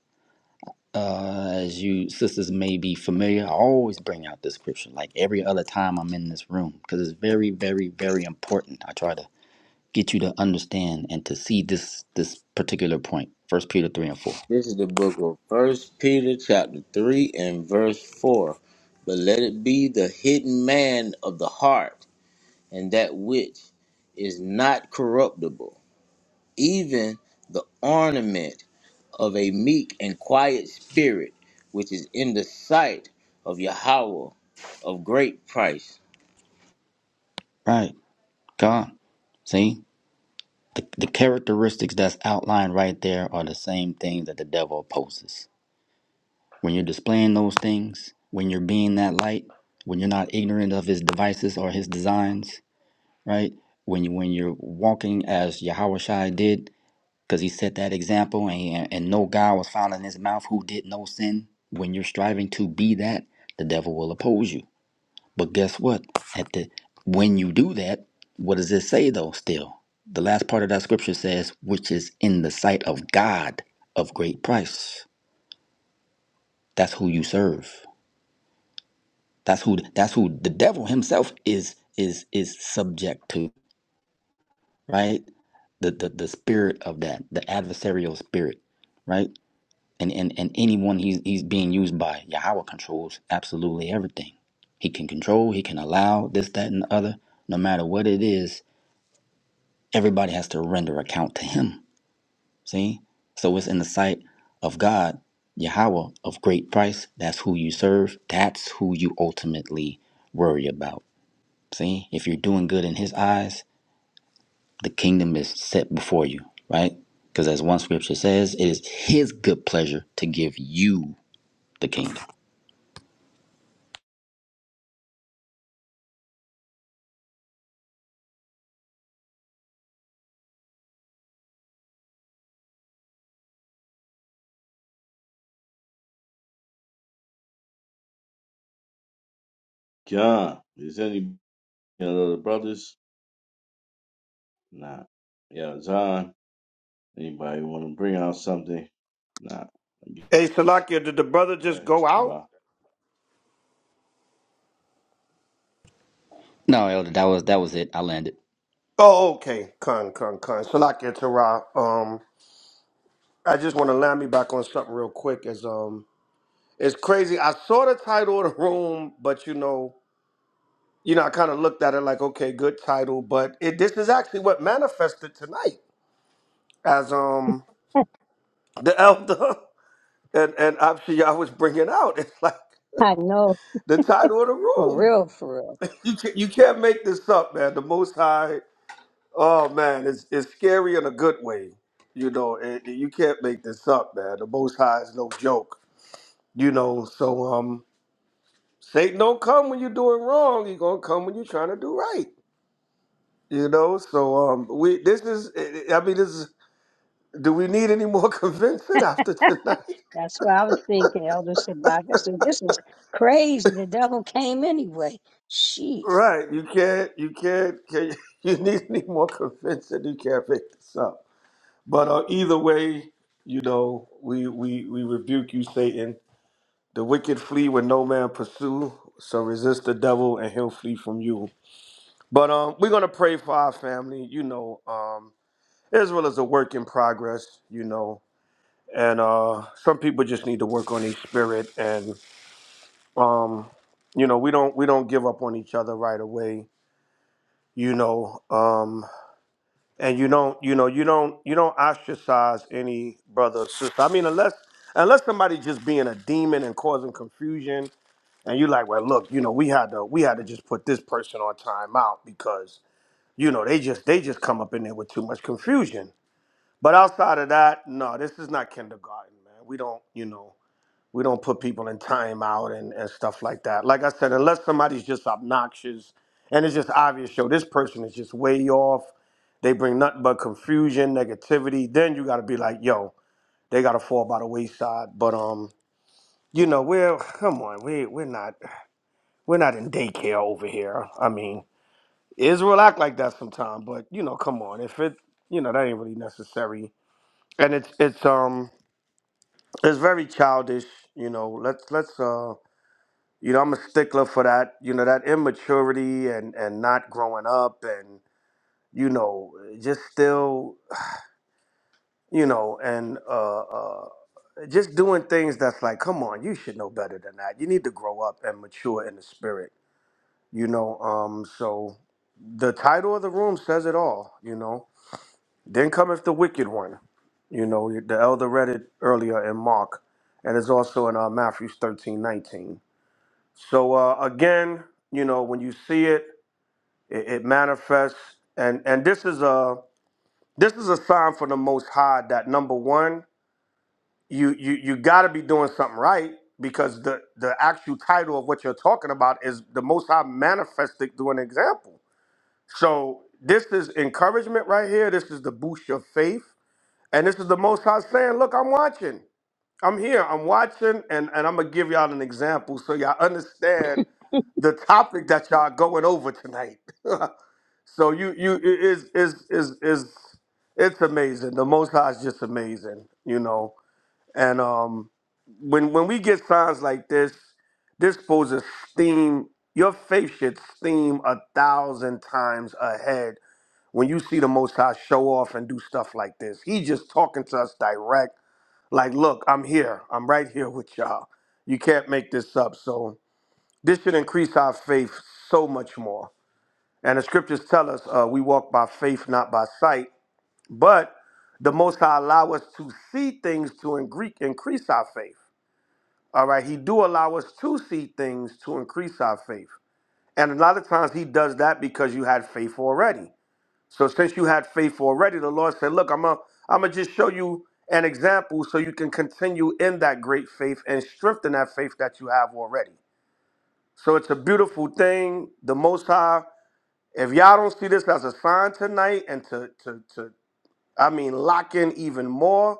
[SPEAKER 20] Uh, as you sisters may be familiar, I always bring out this scripture like every other time I'm in this room because it's very, very, very important. I try to get you to understand and to see this this particular point. First Peter three and four.
[SPEAKER 19] This is the book of First Peter chapter 3 and verse 4. But let it be the hidden man of the heart and that which is not corruptible, even the ornament of a meek and quiet spirit, which is in the sight of Yahweh of great price.
[SPEAKER 20] Right, God. See the the characteristics that's outlined right there are the same things that the devil opposes. When you're displaying those things, when you're being that light, when you're not ignorant of his devices or his designs, right? When you when you're walking as Yahushua did, because he set that example, and and no God was found in his mouth who did no sin. When you're striving to be that, the devil will oppose you. But guess what? At the when you do that, what does it say though? Still, the last part of that scripture says, "Which is in the sight of God of great price." That's who you serve. That's who. That's who the devil himself is is is subject to. Right the, the the spirit of that, the adversarial spirit, right? And and and anyone he's he's being used by, Yahweh controls absolutely everything. He can control, he can allow this, that, and the other. No matter what it is, everybody has to render account to him. See? So it's in the sight of God, Yahweh of great price. That's who you serve. That's who you ultimately worry about. See? If you're doing good in his eyes, the kingdom is set before you, right? Because as one scripture says, it is his good pleasure to give you the kingdom.
[SPEAKER 18] Khan, is any of the brothers? Nah. Yeah, Zahn, anybody want to bring out something? Nah. I guess
[SPEAKER 15] Hey Salakia, did the brother
[SPEAKER 18] that
[SPEAKER 15] just
[SPEAKER 18] happened
[SPEAKER 15] go out?
[SPEAKER 18] by.
[SPEAKER 20] No, Elder, that was that was it. I landed.
[SPEAKER 15] Oh, okay. Con con con. Salakia Tara. Um, I just want to land me back on something real quick. Is um, it's crazy. I saw the title of the room, but you know. you know, I kind of looked at it like, okay, good title, but it this is actually what manifested tonight as um the elder and and obviously I was bringing out. It's like
[SPEAKER 2] I know.
[SPEAKER 15] the title of the
[SPEAKER 2] For
[SPEAKER 15] room.
[SPEAKER 2] real, for real.
[SPEAKER 15] you can't, you can't make this up, man. The Most High. Oh man, it's it's scary in a good way. You know, it, you can't make this up, man. The Most High is no joke. You know, so um, Satan don't come when you're doing wrong. He gonna come when you're trying to do right. You know, so um, we this is. I mean, this is Do we need any more convincing after tonight?
[SPEAKER 2] That's what I was thinking, Elder Sabak. I said, this is crazy. The devil came anyway. Jeez.
[SPEAKER 15] Right. You can't. You can't. Can you, you need any more convincing? You can't make this up. But uh, either way, you know, we we we rebuke you, Satan. The wicked flee when no man pursue. So resist the devil, and he'll flee from you. But um, we're gonna pray for our family. You know, um, Israel is a work in progress. You know, and uh, some people just need to work on their spirit and. um you know we don't we don't give up on each other right away you know um and you don't you know you don't you don't ostracize any brother or sister i mean unless unless somebody just being a demon and causing confusion and you're like well look you know we had to we had to just put this person on timeout because you know they just they just come up in there with too much confusion but outside of that no this is not kindergarten man we don't you know we don't put people in timeout and, and stuff like that. Like I said, unless somebody's just obnoxious and it's just obvious, yo, this person is just way off. They bring nothing but confusion, negativity. Then you got to be like, yo, they got to fall by the wayside. But um, you know, we're come on, we we're not we're not in daycare over here. I mean, Israel act like that sometimes, but you know, come on, if it you know that ain't really necessary, and it's it's um it's very childish. You know, let's let's uh you know, I'm a stickler for that, you know, that immaturity and and not growing up and you know, just still, you know, and uh, uh, just doing things that's like, come on, you should know better than that. You need to grow up and mature in the spirit, you know. Um, so the title of the room says it all, you know. Then cometh the wicked one, you know. The elder read it earlier in Mark, and it's also in uh, Matthew 13:19. So uh, again, you know, when you see it. It, it manifests, and and this is a this is a sign from the Most High that number one, you you you got to be doing something right because the the actual title of what you're talking about is the Most High manifested through an example. So this is encouragement right here. This is the boost your faith, and this is the Most High saying, "Look, I'm watching. I'm here. I'm watching, and and I'm gonna give y'all an example so y'all understand the topic that y'all going over tonight." So you you it is is is is it's amazing. The Most High is just amazing, you know. And um, when when we get signs like this, this poses steam. Your faith should steam a thousand times ahead when you see the Most High show off and do stuff like this. He just talking to us direct. Like, look, I'm here. I'm right here with y'all. You can't make this up. So this should increase our faith so much more. And the scriptures tell us uh, we walk by faith, not by sight. But the Most High allow us to see things to in Greek increase our faith. All right, He do allow us to see things to increase our faith. And a lot of times He does that because you had faith already. So since you had faith already, the Lord said, "Look, I'm going I'm gonna just show you an example so you can continue in that great faith and strengthen that faith that you have already." So it's a beautiful thing. The Most High if y'all don't see this as a sign tonight and to, to, to I mean, lock in even more,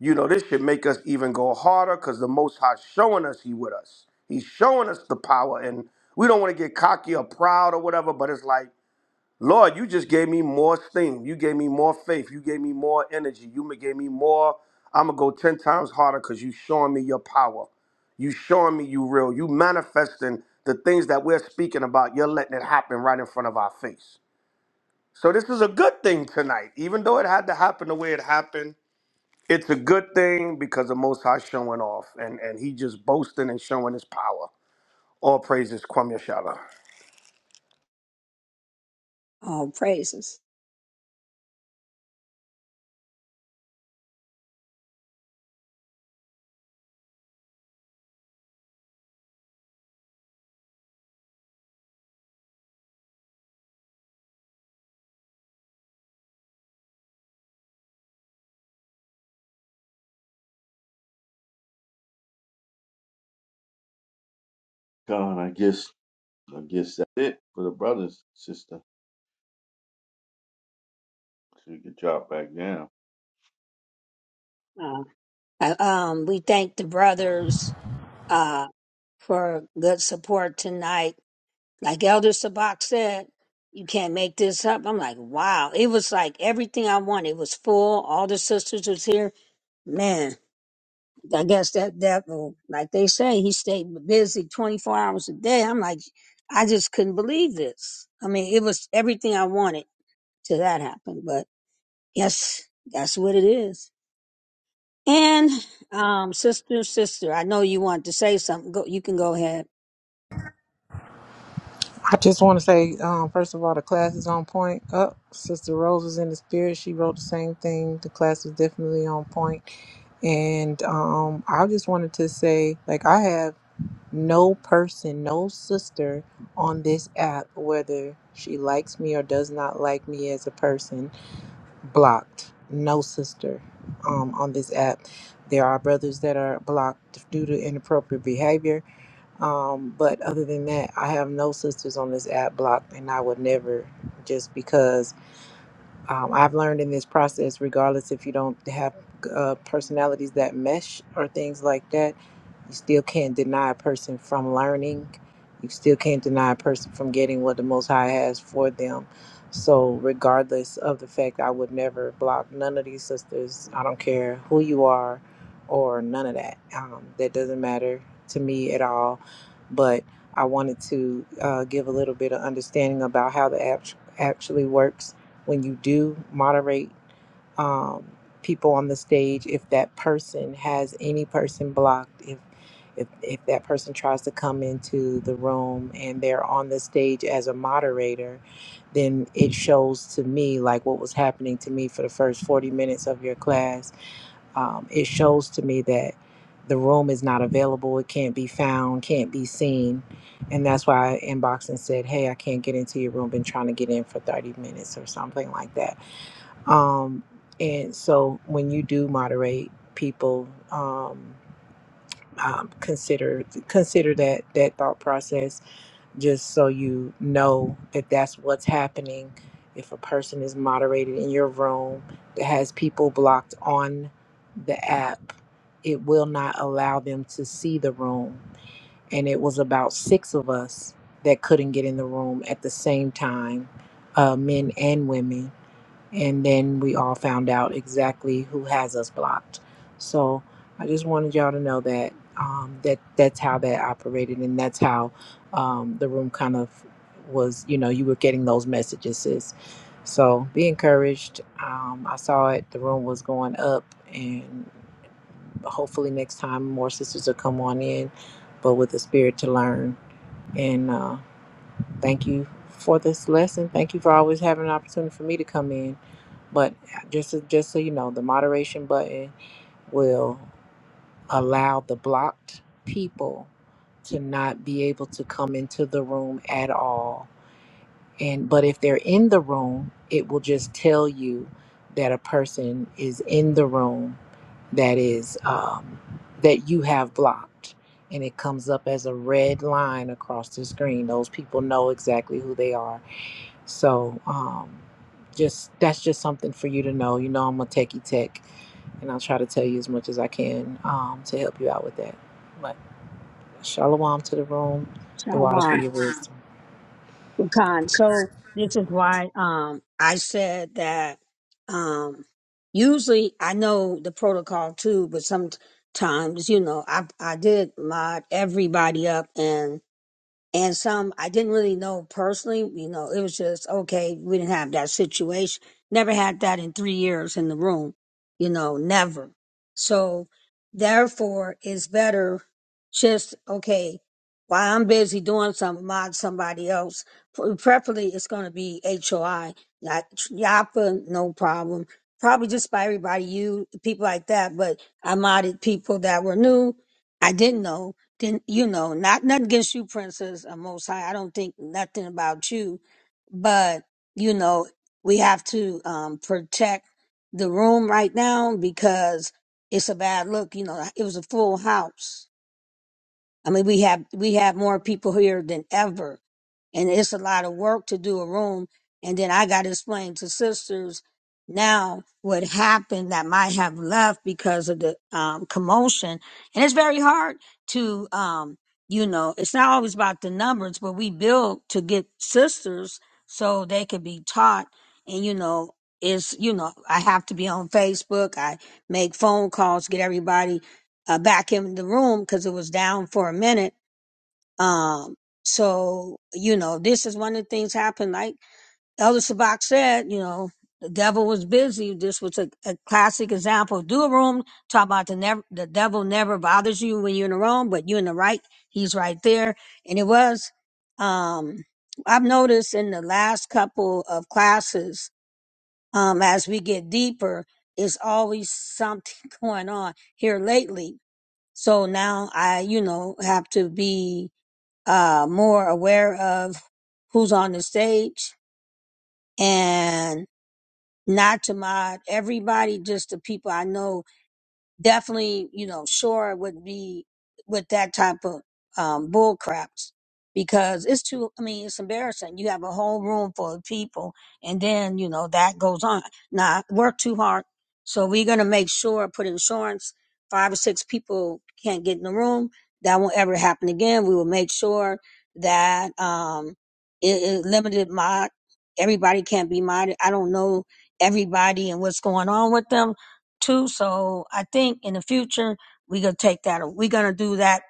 [SPEAKER 15] you know, this should make us even go harder because the Most High showing us He with us. He's showing us the power. And we don't want to get cocky or proud or whatever, but it's like, Lord, you just gave me more steam. You gave me more faith. You gave me more energy. You ma- gave me more. I'm going to go 10 times harder because you showing me your power. You showing me you real. You manifesting the things that we're speaking about. You're letting it happen right in front of our face. So this is a good thing tonight, even though it had to happen the way it happened. It's a good thing because the Most High showing off, and and he just boasting and showing his power. All praises, Kwame Yashala.
[SPEAKER 2] Oh, praises.
[SPEAKER 18] Khan, I guess, I guess that's it for the brothers, sister. So we can drop back down.
[SPEAKER 2] Uh, Uh, Um, we thank the brothers uh, for good support tonight. Like Elder Sabak said, you can't make this up. I'm like, wow. It was like everything I wanted. It was full. All the sisters was here. Man, I guess that devil, like they say, he stayed busy 24 hours a day. I'm like, I just couldn't believe this. I mean, it was everything I wanted till that happened, but yes, that's what it is. And, um, sister, sister, I know you want to say something. Go, you can go ahead.
[SPEAKER 16] I just want to say, um, first of all, the class is on point. Up, Sister Rose was in the spirit. She wrote the same thing. The class was definitely on point. And um, I just wanted to say, like, I have no person, no sister on this app, whether she likes me or does not like me as a person, blocked. No sister um, on this app. There are brothers that are blocked due to inappropriate behavior um, but other than that, I have no sisters on this app blocked, and I would never just because um, I've learned in this process, regardless if you don't have uh, personalities that mesh or things like that, you still can't deny a person from learning. You still can't deny a person from getting what the Most High has for them. So, regardless of the fact, I would never block none of these sisters. I don't care who you are or none of that. Um, that doesn't matter to me at all. But I wanted to uh, give a little bit of understanding about how the app actually works when you do moderate um, people on the stage if that person has any person blocked if if, if that person tries to come into the room and they're on the stage as a moderator then it shows to me like what was happening to me for the first 40 minutes of your class um, it shows to me that the room is not available. It can't be found, can't be seen. And that's why I inboxed and said, Hey, I can't get into your room. Been trying to get in for 30 minutes or something like that. Um, and so when you do moderate people, um, um, consider consider that that thought process just so you know that that's what's happening. If a person is moderated in your room that has people blocked on the app, it will not allow them to see the room. And it was about six of us that couldn't get in the room at the same time, uh, men and women and then we all found out exactly who has us blocked. So I just wanted y'all to know that um, that that's how that operated, and that's how um, the room kind of was. You know, you were getting those messages, sis. So be encouraged. Um, I saw it; the room was going up, and hopefully next time more sisters will come on in, but with a spirit to learn. and. uh, Thank you for this lesson. Thank you for always having an opportunity for me to come in. But just so, just so you know, the moderation button will allow the blocked people to not be able to come into the room at all. And but if they're in the room, it will just tell you that a person is in the room that is um, that you have blocked, and it comes up as a red line across the screen. Those people know exactly who they are so um, just that's just something for you to know. You know, I'm a techie tech, and I'll try to tell you as much as I can um, to help you out with that. But shalom to the room, the water
[SPEAKER 2] Shalom.
[SPEAKER 16] for your wisdom.
[SPEAKER 2] Khan. So this is why um I said that um usually I know the protocol too, but sometimes you know I I did mod everybody up and and some I didn't really know personally. You know, it was just okay. We didn't have that situation. Never had that in three years in the room. You know, never. So therefore, it's better just okay. While I'm busy doing something, mod somebody else. Pre- Preferably, it's going to be HOI, not YAPA, no problem. Probably just by everybody, you people like that. But I modded people that were new. I didn't know then you know, not nothing against you, Princess or Most High. I don't think nothing about you, but you know, we have to um protect the room right now because it's a bad look. You know, it was a full house. I mean, we have we have more people here than ever, and it's a lot of work to do a room. And then I got to explain to sisters now what happened that might have left because of the um, commotion, and it's very hard to um, you know, it's not always about the numbers, but we build to get sisters so they could be taught, and you know. Is you know I have to be on Facebook. I make phone calls, get everybody uh, back in the room because it was down for a minute. Um, so, you know, this is one of the things happened. Like Elder Sabak said, you know, the devil was busy. This was a, a classic example. Do a room, talk about the never, the devil never bothers you when you're in the wrong, but you're in the right. He's right there. And it was, um, I've noticed in the last couple of classes, um, as we get deeper, it's always something going on here lately so now I, you know, have to be uh, more aware of who's on the stage and not to mod everybody, just the people I know definitely, you know, sure would be with that type of um, bull craps because it's too, I mean, it's embarrassing. You have a whole room full of people and then, you know, that goes on. Now, I work too hard. So we're going to make sure, put insurance, five or six people can't get in the room. That won't ever happen again. We will make sure that um, it, it limited mod. Everybody can't be modded. I don't know everybody and what's going on with them too. So I think in the future we're gonna take that. We're gonna do that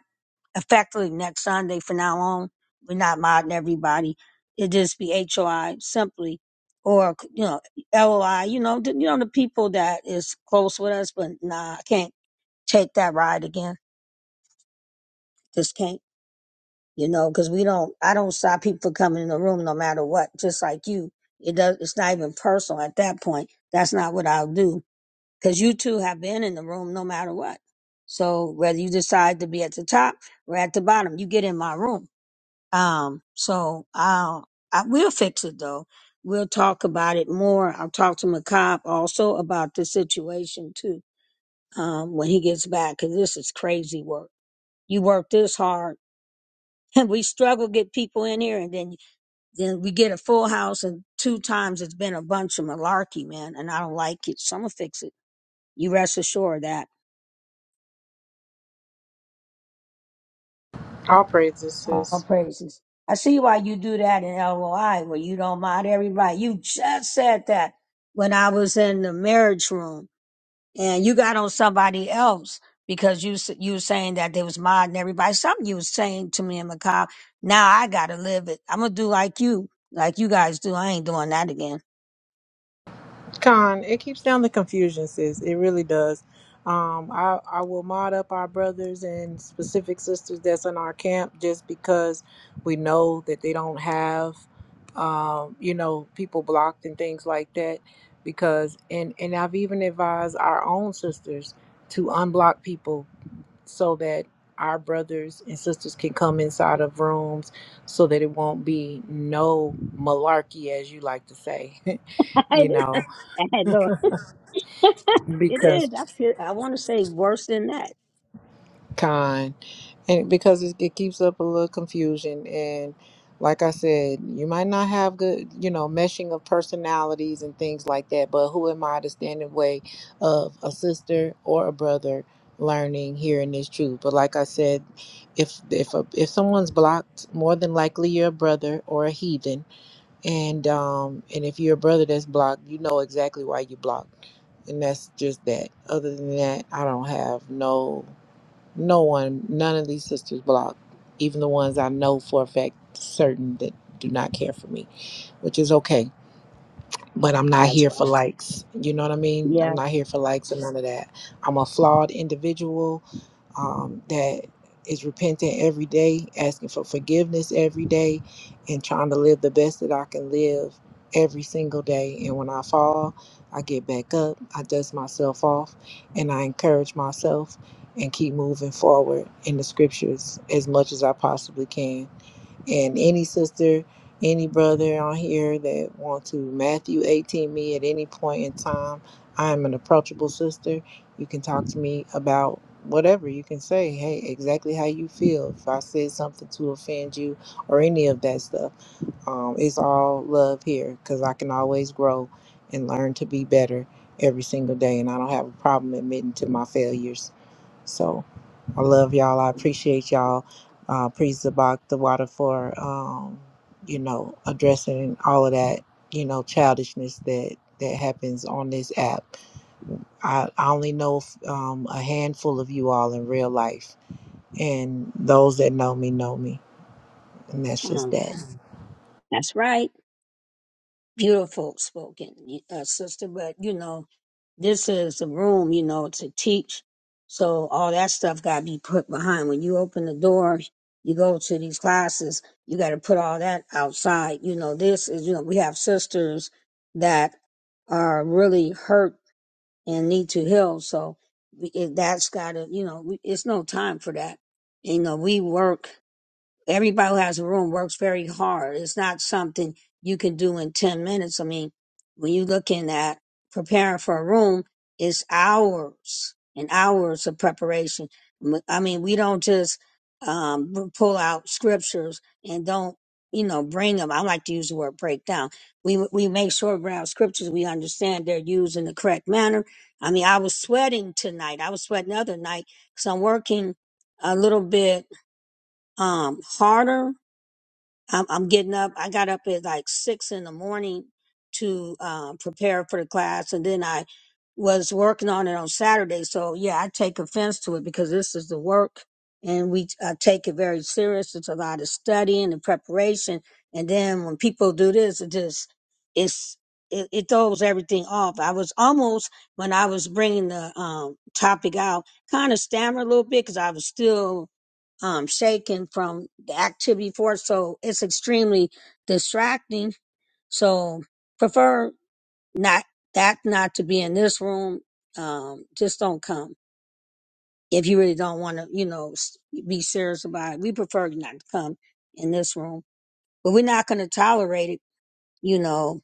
[SPEAKER 2] effectively next Sunday from now on. We're not modding everybody. It just be HOI simply, or you know LOI. You know, the, you know the people that is close with us. But nah, I can't take that ride again. Just can't. You know, because we don't. I don't stop people from coming in the room no matter what. Just like you, it does. It's not even personal at that point. That's not what I'll do because you two have been in the room no matter what. So whether you decide to be at the top or at the bottom, you get in my room. Um, so I'll, I will fix it though. We'll talk about it more. I'll talk to McCobb also about the situation too. Um, when he gets back, cause this is crazy work. You work this hard and we struggle to get people in here and then, then we get a full house and two times it's been a bunch of malarkey, man. And I don't like it. So I'm gonna fix it. You rest assured of that.
[SPEAKER 16] All praises, sis.
[SPEAKER 2] all praises. I see why you do that in LOI where you don't mind everybody. You just said that when I was in the marriage room and you got on somebody else because you s- you were saying that they was modding everybody. Something you was saying to me in Macau. Now I gotta live it. I'm gonna do like you, like you guys do. I ain't doing that again.
[SPEAKER 16] Con, it keeps down the confusion, sis. It really does. Um, I, I will mod up our brothers and specific sisters that's in our camp just because we know that they don't have, um, you know, people blocked and things like that. Because and and I've even advised our own sisters to unblock people so that our brothers and sisters can come inside of rooms so that it won't be no malarkey, as you like to say,
[SPEAKER 2] I
[SPEAKER 16] you know
[SPEAKER 2] didn't- I had no. it is.
[SPEAKER 16] because
[SPEAKER 2] I feel. I want to say worse than that.
[SPEAKER 16] kind and because it, it keeps up a little confusion and like i said you might not have good you know meshing of personalities and things like that but who am i to stand in the way of a sister or a brother learning hearing this truth but like i said if if a, if someone's blocked more than likely you're a brother or a heathen and um and if you're a brother that's blocked you know exactly why you blocked and that's just that other than that i don't have no No one, none of these sisters block, even the ones I know for a fact certain that do not care for me, which is okay. But I'm not
[SPEAKER 2] That's
[SPEAKER 16] here
[SPEAKER 2] right.
[SPEAKER 16] for likes. You know what I mean? I'm
[SPEAKER 2] Yeah.
[SPEAKER 16] not here for likes and none of that. I'm a flawed individual um, that is repenting every day, asking for forgiveness every day, and trying to live the best that I can live every single day. And when I fall, I get back up, I dust myself off, and I encourage myself and keep moving forward in the scriptures as much as I possibly can. And any sister, any brother on here that want to Matthew 18 me at any point in time, I am an approachable sister. You can talk to me about whatever. You can say, hey, exactly how you feel. If I said something to offend you or any of that stuff, um, it's all love here because I can always grow and learn to be better every single day. And I don't have a problem admitting to my failures. So I love y'all. I appreciate y'all. Uh, praise the Bach, the water for, um, you know, addressing all of that, you know, childishness that that happens on this app. I, I only know f- um, a handful of you all in real life, and those that know me know me, and that's just
[SPEAKER 2] uh,
[SPEAKER 16] that.
[SPEAKER 2] That's right. beautiful spoken, uh, sister. But you know, this is a room, you know, to teach. So all that stuff got to be put behind. When you open the door, you go to these classes. You got to put all that outside. You know, this is you know we have sisters that are really hurt and need to heal. So we- it, that's got to you know we, it's no time for that. You know, we work everybody who has a room works very hard. It's not something you can do in 10 minutes. I mean, when you're looking at preparing for a room, it's hours and hours of preparation. I mean, we don't just um, pull out scriptures and don't, you know, bring them. I like to use the word breakdown. We we make sure we have scriptures we understand they're used in the correct manner. I mean, I was sweating tonight. I was sweating the other night because I'm working a little bit um, harder I'm, I'm getting up. I got up at like six in the morning to um, prepare for the class, and then I was working on it on Saturday. So yeah, I take offense to it because this is the work, and we I take it very serious. It's a lot of studying and preparation, and then when people do this, it just it's it, it throws everything off. I was almost when I was bringing the um, topic out, kind of stammer a little bit because I was still um, shaken from the activity before, so it's extremely distracting. So prefer not that not to be in this room. Um, just don't come if you really don't want to, you know, s- be serious about it. We prefer you not to come in this room, but we're not going to tolerate it. You know,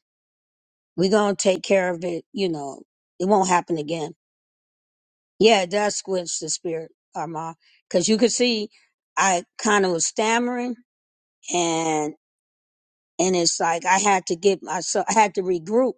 [SPEAKER 2] we're going to take care of it. You know, it won't happen again. Yeah, it does squinch the spirit, Armand, because you could see I kind of was stammering and. and it's like I had to get myself, I had to regroup,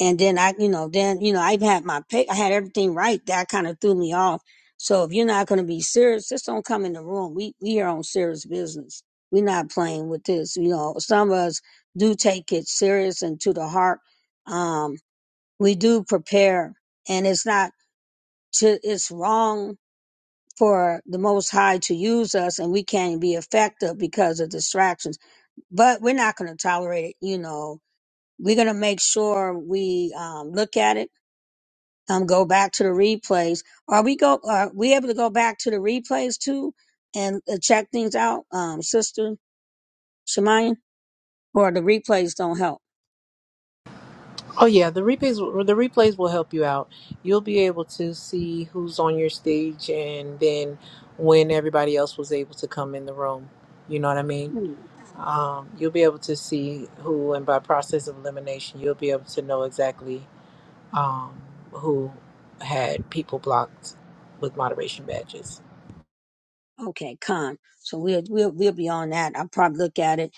[SPEAKER 2] and then I, you know, then you know, I even had my pick. I had everything right. That kind of threw me off. So if you're not going to be serious, just don't come in the room. We we are on serious business. We're not playing with this. You know, some of us do take it serious and to the heart. Um, we do prepare, and it's not to, it's wrong for the Most High to use us, and we can't be effective because of distractions. But we're not going to tolerate it. You know, we're going to make sure we um, look at it, um, go back to the replays. Are we go? Are we able to go back to the replays too and uh, check things out, um, Sister Shemayan? Or the replays don't help?
[SPEAKER 16] Oh yeah, the replays the replays will help you out. You'll be able to see who's on your stage and then when everybody else was able to come in the room. You know what I mean?
[SPEAKER 2] Hmm,
[SPEAKER 16] Um, you'll be able to see who, and by process of elimination, you'll be able to know exactly um, who had people blocked with moderation badges.
[SPEAKER 2] Okay, con. So we'll we'll we'll be on that. I'll probably look at it.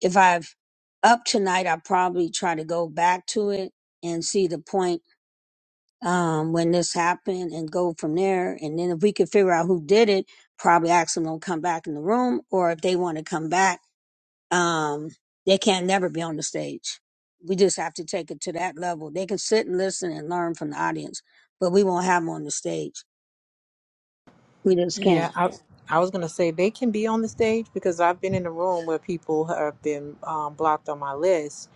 [SPEAKER 2] If I've up tonight, I'll probably try to go back to it and see the point um, when this happened and go from there. And then if we could figure out who did it, probably ask them to come back in the room, or if they want to come back, um, they can't never be on the stage. We just have to take it to that level. They can sit and listen and learn from the audience, but we won't have them on the stage. We just can't.
[SPEAKER 16] Yeah, I, I was gonna say they can be on the stage because I've been in a room where people have been um, blocked on my list,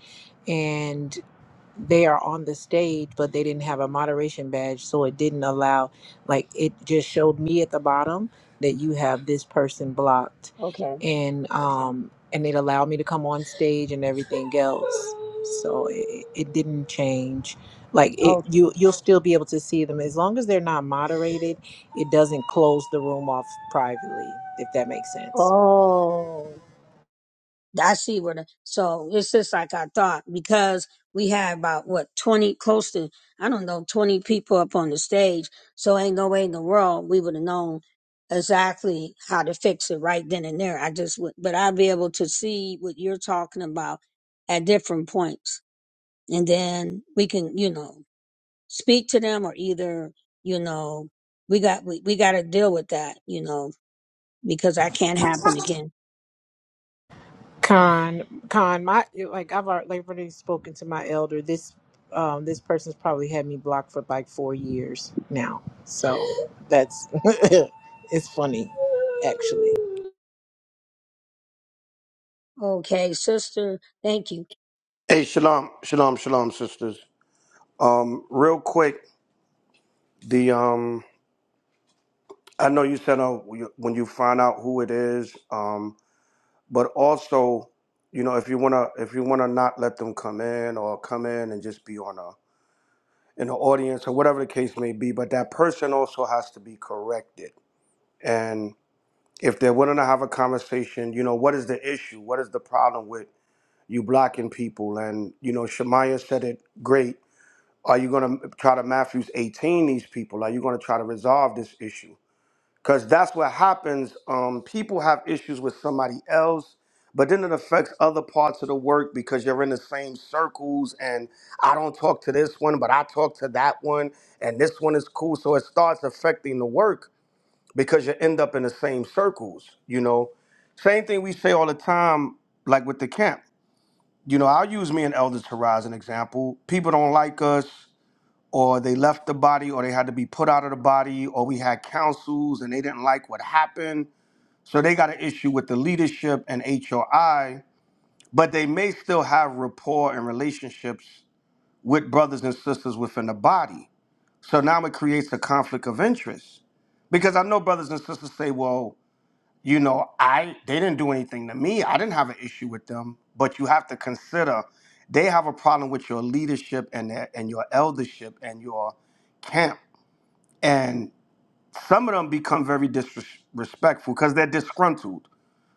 [SPEAKER 16] they are on the stage, but they didn't have a moderation badge, so it didn't allow. Like it just showed me at the bottom that you have this person blocked,
[SPEAKER 2] Okay.
[SPEAKER 16] and um and it allowed me to come on stage and everything else. So it, it didn't change. Like it, you
[SPEAKER 2] Okay.
[SPEAKER 16] you'll still be able to see them as long as they're not moderated. It doesn't close the room off privately, if that makes sense.
[SPEAKER 2] Oh. I see where the so it's just like I thought because we had about what twenty close to I don't know twenty people up on the stage, so ain't no way in the world we would have known exactly how to fix it right then and there. I just would, but I'd be able to see what you're talking about at different points, and then we can you know speak to them or either you know we got we, we got to deal with that you know because that can't happen again.
[SPEAKER 16] Con, con, my like I've already, like, already spoken to my elder. This, um, this person's probably had me blocked for like four years now. So that's it's funny, actually.
[SPEAKER 2] Okay, sister. Thank you.
[SPEAKER 15] Hey, shalom, shalom, shalom, sisters. Um, real quick, the um, I know you said uh, when you find out who it is, um, but also, you know, if you wanna, if you wanna not let them come in or come in and just be on a in the audience or whatever the case may be, but that person also has to be corrected and if they're willing to have a conversation, you know, what is the issue? What is the problem with you blocking people? And you know, Shemaya said it great. Are you going to try to Matthew's 18 these people? Are you going to try to resolve this issue? Because that's what happens. Um, people have issues with somebody else, but then it affects other parts of the work because you're in the same circles. And I don't talk to this one, but I talk to that one, and this one is cool. So it starts affecting the work because you end up in the same circles, you know. Same thing we say all the time, like with the camp. You know, I'll use me and Elders Torah as an example. People don't like us, or they left the body, or they had to be put out of the body, or we had councils and they didn't like what happened. So they got an issue with the leadership and HOI, but they may still have rapport and relationships with brothers and sisters within the body. So now it creates a conflict of interest. Because I know brothers and sisters say, well, you know, I they didn't do anything to me. I didn't have an issue with them. But you have to consider they have a problem with your leadership and their, and your eldership and your camp. And some of them become very disrespectful because they're disgruntled.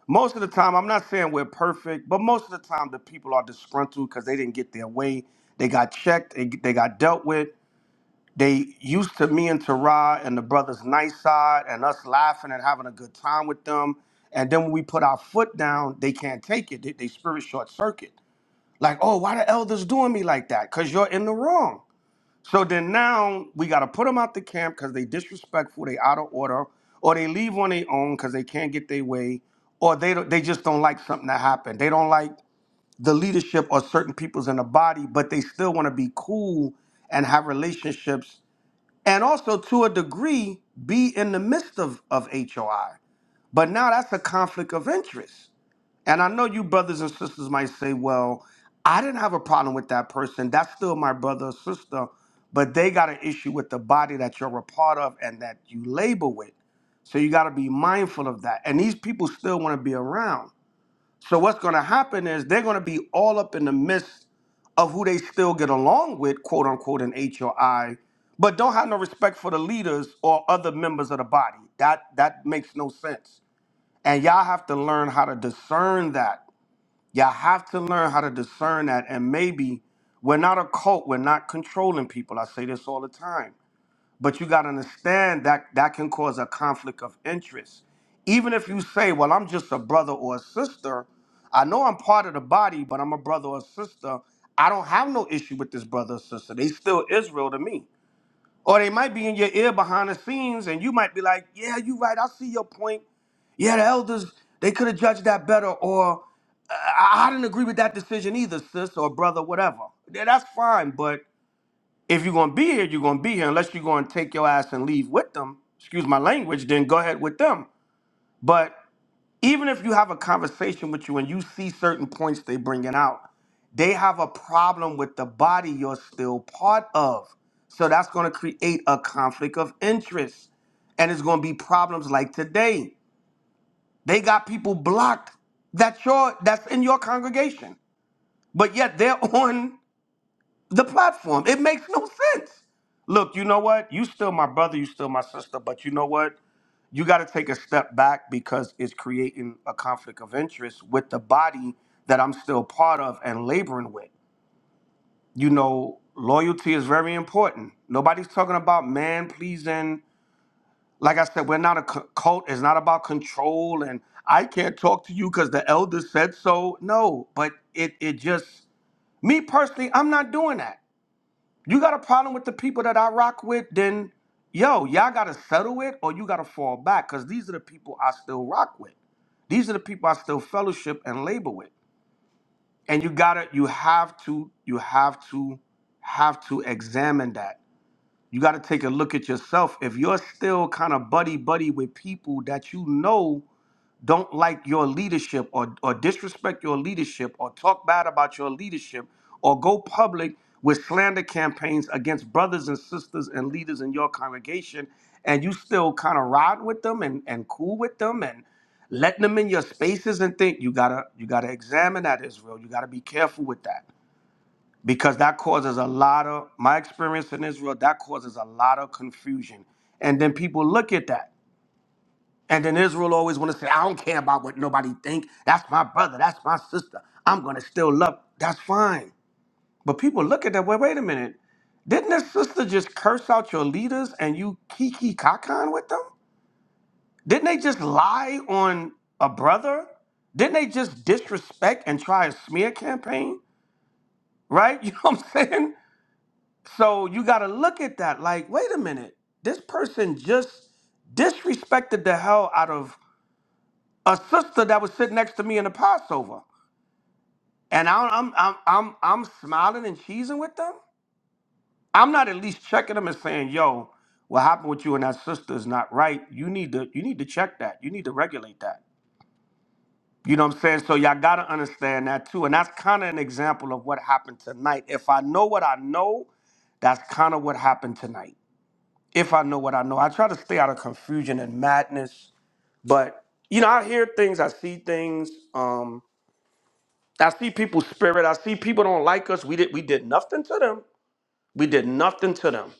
[SPEAKER 15] Most of the time, I'm not saying we're perfect, but most of the time the people are disgruntled because they didn't get their way. They got checked. They, they got dealt with. They used to me and Tara and the brothers nice side and us laughing and having a good time with them. And then when we put our foot down, they can't take it. They, they spirit short circuit. Like, oh, why the elders doing me like that? Cause you're in the wrong. So then now we gotta put them out the camp because they disrespectful, they out of order, or they leave on their own because they can't get their way, or they don't, they just don't like something that happened. They don't like the leadership or certain people's in the body, but they still want to be cool and have relationships and also to a degree be in the midst of, of HOI. But now that's a conflict of interest. And I know you brothers and sisters might say, well, I didn't have a problem with that person. That's still my brother or sister, but they got an issue with the body that you're a part of and that you labor with. So you got to be mindful of that. And these people still want to be around. So what's going to happen is they're going to be all up in the midst of who they still get along with, quote unquote, in H or I, but don't have no respect for the leaders or other members of the body. That that makes no sense. And y'all have to learn how to discern that. Y'all have to learn how to discern that. And maybe we're not a cult. We're not controlling people. I say this all the time. But you got to understand that that can cause a conflict of interest. Even if you say, well, I'm just a brother or a sister, I know I'm part of the body, but I'm a brother or a sister. I don't have no issue with this brother or sister. They still Israel to me. Or they might be in your ear behind the scenes and you might be like, yeah, you right. I see your point. Yeah, the elders, they could have judged that better. Or I I didn't agree with that decision either, sis or brother, whatever. Yeah, that's fine, but if you're gonna be here, you're gonna be here. Unless you're gonna take your ass and leave with them, excuse my language, then go ahead with them. But even if you have a conversation with you and you see certain points they bringing out, they have a problem with the body you're still part of. So that's gonna create a conflict of interest. And it's gonna be problems like today. They got people blocked that your that's in your congregation. But yet they're on the platform. It makes no sense. Look, you know what? You still my brother, you still my sister, but you know what? You got to take a step back because it's creating a conflict of interest with the body that I'm still part of and laboring with. You know, loyalty is very important. Nobody's talking about man pleasing. Like I said, we're not a cu- cult. It's not about control and I can't talk to you because the elder said so. No, but it it just me personally, I'm not doing that. You got a problem with the people that I rock with, then yo, y'all gotta settle it or you gotta fall back. Cause these are the people I still rock with. These are the people I still fellowship and labor with. And you gotta, you have to, you have to, have to examine that. You gotta take a look at yourself. If you're still kind of buddy buddy with people that you know don't like your leadership or, or disrespect your leadership or talk bad about your leadership or go public with slander campaigns against brothers and sisters and leaders in your congregation and you still kind of ride with them and, and cool with them and letting them in your spaces and think you gotta you gotta examine that israel you gotta be careful with that because that causes a lot of my experience in israel that causes a lot of confusion and then people look at that and then Israel always want to say, I don't care about what nobody think. That's my brother. That's my sister. I'm going to still love. That's fine. But people look at that, wait, wait a minute. Didn't this sister just curse out your leaders and you kiki kakan with them? Didn't they just lie on a brother? Didn't they just disrespect and try a smear campaign? Right? You know what I'm saying? So you got to look at that like, wait a minute. This person just disrespected the hell out of a sister that was sitting next to me in the Passover, and I, I'm I'm I'm I'm smiling and cheesing with them. I'm not at least checking them and saying, "Yo, what happened with you and that sister is not right. You need to you need to check that. You need to regulate that." You know what I'm saying? So y'all gotta understand that too, and that's kind of an example of what happened tonight. If I know what I know, that's kind of what happened tonight. If I know what I know, I try to stay out of confusion and madness, but you know, I hear things, I see things. Um, I see people's spirit. I see people don't like us. We did we did nothing to them. We did nothing to them.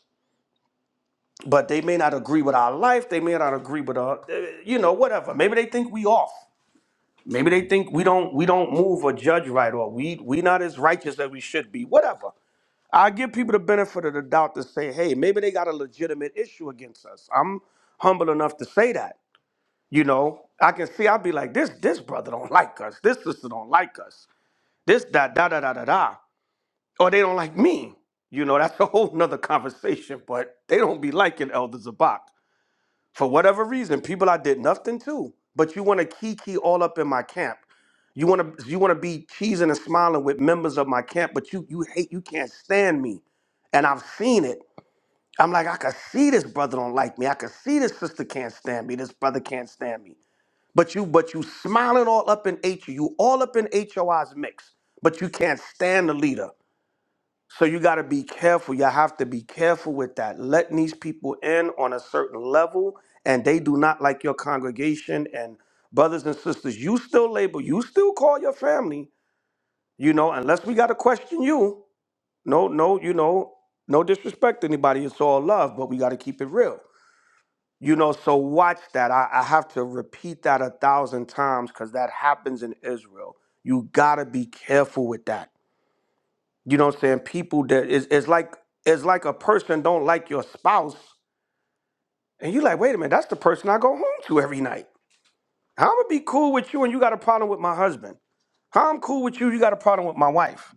[SPEAKER 15] But they may not agree with our life. They may not agree with our, eh, you know, whatever. Maybe they think we off. Maybe they think we don't we don't move or judge right, or we we not as righteous as we should be. Whatever. I give people the benefit of the doubt to say, hey, maybe they got a legitimate issue against us. I'm humble enough to say that. You know, I can see I'll be like, this this brother don't like us. This sister don't like us. This da da da da da da. or they don't like me. You know, that's a whole nother conversation, but they don't be liking Elder Zabak. For whatever reason, people I did nothing to, but you want to kiki all up in my camp. You want to you want to be cheesing and smiling with members of my camp, but you you hate you can't stand me, and I've seen it. I'm like I can see this brother don't like me. I can see this sister can't stand me. This brother can't stand me. But you but you smiling all up in H O. you all up in HOI's mix, but you can't stand the leader. So you got to be careful. You have to be careful with that. Letting these people in on a certain level, and they do not like your congregation and brothers and sisters. You still label. You still call your family. You know, unless we got to question you. No, no, you know, no disrespect to anybody. It's all love, but we got to keep it real. You know, so watch that. I, I have to repeat that a thousand times because that happens in Israel. You got to be careful with that you know what I'm saying? People that is it's, it's like it's like a person don't like your spouse, and you like, wait a minute, that's the person I go home to every night. How I'm gonna be cool with you and you got a problem with my husband? How I'm cool with you, you got a problem with my wife?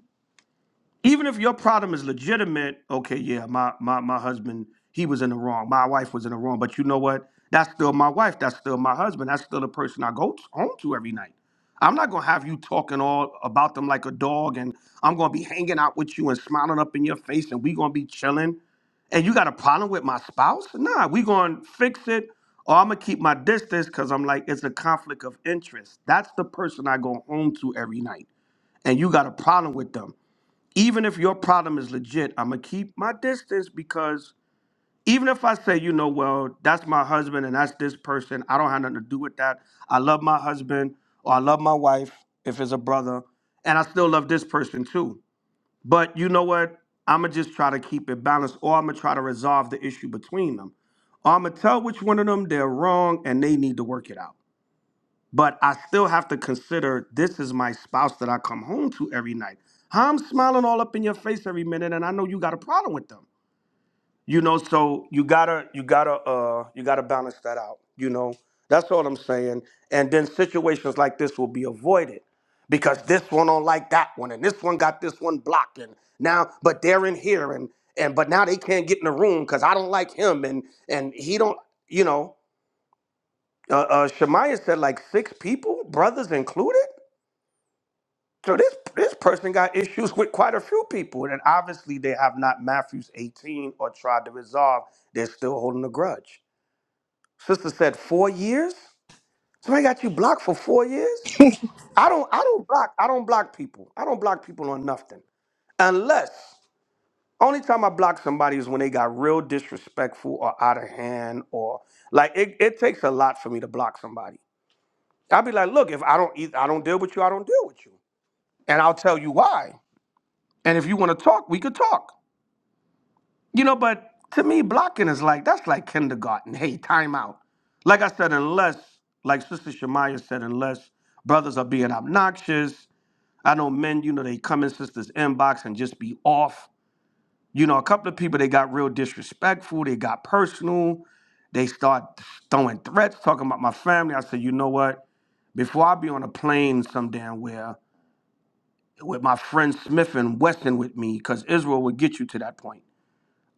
[SPEAKER 15] even if your problem is legitimate, okay, yeah, my my my husband, he was in the wrong. My wife was in the wrong. But you know what? That's still my wife. That's still my husband. That's still the person I go t- home to every night. I'm not gonna have you talking all about them like a dog, and I'm gonna be hanging out with you and smiling up in your face, and we gonna be chilling. And you got a problem with my spouse? Nah, we gonna fix it, or I'm gonna keep my distance because I'm like it's a conflict of interest. That's the person I go home to every night, and you got a problem with them even if your problem is legit, I'm gonna keep my distance because even if I say, you know, well, that's my husband and that's this person, I don't have nothing to do with that. I love my husband or I love my wife if it's a brother, and I still love this person too. But you know what? I'm gonna just try to keep it balanced or I'm gonna try to resolve the issue between them. Or I'm gonna tell which one of them they're wrong and they need to work it out but I still have to consider this is my spouse that I come home to every night. I'm smiling all up in your face every minute, and I know you got a problem with them. You know, so you gotta, you gotta, uh, you gotta balance that out. You know, that's all I'm saying. And then situations like this will be avoided because this one don't like that one, and this one got this one blocked, and now, but they're in here, and and but now they can't get in the room because I don't like him, and and he don't, you know. Uh, uh, Shemaiah said like six people, brothers included. So this this person got issues with quite a few people, and obviously they have not Matthew's 18 or tried to resolve. They're still holding a grudge. Sister said four years. Somebody got you blocked for four years. I don't I don't block I don't block people. I don't block people on nothing unless only time I block somebody is when they got real disrespectful or out of hand or like it, it takes a lot for me to block somebody. I'll be like, look, if I don't eat, I don't deal with you, I don't deal with you. And I'll tell you why. And if you want to talk, we could talk. You know, but to me, blocking is like, that's like kindergarten. Hey, time out. Like I said, unless, like Sister Shemaya said, unless brothers are being obnoxious. I know men, you know, they come in sisters' inbox and just be off. You know, a couple of people, they got real disrespectful, they got personal, they start throwing threats, talking about my family. I said, you know what? Before I be on a plane some damn where with my friend Smith and Wesson with me because Israel would get you to that point.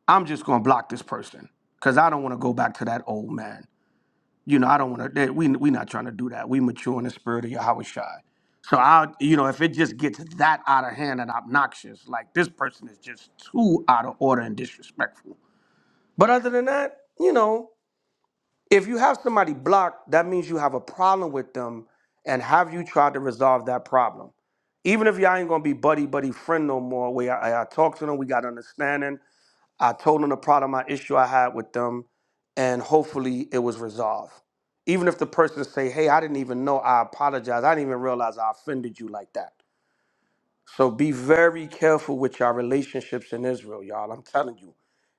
[SPEAKER 15] I'm just gonna block this person because I don't want to go back to that old man. You know, I don't want to. We we not trying to do that. We mature in the spirit of Yahweh Shai. So I, you know, if it just gets that out of hand and obnoxious, like this person is just too out of order and disrespectful. But other than that, you know, if you have somebody blocked, that means you have a problem with them, and have you tried to resolve that problem? even if y'all ain't gonna be buddy buddy friend no more, where I, I talked to them, we got understanding. I told them the problem, my issue I had with them, and hopefully it was resolved. Even if the person say, "Hey, I didn't even know," I apologize. I didn't even realize I offended you like that. So be very careful with your relationships in Israel, y'all. I'm telling you,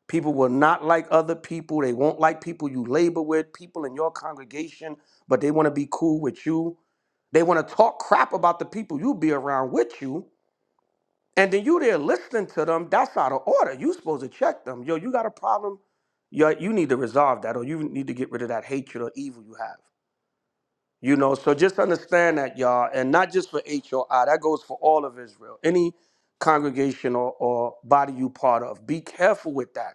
[SPEAKER 15] people will not like other people. They won't like people you labor with, people in your congregation, but they want to be cool with you. They want to talk crap about the people you be around with you and then you there listening to them, that's out of order. You supposed to check them. Yo, you got a problem. Yo, you need to resolve that or you need to get rid of that hatred or evil you have. You know, so just understand that, y'all, and not just for HOI, that goes for all of Israel. Any congregation or, or body you part of, be careful with that.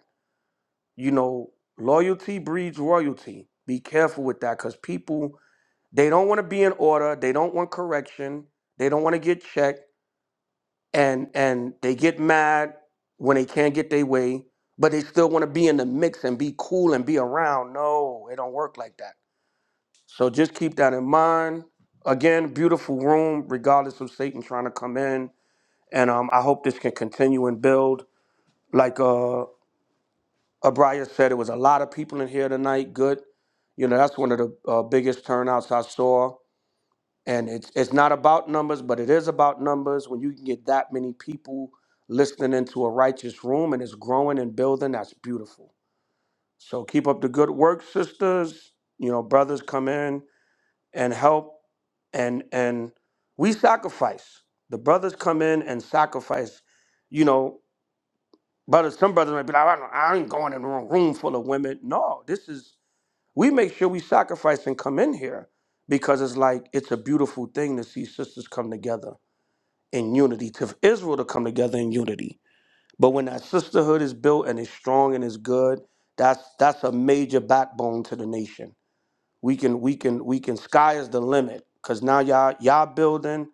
[SPEAKER 15] You know, loyalty breeds royalty. Be careful with that because people, they don't want to be in order. They don't want correction. They don't want to get checked and and they get mad when they can't get their way, but they still want to be in the mix and be cool and be around. No, it don't work like that. So just keep that in mind. Again, beautiful room, regardless of Satan trying to come in. And um, I hope this can continue and build. Like uh, Abraya said, it was a lot of people in here tonight. Good. You know, that's one of the uh, biggest turnouts I saw and it's it's not about numbers, but it is about numbers. When you can get that many people listening into a righteous room and it's growing and building, that's beautiful. So keep up the good work, sisters. You know, brothers come in and help, and and we sacrifice. The brothers come in and sacrifice. You know, brothers. Some brothers might be like, I, don't, I ain't going in a room full of women. No, this is we make sure we sacrifice and come in here because it's like it's a beautiful thing to see sisters come together in unity, to Israel to come together in unity. But when that sisterhood is built and is strong and is good, that's that's a major backbone to the nation. We can we can we can sky is the limit because now y'all y'all building,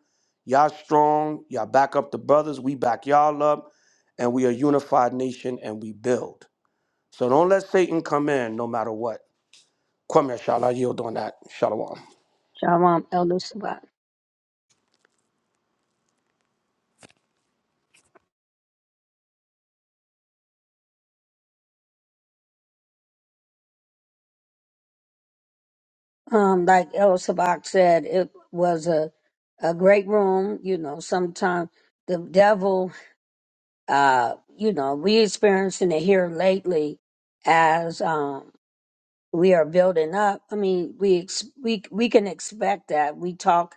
[SPEAKER 15] y'all strong, y'all back up the brothers, we back y'all up, and we a unified nation and we build. So don't let Satan come in no matter what. Kwame Shala yield on that. Shalom.
[SPEAKER 2] Shalom, Elder Sabak. Um, like Elder Sabak said, it was a a great room. You know, sometimes the devil, uh, you know, we experiencing it here lately as um, we are building up. I mean, we ex- we we can expect that we talk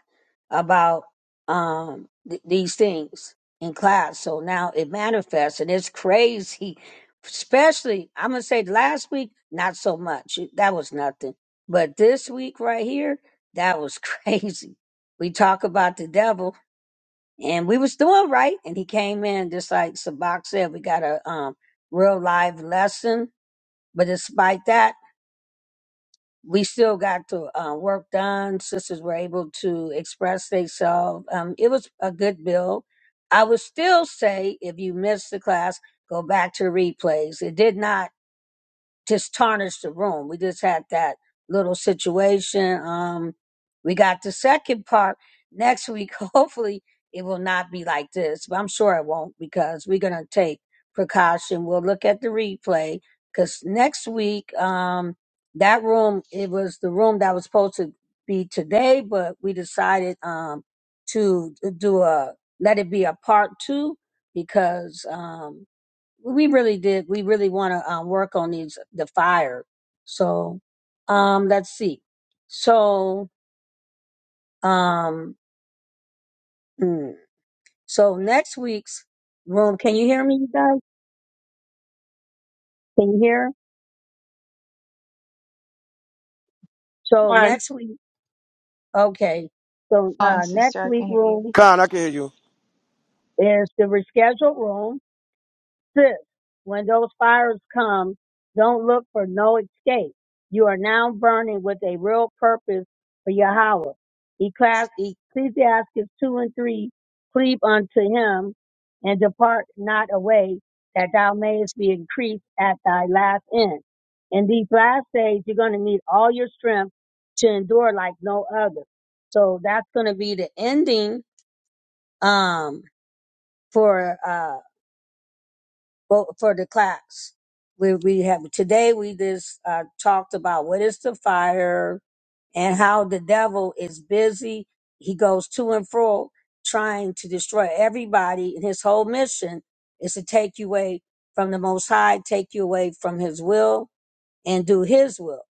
[SPEAKER 2] about um th- these things in class. So now it manifests, and it's crazy. Especially, I'm gonna say last week, not so much. That was nothing. But this week right here, that was crazy. We talk about the devil, and we was doing right, and he came in just like Sabak said. We got a um real live lesson, but despite that we still got the uh, work done. Sisters were able to express themselves. Um, it was a good bill. I would still say if you missed the class, go back to replays. It did not just tarnished the room. We just had that little situation. Um, we got the second part next week. Hopefully, it will not be like this, but I'm sure it won't because we're gonna take precaution. We'll look at the replay because next week, um, that room it was the room that was supposed to be today, but we decided um to do a let it be a part two because um we really did. We really want to um, work on these the fire. So um, let's see. So um, mm, so next week's room. Can you hear me, you guys? Can you hear? So
[SPEAKER 1] Con,
[SPEAKER 2] next week. Okay. So uh, next week room
[SPEAKER 15] Khan, I can hear you.
[SPEAKER 2] is the rescheduled room Sis, when those fires come, don't look for no escape. You are now burning with a real purpose for Yahweh. Ecclesi- Ecclesiastes 2 and 3, cleave unto him and depart not away that thou mayest be increased at thy last end. In these last days, you're going to need all your strength to endure like no other. So that's going to be the ending, um, for, uh, well, for the class. We we have today we just uh, talked about what is the fire and how the devil is busy. He goes to and fro trying to destroy everybody, and his whole mission is to take you away from the Most High, take you away from His will, and do His will.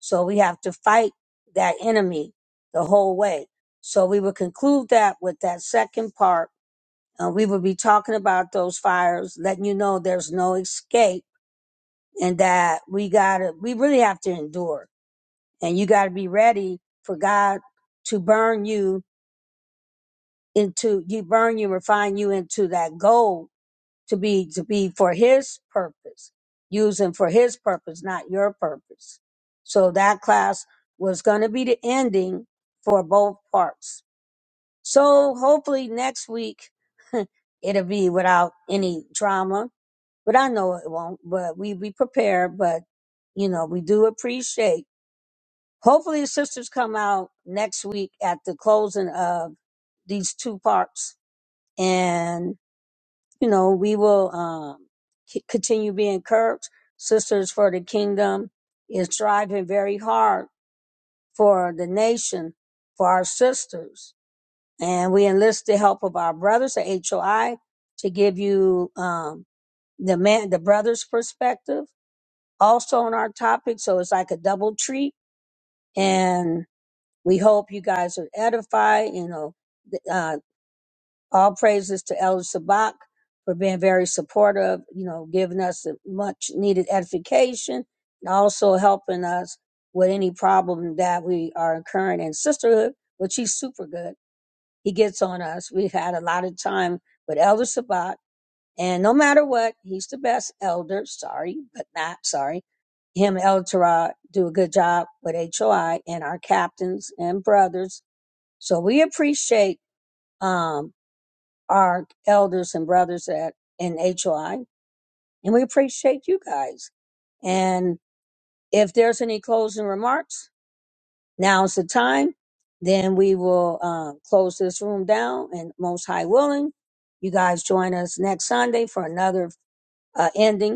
[SPEAKER 2] So we have to fight that enemy the whole way. So we will conclude that with that second part uh, we will be talking about those fires, letting you know there's no escape and that we gotta, we really have to endure. And you gotta be ready for God to burn you into, you burn you, refine you into that gold to be, to be for His purpose, using for His purpose, not your purpose. So that class was gonna be the ending for both parts. So hopefully next week, it'll be without any drama but I know it won't. But we be prepared. But you know, we do appreciate. Hopefully, the sisters come out next week at the closing of these two parts, and you know, we will um, c- continue being encouraged. Sisters for the Kingdom is striving very hard for the nation, for our sisters, and we enlist the help of our brothers at HOI to give you um, the man, the brother's perspective also on our topic. So it's like a double treat. And we hope you guys are edified. You know, th- uh, all praises to Elder Sabak for being very supportive, you know, giving us the much needed edification and also helping us with any problem that we are incurring in sisterhood, which he's super good. He gets on us. We had a lot of time with Elder Sabak and no matter what, he's the best elder. Sorry, but not sorry. Him, El Torah, do a good job with HOI and our captains and brothers. So we appreciate um, our elders and brothers at in HOI, and we appreciate you guys. And if there's any closing remarks, now's the time. Then we will uh, close this room down, and most high willing, you guys join us next Sunday for another uh, ending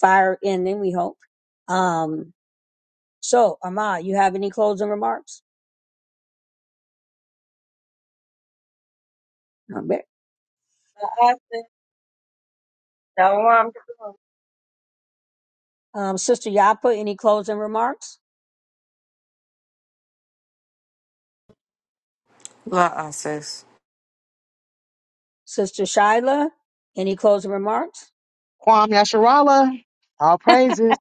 [SPEAKER 2] fire ending, we hope. Um, so, Amma, you have any closing remarks? Not bad.
[SPEAKER 1] Shalom. Shalom.
[SPEAKER 2] Um, Sister Yapa, any closing remarks?
[SPEAKER 5] La sis.
[SPEAKER 2] Sister Shyla, any closing remarks?
[SPEAKER 14] Kwam Yasharala. All praises.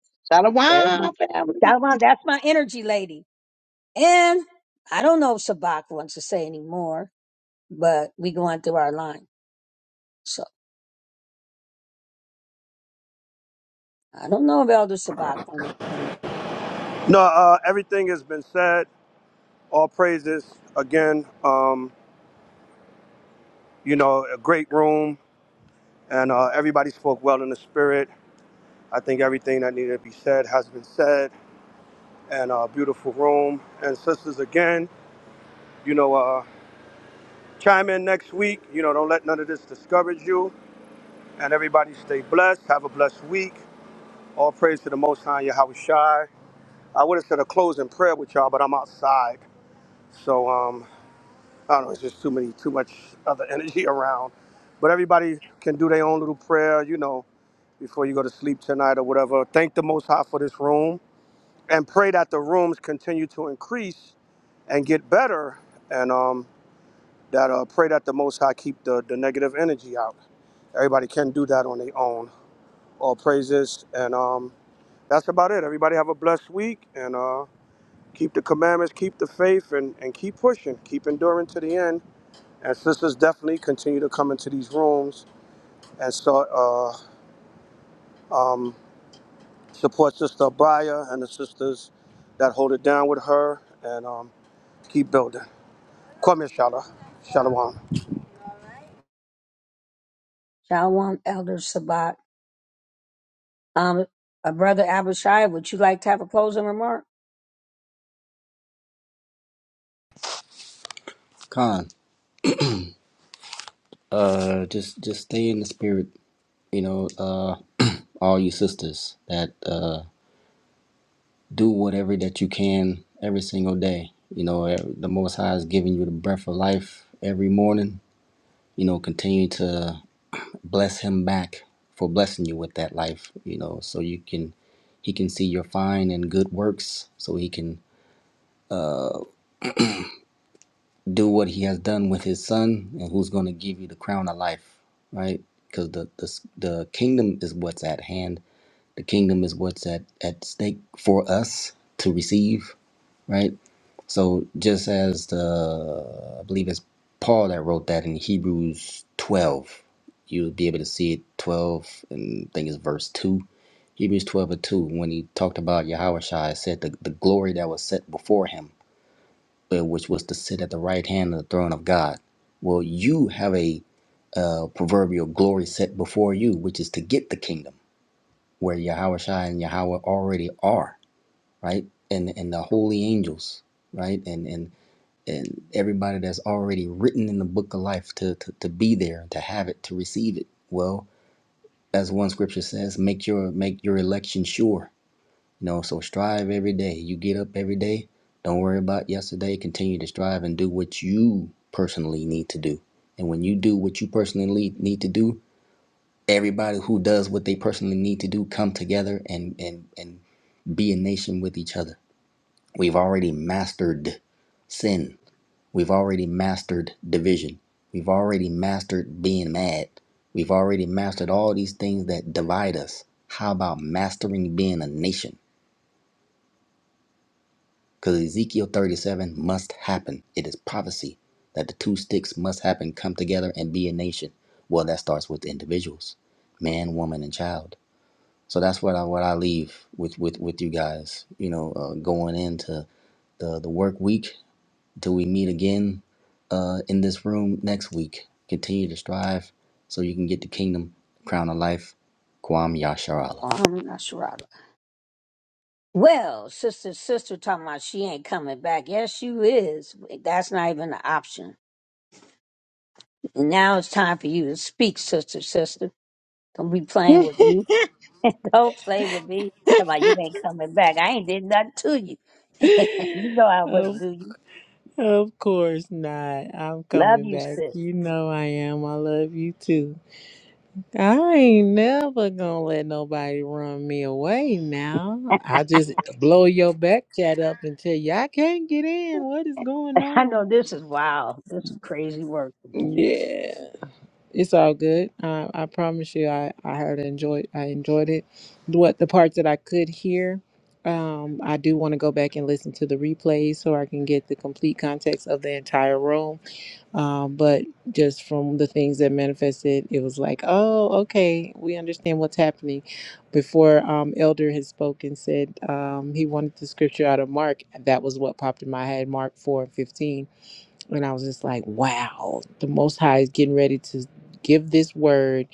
[SPEAKER 2] There's my
[SPEAKER 14] Shalom, family.
[SPEAKER 2] Shalom, that's my energy lady. And I don't know if Sabak wants to say any more, but we going through our line. So I don't know if Elder Sabak wants to say anything.
[SPEAKER 15] No, uh, everything has been said. All praises again. Um, you know, a great room, and uh, everybody spoke well in the spirit. I think everything that needed to be said has been said, and a uh, beautiful room. And sisters, again, you know, uh, chime in next week. You know, don't let none of this discourage you. And everybody stay blessed. Have a blessed week. All praise to the Most High, Yahweh Shai. I would have said a closing prayer with y'all, but I'm outside, so um, I don't know. It's just too many, too much other energy around. But everybody can do their own little prayer, you know before you go to sleep tonight or whatever. Thank the Most High for this room and pray that the rooms continue to increase and get better. And um, that uh, pray that the Most High keep the, the negative energy out. Everybody can do that on their own. All praises. And um, that's about it. Everybody have a blessed week and uh, keep the commandments, keep the faith, and, and keep pushing, keep enduring to the end. And sisters definitely continue to come into these rooms and start uh, um, Support Sister Abaya and the sisters that hold it down with her and um, keep building. Come here, Shala. Shalawan.
[SPEAKER 2] Shalom, Elder Sabak. Um, uh, Brother Abishai, would you like to have a closing remark?
[SPEAKER 20] Con, uh, just just stay in the spirit, you know, uh, all you sisters that uh, do whatever that you can every single day. You know, ev- the Most High is giving you the breath of life every morning. You know, continue to bless him back for blessing you with that life, you know, so you can he can see your fine and good works, so he can do what he has done with his son and who's going to give you the crown of life, right? Because the, the the kingdom is what's at hand. The kingdom is what's at at stake for us to receive, right? So just as the I believe it's Paul that wrote that in Hebrews 12, you'll be able to see it 12 and I think it's verse 2 Hebrews 12 and 2, when he talked about Yahushua, it said the, the glory that was set before him, uh, which was to sit at the right hand of the throne of God. Well, you have a uh, proverbial glory set before you, which is to get the kingdom where Yahushua and Yahweh already are, right? And and the holy angels, right? And and and everybody that's already written in the book of life to, to, to be there, to have it, to receive it. Well, as one scripture says, make your make your election sure You know, so strive every day. You get up every day. Don't worry about yesterday. Continue to strive and do what you personally need to do. And when you do what you personally need to do, everybody who does what they personally need to do come together and and and be a nation with each other. We've already mastered sin. We've already mastered division. We've already mastered being mad. We've already mastered all these things that divide us. How about mastering being a nation? Because Ezekiel 37 must happen. It is prophecy that the two sticks must happen, come together and be a nation. Well, that starts with individuals man, woman, and child. So that's what I, what I leave with, with, with you guys, you know, uh, going into the, the work week till we meet again uh, in this room next week. Continue to strive so you can get the kingdom, crown of life. Kwam Yasharala.
[SPEAKER 2] Um, not sure. Well, sister, sister talking about she ain't coming back. Yes, you is. That's not even an option. And now it's time for you to speak, sister, sister. Don't be playing with me. Don't play with me. Talking about you ain't coming back. I ain't did nothing to you. you know I
[SPEAKER 16] Of,
[SPEAKER 2] wouldn't do you.
[SPEAKER 16] of course not. I'm
[SPEAKER 2] Love
[SPEAKER 16] coming
[SPEAKER 2] you,
[SPEAKER 16] back.
[SPEAKER 2] sis.
[SPEAKER 16] You know I am. I love you too. I ain't never gonna let nobody run me away now. I just blow your back chat up and tell you I can't get in. What is going
[SPEAKER 2] I
[SPEAKER 16] on?
[SPEAKER 2] know this is wild. This is crazy work. you
[SPEAKER 16] Yeah, it's all good. Uh, I promise you, I I heard enjoyed I enjoyed it. What the parts that I could hear, um, I do want to go back and listen to the replays so I can get the complete context of the entire room. Um, but just from the things that manifested, it was like, oh, okay, we understand what's happening. Before um, Elder had spoken, said um, he wanted the scripture out of Mark. That was what popped in my head, Mark four and fifteen and I was just like, wow, the Most High is getting ready to give this word.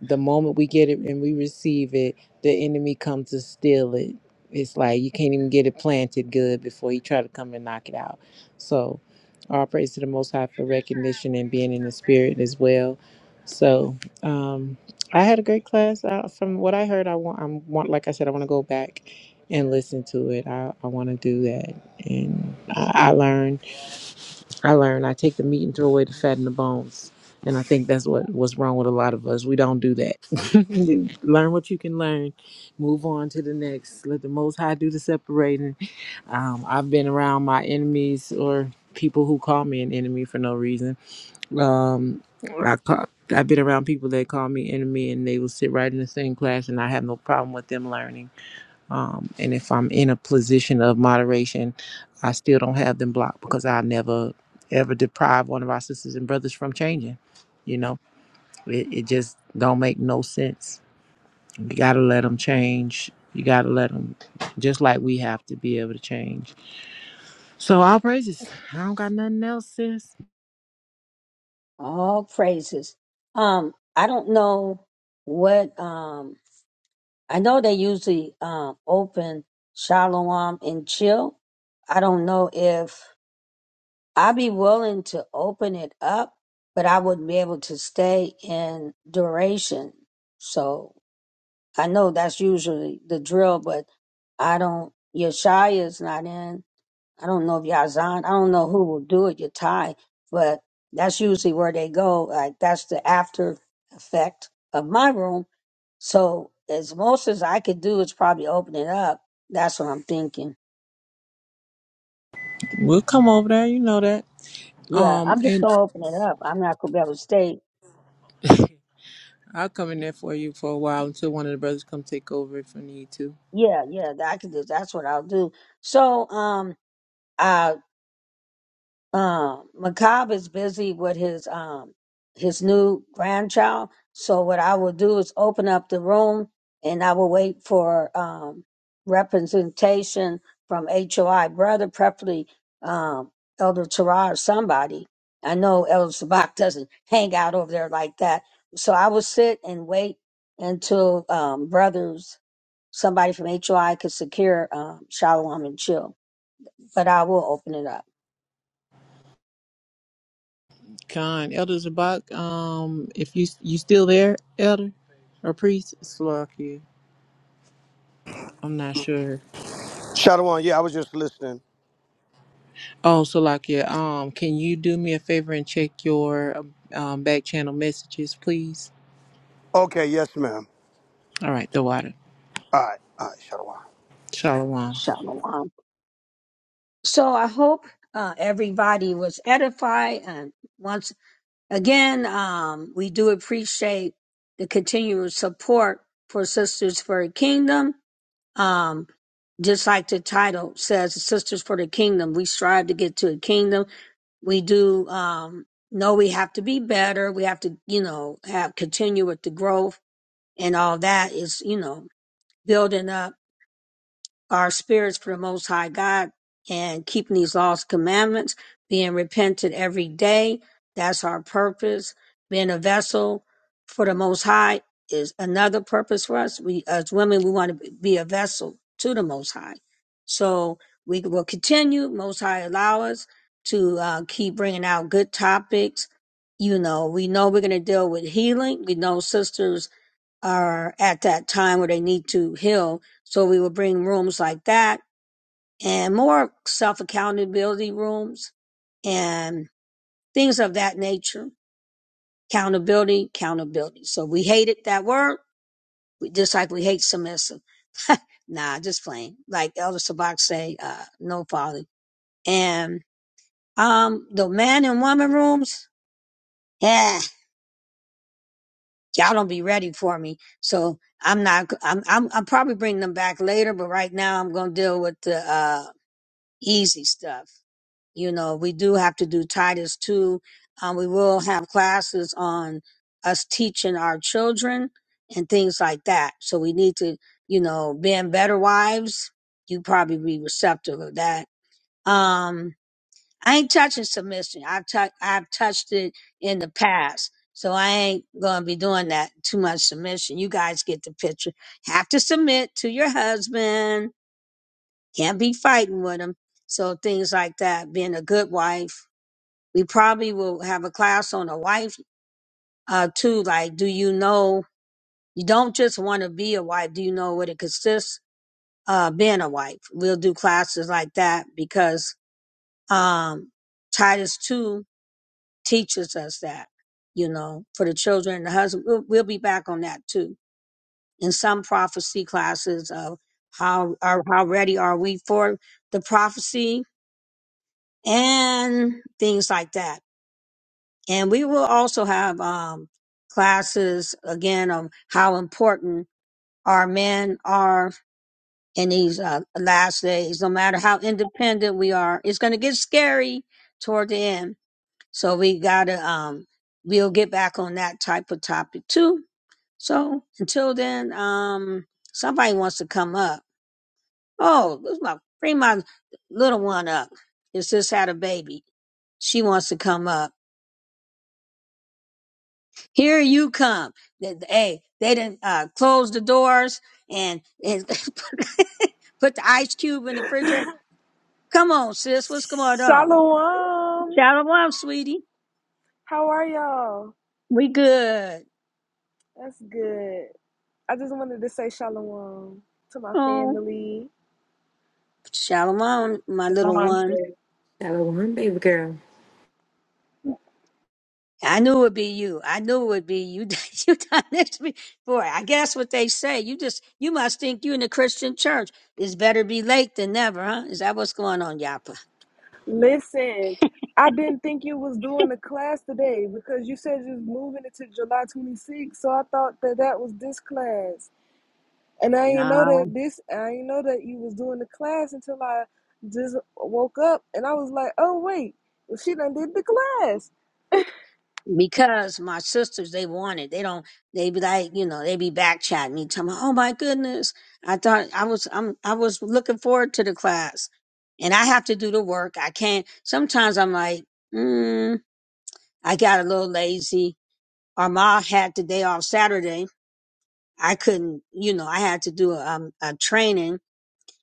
[SPEAKER 16] The moment we get it and we receive it, the enemy comes to steal it. It's like you can't even get it planted good before he try to come and knock it out. So, all praise to the Most High for recognition and being in the spirit as well. So, um, I had a great class. Uh, from what I heard, I want, I'm want, like I said, I want to go back and listen to it. I, I want to do that, and I, I learned. I learned I take the meat and throw away the fat and the bones. And I think that's what what's wrong with a lot of us. We don't do that. learn what you can learn, move on to the next. Let the Most High do the separating. Um, I've been around my enemies or people who call me an enemy for no reason. Um, I ca- I've been around people that call me enemy, and they will sit right in the same class, and I have no problem with them learning um, and if I'm in a position of moderation, I still don't have them blocked because I never ever deprive one of our sisters and brothers from changing. You know, it, it just don't make no sense. You gotta let them change. You gotta let them, just like we have to be able to change. So all praises. I don't got nothing else, sis.
[SPEAKER 2] All praises. Um, I don't know what. um. I know they usually um, open Shalom and chill. I don't know if I'd be willing to open it up, but I wouldn't be able to stay in duration. So I know that's usually the drill, but I don't. Yeshaya is not in. I don't know if Yazan, I don't know who will do it, Yatai, but that's usually where they go. Like that's the after effect of my room. So as most as I could do is probably open it up. That's what I'm thinking.
[SPEAKER 16] We'll come over there. You know that.
[SPEAKER 2] Yeah,
[SPEAKER 16] Um,
[SPEAKER 2] I'm just
[SPEAKER 16] and
[SPEAKER 2] gonna open it up. I'm not gonna be able to stay.
[SPEAKER 16] I'll come in there for you for a while until one of the brothers come take over if I need to.
[SPEAKER 2] Yeah, yeah, that I can do. That's what I'll do. So um, um macabre is busy with his um his new grandchild so what i will do is open up the room and i will wait for um representation from hoi brother preferably um elder Tara or somebody i know elder sabak doesn't hang out over there like that so i will sit and wait until um brothers somebody from hoi could secure um shalom and chill but i will open it up
[SPEAKER 16] Con Elder Zabak, um, if you you still there, Elder or priest Salakia, I'm not sure.
[SPEAKER 15] Shalawan, yeah, I was just listening.
[SPEAKER 16] Oh, Salakia, um, can you do me a favor and check your um back channel messages, please?
[SPEAKER 15] Okay, yes, ma'am.
[SPEAKER 16] All right, the water.
[SPEAKER 15] All right, all right, Shalawan.
[SPEAKER 16] Shalom.
[SPEAKER 2] shalom So I hope uh, everybody was edified. And once again, um, we do appreciate the continual support for Sisters for the Kingdom. Um, just like the title says, Sisters for the Kingdom, we strive to get to a kingdom. We do um, know we have to be better. We have to, you know, have continue with the growth and all that is, you know, building up our spirits for the Most High God and keeping these laws, and commandments, being repentant every day. That's our purpose. Being a vessel for the Most High is another purpose for us. We, as women, we want to be a vessel to the Most High. So we will continue. Most High allow us to uh, keep bringing out good topics. You know, we know we're going to deal with healing. We know sisters are at that time where they need to heal. So we will bring rooms like that and more self accountability rooms and things of that nature. Accountability, accountability. So we hated that word, we, just like we hate submissive. Nah, just plain. Like Elder Sabak say, uh, no folly. And um, the man and woman rooms, yeah, y'all don't be ready for me. So I'm not. I'm. I'm. I'm probably bringing them back later, but right now I'm gonna deal with the uh easy stuff. You know, we do have to do Titus 2. Um, we will have classes on us teaching our children and things like that. So we need to, you know, being better wives, you probably be receptive of that. Um, I ain't touching submission. I've, tou- I've touched it in the past. So I ain't going to be doing that too much submission. You guys get the picture. Have to submit to your husband can't be fighting with them. So things like that, being a good wife. We probably will have a class on a wife uh, too. Like, do you know? You don't just want to be a wife. Do you know what it consists? Uh, being a wife. We'll do classes like that because um, Titus two teaches us that. You know, for the children and the husband, we'll, we'll be back on that too. In some prophecy classes of how are how ready are we for the prophecy and things like that. And we will also have um, classes again on how important our men are in these uh, last days. No matter how independent we are, it's going to get scary toward the end. So we gotta um, we'll get back on that type of topic too. So until then, um, somebody wants to come up. Oh, this is my bring my little one up. It's just had a baby. She wants to come up. Here you come. Th- th- Hey, they didn't uh, close the doors and, and put the ice cube in the refrigerator. Come on, sis. What's going on?
[SPEAKER 21] Shalom.
[SPEAKER 2] Shalom, sweetie.
[SPEAKER 21] How are y'all?
[SPEAKER 2] We good.
[SPEAKER 21] That's good. I just wanted to say shalom to my
[SPEAKER 2] Oh,
[SPEAKER 21] family.
[SPEAKER 2] shalom, my little
[SPEAKER 1] Shalom.
[SPEAKER 2] one.
[SPEAKER 5] Shalom, baby girl.
[SPEAKER 2] I knew it would be you. I knew it would be you. you done this to me. Boy, I guess what they say. You just, you must think you in the Christian church. It's better be late than never, huh? Is that what's going on, Yapa?
[SPEAKER 21] Listen, I didn't think you was doing the class today because you said you was moving it to July 26th, so I thought that that was this class. And I ain't know
[SPEAKER 2] No.
[SPEAKER 21] that this I ain't know that you was doing the class until I just woke up and I was like, "Oh wait, well, she done did the class."
[SPEAKER 2] because my sisters they want it. They don't. They be like, you know, they be back chatting me, telling me, "Oh my goodness, I thought I was I'm I was looking forward to the class, and I have to do the work. I can't. Sometimes I'm like, mm, I got a little lazy. Or ma had the day off Saturday. I couldn't, you know, I had to do a, um, a training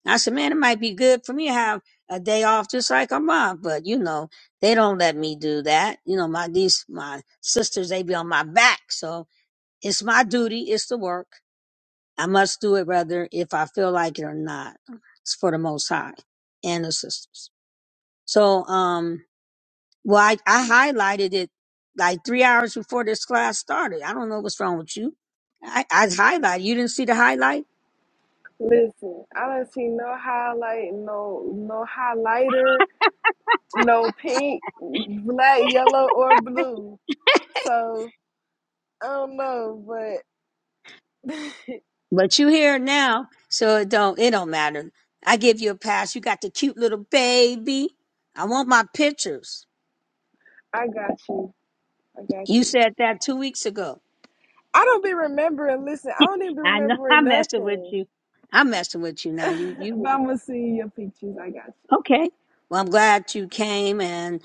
[SPEAKER 2] I said, man, it might be good for me to have a day off just like I'm off, but you know, they don't let me do that. You know, my these my sisters, they be on my back. So it's my duty, it's the work. I must do it whether if I feel like it or not. It's for the most high and the sisters. So um well I, I highlighted it like three hours before this class started. I don't know what's wrong with you. I, I highlighted. You didn't see the highlighted?
[SPEAKER 21] Listen, I don't see no highlight, no no highlighter, no pink, black, yellow, or blue. So I don't know, but
[SPEAKER 2] But you here now, so it don't it don't matter. I give you a pass. You got the cute little baby. I want my pictures.
[SPEAKER 21] I got you. I got
[SPEAKER 2] You
[SPEAKER 21] you.
[SPEAKER 2] said that two weeks ago.
[SPEAKER 21] I don't be remembering. Listen, I don't even be
[SPEAKER 2] I know
[SPEAKER 21] remembering
[SPEAKER 2] I'm messing with
[SPEAKER 21] nothing.
[SPEAKER 2] you. I'm messing with you now. You
[SPEAKER 21] but
[SPEAKER 2] you
[SPEAKER 21] I'm gonna see your pictures. I got
[SPEAKER 2] okay. Well I'm glad you came and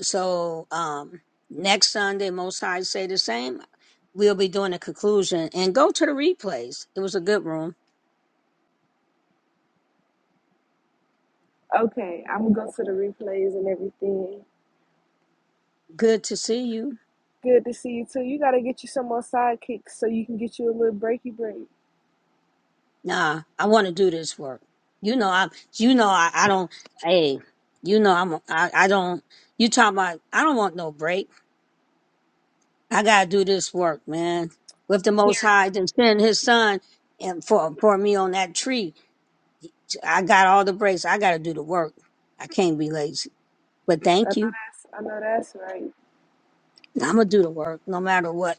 [SPEAKER 2] so um next Sunday most I say the same. We'll be doing a conclusion and go to the replays. It was a good room.
[SPEAKER 21] you. Okay, I'm gonna go to the replays and everything.
[SPEAKER 2] Good to see you.
[SPEAKER 21] Good to see you too. You gotta get you some more sidekicks so you can get you a little breaky break.
[SPEAKER 2] nah, I want to do this work. You know, I, you know, I, I don't, hey, you know, I'm, I, I don't, you talking about, I don't want no break. I got to do this work, man. With the Most
[SPEAKER 21] Period.
[SPEAKER 2] High, then send his son and for, for me on that tree. I got all the breaks. I got to do the work. I can't be lazy, but
[SPEAKER 21] I know
[SPEAKER 2] thank you.
[SPEAKER 21] that's. I know that's right.
[SPEAKER 2] I'm going to do the work no matter what.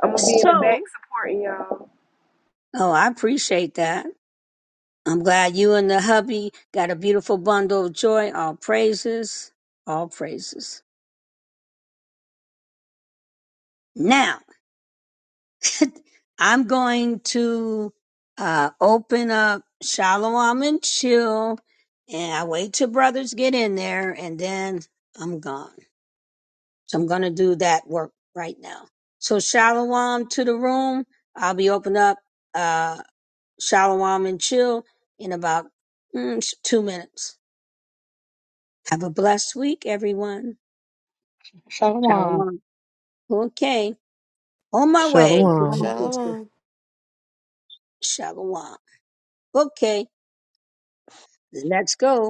[SPEAKER 21] I'm gonna be in the back
[SPEAKER 2] So,
[SPEAKER 21] supporting y'all.
[SPEAKER 2] oh, I appreciate that. I'm glad you and the hubby got a beautiful bundle of joy. All praises, all praises. Now, I'm going to uh, open up Shalom and Chill, and I wait till brothers get in there, and then I'm gone. So I'm going to do that work right now. So Shalom to the room. I'll be open up uh, Shalom and Chill in about mm, two minutes. Have a blessed week, everyone.
[SPEAKER 14] Shalom.
[SPEAKER 2] Shalom. Okay. On my way,
[SPEAKER 16] Shalom.
[SPEAKER 2] sister,
[SPEAKER 1] Shalom.
[SPEAKER 5] Shalom.
[SPEAKER 2] sister. Shalom. Okay. Let's go.